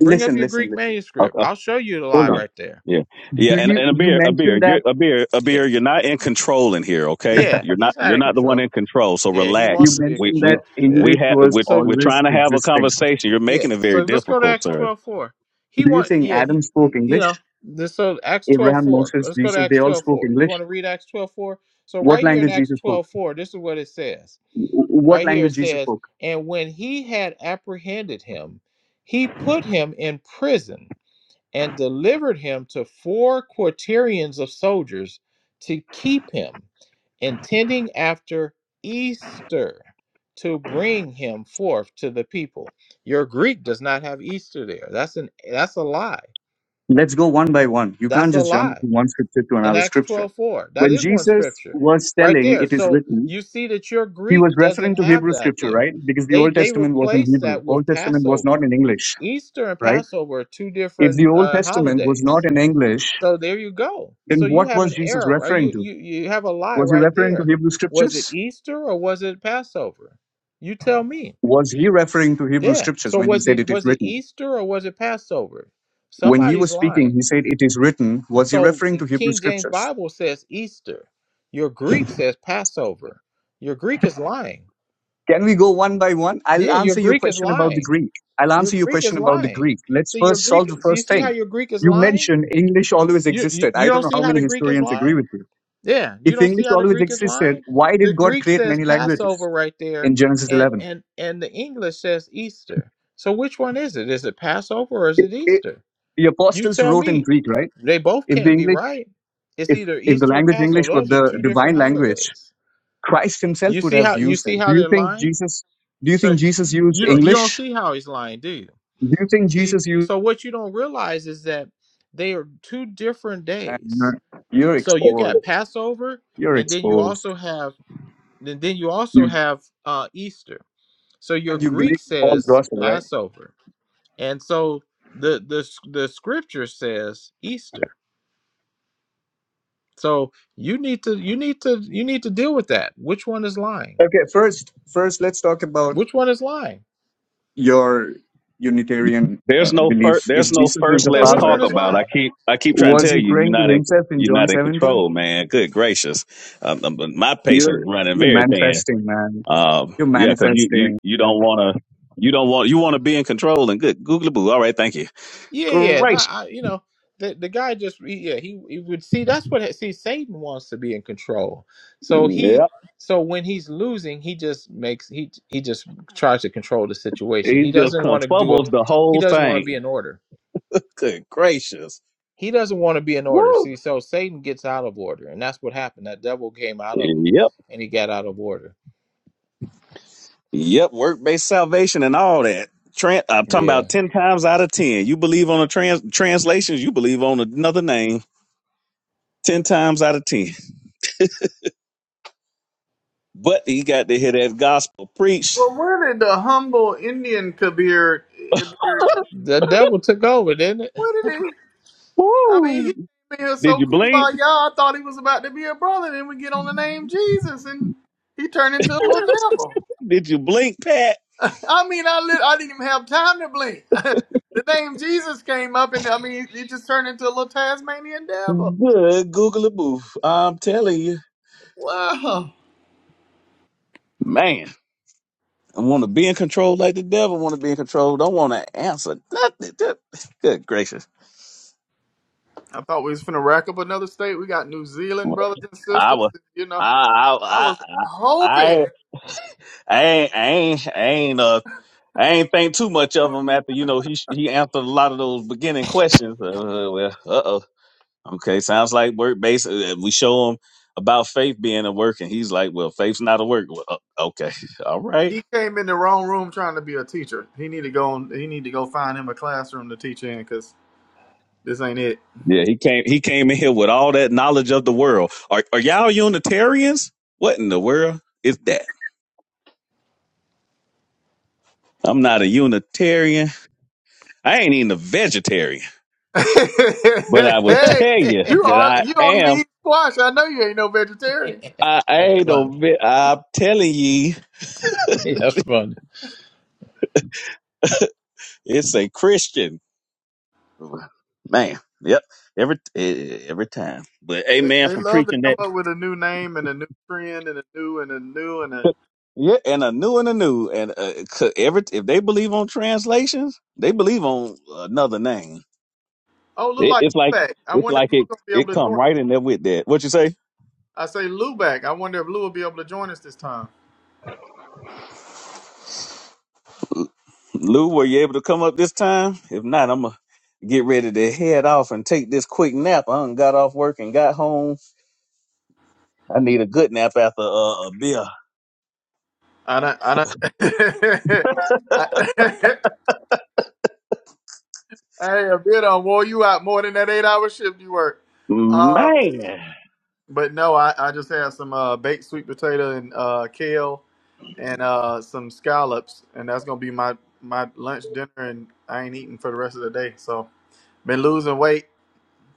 S4: Bring up
S5: listen,
S4: your
S5: listen,
S4: Greek
S5: listen.
S4: manuscript. I'll show you the lie
S5: Hold
S1: Yeah,
S5: on.
S4: right there.
S1: yeah, yeah,
S5: Do
S1: and
S5: you
S1: and a
S5: you
S1: beer, a beer,
S5: mentioned
S1: you're
S5: that
S1: a beer, a
S4: Yeah,
S1: beer. You're not in control in here, okay?
S4: yeah.
S1: You're not,
S4: He's not
S1: you're
S4: in
S1: not the one
S4: control.
S1: in control. So
S4: Yeah, he
S5: you
S4: wants
S1: relax.
S4: to be in
S1: We
S5: mentioned
S1: we
S5: that
S4: control. Yeah.
S1: we
S5: English
S1: have
S5: was
S1: we're,
S4: So
S1: we're
S5: always
S1: trying to have a
S5: existing?
S1: conversation. You're
S4: Yeah.
S1: making it
S4: So
S1: very
S4: let's go to
S1: difficult,
S4: Acts
S1: sir.
S4: twelve four. He
S5: Do you
S4: want
S5: think
S4: yeah, he
S5: Adam spoke
S4: you know,
S5: English?
S4: this so Acts twelve
S5: Abraham,
S4: four.
S5: Moses,
S4: Let's go to
S5: Jesus,
S4: Acts
S5: they all
S4: twelve
S5: spoke
S4: four. You
S5: English.
S4: want to read Acts twelve four? So
S5: What
S4: right here in
S5: language
S4: Acts
S5: Jesus spoke?
S4: twelve four, this is what it says.
S5: W- What
S4: Right here it
S5: language Jesus
S4: says,
S5: spoke?
S4: And when he had apprehended him, he put him in prison and delivered him to four quaternions of soldiers to keep him, intending after Easter to bring him forth to the people. Your Greek does not have Easter there. That's an that's a lie.
S5: Let's go one by one. You can't
S4: That's a
S5: just jump
S4: lie.
S5: from one scripture to
S4: In
S5: another
S4: Acts
S5: scripture.
S4: 12 4. That
S5: When
S4: is one
S5: Jesus
S4: scripture
S5: was
S4: right
S5: telling,
S4: there.
S5: it is
S4: So
S5: written,
S4: you see that your
S5: He
S4: Greek
S5: was
S4: doesn't
S5: referring to
S4: have
S5: Hebrew
S4: that
S5: scripture,
S4: there.
S5: right? Because the
S4: They
S5: Old
S4: they
S5: Testament was in
S4: replaced
S5: Hebrew.
S4: that with
S5: Old Testament was not
S4: Passover.
S5: in English,
S4: Easter and
S5: right?
S4: Passover are two
S5: If
S4: different
S5: the Old
S4: uh,
S5: Testament was
S4: holidays
S5: not in English,
S4: so there you go.
S5: then
S4: So you
S5: what
S4: have
S5: was
S4: an
S5: Jesus
S4: error. right?
S5: referring
S4: You
S5: to?
S4: you you have a lie
S5: Was he
S4: right
S5: referring to
S4: there.
S5: Hebrew
S4: Was it
S5: scriptures?
S4: Easter or was it Passover? You tell me.
S5: Was he referring to Hebrew
S4: Yeah.
S5: scriptures
S4: So
S5: when he
S4: was
S5: said
S4: it
S5: it is
S4: was it
S5: written?
S4: Easter or was it Passover?
S5: When he was
S4: Somebody's
S5: speaking,
S4: lying.
S5: he said it is written. Was he
S4: So
S5: referring to
S4: in
S5: Hebrew
S4: King James
S5: scriptures?
S4: Bible says Easter. Your Greek says Passover. Your Greek is lying.
S5: Can we go one by one? I'll
S4: Yeah, your
S5: answer your
S4: Greek is
S5: question about the
S4: lying.
S5: Greek. I'll
S4: Your
S5: answer your
S4: Greek is
S5: question about the
S4: lying.
S5: Greek. Let's
S4: See your
S5: first
S4: Greek.
S5: solve the
S4: Do you
S5: first
S4: see how
S5: thing.
S4: your Greek is
S5: You
S4: lying?
S5: mentioned English always
S4: You, you
S5: existed.
S4: you
S5: I
S4: don't
S5: don't know
S4: see
S5: how
S4: how
S5: many
S4: the Greek is
S5: historians
S4: lying?
S5: agree with you
S4: Yeah, you
S5: If
S4: don't see
S5: English
S4: how the
S5: always
S4: Greek is
S5: existed,
S4: lying?
S5: why
S4: The
S5: did God
S4: Greek
S5: create
S4: says
S5: many
S4: Passover
S5: languages
S4: right there
S5: in Genesis
S4: and
S5: 11?
S4: and and the English says Easter. So which one is it? Is it Passover or is
S5: It-
S4: it
S5: it-
S4: Easter?
S5: the
S4: You
S5: apostles
S4: tell
S5: wrote in
S4: me.
S5: Greek, right?
S4: They both
S5: If the
S4: can't be
S5: English,
S4: right. It's
S5: if
S4: either
S5: if the
S4: Easter or
S5: language
S4: Passover.
S5: English were
S4: Those are
S5: the
S4: two different
S5: divine language,
S4: holidays.
S5: Christ
S4: You
S5: Himself would
S4: see
S5: have
S4: how you
S5: used
S4: see
S5: it. Do
S4: how
S5: you
S4: they're
S5: think
S4: lying?
S5: Jesus? Do you
S4: So
S5: think Jesus used
S4: you don't you don't
S5: English?
S4: see how he's lying, do you?
S5: Do you think
S4: See,
S5: Jesus used?
S4: so what you don't realize is that they are two different
S5: And
S4: days.
S5: you're, you're
S4: So you got
S5: exposed.
S4: Passover
S5: You're
S4: and then you
S5: exposed.
S4: also have then, then you also
S5: You
S4: have uh, Easter. So your
S5: and you
S4: Greek
S5: believe in Paul's
S4: says
S5: gospel, right?
S4: Passover, and so the the the scripture says Easter. So you need to you need to you need to deal with that. Which one is lying?
S5: Okay, first, first, let's talk about
S4: Which one is lying?
S5: your Unitarian
S1: There's
S5: uh,
S1: no first.
S5: belief.
S1: There's
S5: If
S1: no
S5: Jesus is
S1: first.
S5: the
S4: So
S1: Let's
S4: which
S5: Father,
S1: talk
S4: one is
S1: about. I
S4: lying?
S1: keep I keep trying to
S5: Was
S1: tell
S5: he
S1: you, you're
S5: praying to
S1: not in
S5: himself in
S1: you're
S5: John
S1: not in
S5: 17?
S1: control, man. Good gracious, um, um, my patience is
S5: You're
S1: running
S5: you're
S1: very thin.
S5: manifesting, man.
S1: Um,
S5: You're
S1: yeah, because you
S5: manifesting.
S1: you you don't want to. You don't want you want to be in control and good googly boo. All right, thank you.
S4: Yeah, yeah. No,
S1: Gracious.
S4: I, you know, the the guy just he- yeah, he, he would see that's what see Satan wants to be in control. So he so when he's losing, he just makes he he just tries to control the situation.
S1: He
S4: He
S1: just
S4: doesn't want to do a
S1: confubbles the
S4: he
S1: whole
S4: doesn't want to be
S1: thing.
S4: in order.
S1: Good gracious.
S4: He doesn't want to be in order. See, so Satan gets out of order, and that's what happened. That devil came out of him,
S1: Yep.
S4: and he got out of order.
S1: Yep, work based salvation and all that. Tran I'm talking
S4: Yeah,
S1: about 10 times out of 10. You believe on the trans- translations, you believe on another name 10 times out of 10. But he got to hear that gospel preached.
S3: well, where did the humble Indian Kabir? Kabir-
S4: the devil took over, didn't
S3: Where did he? I mean, he
S1: Woo!
S3: came in here
S1: Did
S3: so
S1: you blink?
S3: kumbaya. I thought he was about to be a brother. Then we get on the name Jesus, and he turned into a little devil.
S1: *laughs* Did you blink, Pat?
S3: *laughs* I mean, I lit, I didn't even have time to blink. *laughs* the name Jesus came up, and I mean, he just turned into a little Tasmanian devil.
S1: Good Google boo. I'm telling you.
S3: Wow.
S1: Man, I want to be in control like the devil want to be in control. Don't want to answer nothing.
S3: I thought we was finna rack up another state. We got New Zealand brothers and sisters. You know,
S1: I
S3: I
S1: I
S3: was
S1: I I
S3: hoping
S1: I ain't I ain't I ain't uh I ain't think too much of him after you know he he answered a lot of those beginning questions. Uh, well, uh oh, okay, sounds like work based. Uh, we show him about faith being a work, and he's like, "Well, faith's not a work." Well, uh, okay, *laughs* all right,
S3: he came in the wrong room trying to be a teacher. He need to go. On, he need to go find him a classroom to teach in because this ain't it.
S1: yeah. He came he came in here with all that knowledge of the world. Are are y'all Unitarians? What in the world is that? I'm not a Unitarian. I ain't even a vegetarian. But I would
S4: it?
S3: Hey,
S1: tell you
S3: you
S1: that
S4: *laughs*
S3: are
S1: I
S3: you don't even
S1: am.
S3: eat squash. I know you ain't no vegetarian.
S1: I,
S4: that's
S1: I
S4: funny. That's funny.
S1: it's a Christian man. Yep. Every eh,
S3: They
S1: amen
S3: they
S1: for
S3: love
S1: preaching.
S3: to come up with a new name and a new trend and a new and a new and a
S1: Yeah, and uh, Christians, they
S3: oh look
S1: it,
S3: like
S1: it's like
S3: Lubac. I
S1: it's
S3: wonder if
S1: like
S3: Lou
S1: it
S3: gonna
S1: it
S3: be able to join. us.
S1: with that. What you say,
S3: I say Lubac. I wonder if Lou will be able to join us this time.
S1: Lou? Were you able to come up this time? If not, I'm gonna get ready to head off and take this quick nap. I done got off work and got home. I need a good nap after uh, a beer.
S3: I don't. I don't. *laughs* I, *laughs* hey, a bit on wore you out more than that eight hour shift you work. Um,
S1: Man,
S3: But no, I, I just had some uh, baked sweet potato and uh, kale and uh, some scallops, and that's gonna be my my lunch dinner. And I ain't eating for the rest of the day. So been losing weight,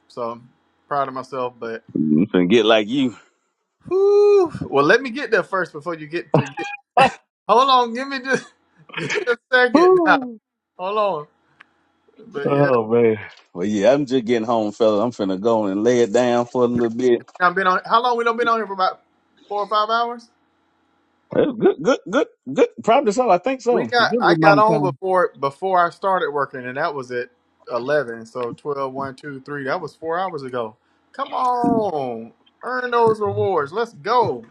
S3: so I'm proud of myself. But
S1: I'm finna get like you.
S3: whew, well, let me get there first before you get to get. Hold on, give me just *laughs* give me a second now. Hold on, but yeah,
S1: *laughs* well, yeah, I'm just getting home, fella. I'm finna go and lay it down for a little bit.
S3: I've been on. How long we done been on here for about four or five hours?
S1: Good.
S3: We got I got on before before I started working, and that was at eleven. So twelve, one, two, three. That was four hours ago. Come on, earn those rewards. Let's go.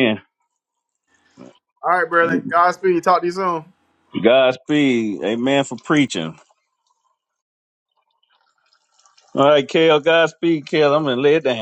S1: Yeah,
S3: All right, brother. Godspeed. Talk to you soon.
S1: God, be teaching. All right. Godspeed, Kill. I'm gonna lay it down.